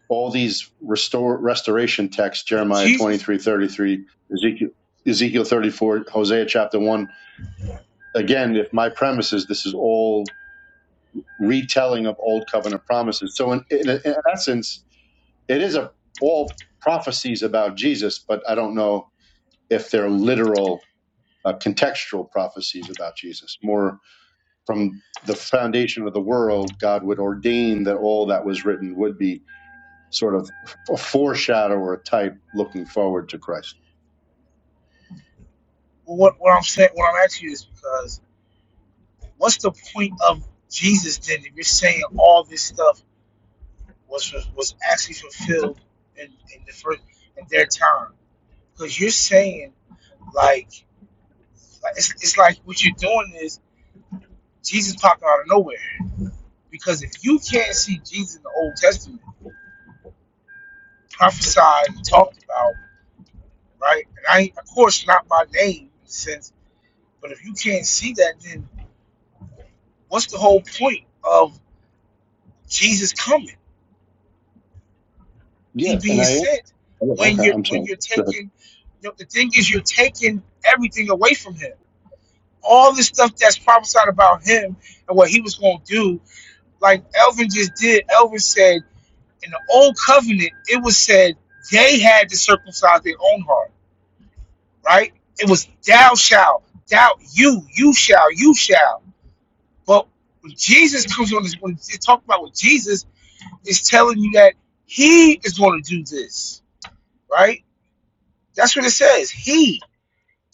Speaker 5: all these restore restoration texts
Speaker 3: If
Speaker 5: jeremiah
Speaker 3: Jesus,
Speaker 5: 23, 33, ezekiel ezekiel 34 hosea chapter 1 again if my premise is this is all retelling of old covenant promises so in, in, in essence it is a, all prophecies about jesus but i don't know if they're literal uh, contextual prophecies about jesus more from the foundation of the world god would ordain that all that was written would be sort of a foreshadower type looking forward to Christ.
Speaker 3: what, what I'm saying, what I'm asking you is because What's the point of Jesus then if you're saying all this stuff was was actually fulfilled in, in the first in their time? Because you're saying like, like it's, it's like what you're doing is Jesus popped out of nowhere. Because if you can't see Jesus in the Old Testament prophesied and talked about, right? And I of course not by name in a sense, but if you can't see that, then what's the whole point of Jesus coming? He
Speaker 5: Yeah, and
Speaker 3: being
Speaker 5: I am.
Speaker 3: sent
Speaker 5: yeah,
Speaker 3: when
Speaker 5: Okay,
Speaker 3: you're
Speaker 5: I'm
Speaker 3: when
Speaker 5: sorry.
Speaker 3: you're
Speaker 5: Go ahead.
Speaker 3: taking you know, the thing is you're taking everything away from him. All the stuff that's prophesied about him and what he was gonna do, like Elvin just did, Elvin said in the old covenant, it was said they had to circumcise their own heart, right? It was thou shalt, thou you, you shall, you shall. But when Jesus comes on this when they talk about with Jesus, it's telling you that he is gonna do this, right? That's what it says. He.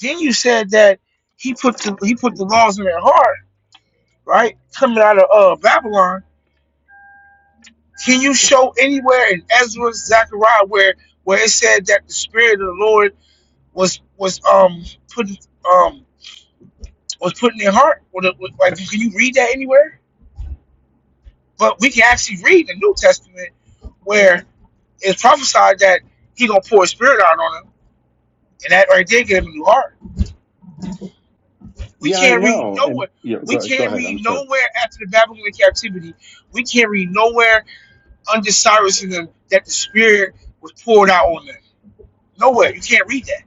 Speaker 3: Then you said that he put the he put the laws in their heart, right? Coming out of uh, Babylon. Can you show anywhere in Ezra, Zechariah, where where it said that the spirit of the Lord was was um putting um was put in their heart? Or the, like, can you read that anywhere? But we can actually read the New Testament where it's prophesied that he gonna pour his spirit out on them, and that right there gave him a new heart. We
Speaker 5: Yeah, I
Speaker 3: can't read
Speaker 5: know. And
Speaker 3: nowhere.
Speaker 5: yeah,
Speaker 3: We
Speaker 5: go, go
Speaker 3: can't
Speaker 5: ahead. I'm
Speaker 3: read
Speaker 5: sorry.
Speaker 3: nowhere after the Babylonian captivity. We can't read nowhere under Cyrus and them that the Spirit was poured out on them. Nowhere. You can't read that.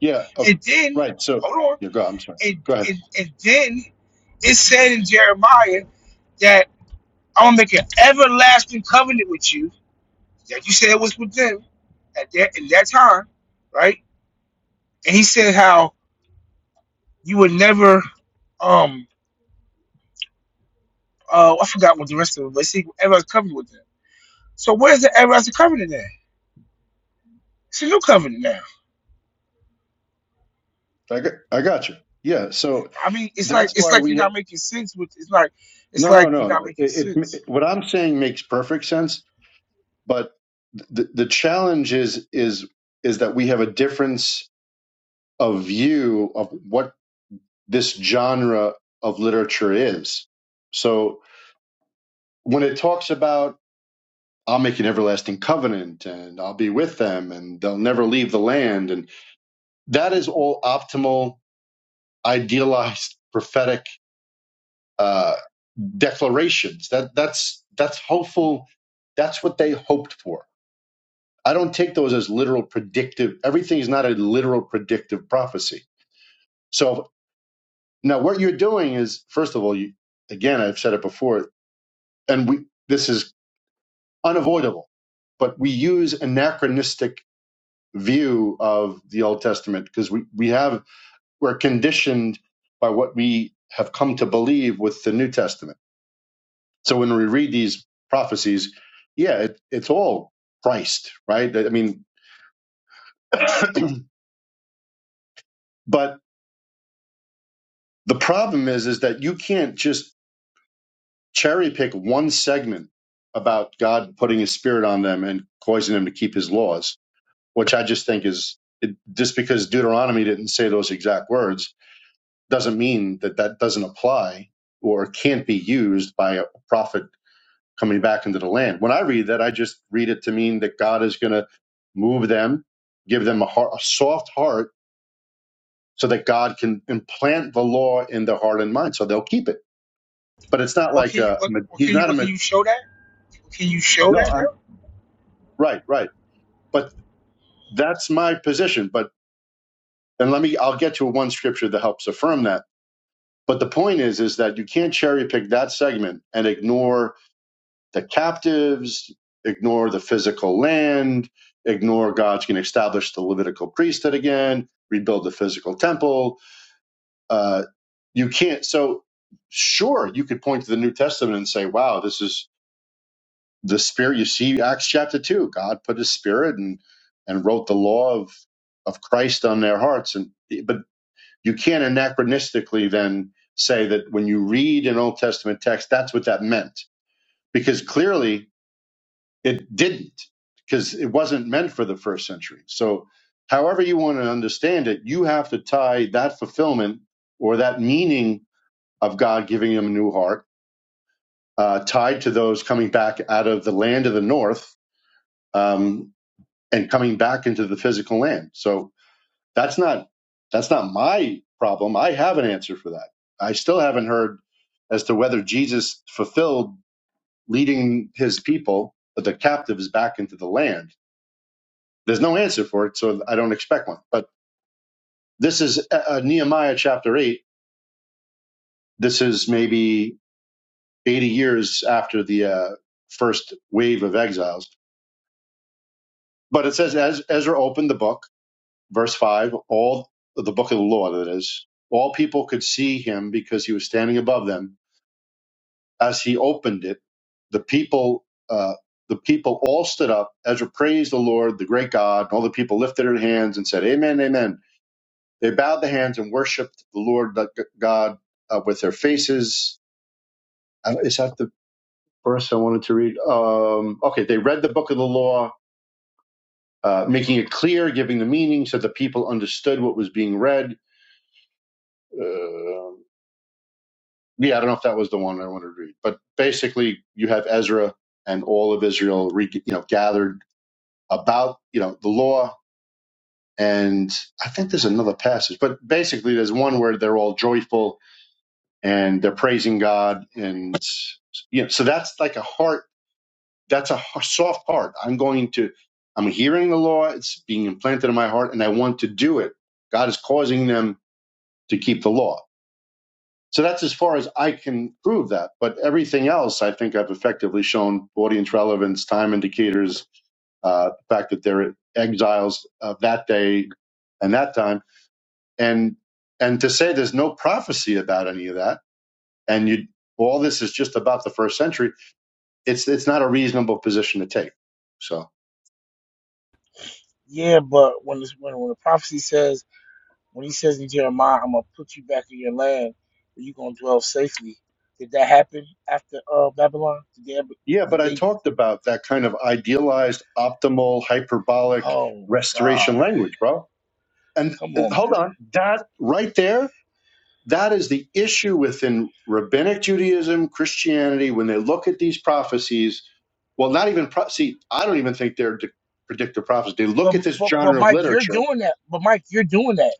Speaker 5: Yeah, okay.
Speaker 3: And then,
Speaker 5: Right. So,
Speaker 3: hold on.
Speaker 5: yeah, go. I'm sorry.
Speaker 3: And
Speaker 5: Go ahead.
Speaker 3: and, and then it said in Jeremiah that I'm gonna make an everlasting covenant with you. That you said was with them at that in that time, right? And he said how you would never um uh I forgot what the rest of it, was, but see ever covenant with them So where's the everlasting covenant at? It's a new covenant now.
Speaker 5: I got, I got you. Yeah. So
Speaker 3: I mean, it's like
Speaker 5: that's
Speaker 3: it's
Speaker 5: why
Speaker 3: like you're
Speaker 5: we.
Speaker 3: not making sense with it's like it's
Speaker 5: No, no,
Speaker 3: like you're
Speaker 5: no,
Speaker 3: not
Speaker 5: no.
Speaker 3: making
Speaker 5: It, it,
Speaker 3: sense.
Speaker 5: what I'm saying makes perfect sense, but the the challenge is is is that we have a difference of view of what this genre of literature is. So when it talks about I'll make an everlasting covenant and I'll be with them and they'll never leave the land and that is all optimal idealized prophetic uh, declarations that that's that's hopeful that's what they hoped for I don't take those as literal predictive everything is not a literal predictive prophecy so now what you're doing is first of all you again I've said it before and we this is unavoidable but we use anachronistic view of the Old Testament because we, we have we're conditioned by what we have come to believe with the New Testament. So when we read these prophecies, yeah, it, it's all Christ, right? I mean, [clears throat] but the problem is is that you can't just cherry pick one segment about God putting His Spirit on them and causing them to keep His laws, which I just think is it, just because Deuteronomy didn't say those exact words doesn't mean that that doesn't apply or can't be used by a prophet coming back into the land. When I read that, I just read it to mean that God is going to move them, give them a, heart, a soft heart, so that God can implant the law in their heart and mind, so they'll keep it. But it's not
Speaker 3: What
Speaker 5: like
Speaker 3: can you
Speaker 5: a
Speaker 3: what, what
Speaker 5: he's
Speaker 3: can you
Speaker 5: not a
Speaker 3: what can you show that? Can you show
Speaker 5: no.
Speaker 3: that
Speaker 5: I'm
Speaker 3: though?
Speaker 5: right, right. But that's my position. But and let me I'll get to one scripture that helps affirm that. But the point is, is that you can't cherry pick that segment and ignore the captives, ignore the physical land, ignore God's going to establish the Levitical priesthood again, rebuild the physical temple. Uh, you can't. So, sure, you could point to the New Testament and say, wow, this is the spirit. You see Acts chapter 2, God put his spirit and, and wrote the law of, of Christ on their hearts. And But you can't anachronistically then say that when you read an Old Testament text, that's what that meant. Because clearly It didn't because it wasn't meant for the first century. So, however you want to understand it, you have to tie that fulfillment or that meaning of God giving him a new heart uh, tied to those coming back out of the land of the north um, and coming back into the physical land. So that's not that's not my problem. I have an answer for that. I still haven't heard as to whether Jesus fulfilled leading his people, the captives, back into the land There's no answer for it, so I don't expect one. But this is uh, uh, Nehemiah chapter 8. This is maybe 80 years after the uh, first wave of exiles. But it says, as Ezra opened the book, verse 5, all the book of the law, that is, all people could see him because he was standing above them. As he opened it, the people, uh, the people all stood up. Ezra praised the Lord, the great God, and all the people lifted their hands and said, Amen, Amen They bowed the hands and worshipped the Lord God uh, with their faces. Uh, is that the verse I wanted to read? Um, okay, they read the book of the law, uh, making it clear, giving the meaning so the people understood what was being read. Uh, yeah, I don't know if that was the one I wanted to read, but basically, you have Ezra and all of Israel, re- you know, gathered about you know the law, and I think there's another passage, but basically, there's one where they're all joyful and they're praising God, and you know, so that's like a heart. That's a h- soft heart. I'm going to. I'm hearing the law. It's being implanted in my heart, and I want to do it. God is causing them to keep the law. So that's as far as I can prove that. But everything else, I think I've effectively shown audience relevance, time indicators, uh, the fact that they're exiles of that day and that time, and and to say there's no prophecy about any of that and you all this is just about the first century it's it's not a reasonable position to take so
Speaker 3: Yeah, but when this when when the prophecy says when he says in Jeremiah, I'm gonna put you back in your land where you're gonna dwell safely. Did that happen after uh Babylon? Did they ever,
Speaker 5: yeah
Speaker 3: did
Speaker 5: but i
Speaker 3: they
Speaker 5: talked about that kind of idealized optimal hyperbolic
Speaker 3: oh
Speaker 5: restoration
Speaker 3: God.
Speaker 5: language bro and,
Speaker 3: Come
Speaker 5: and
Speaker 3: on
Speaker 5: hold
Speaker 3: man.
Speaker 5: on that right there that is the issue within rabbinic judaism christianity when they look at these prophecies well not even pro- see i don't even think they're de- predictive prophecies they
Speaker 3: But,
Speaker 5: look at this
Speaker 3: but but
Speaker 5: genre of
Speaker 3: Mike, you're
Speaker 5: literature
Speaker 3: doing that. But Mike, you're doing that.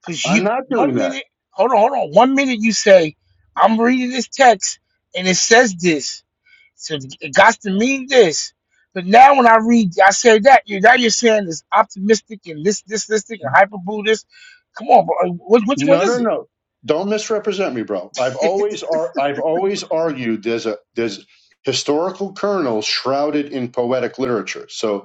Speaker 3: Because you,
Speaker 5: i'm not doing
Speaker 3: one
Speaker 5: that
Speaker 3: minute, hold on, hold on. One minute you say, I'm reading this text and it says this. So it got to mean this. But now when I read, I say that, you now you're saying it's optimistic and this, this, this thing, and hyper Buddhist. Come on, bro. Which, which one
Speaker 5: No,
Speaker 3: is
Speaker 5: no,
Speaker 3: it?
Speaker 5: no. Don't misrepresent me, bro. I've
Speaker 3: [laughs]
Speaker 5: always ar- I've always argued there's a there's historical kernels shrouded in poetic literature. So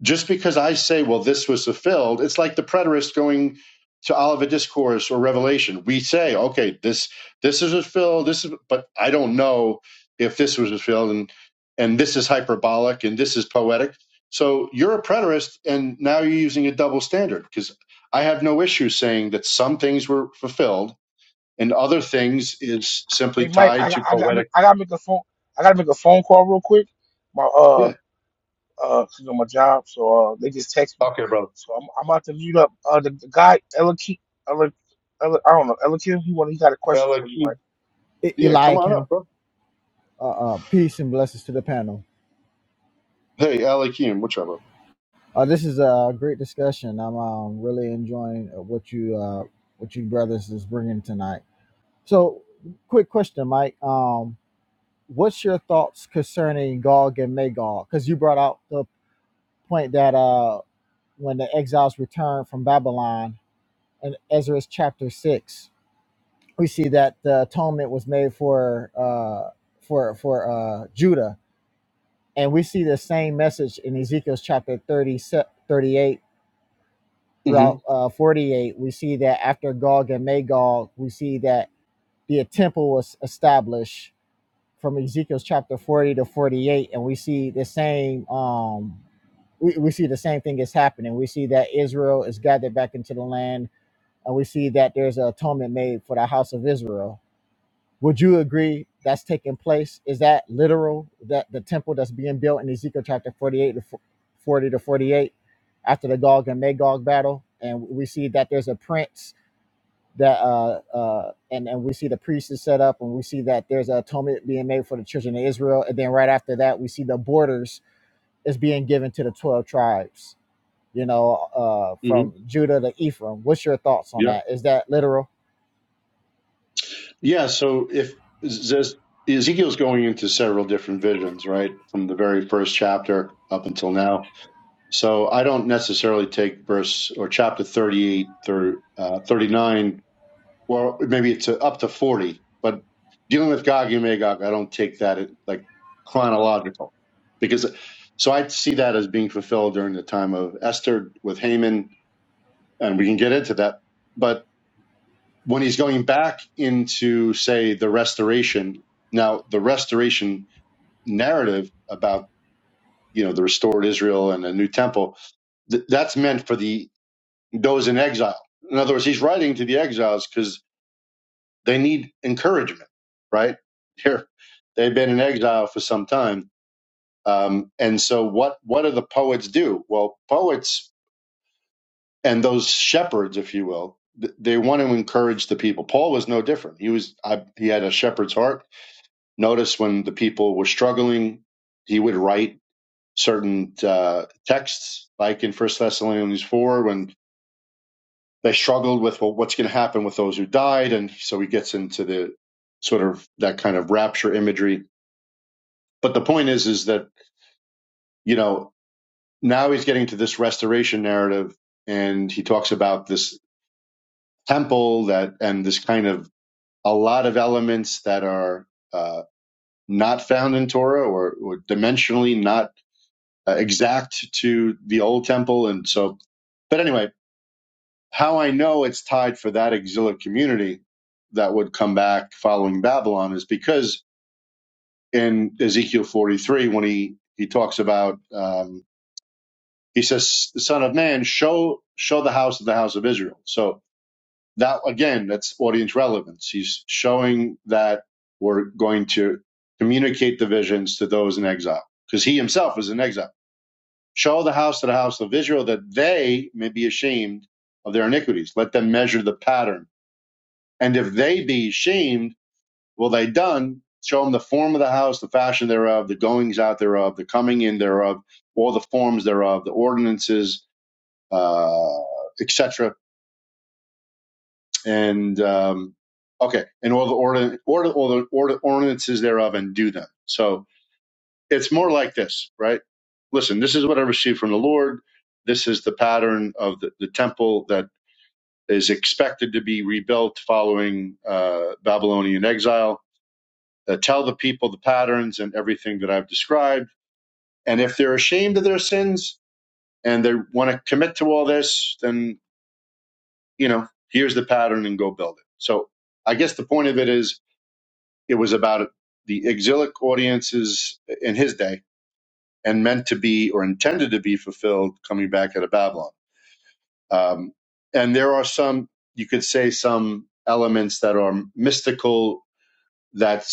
Speaker 5: just because I say, well, this was fulfilled, it's like the preterist going to Olivet Discourse or Revelation. We say, okay, this this is fulfilled, this is but I don't know if this was fulfilled and and this is hyperbolic and this is poetic. So you're a preterist and now you're using a double standard because I have no issue saying that some things were fulfilled and other things is
Speaker 3: hey,
Speaker 5: simply
Speaker 3: Mike, I,
Speaker 5: tied to
Speaker 3: I, I,
Speaker 5: poetic.
Speaker 3: gotta make a phone. I gotta make a phone call real quick. my uh.
Speaker 5: Yeah.
Speaker 3: uh, 'cause on my job, so uh, they just text me.
Speaker 5: Okay, brother.
Speaker 3: So I'm, I'm about to mute up. Uh, the, the guy Ella, Ke- Ella, Ella, I don't know Ella Kim. He want he got a question for you, Mike.
Speaker 5: Alekim.
Speaker 8: E-
Speaker 5: Yeah, come on up,
Speaker 8: Eliakim.
Speaker 5: bro.
Speaker 8: Uh, uh, peace and blessings to the panel.
Speaker 5: Hey, Alekim, what's up, bro?
Speaker 8: Uh, this is a great discussion. I'm um, really enjoying uh, what you uh, what you brothers is bringing tonight. So, quick question, Mike. Um, what's your thoughts concerning Gog and Magog? Because you brought out the point that uh, when the exiles returned from Babylon in Ezra's chapter six, we see that the atonement was made for uh, for for uh, Judah And we see the same message in Ezekiel's chapter 30 thirty-eight
Speaker 5: hmm
Speaker 8: throughout uh, 48. We see that after Gog and Magog, we see that the temple was established from Ezekiel's chapter 40 to 48. And we see the same. Um, we, we see the same thing is happening. We see that Israel is gathered back into the land, and we see that there's an atonement made for the house of Israel would you agree that's taking place? Is that literal? That the temple that's being built in Ezekiel chapter 48 to 40 to 48 after the Gog and Magog battle, and we see that there's a prince that uh uh and and we see the priest is set up and we see that there's a atonement being made for the children of Israel and then right after that we see the borders is being given to the 12 tribes you know uh from Judah to Ephraim what's your thoughts on
Speaker 5: Yeah.
Speaker 8: that is that literal
Speaker 5: Yeah. So if Zez- Ezekiel's going into several different visions, right, from the very first chapter up until now. So I don't necessarily take verse or chapter 38 through uh, 39, well, maybe it's up to 40, but dealing with Gog and Magog, I don't take that at, like chronological because so I see that as being fulfilled during the time of Esther with Haman, and we can get into that. But when he's going back into say the restoration now the restoration narrative about you know the restored israel and a new temple th- that's meant for the those in exile in other words he's writing to the exiles because they need encouragement right here they've been in exile for some time um, and so what what do the poets do well poets and those shepherds if you will th- they want to encourage the people paul was no different he was I, he had a shepherd's heart Notice when the people were struggling, he would write certain uh, texts, like in First Thessalonians four, when they struggled with well, what's going to happen with those who died, and so he gets into the sort of that kind of rapture imagery. But the point is, is that you know now he's getting to this restoration narrative, and he talks about this temple that and this kind of a lot of elements that are uh, not found in Torah or, or dimensionally not uh, exact to the old temple. And so, but anyway, how I know it's tied for that exilic community that would come back following Babylon is because in Ezekiel 43, when he, he talks about, um, he says, son of man, show, show the house of the house of Israel. So that again, that's audience relevance. He's showing that we're going to communicate the visions to those in exile because he himself is in exile. Show the house to the house of Israel that they may be ashamed of their iniquities. Let them measure the pattern. And if they be ashamed, will they done? Show them the form of the house, the fashion thereof, the goings out thereof, the coming in thereof, all the forms thereof, the ordinances, uh, etc. And um, okay, and all the order, order, all the order, ordinances thereof, and do them. So it's more like this, right? Listen, this is what I received from the Lord. This is the pattern of the, the temple that is expected to be rebuilt following uh, Babylonian exile. Uh, tell the people the patterns and everything that I've described. And if they're ashamed of their sins and they want to commit to all this, then, you know, here's the pattern and go build it. So I guess the point of it is it was about the exilic audiences in his day and meant to be or intended to be fulfilled coming back out of Babylon. Um, and there are some, you could say, some elements that are mystical that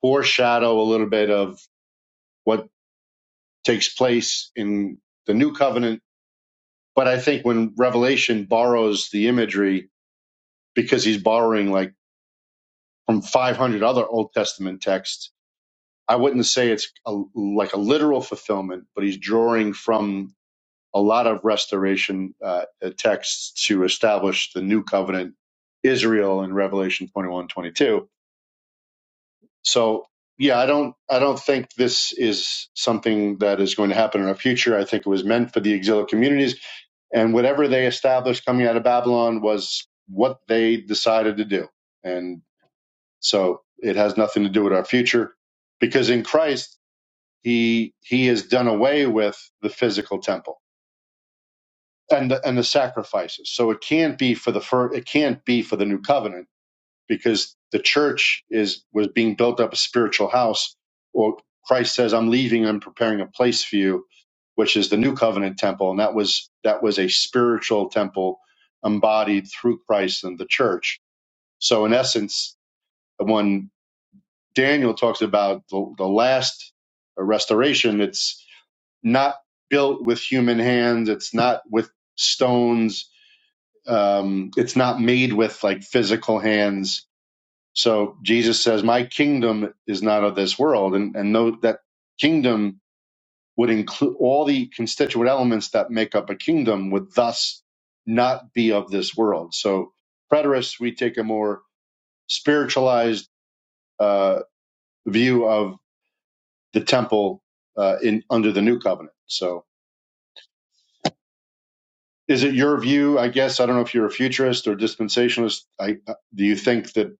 Speaker 5: foreshadow a little bit of what takes place in the new covenant. But I think when Revelation borrows the imagery, because he's borrowing like from 500 other Old Testament texts, I wouldn't say it's a, like a literal fulfillment, but he's drawing from a lot of restoration uh, texts to establish the new covenant Israel in Revelation 21 22. So yeah, I don't I don't think this is something that is going to happen in our future. I think it was meant for the exilic communities, and whatever they established coming out of Babylon was what they decided to do, and so it has nothing to do with our future because in Christ he he has done away with the physical temple and the, and the sacrifices. So it can't be for the fir- it can't be for the new covenant because the church is was being built up a spiritual house. Or Christ says, "I'm leaving. I'm preparing a place for you," which is the new covenant temple, and that was that was a spiritual temple embodied through Christ and the church. So in essence, when Daniel talks about the, the last restoration, it's not built with human hands. It's not with stones um, it's not made with like physical hands. So Jesus says, "My kingdom is not of this world," and and no, that kingdom would include all the constituent elements that make up a kingdom would thus not be of this world. So preterists, we take a more spiritualized uh, view of the temple uh, in under the new covenant. So. Is it your view? I guess I don't know if you're a futurist or dispensationalist. I, uh, do you think that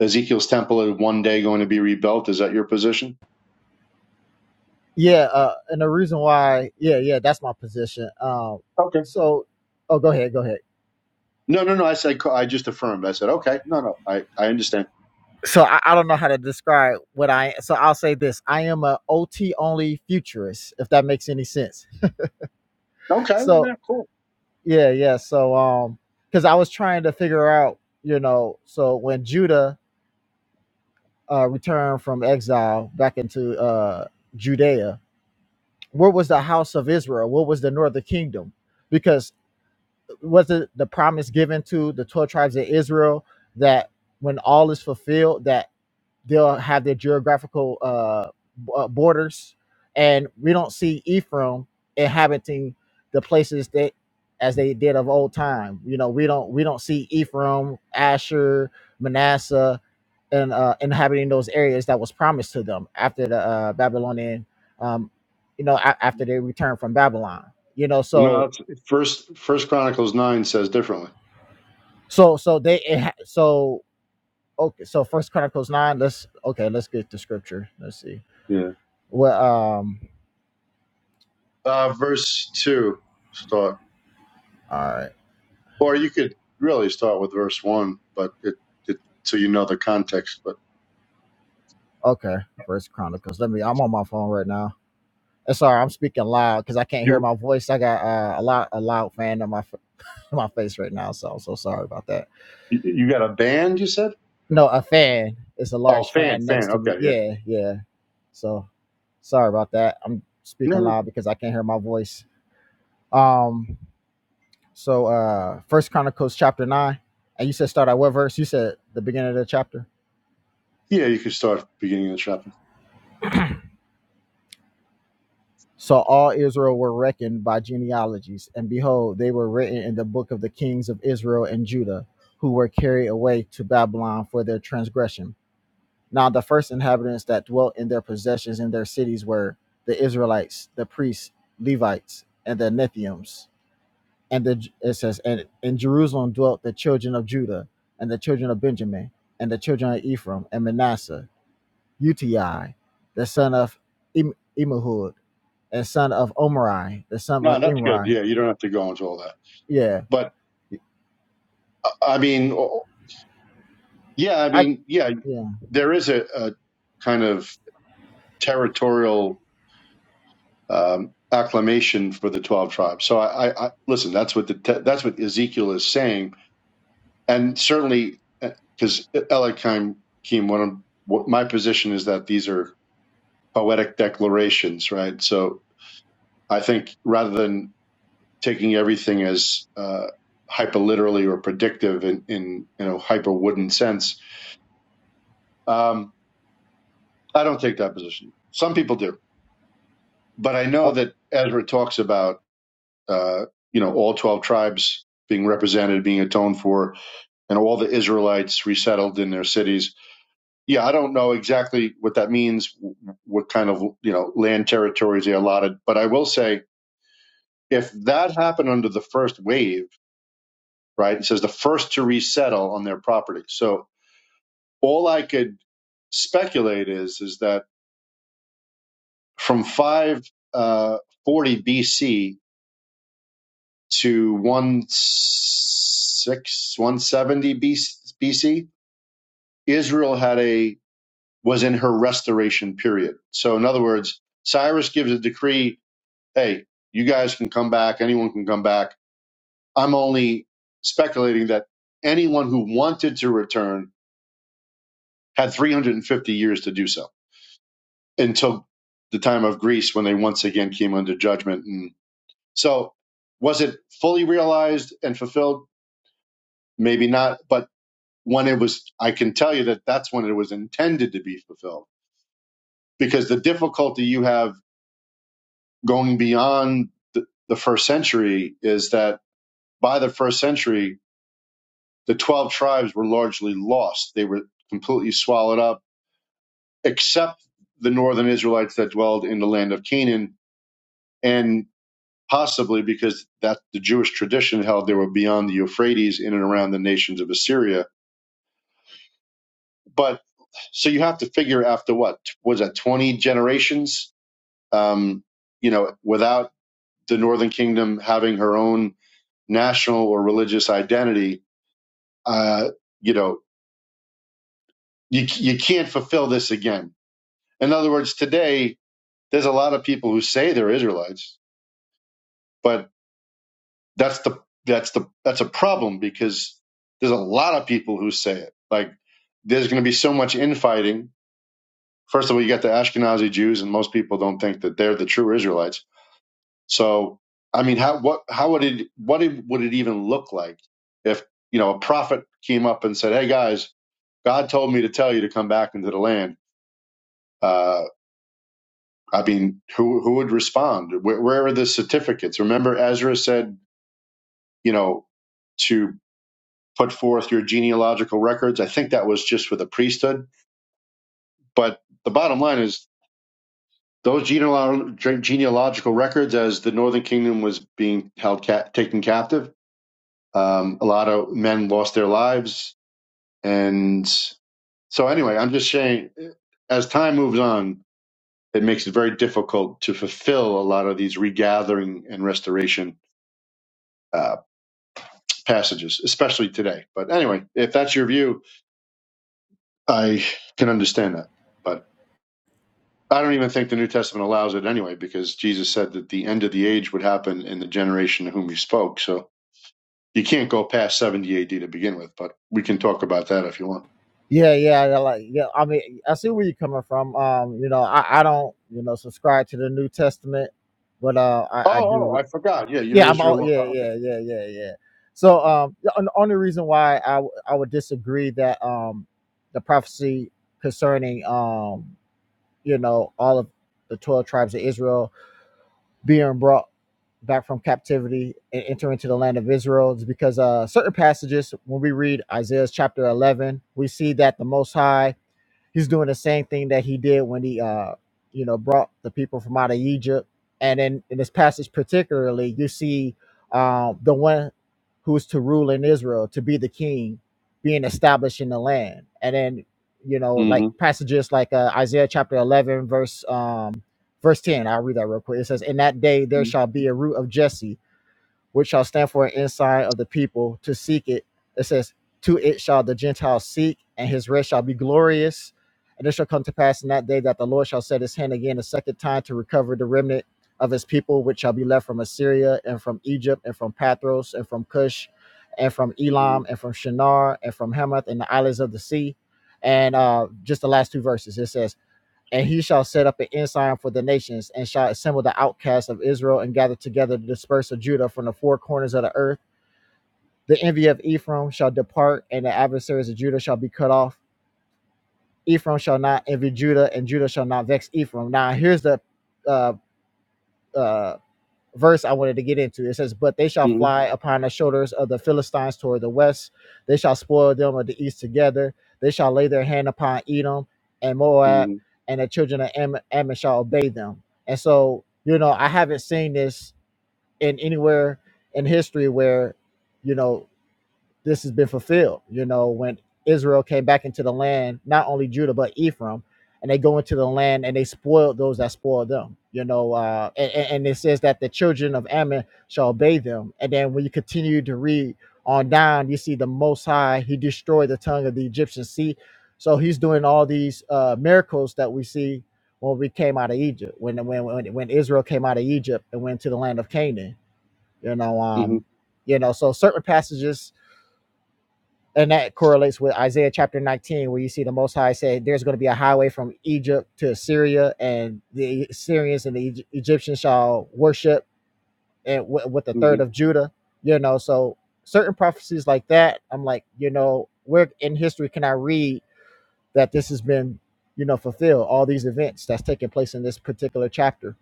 Speaker 5: Ezekiel's temple is one day going to be rebuilt. Is that your position?
Speaker 8: Yeah, uh, and the reason why, yeah, yeah, that's my position. Um,
Speaker 5: Okay.
Speaker 8: so, oh, go ahead, go ahead.
Speaker 5: No, no, no. I said I just affirmed. I said okay. No, no. I I understand.
Speaker 8: So I, I don't know how to describe what I. So I'll say this: I am a OT only futurist, if that makes any sense.
Speaker 5: Okay.
Speaker 8: So
Speaker 5: Yeah. Cool.
Speaker 8: yeah, yeah. So um, because I was trying to figure out, you know, so when Judah uh returned from exile back into uh Judea, where was the house of Israel? What was the northern kingdom? Because was it the promise given to the 12 tribes of Israel that when all is fulfilled that they'll have their geographical uh, b- uh, borders and we don't see Ephraim inhabiting the places that as they did of old time you know we don't we don't see Ephraim Asher Manasseh and uh, inhabiting those areas that was promised to them after the uh, Babylonian um, you know a- after they returned from Babylon you know so
Speaker 5: No, it's, first First Chronicles nine says differently.
Speaker 8: So so they it ha- so okay so First Chronicles nine. Let's okay. Let's get to scripture. Let's see.
Speaker 5: Yeah.
Speaker 8: Well um.
Speaker 5: Uh, verse two start,
Speaker 8: All right.
Speaker 5: or you could really start with verse one, but it, it so you know the context. But
Speaker 8: Okay. First Chronicles. Let me. I'm on my phone right now. It's all right. I'm speaking loud because I can't hear
Speaker 5: you
Speaker 8: my voice. I got uh, a lot a loud fan on my f- [laughs] my face right now. So I'm so sorry about that.
Speaker 5: you got a band? You said?
Speaker 8: No, a fan. It's a
Speaker 5: Oh,
Speaker 8: large
Speaker 5: fan,
Speaker 8: fan next
Speaker 5: fan.
Speaker 8: to me.
Speaker 5: Okay, yeah.
Speaker 8: Yeah, yeah. So sorry about that. I'm
Speaker 5: No,
Speaker 8: speaking
Speaker 5: no.
Speaker 8: loud because I can't hear my voice. Um. So uh First Chronicles chapter nine, and you said start at what verse? You said the beginning of the chapter.
Speaker 5: Yeah, you could start at the beginning of the chapter.
Speaker 8: So all Israel were reckoned by genealogies, and behold, they were written in the book of the kings of Israel and Judah, who were carried away to Babylon for their transgression. Now the first inhabitants that dwelt in their possessions in their cities were the Israelites, the priests, Levites, and the Nethiums. And the, it says, and in Jerusalem dwelt the children of Judah and the children of Benjamin and the children of Ephraim and Manasseh Uti, the son of Im- and son of Omri, the son of
Speaker 5: No, that's good.
Speaker 8: Imri.
Speaker 5: Yeah, you don't have to go into all that.
Speaker 8: Yeah,
Speaker 5: But I mean. Yeah, I
Speaker 8: I
Speaker 5: mean, yeah,
Speaker 8: yeah.
Speaker 5: there is a, a kind of territorial um, acclamation for the twelve tribes. So I, I, I listen. That's what the te- that's what Ezekiel is saying, and certainly because Elikim one of what my position is that these are poetic declarations, right? So I think rather than taking everything as uh, hyperliterally or predictive in in you know hyper wooden sense, um, I don't take that position. Some people do but I know
Speaker 8: Oh,
Speaker 5: that Ezra talks about uh, you know all twelve tribes being represented, being atoned for, and all the Israelites resettled in their cities. Yeah, I don't know exactly what that means, what kind of you know land territories they allotted, but I will say if that happened under the first wave, right? It says the first to resettle on their property. So all I could speculate is is that from 540 BC to one six one 170 BC, Israel had a was in her restoration period. So in other words, Cyrus gives a decree, hey, you guys can come back, anyone can come back. I'm only speculating that anyone who wanted to return had 350 years to do so until the time of Greece when they once again came under judgment and so was it fully realized and fulfilled? Maybe not, but when it was i can tell you that that's when it was intended to be fulfilled because the difficulty you have going beyond the, the first century is that by the first century the 12 tribes were largely lost they were completely swallowed up except the northern israelites that dwelled in the land of canaan and possibly because that the jewish tradition held they were beyond the euphrates in and around the nations of assyria but so you have to figure after what was that 20 generations um, you know, without the Northern Kingdom having her own national or religious identity, uh, you know, you, you can't fulfill this again. In other words, today there's a lot of people who say they're Israelites, but that's the that's the that's a problem because there's a lot of people who say it. Like there's going to be so much infighting. First of all, you got the Ashkenazi Jews, and most people don't think that they're the true Israelites So, I mean, how what how would it what it, would it even look like if you know a prophet came up and said, "Hey guys, God told me to tell you to come back into the land." Uh, I mean, who who would respond? Where, where are the certificates? Remember, Ezra said, you know, to put forth your genealogical records. I think that was just for the priesthood. But the bottom line is those genealog- genealogical records, as the Northern Kingdom was being held ca- taken captive Um, a lot of men lost their lives, and so anyway, I'm just saying, as time moves on, it makes it very difficult to fulfill a lot of these regathering and restoration uh, passages, especially today. But anyway, if that's your view, I can understand that. But I don't even think the New Testament allows it anyway, because Jesus said that the end of the age would happen in the generation to whom he spoke. So you can't go past 70 AD to begin with, but we can talk about that if you want.
Speaker 8: yeah, yeah, yeah, like yeah. I mean, I see where you're coming from. Um, you know, I, I don't, you know, subscribe to the New Testament, but uh, I, I
Speaker 5: Oh, oh,
Speaker 8: do.
Speaker 5: I forgot. Yeah, you're
Speaker 8: Yeah, I'm all.
Speaker 5: Israel. oh,
Speaker 8: Yeah,
Speaker 5: Okay.
Speaker 8: yeah, yeah, yeah, yeah. So, um, the on- only reason why I w- I would disagree that um, the prophecy concerning um, you know, all of the twelve tribes of Israel being brought back from captivity and enter into the land of Israel is because uh, certain passages, when we read Isaiah's chapter 11, we see that the Most High he's doing the same thing that he did when he uh you know brought the people from out of egypt and in, in this passage particularly you see um the one who is to rule in israel to be the king being established in the land and then you know like
Speaker 5: Mm-hmm.
Speaker 8: passages like uh, isaiah chapter 11 verse um verse 10 i'll read that real quick it says in that day there shall be a root of jesse which shall stand for an ensign of the people to seek it. It says, To it shall the Gentiles seek, and his rest shall be glorious. And it shall come to pass in that day that the Lord shall set his hand again a second time to recover the remnant of his people, which shall be left from Assyria and from Egypt and from Pathros and from Cush and from Elam and from Shinar and from Hamath and the islands of the sea. And uh, just the last two verses, it says and he shall set up an ensign for the nations, and shall assemble the outcasts of Israel, and gather together the dispersed of Judah from the four corners of the earth. The envy of Ephraim shall depart, and the adversaries of Judah shall be cut off. Ephraim shall not envy Judah, and Judah shall not vex Ephraim. Now, here's the uh, uh, verse I wanted to get into. It says, But they shall
Speaker 5: Mm-hmm.
Speaker 8: fly upon the shoulders of the Philistines toward the west. They shall spoil them of the east together. They shall lay their hand upon Edom and Moab,
Speaker 5: Mm-hmm.
Speaker 8: and the children of Ammon, Ammon shall obey them. And so, you know, I haven't seen this in anywhere in history where, you know, this has been fulfilled. You know, when Israel came back into the land, not only Judah but Ephraim, and they go into the land and they spoiled those that spoiled them. You know, uh, and, and it says that the children of Ammon shall obey them. And then when you continue to read on down, you see the Most High He destroyed the tongue of the Egyptian sea. So He's doing all these uh, miracles that we see when we came out of Egypt, when when when, when Israel came out of Egypt and went to the land of Canaan. You know,
Speaker 5: hmm
Speaker 8: um, you know, so certain passages and that correlates with Isaiah chapter 19, where you see the Most High say, "There's going to be a highway from Egypt to Assyria, and the Syrians and the Egyptians shall worship, and wi- with the
Speaker 5: hmm
Speaker 8: third of Judah." You know, so certain prophecies like that, I'm like, you know, where in history can I read that this has been, you know, fulfilled? All these events that's taking place in this particular chapter.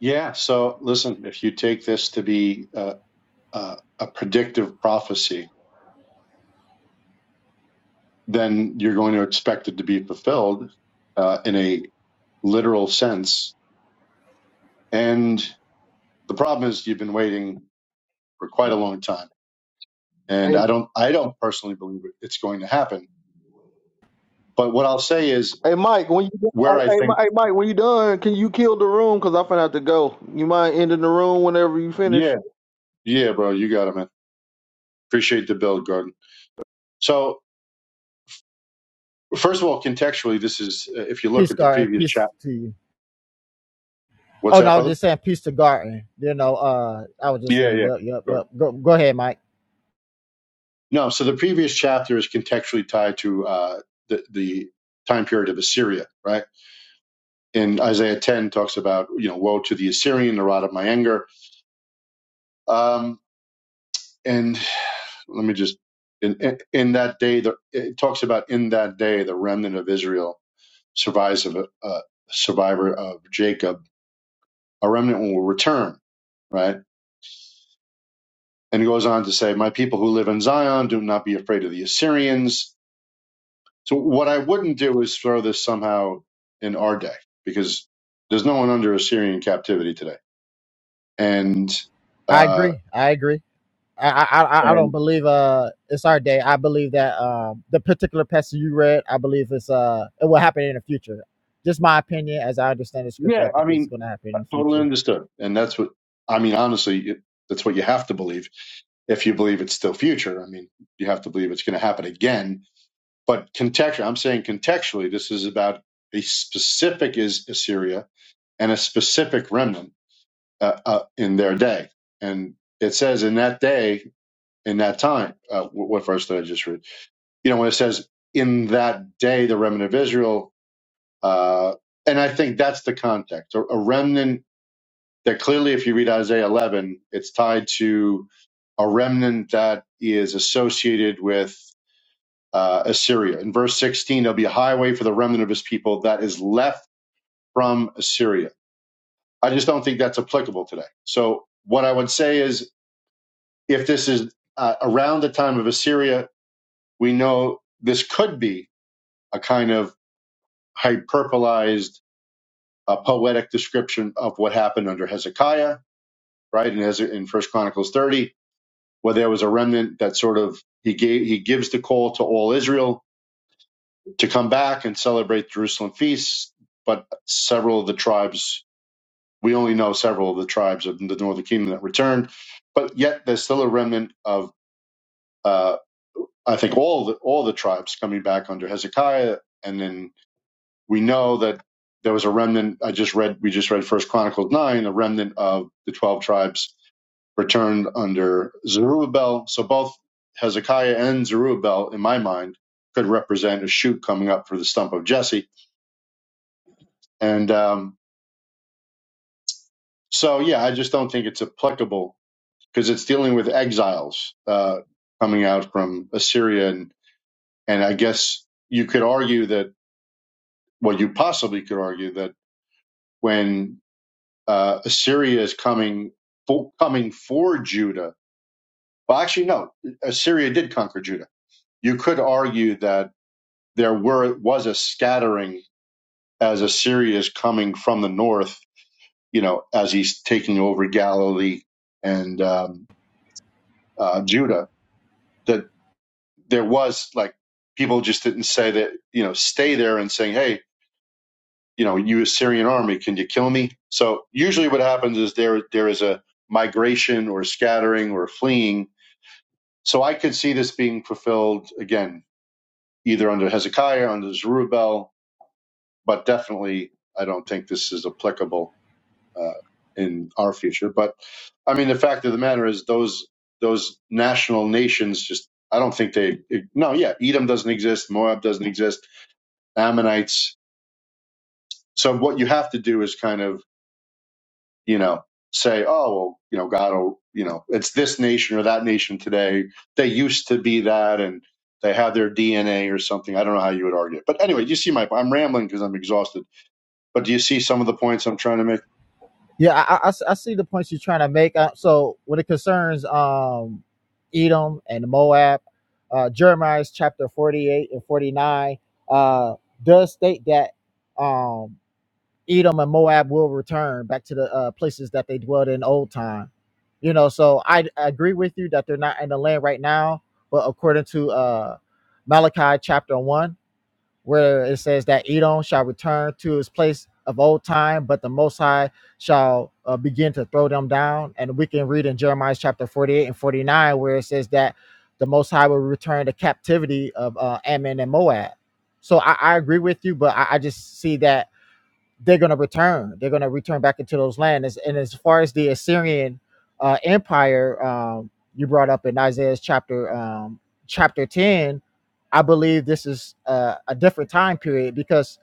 Speaker 5: Yeah. So listen, if you take this to be a, a, a predictive prophecy, then you're going to expect it to be fulfilled uh, in a literal sense. And the problem is, you've been waiting for quite a long time, and
Speaker 1: Hey,
Speaker 5: I don't, I don't personally believe it- it's going to happen. But what I'll say is,
Speaker 1: hey, Mike. When you hey,
Speaker 5: where I
Speaker 1: hey, Mi-
Speaker 5: think,
Speaker 1: hey, Mike, when you done, can you kill the room? Cause I finna have to go. You mind ending the room whenever you finish?
Speaker 5: yeah, yeah, bro, you got it, man. Appreciate the build, Gordon. So First of all, contextually, this is uh, if you look
Speaker 8: Peace,
Speaker 5: at the
Speaker 8: Garden.
Speaker 5: previous
Speaker 8: Peace
Speaker 5: chapter.
Speaker 8: to you.
Speaker 5: What's
Speaker 8: Oh no,
Speaker 5: that,
Speaker 8: I was
Speaker 5: brother?
Speaker 8: just saying peace to Garden. You know, uh, I was just
Speaker 5: Yeah,
Speaker 8: saying,
Speaker 5: yeah.
Speaker 8: yep, yep,
Speaker 5: Go ahead.
Speaker 8: yep. Go, go ahead, Mike.
Speaker 5: No, so the previous chapter is contextually tied to uh, the the time period of Assyria, right? And Isaiah 10 talks about you know woe to the Assyrian, the rod of my anger. Um, and let me just in in, in that day, the, it talks about in that day the remnant of Israel survives of a, a survivor of Jacob, a remnant will return, right? And he goes on to say, My people who live in Zion do not be afraid of the Assyrians. So, what I wouldn't do is throw this somehow in our day because there's no one under Assyrian captivity today. And,
Speaker 8: I
Speaker 5: uh,
Speaker 8: agree. I agree. I, I I I don't
Speaker 5: and
Speaker 8: believe uh it's our day. I believe that um the particular passage you read, I believe it's uh it will happen in the future. Just my opinion, as I understand the scripture, I
Speaker 5: yeah, I
Speaker 8: think it's
Speaker 5: mean,
Speaker 8: going to happen in the
Speaker 5: totally
Speaker 8: future.
Speaker 5: understood. And that's what, I mean, honestly, it, that's what you have to believe if you believe it's still future. I mean, you have to believe it's going to happen again. But contextually, I'm saying contextually, this is about a specific is Assyria and a specific remnant uh, uh, in their day. And it says in that day, in that time, uh, wh- what verse did I just read? You know, when it says in that day, the remnant of Israel, uh, and I think that's the context, a, a remnant that clearly, if you read Isaiah 11, it's tied to a remnant that is associated with uh, Assyria. In verse 16, there'll be a highway for the remnant of his people that is left from Assyria. I just don't think that's applicable today. So, what I would say is if this is uh, around the time of Assyria, we know this could be a kind of hyperbolized uh, poetic description of what happened under Hezekiah, right? In, Hez- in First Chronicles 30, where there was a remnant that sort of he gave he gives the call to all Israel to come back and celebrate Jerusalem feasts, but several of the tribes we only know several of the tribes of the northern kingdom that returned, but yet there's still a remnant of uh, I think all the, all the tribes coming back under Hezekiah, and then we know that there was a remnant. I just read we just read First Chronicles nine, a remnant of the twelve tribes returned under Zerubbabel. So both Hezekiah and Zerubbabel, in my mind, could represent a shoot coming up for the stump of Jesse. And um, so, yeah, I just don't think it's applicable because it's dealing with exiles uh, coming out from Assyria, and and I guess you could argue that Well, you possibly could argue that when uh, Assyria is coming for, coming for Judah, well, actually, no, Assyria did conquer Judah. You could argue that there were was a scattering as Assyria is coming from the north, you know, as he's taking over Galilee and um, uh, Judah. That there was like people just didn't say that, you know, stay there and saying, hey, you know, you Assyrian army, can you kill me? So usually what happens is there there is a migration or scattering or fleeing. So I could see this being fulfilled again, either under Hezekiah, under Zerubbabel, but definitely I don't think this is applicable uh, in our future. But I mean, the fact of the matter is those those national nations just I don't think they no yeah Edom doesn't exist, Moab doesn't exist, Ammonites. So what you have to do is kind of you know, say, oh, well, you know, God will, you know, it's this nation or that nation today. They used to be that and they have their DNA or something. I don't know how you would argue it. But anyway, you see my, I'm rambling because I'm exhausted. But do you see some of the points I'm trying to make?
Speaker 8: Yeah, I, I- I s- I see the points you're trying to make. Uh, so when it concerns um Edom and Moab, uh, Jeremiah's chapter 48 and 49 uh does state that um. Edom and Moab will return back to the uh, places that they dwelled in old time. You know, so I, I agree with you that they're not in the land right now, but according to uh, Malachi chapter 1, where it says that Edom shall return to his place of old time, but the Most High shall uh, begin to throw them down. And we can read in Jeremiah chapter 48 and 49, where it says that the Most High will return the captivity of uh, Ammon and Moab. So I, I agree with you, but I, I just see that they're going to return. They're going to return back into those lands. And as far as the Assyrian uh, Empire, um, you brought up in Isaiah's chapter um, chapter ten, I believe this is uh, a different time period because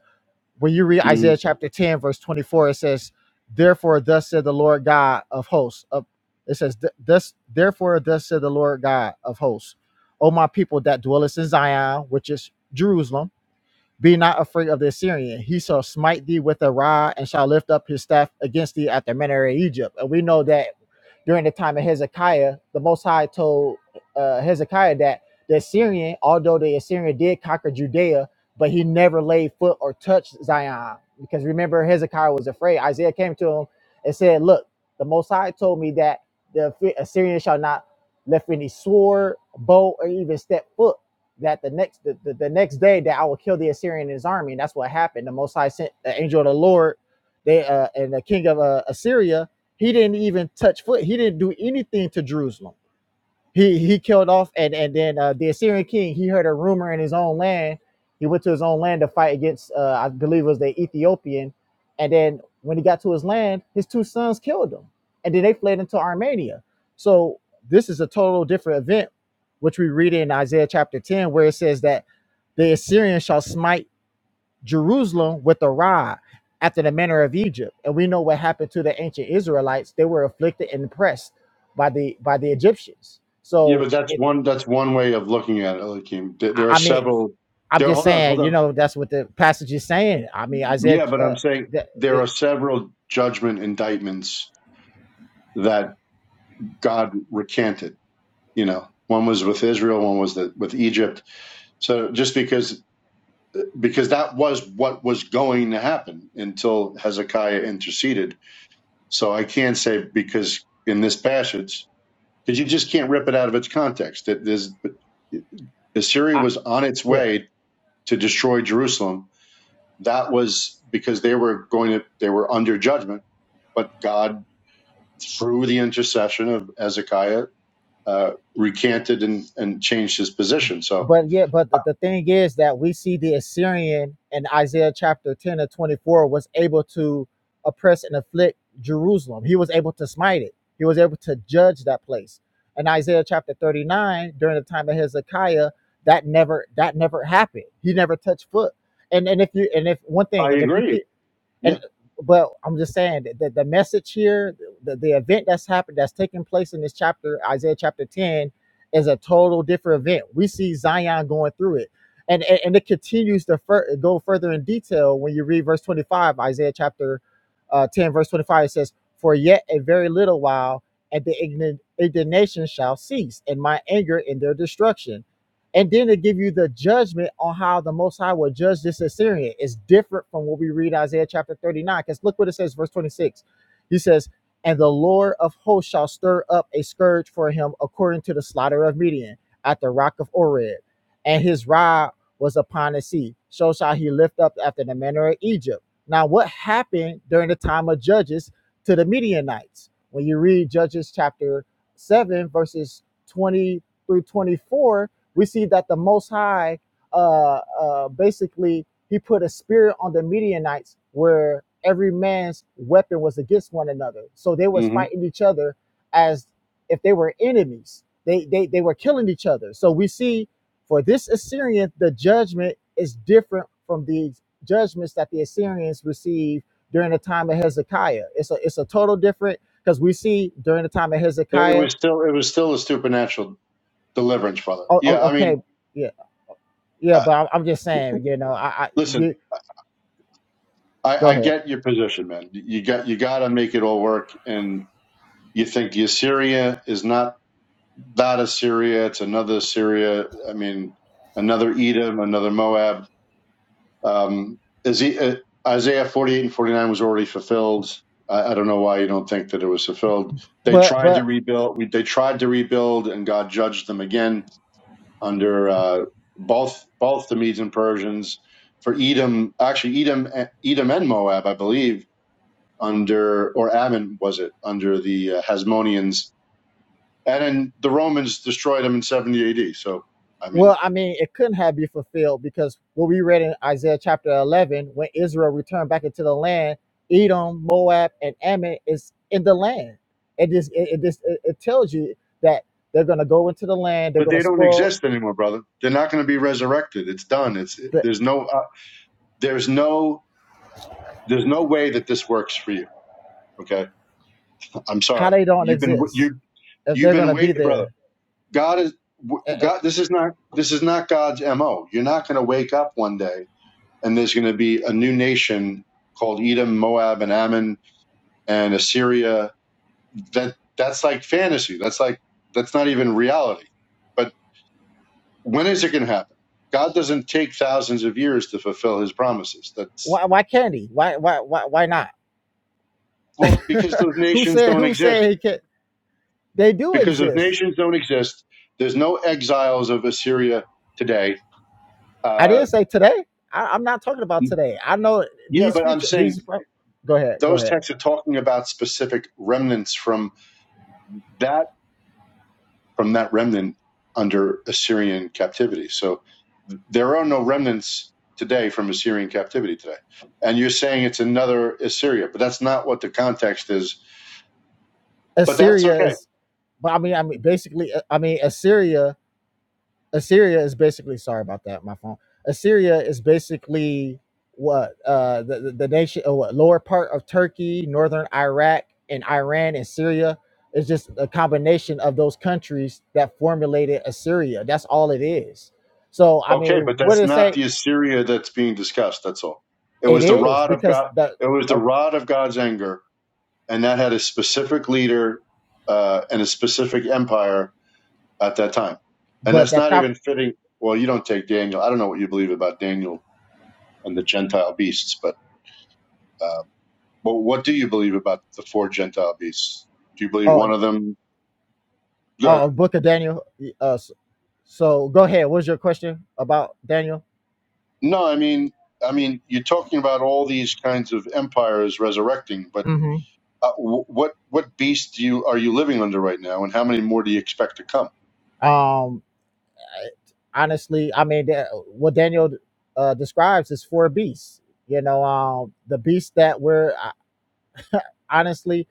Speaker 8: when you read
Speaker 5: hmm
Speaker 8: Isaiah chapter ten verse twenty four, it says, "Therefore, thus said the Lord God of hosts." Of, it says, "Thus, therefore, thus said the Lord God of hosts, O my people that dwellest in Zion, which is Jerusalem." Be not afraid of the Assyrian. He shall smite thee with a rod and shall lift up his staff against thee at the manner of Egypt. And we know that during the time of Hezekiah, the Most High told uh, Hezekiah that the Assyrian, although the Assyrian did conquer Judea, but he never laid foot or touched Zion. Because remember, Hezekiah was afraid. Isaiah came to him and said, Look, the Most High told me that the Assyrian shall not lift any sword, bow, or even step foot that the next the, the, the next day that I will kill the Assyrian and his army. And that's what happened. The Most High sent the angel of the Lord, they uh, and the king of uh, Assyria. He didn't even touch foot. He didn't do anything to Jerusalem he he killed off and and then uh, the Assyrian king he heard a rumor in his own land. He went to his own land to fight against uh, I believe it was the Ethiopian, and then when he got to his land, his two sons killed him, and then they fled into Armenia. So this is a total different event, which we read in Isaiah chapter ten, where it says that the Assyrian shall smite Jerusalem with a rod after the manner of Egypt. And we know what happened to the ancient Israelites. They were afflicted and oppressed by the by the Egyptians.
Speaker 5: Yeah,
Speaker 8: So
Speaker 5: but that's
Speaker 8: it,
Speaker 5: one, that's one way of looking at it, Eliakim. There
Speaker 8: I
Speaker 5: there are
Speaker 8: I mean,
Speaker 5: several,
Speaker 8: I'm
Speaker 5: there,
Speaker 8: just
Speaker 5: hold on, hold
Speaker 8: saying, you
Speaker 5: on.
Speaker 8: know, that's what the passage is saying. I mean, Isaiah,
Speaker 5: Yeah, but I'm
Speaker 8: uh,
Speaker 5: saying
Speaker 8: that
Speaker 5: there are
Speaker 8: it,
Speaker 5: several judgment indictments that God recanted, you know. One was with Israel, one was the, with Egypt. So just because because that was what was going to happen until Hezekiah interceded. So I can't say because in this passage, because you just can't rip it out of its context. That there's Assyria
Speaker 8: I,
Speaker 5: was on its
Speaker 8: yeah.
Speaker 5: way to destroy Jerusalem. That was because they were going to they were under judgment, but God through the intercession of Hezekiah uh, recanted and, and changed his position. So
Speaker 8: But yeah, but
Speaker 5: I,
Speaker 8: the, the thing is that we see the Assyrian in Isaiah chapter 10 and 24 was able to oppress and afflict Jerusalem. He was able to smite it, he was able to judge that place. In Isaiah chapter 39, during the time of Hezekiah, that never that never happened. He never touched foot. And and if you and if one
Speaker 5: I
Speaker 8: thing, and if you keep
Speaker 5: agree.
Speaker 8: and
Speaker 5: Yeah,
Speaker 8: but I'm just saying that the, the message here, the, the event that's happened, that's taking place in this chapter, Isaiah chapter 10, is a total different event. We see Zion going through it. And, and, and it continues to fur- go further in detail when you read verse 25, Isaiah chapter uh, 10, verse 25. It says, For yet a very little while, and the ign- indignation shall cease, and my anger in their destruction and then to give you the judgment on how the Most High will judge this Assyrian is different from what we read Isaiah chapter 39. Because look what it says, verse 26. He says, And the Lord of hosts shall stir up a scourge for him according to the slaughter of Midian at the rock of Oreb, and his rod was upon the sea. So shall he lift up after the manner of Egypt. Now, what happened during the time of Judges to the Midianites? When you read Judges chapter 7, verses 20 through 24, we see that the Most High, uh, uh, basically, he put a spirit on the Midianites where every man's weapon was against one another. So they was
Speaker 5: hmm
Speaker 8: fighting each other as if they were enemies. They, they, they were killing each other. So we see for this Assyrian, the judgment is different from the judgments that the Assyrians received during the time of Hezekiah. It's a, it's a total different because we see during the time of
Speaker 5: it, it
Speaker 8: Hezekiah,
Speaker 5: was still it was still a supernatural Deliverance, brother.
Speaker 8: oh, oh,
Speaker 5: Yeah, I
Speaker 8: okay,
Speaker 5: mean,
Speaker 8: yeah, Yeah,
Speaker 5: uh,
Speaker 8: but I'm, I'm just saying, you know, I, I
Speaker 5: listen,
Speaker 8: you
Speaker 5: I,
Speaker 8: go
Speaker 5: I
Speaker 8: ahead.
Speaker 5: get your position, man. You got you got to make it all work, and you think the Assyria is not that Assyria; it's another Assyria. I mean, another Edom, another Moab. Um, is he, uh, Isaiah forty-eight and forty-nine was already fulfilled. I, I don't know why you don't think that it was fulfilled. They
Speaker 8: But
Speaker 5: tried to
Speaker 8: but
Speaker 5: rebuild. We, They tried to rebuild, and God judged them again under uh, both both the Medes and Persians for Edom, actually Edom, Edom and Moab, I believe, under or Ammon was it under the uh, Hasmoneans, and then the Romans destroyed them in 70 AD. So I mean,
Speaker 8: well, I mean, it couldn't have been fulfilled because what we read in Isaiah chapter 11, when Israel returned back into the land, Edom, Moab, and Ammon is in the land. It just it, it just it, it tells you that they're gonna go into the land. They're
Speaker 5: but
Speaker 8: gonna
Speaker 5: they don't
Speaker 8: spoil
Speaker 5: exist anymore, brother. They're not going to be resurrected. It's done. It's
Speaker 8: the
Speaker 5: there's no uh, there's no there's no way that this works for you. Okay, I'm
Speaker 8: how
Speaker 5: sorry.
Speaker 8: they don't
Speaker 5: You've been
Speaker 8: exist
Speaker 5: you
Speaker 8: if
Speaker 5: you've
Speaker 8: they're
Speaker 5: been
Speaker 8: gonna be
Speaker 5: waiting, brother.
Speaker 8: there.
Speaker 5: God is
Speaker 8: Eh, eh,
Speaker 5: God. This is not this is not God's mo. You're not going to wake up one day and there's going to be a new nation called Edom, Moab, and Ammon and Assyria. That that's like fantasy. That's like that's not even reality. But when is it going to happen? God doesn't take thousands of years to fulfill His promises. That's
Speaker 8: Why why can't he? Why why why why not?
Speaker 5: well because those
Speaker 8: [laughs] who
Speaker 5: nations
Speaker 8: said
Speaker 5: don't
Speaker 8: who
Speaker 5: exist.
Speaker 8: said he can? not They do
Speaker 5: Because those
Speaker 8: exist
Speaker 5: nations don't exist, there's no exiles of Assyria today.
Speaker 8: I
Speaker 5: Uh,
Speaker 8: didn't say today. I, I'm not talking about today. I know
Speaker 5: yeah,
Speaker 8: these
Speaker 5: but I'm
Speaker 8: future
Speaker 5: saying
Speaker 8: these. Go ahead, go
Speaker 5: those
Speaker 8: ahead.
Speaker 5: texts are talking about specific remnants from that from that remnant under Assyrian captivity. So th- there are no remnants today from Assyrian captivity today. And you're saying it's another Assyria, but that's not what the context is. But that's
Speaker 8: Assyria
Speaker 5: okay.
Speaker 8: is, but I mean, I mean, basically, uh, I mean, Assyria, Assyria is basically. Sorry about that, my phone. Assyria is basically what uh the the, the nation, or what lower part of Turkey, northern Iraq, and Iran and Syria. It's just a combination of those countries that formulated Assyria. That's all it is. So I mean,
Speaker 5: Okay, but
Speaker 8: what
Speaker 5: that's
Speaker 8: did it
Speaker 5: not
Speaker 8: say?
Speaker 5: the Assyria that's being discussed, that's all. It
Speaker 8: It
Speaker 5: was the
Speaker 8: is
Speaker 5: rod of
Speaker 8: because
Speaker 5: God
Speaker 8: the
Speaker 5: it was the
Speaker 8: oh,
Speaker 5: rod of God's anger and that had a specific leader uh, and a specific empire at that time. And
Speaker 8: but
Speaker 5: that's
Speaker 8: that
Speaker 5: not
Speaker 8: prophecy
Speaker 5: even fitting. Well, you don't take Daniel. I don't know what you believe about Daniel and the Gentile beasts, but uh, but what do you believe about the four Gentile beasts? Do you believe
Speaker 8: Oh,
Speaker 5: one of them? Good.
Speaker 8: uh, Book of Daniel. Uh, s- so go ahead. What's your question about Daniel?
Speaker 5: No, I mean, I mean, you're talking about all these kinds of empires resurrecting, but
Speaker 8: hmm
Speaker 5: uh, wh- what what beast do you are you living under right now, and how many more do you expect to come?
Speaker 8: Um, honestly, I mean, that- what Daniel uh, describes is four beasts. You know, um, the beast that we're honestly,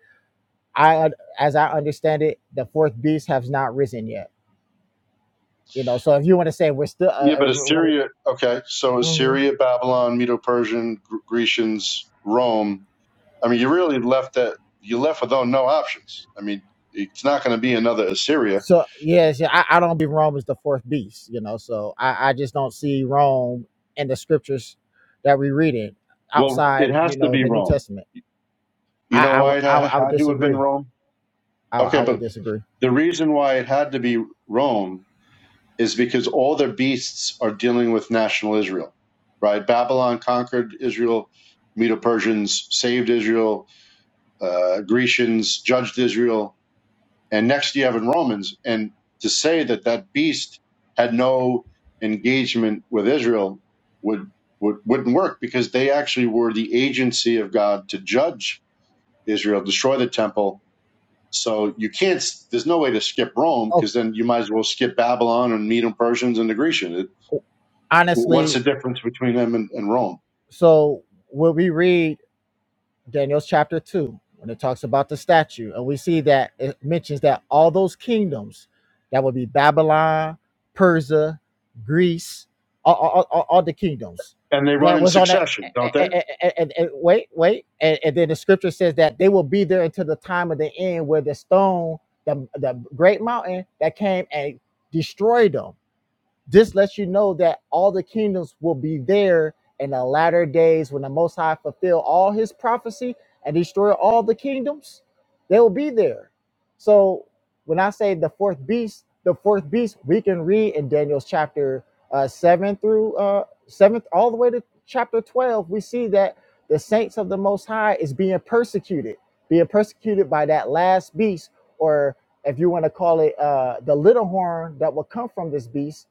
Speaker 8: I as I understand it, the fourth beast has not risen yet. You know, so if you want to say we're still,
Speaker 5: Yeah, but
Speaker 8: uh,
Speaker 5: Assyria. Okay, so
Speaker 8: uh,
Speaker 5: Assyria, Babylon, Medo-Persian, Gr- Grecians, Rome. I mean, you really left that you left with no options. I mean, it's not going to be another Assyria.
Speaker 8: So yes, yeah, I, I don't be Rome as the fourth beast, you know. So I, I just don't see Rome in the scriptures that we read it
Speaker 5: Well, it
Speaker 8: outside,
Speaker 5: has
Speaker 8: you
Speaker 5: to
Speaker 8: know,
Speaker 5: be
Speaker 8: the New
Speaker 5: Rome.
Speaker 8: Testament.
Speaker 5: You
Speaker 8: I
Speaker 5: know
Speaker 8: I
Speaker 5: why
Speaker 8: would
Speaker 5: it
Speaker 8: I,
Speaker 5: ha-
Speaker 8: would- I would
Speaker 5: had to have been
Speaker 8: disagree.
Speaker 5: Rome?
Speaker 8: I, would- I
Speaker 5: Okay,
Speaker 8: would
Speaker 5: but
Speaker 8: disagree.
Speaker 5: the reason why it had to be Rome is because all the beasts are dealing with national Israel, right? Babylon conquered Israel, Medo Persians saved Israel, uh, Grecians judged Israel. And next you have in Romans, and to say that that beast had no engagement with Israel would, would wouldn't work because they actually were the agency of God to judge Israel, destroy the temple. So you can't. There's no way to skip Rome
Speaker 8: Oh,
Speaker 5: because then you might as well skip Babylon and Medo Persians and the Grecian. It, what's the
Speaker 8: honestly,
Speaker 5: difference between them and, and Rome?
Speaker 8: so what we read Daniel's chapter 2, when it talks about the statue, and we see that it mentions that all those kingdoms that would be Babylon, Persia, Greece, all, all, all- all the kingdoms
Speaker 5: And they run
Speaker 8: that
Speaker 5: in
Speaker 8: was on that.
Speaker 5: succession, don't they?
Speaker 8: And, and and- and- wait, wait. And, and then the scripture says that they will be there until the time of the end where the stone, the, the great mountain that came and destroyed them this lets you know that all the kingdoms will be there in the latter days when the Most High fulfill all his prophecy and destroy all the kingdoms. They will be there. So when I say the fourth beast, the fourth beast we can read in Daniel's chapter uh, seven through uh, seventh all the way to chapter twelve. We see that the saints of the Most High is being persecuted, being persecuted by that last beast, or if you want to call it uh, the little horn that will come from this beast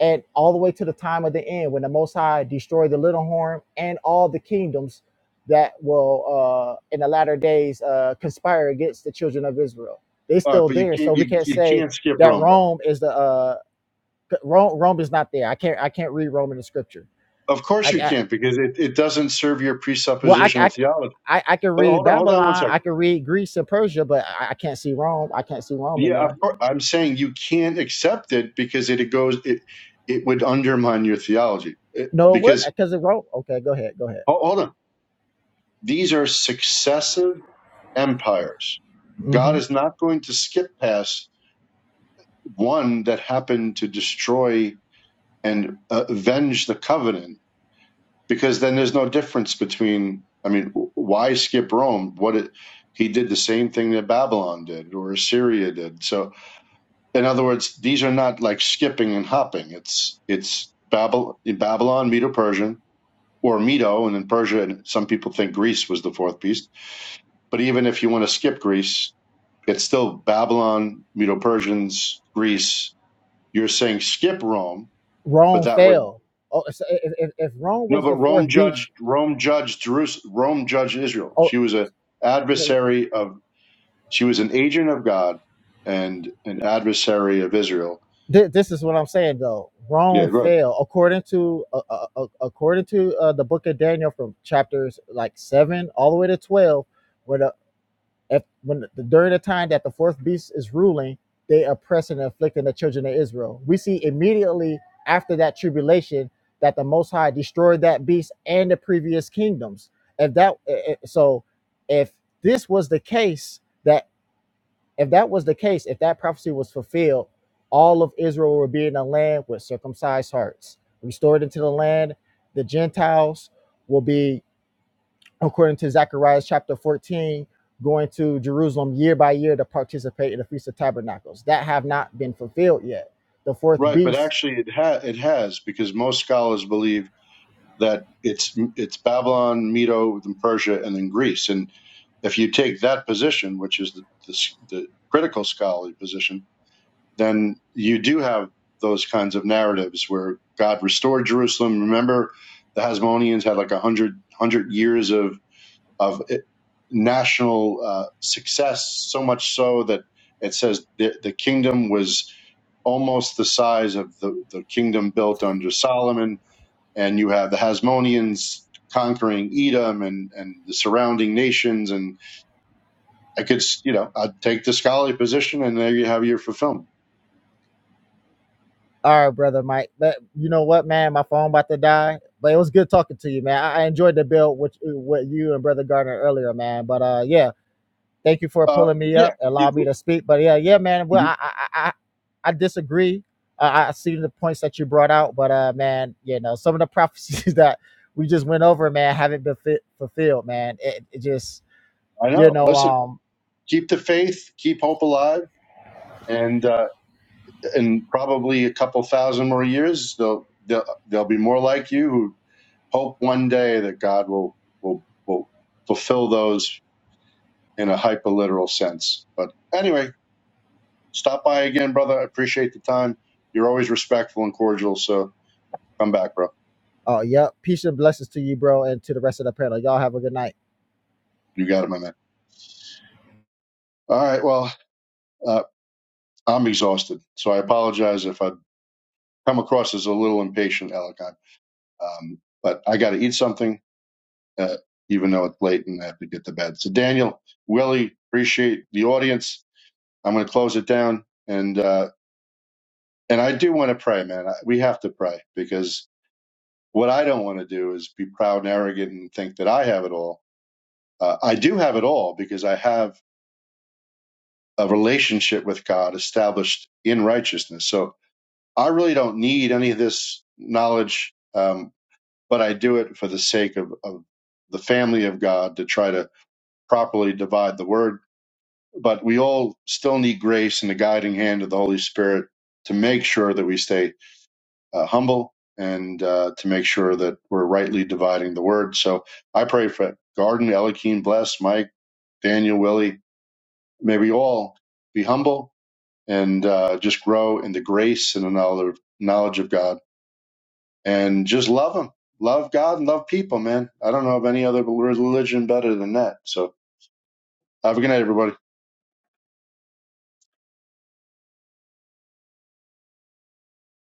Speaker 8: and all the way to the time of the end when the most high destroy the little horn and all the kingdoms that will uh in the latter days uh conspire against the children of israel they
Speaker 5: All right,
Speaker 8: still
Speaker 5: but you
Speaker 8: there
Speaker 5: can't
Speaker 8: so we
Speaker 5: you,
Speaker 8: can't
Speaker 5: you
Speaker 8: say
Speaker 5: can't skip
Speaker 8: that
Speaker 5: Rome, bro.
Speaker 8: rome is the uh rome, rome is not there i can't i can't read rome in the scripture
Speaker 5: Of
Speaker 8: i,
Speaker 5: course you
Speaker 8: I
Speaker 5: can't because it, it doesn't serve your
Speaker 8: well I,
Speaker 5: presuppositional
Speaker 8: I
Speaker 5: theology.
Speaker 8: i i can
Speaker 5: But
Speaker 8: read
Speaker 5: hold on, hold on one
Speaker 8: babylon i
Speaker 5: second.
Speaker 8: can read greece and persia but i, I can't see rome i can't see rome in
Speaker 5: Yeah,
Speaker 8: there
Speaker 5: of course, I'm saying you can't accept it because it, it goes it it would undermine your theology It-
Speaker 8: no what
Speaker 5: because
Speaker 8: because of rome okay go ahead go ahead
Speaker 5: ho- hold on, these are successive empires. God
Speaker 8: Mm-hmm.
Speaker 5: is not going to skip past one that happened to destroy and uh, avenge the covenant because then there's no difference between i mean why skip rome what it, he did the same thing that babylon did or assyria did so in other words these are not like skipping and hopping it's it's babylon babylon medo persian or medo and then persia and some people think greece was the fourth beast but even if you want to skip greece it's still babylon medo persians greece you're saying skip rome but
Speaker 8: Rome
Speaker 5: that would
Speaker 8: fell. Oh, so if, if, if Rome
Speaker 5: No,
Speaker 8: was
Speaker 5: but
Speaker 8: the
Speaker 5: Rome
Speaker 8: fourth
Speaker 5: judged
Speaker 8: beast,
Speaker 5: Rome judged Jerusalem. Rome judged Israel.
Speaker 8: oh,
Speaker 5: She was an
Speaker 8: w- w-
Speaker 5: adversary of. She was an agent of God and an adversary of Israel.
Speaker 8: this is what I'm saying though.
Speaker 5: Yeah,
Speaker 8: Rome
Speaker 5: right.
Speaker 8: fell according to uh, uh, uh, according to uh, the book of Daniel from chapters like seven all the way to twelve, where the. If when during the time that the fourth beast is ruling, they oppress and afflicting the children of Israel. We see immediately after that tribulation that the Most High destroyed that beast and the previous kingdoms. If that eh, eh, so, if this was the case that if that was the case, if that prophecy was fulfilled, all of Israel would be in a land with circumcised hearts, restored into the land. The Gentiles will be according to Zechariah chapter 14, going to Jerusalem year by year to participate in the Feast of Tabernacles. That have not been fulfilled yet. The fourth
Speaker 5: Right, but
Speaker 8: beast.
Speaker 5: actually, it ha- it has because most scholars believe that it's it's Babylon, Medo, and Persia, and then Greece. And if you take that position, which is the the, s- the critical scholarly position, then you do have those kinds of narratives where God restored Jerusalem. Remember, the Hasmoneans had like a hundred hundred years of of eh, national uh, success, so much so that it says the, the kingdom was almost the size of the, the kingdom built under Solomon. And you have the Hasmoneans conquering Edom and, and the surrounding nations. And I could, you know, I'd take the scholarly position, and there you have your fulfillment.
Speaker 8: All right, brother Mike. But you know what, man, my phone about to die. But it was good talking to you, man. I, I enjoyed the build with with you and brother Gardner earlier, man. But uh, yeah, Thank you for
Speaker 5: Uh,
Speaker 8: pulling me
Speaker 5: yeah,
Speaker 8: up, allow
Speaker 5: you,
Speaker 8: me to speak. But yeah, yeah, man. Well, I I I, I disagree. I, I see the points that you brought out, but uh, man, you know, some of the prophecies [laughs] that we just went over, man, haven't been fit, fulfilled, man. It, it just,
Speaker 5: I
Speaker 8: you
Speaker 5: know.
Speaker 8: know,
Speaker 5: Listen,
Speaker 8: um,
Speaker 5: keep the faith, keep hope alive, and uh, in probably a couple thousand more years, they'll, they'll they'll be more like you who hope one day that God will will will fulfill those in a hyperliteral sense. But anyway, stop by again, brother. I appreciate the time. You're always respectful and cordial, so come back, bro.
Speaker 8: oh, yep. Peace and blessings to you, bro, and to the rest of the panel. Y'all have a good night.
Speaker 5: You got it, my man. All right. Well, uh, I'm exhausted, so I apologize if I come across as a little impatient, Alec. I- Um, but I got to eat something uh, even though it's late and I have to get to bed. So, Daniel, Willie, appreciate the audience. I'm going to close it down, and uh, and I do want to pray, man. I, we have to pray because what I don't want to do is be proud and arrogant and think that I have it all. Uh, I do have it all because I have a relationship with God established in righteousness. So I really don't need any of this knowledge, um, but I do it for the sake of, of the family of God to try to properly divide the word but we all still need grace and the guiding hand of the Holy Spirit to make sure that we stay uh, humble and uh, to make sure that we're rightly dividing the word. So I pray for Garden, Elikeen, Bless, Mike, Daniel, Willie. May we all be humble and uh, just grow in the grace and the knowledge knowledge of God and just love Him. Love God and love people, man. I don't know of any other religion better than that. So have a good night, everybody.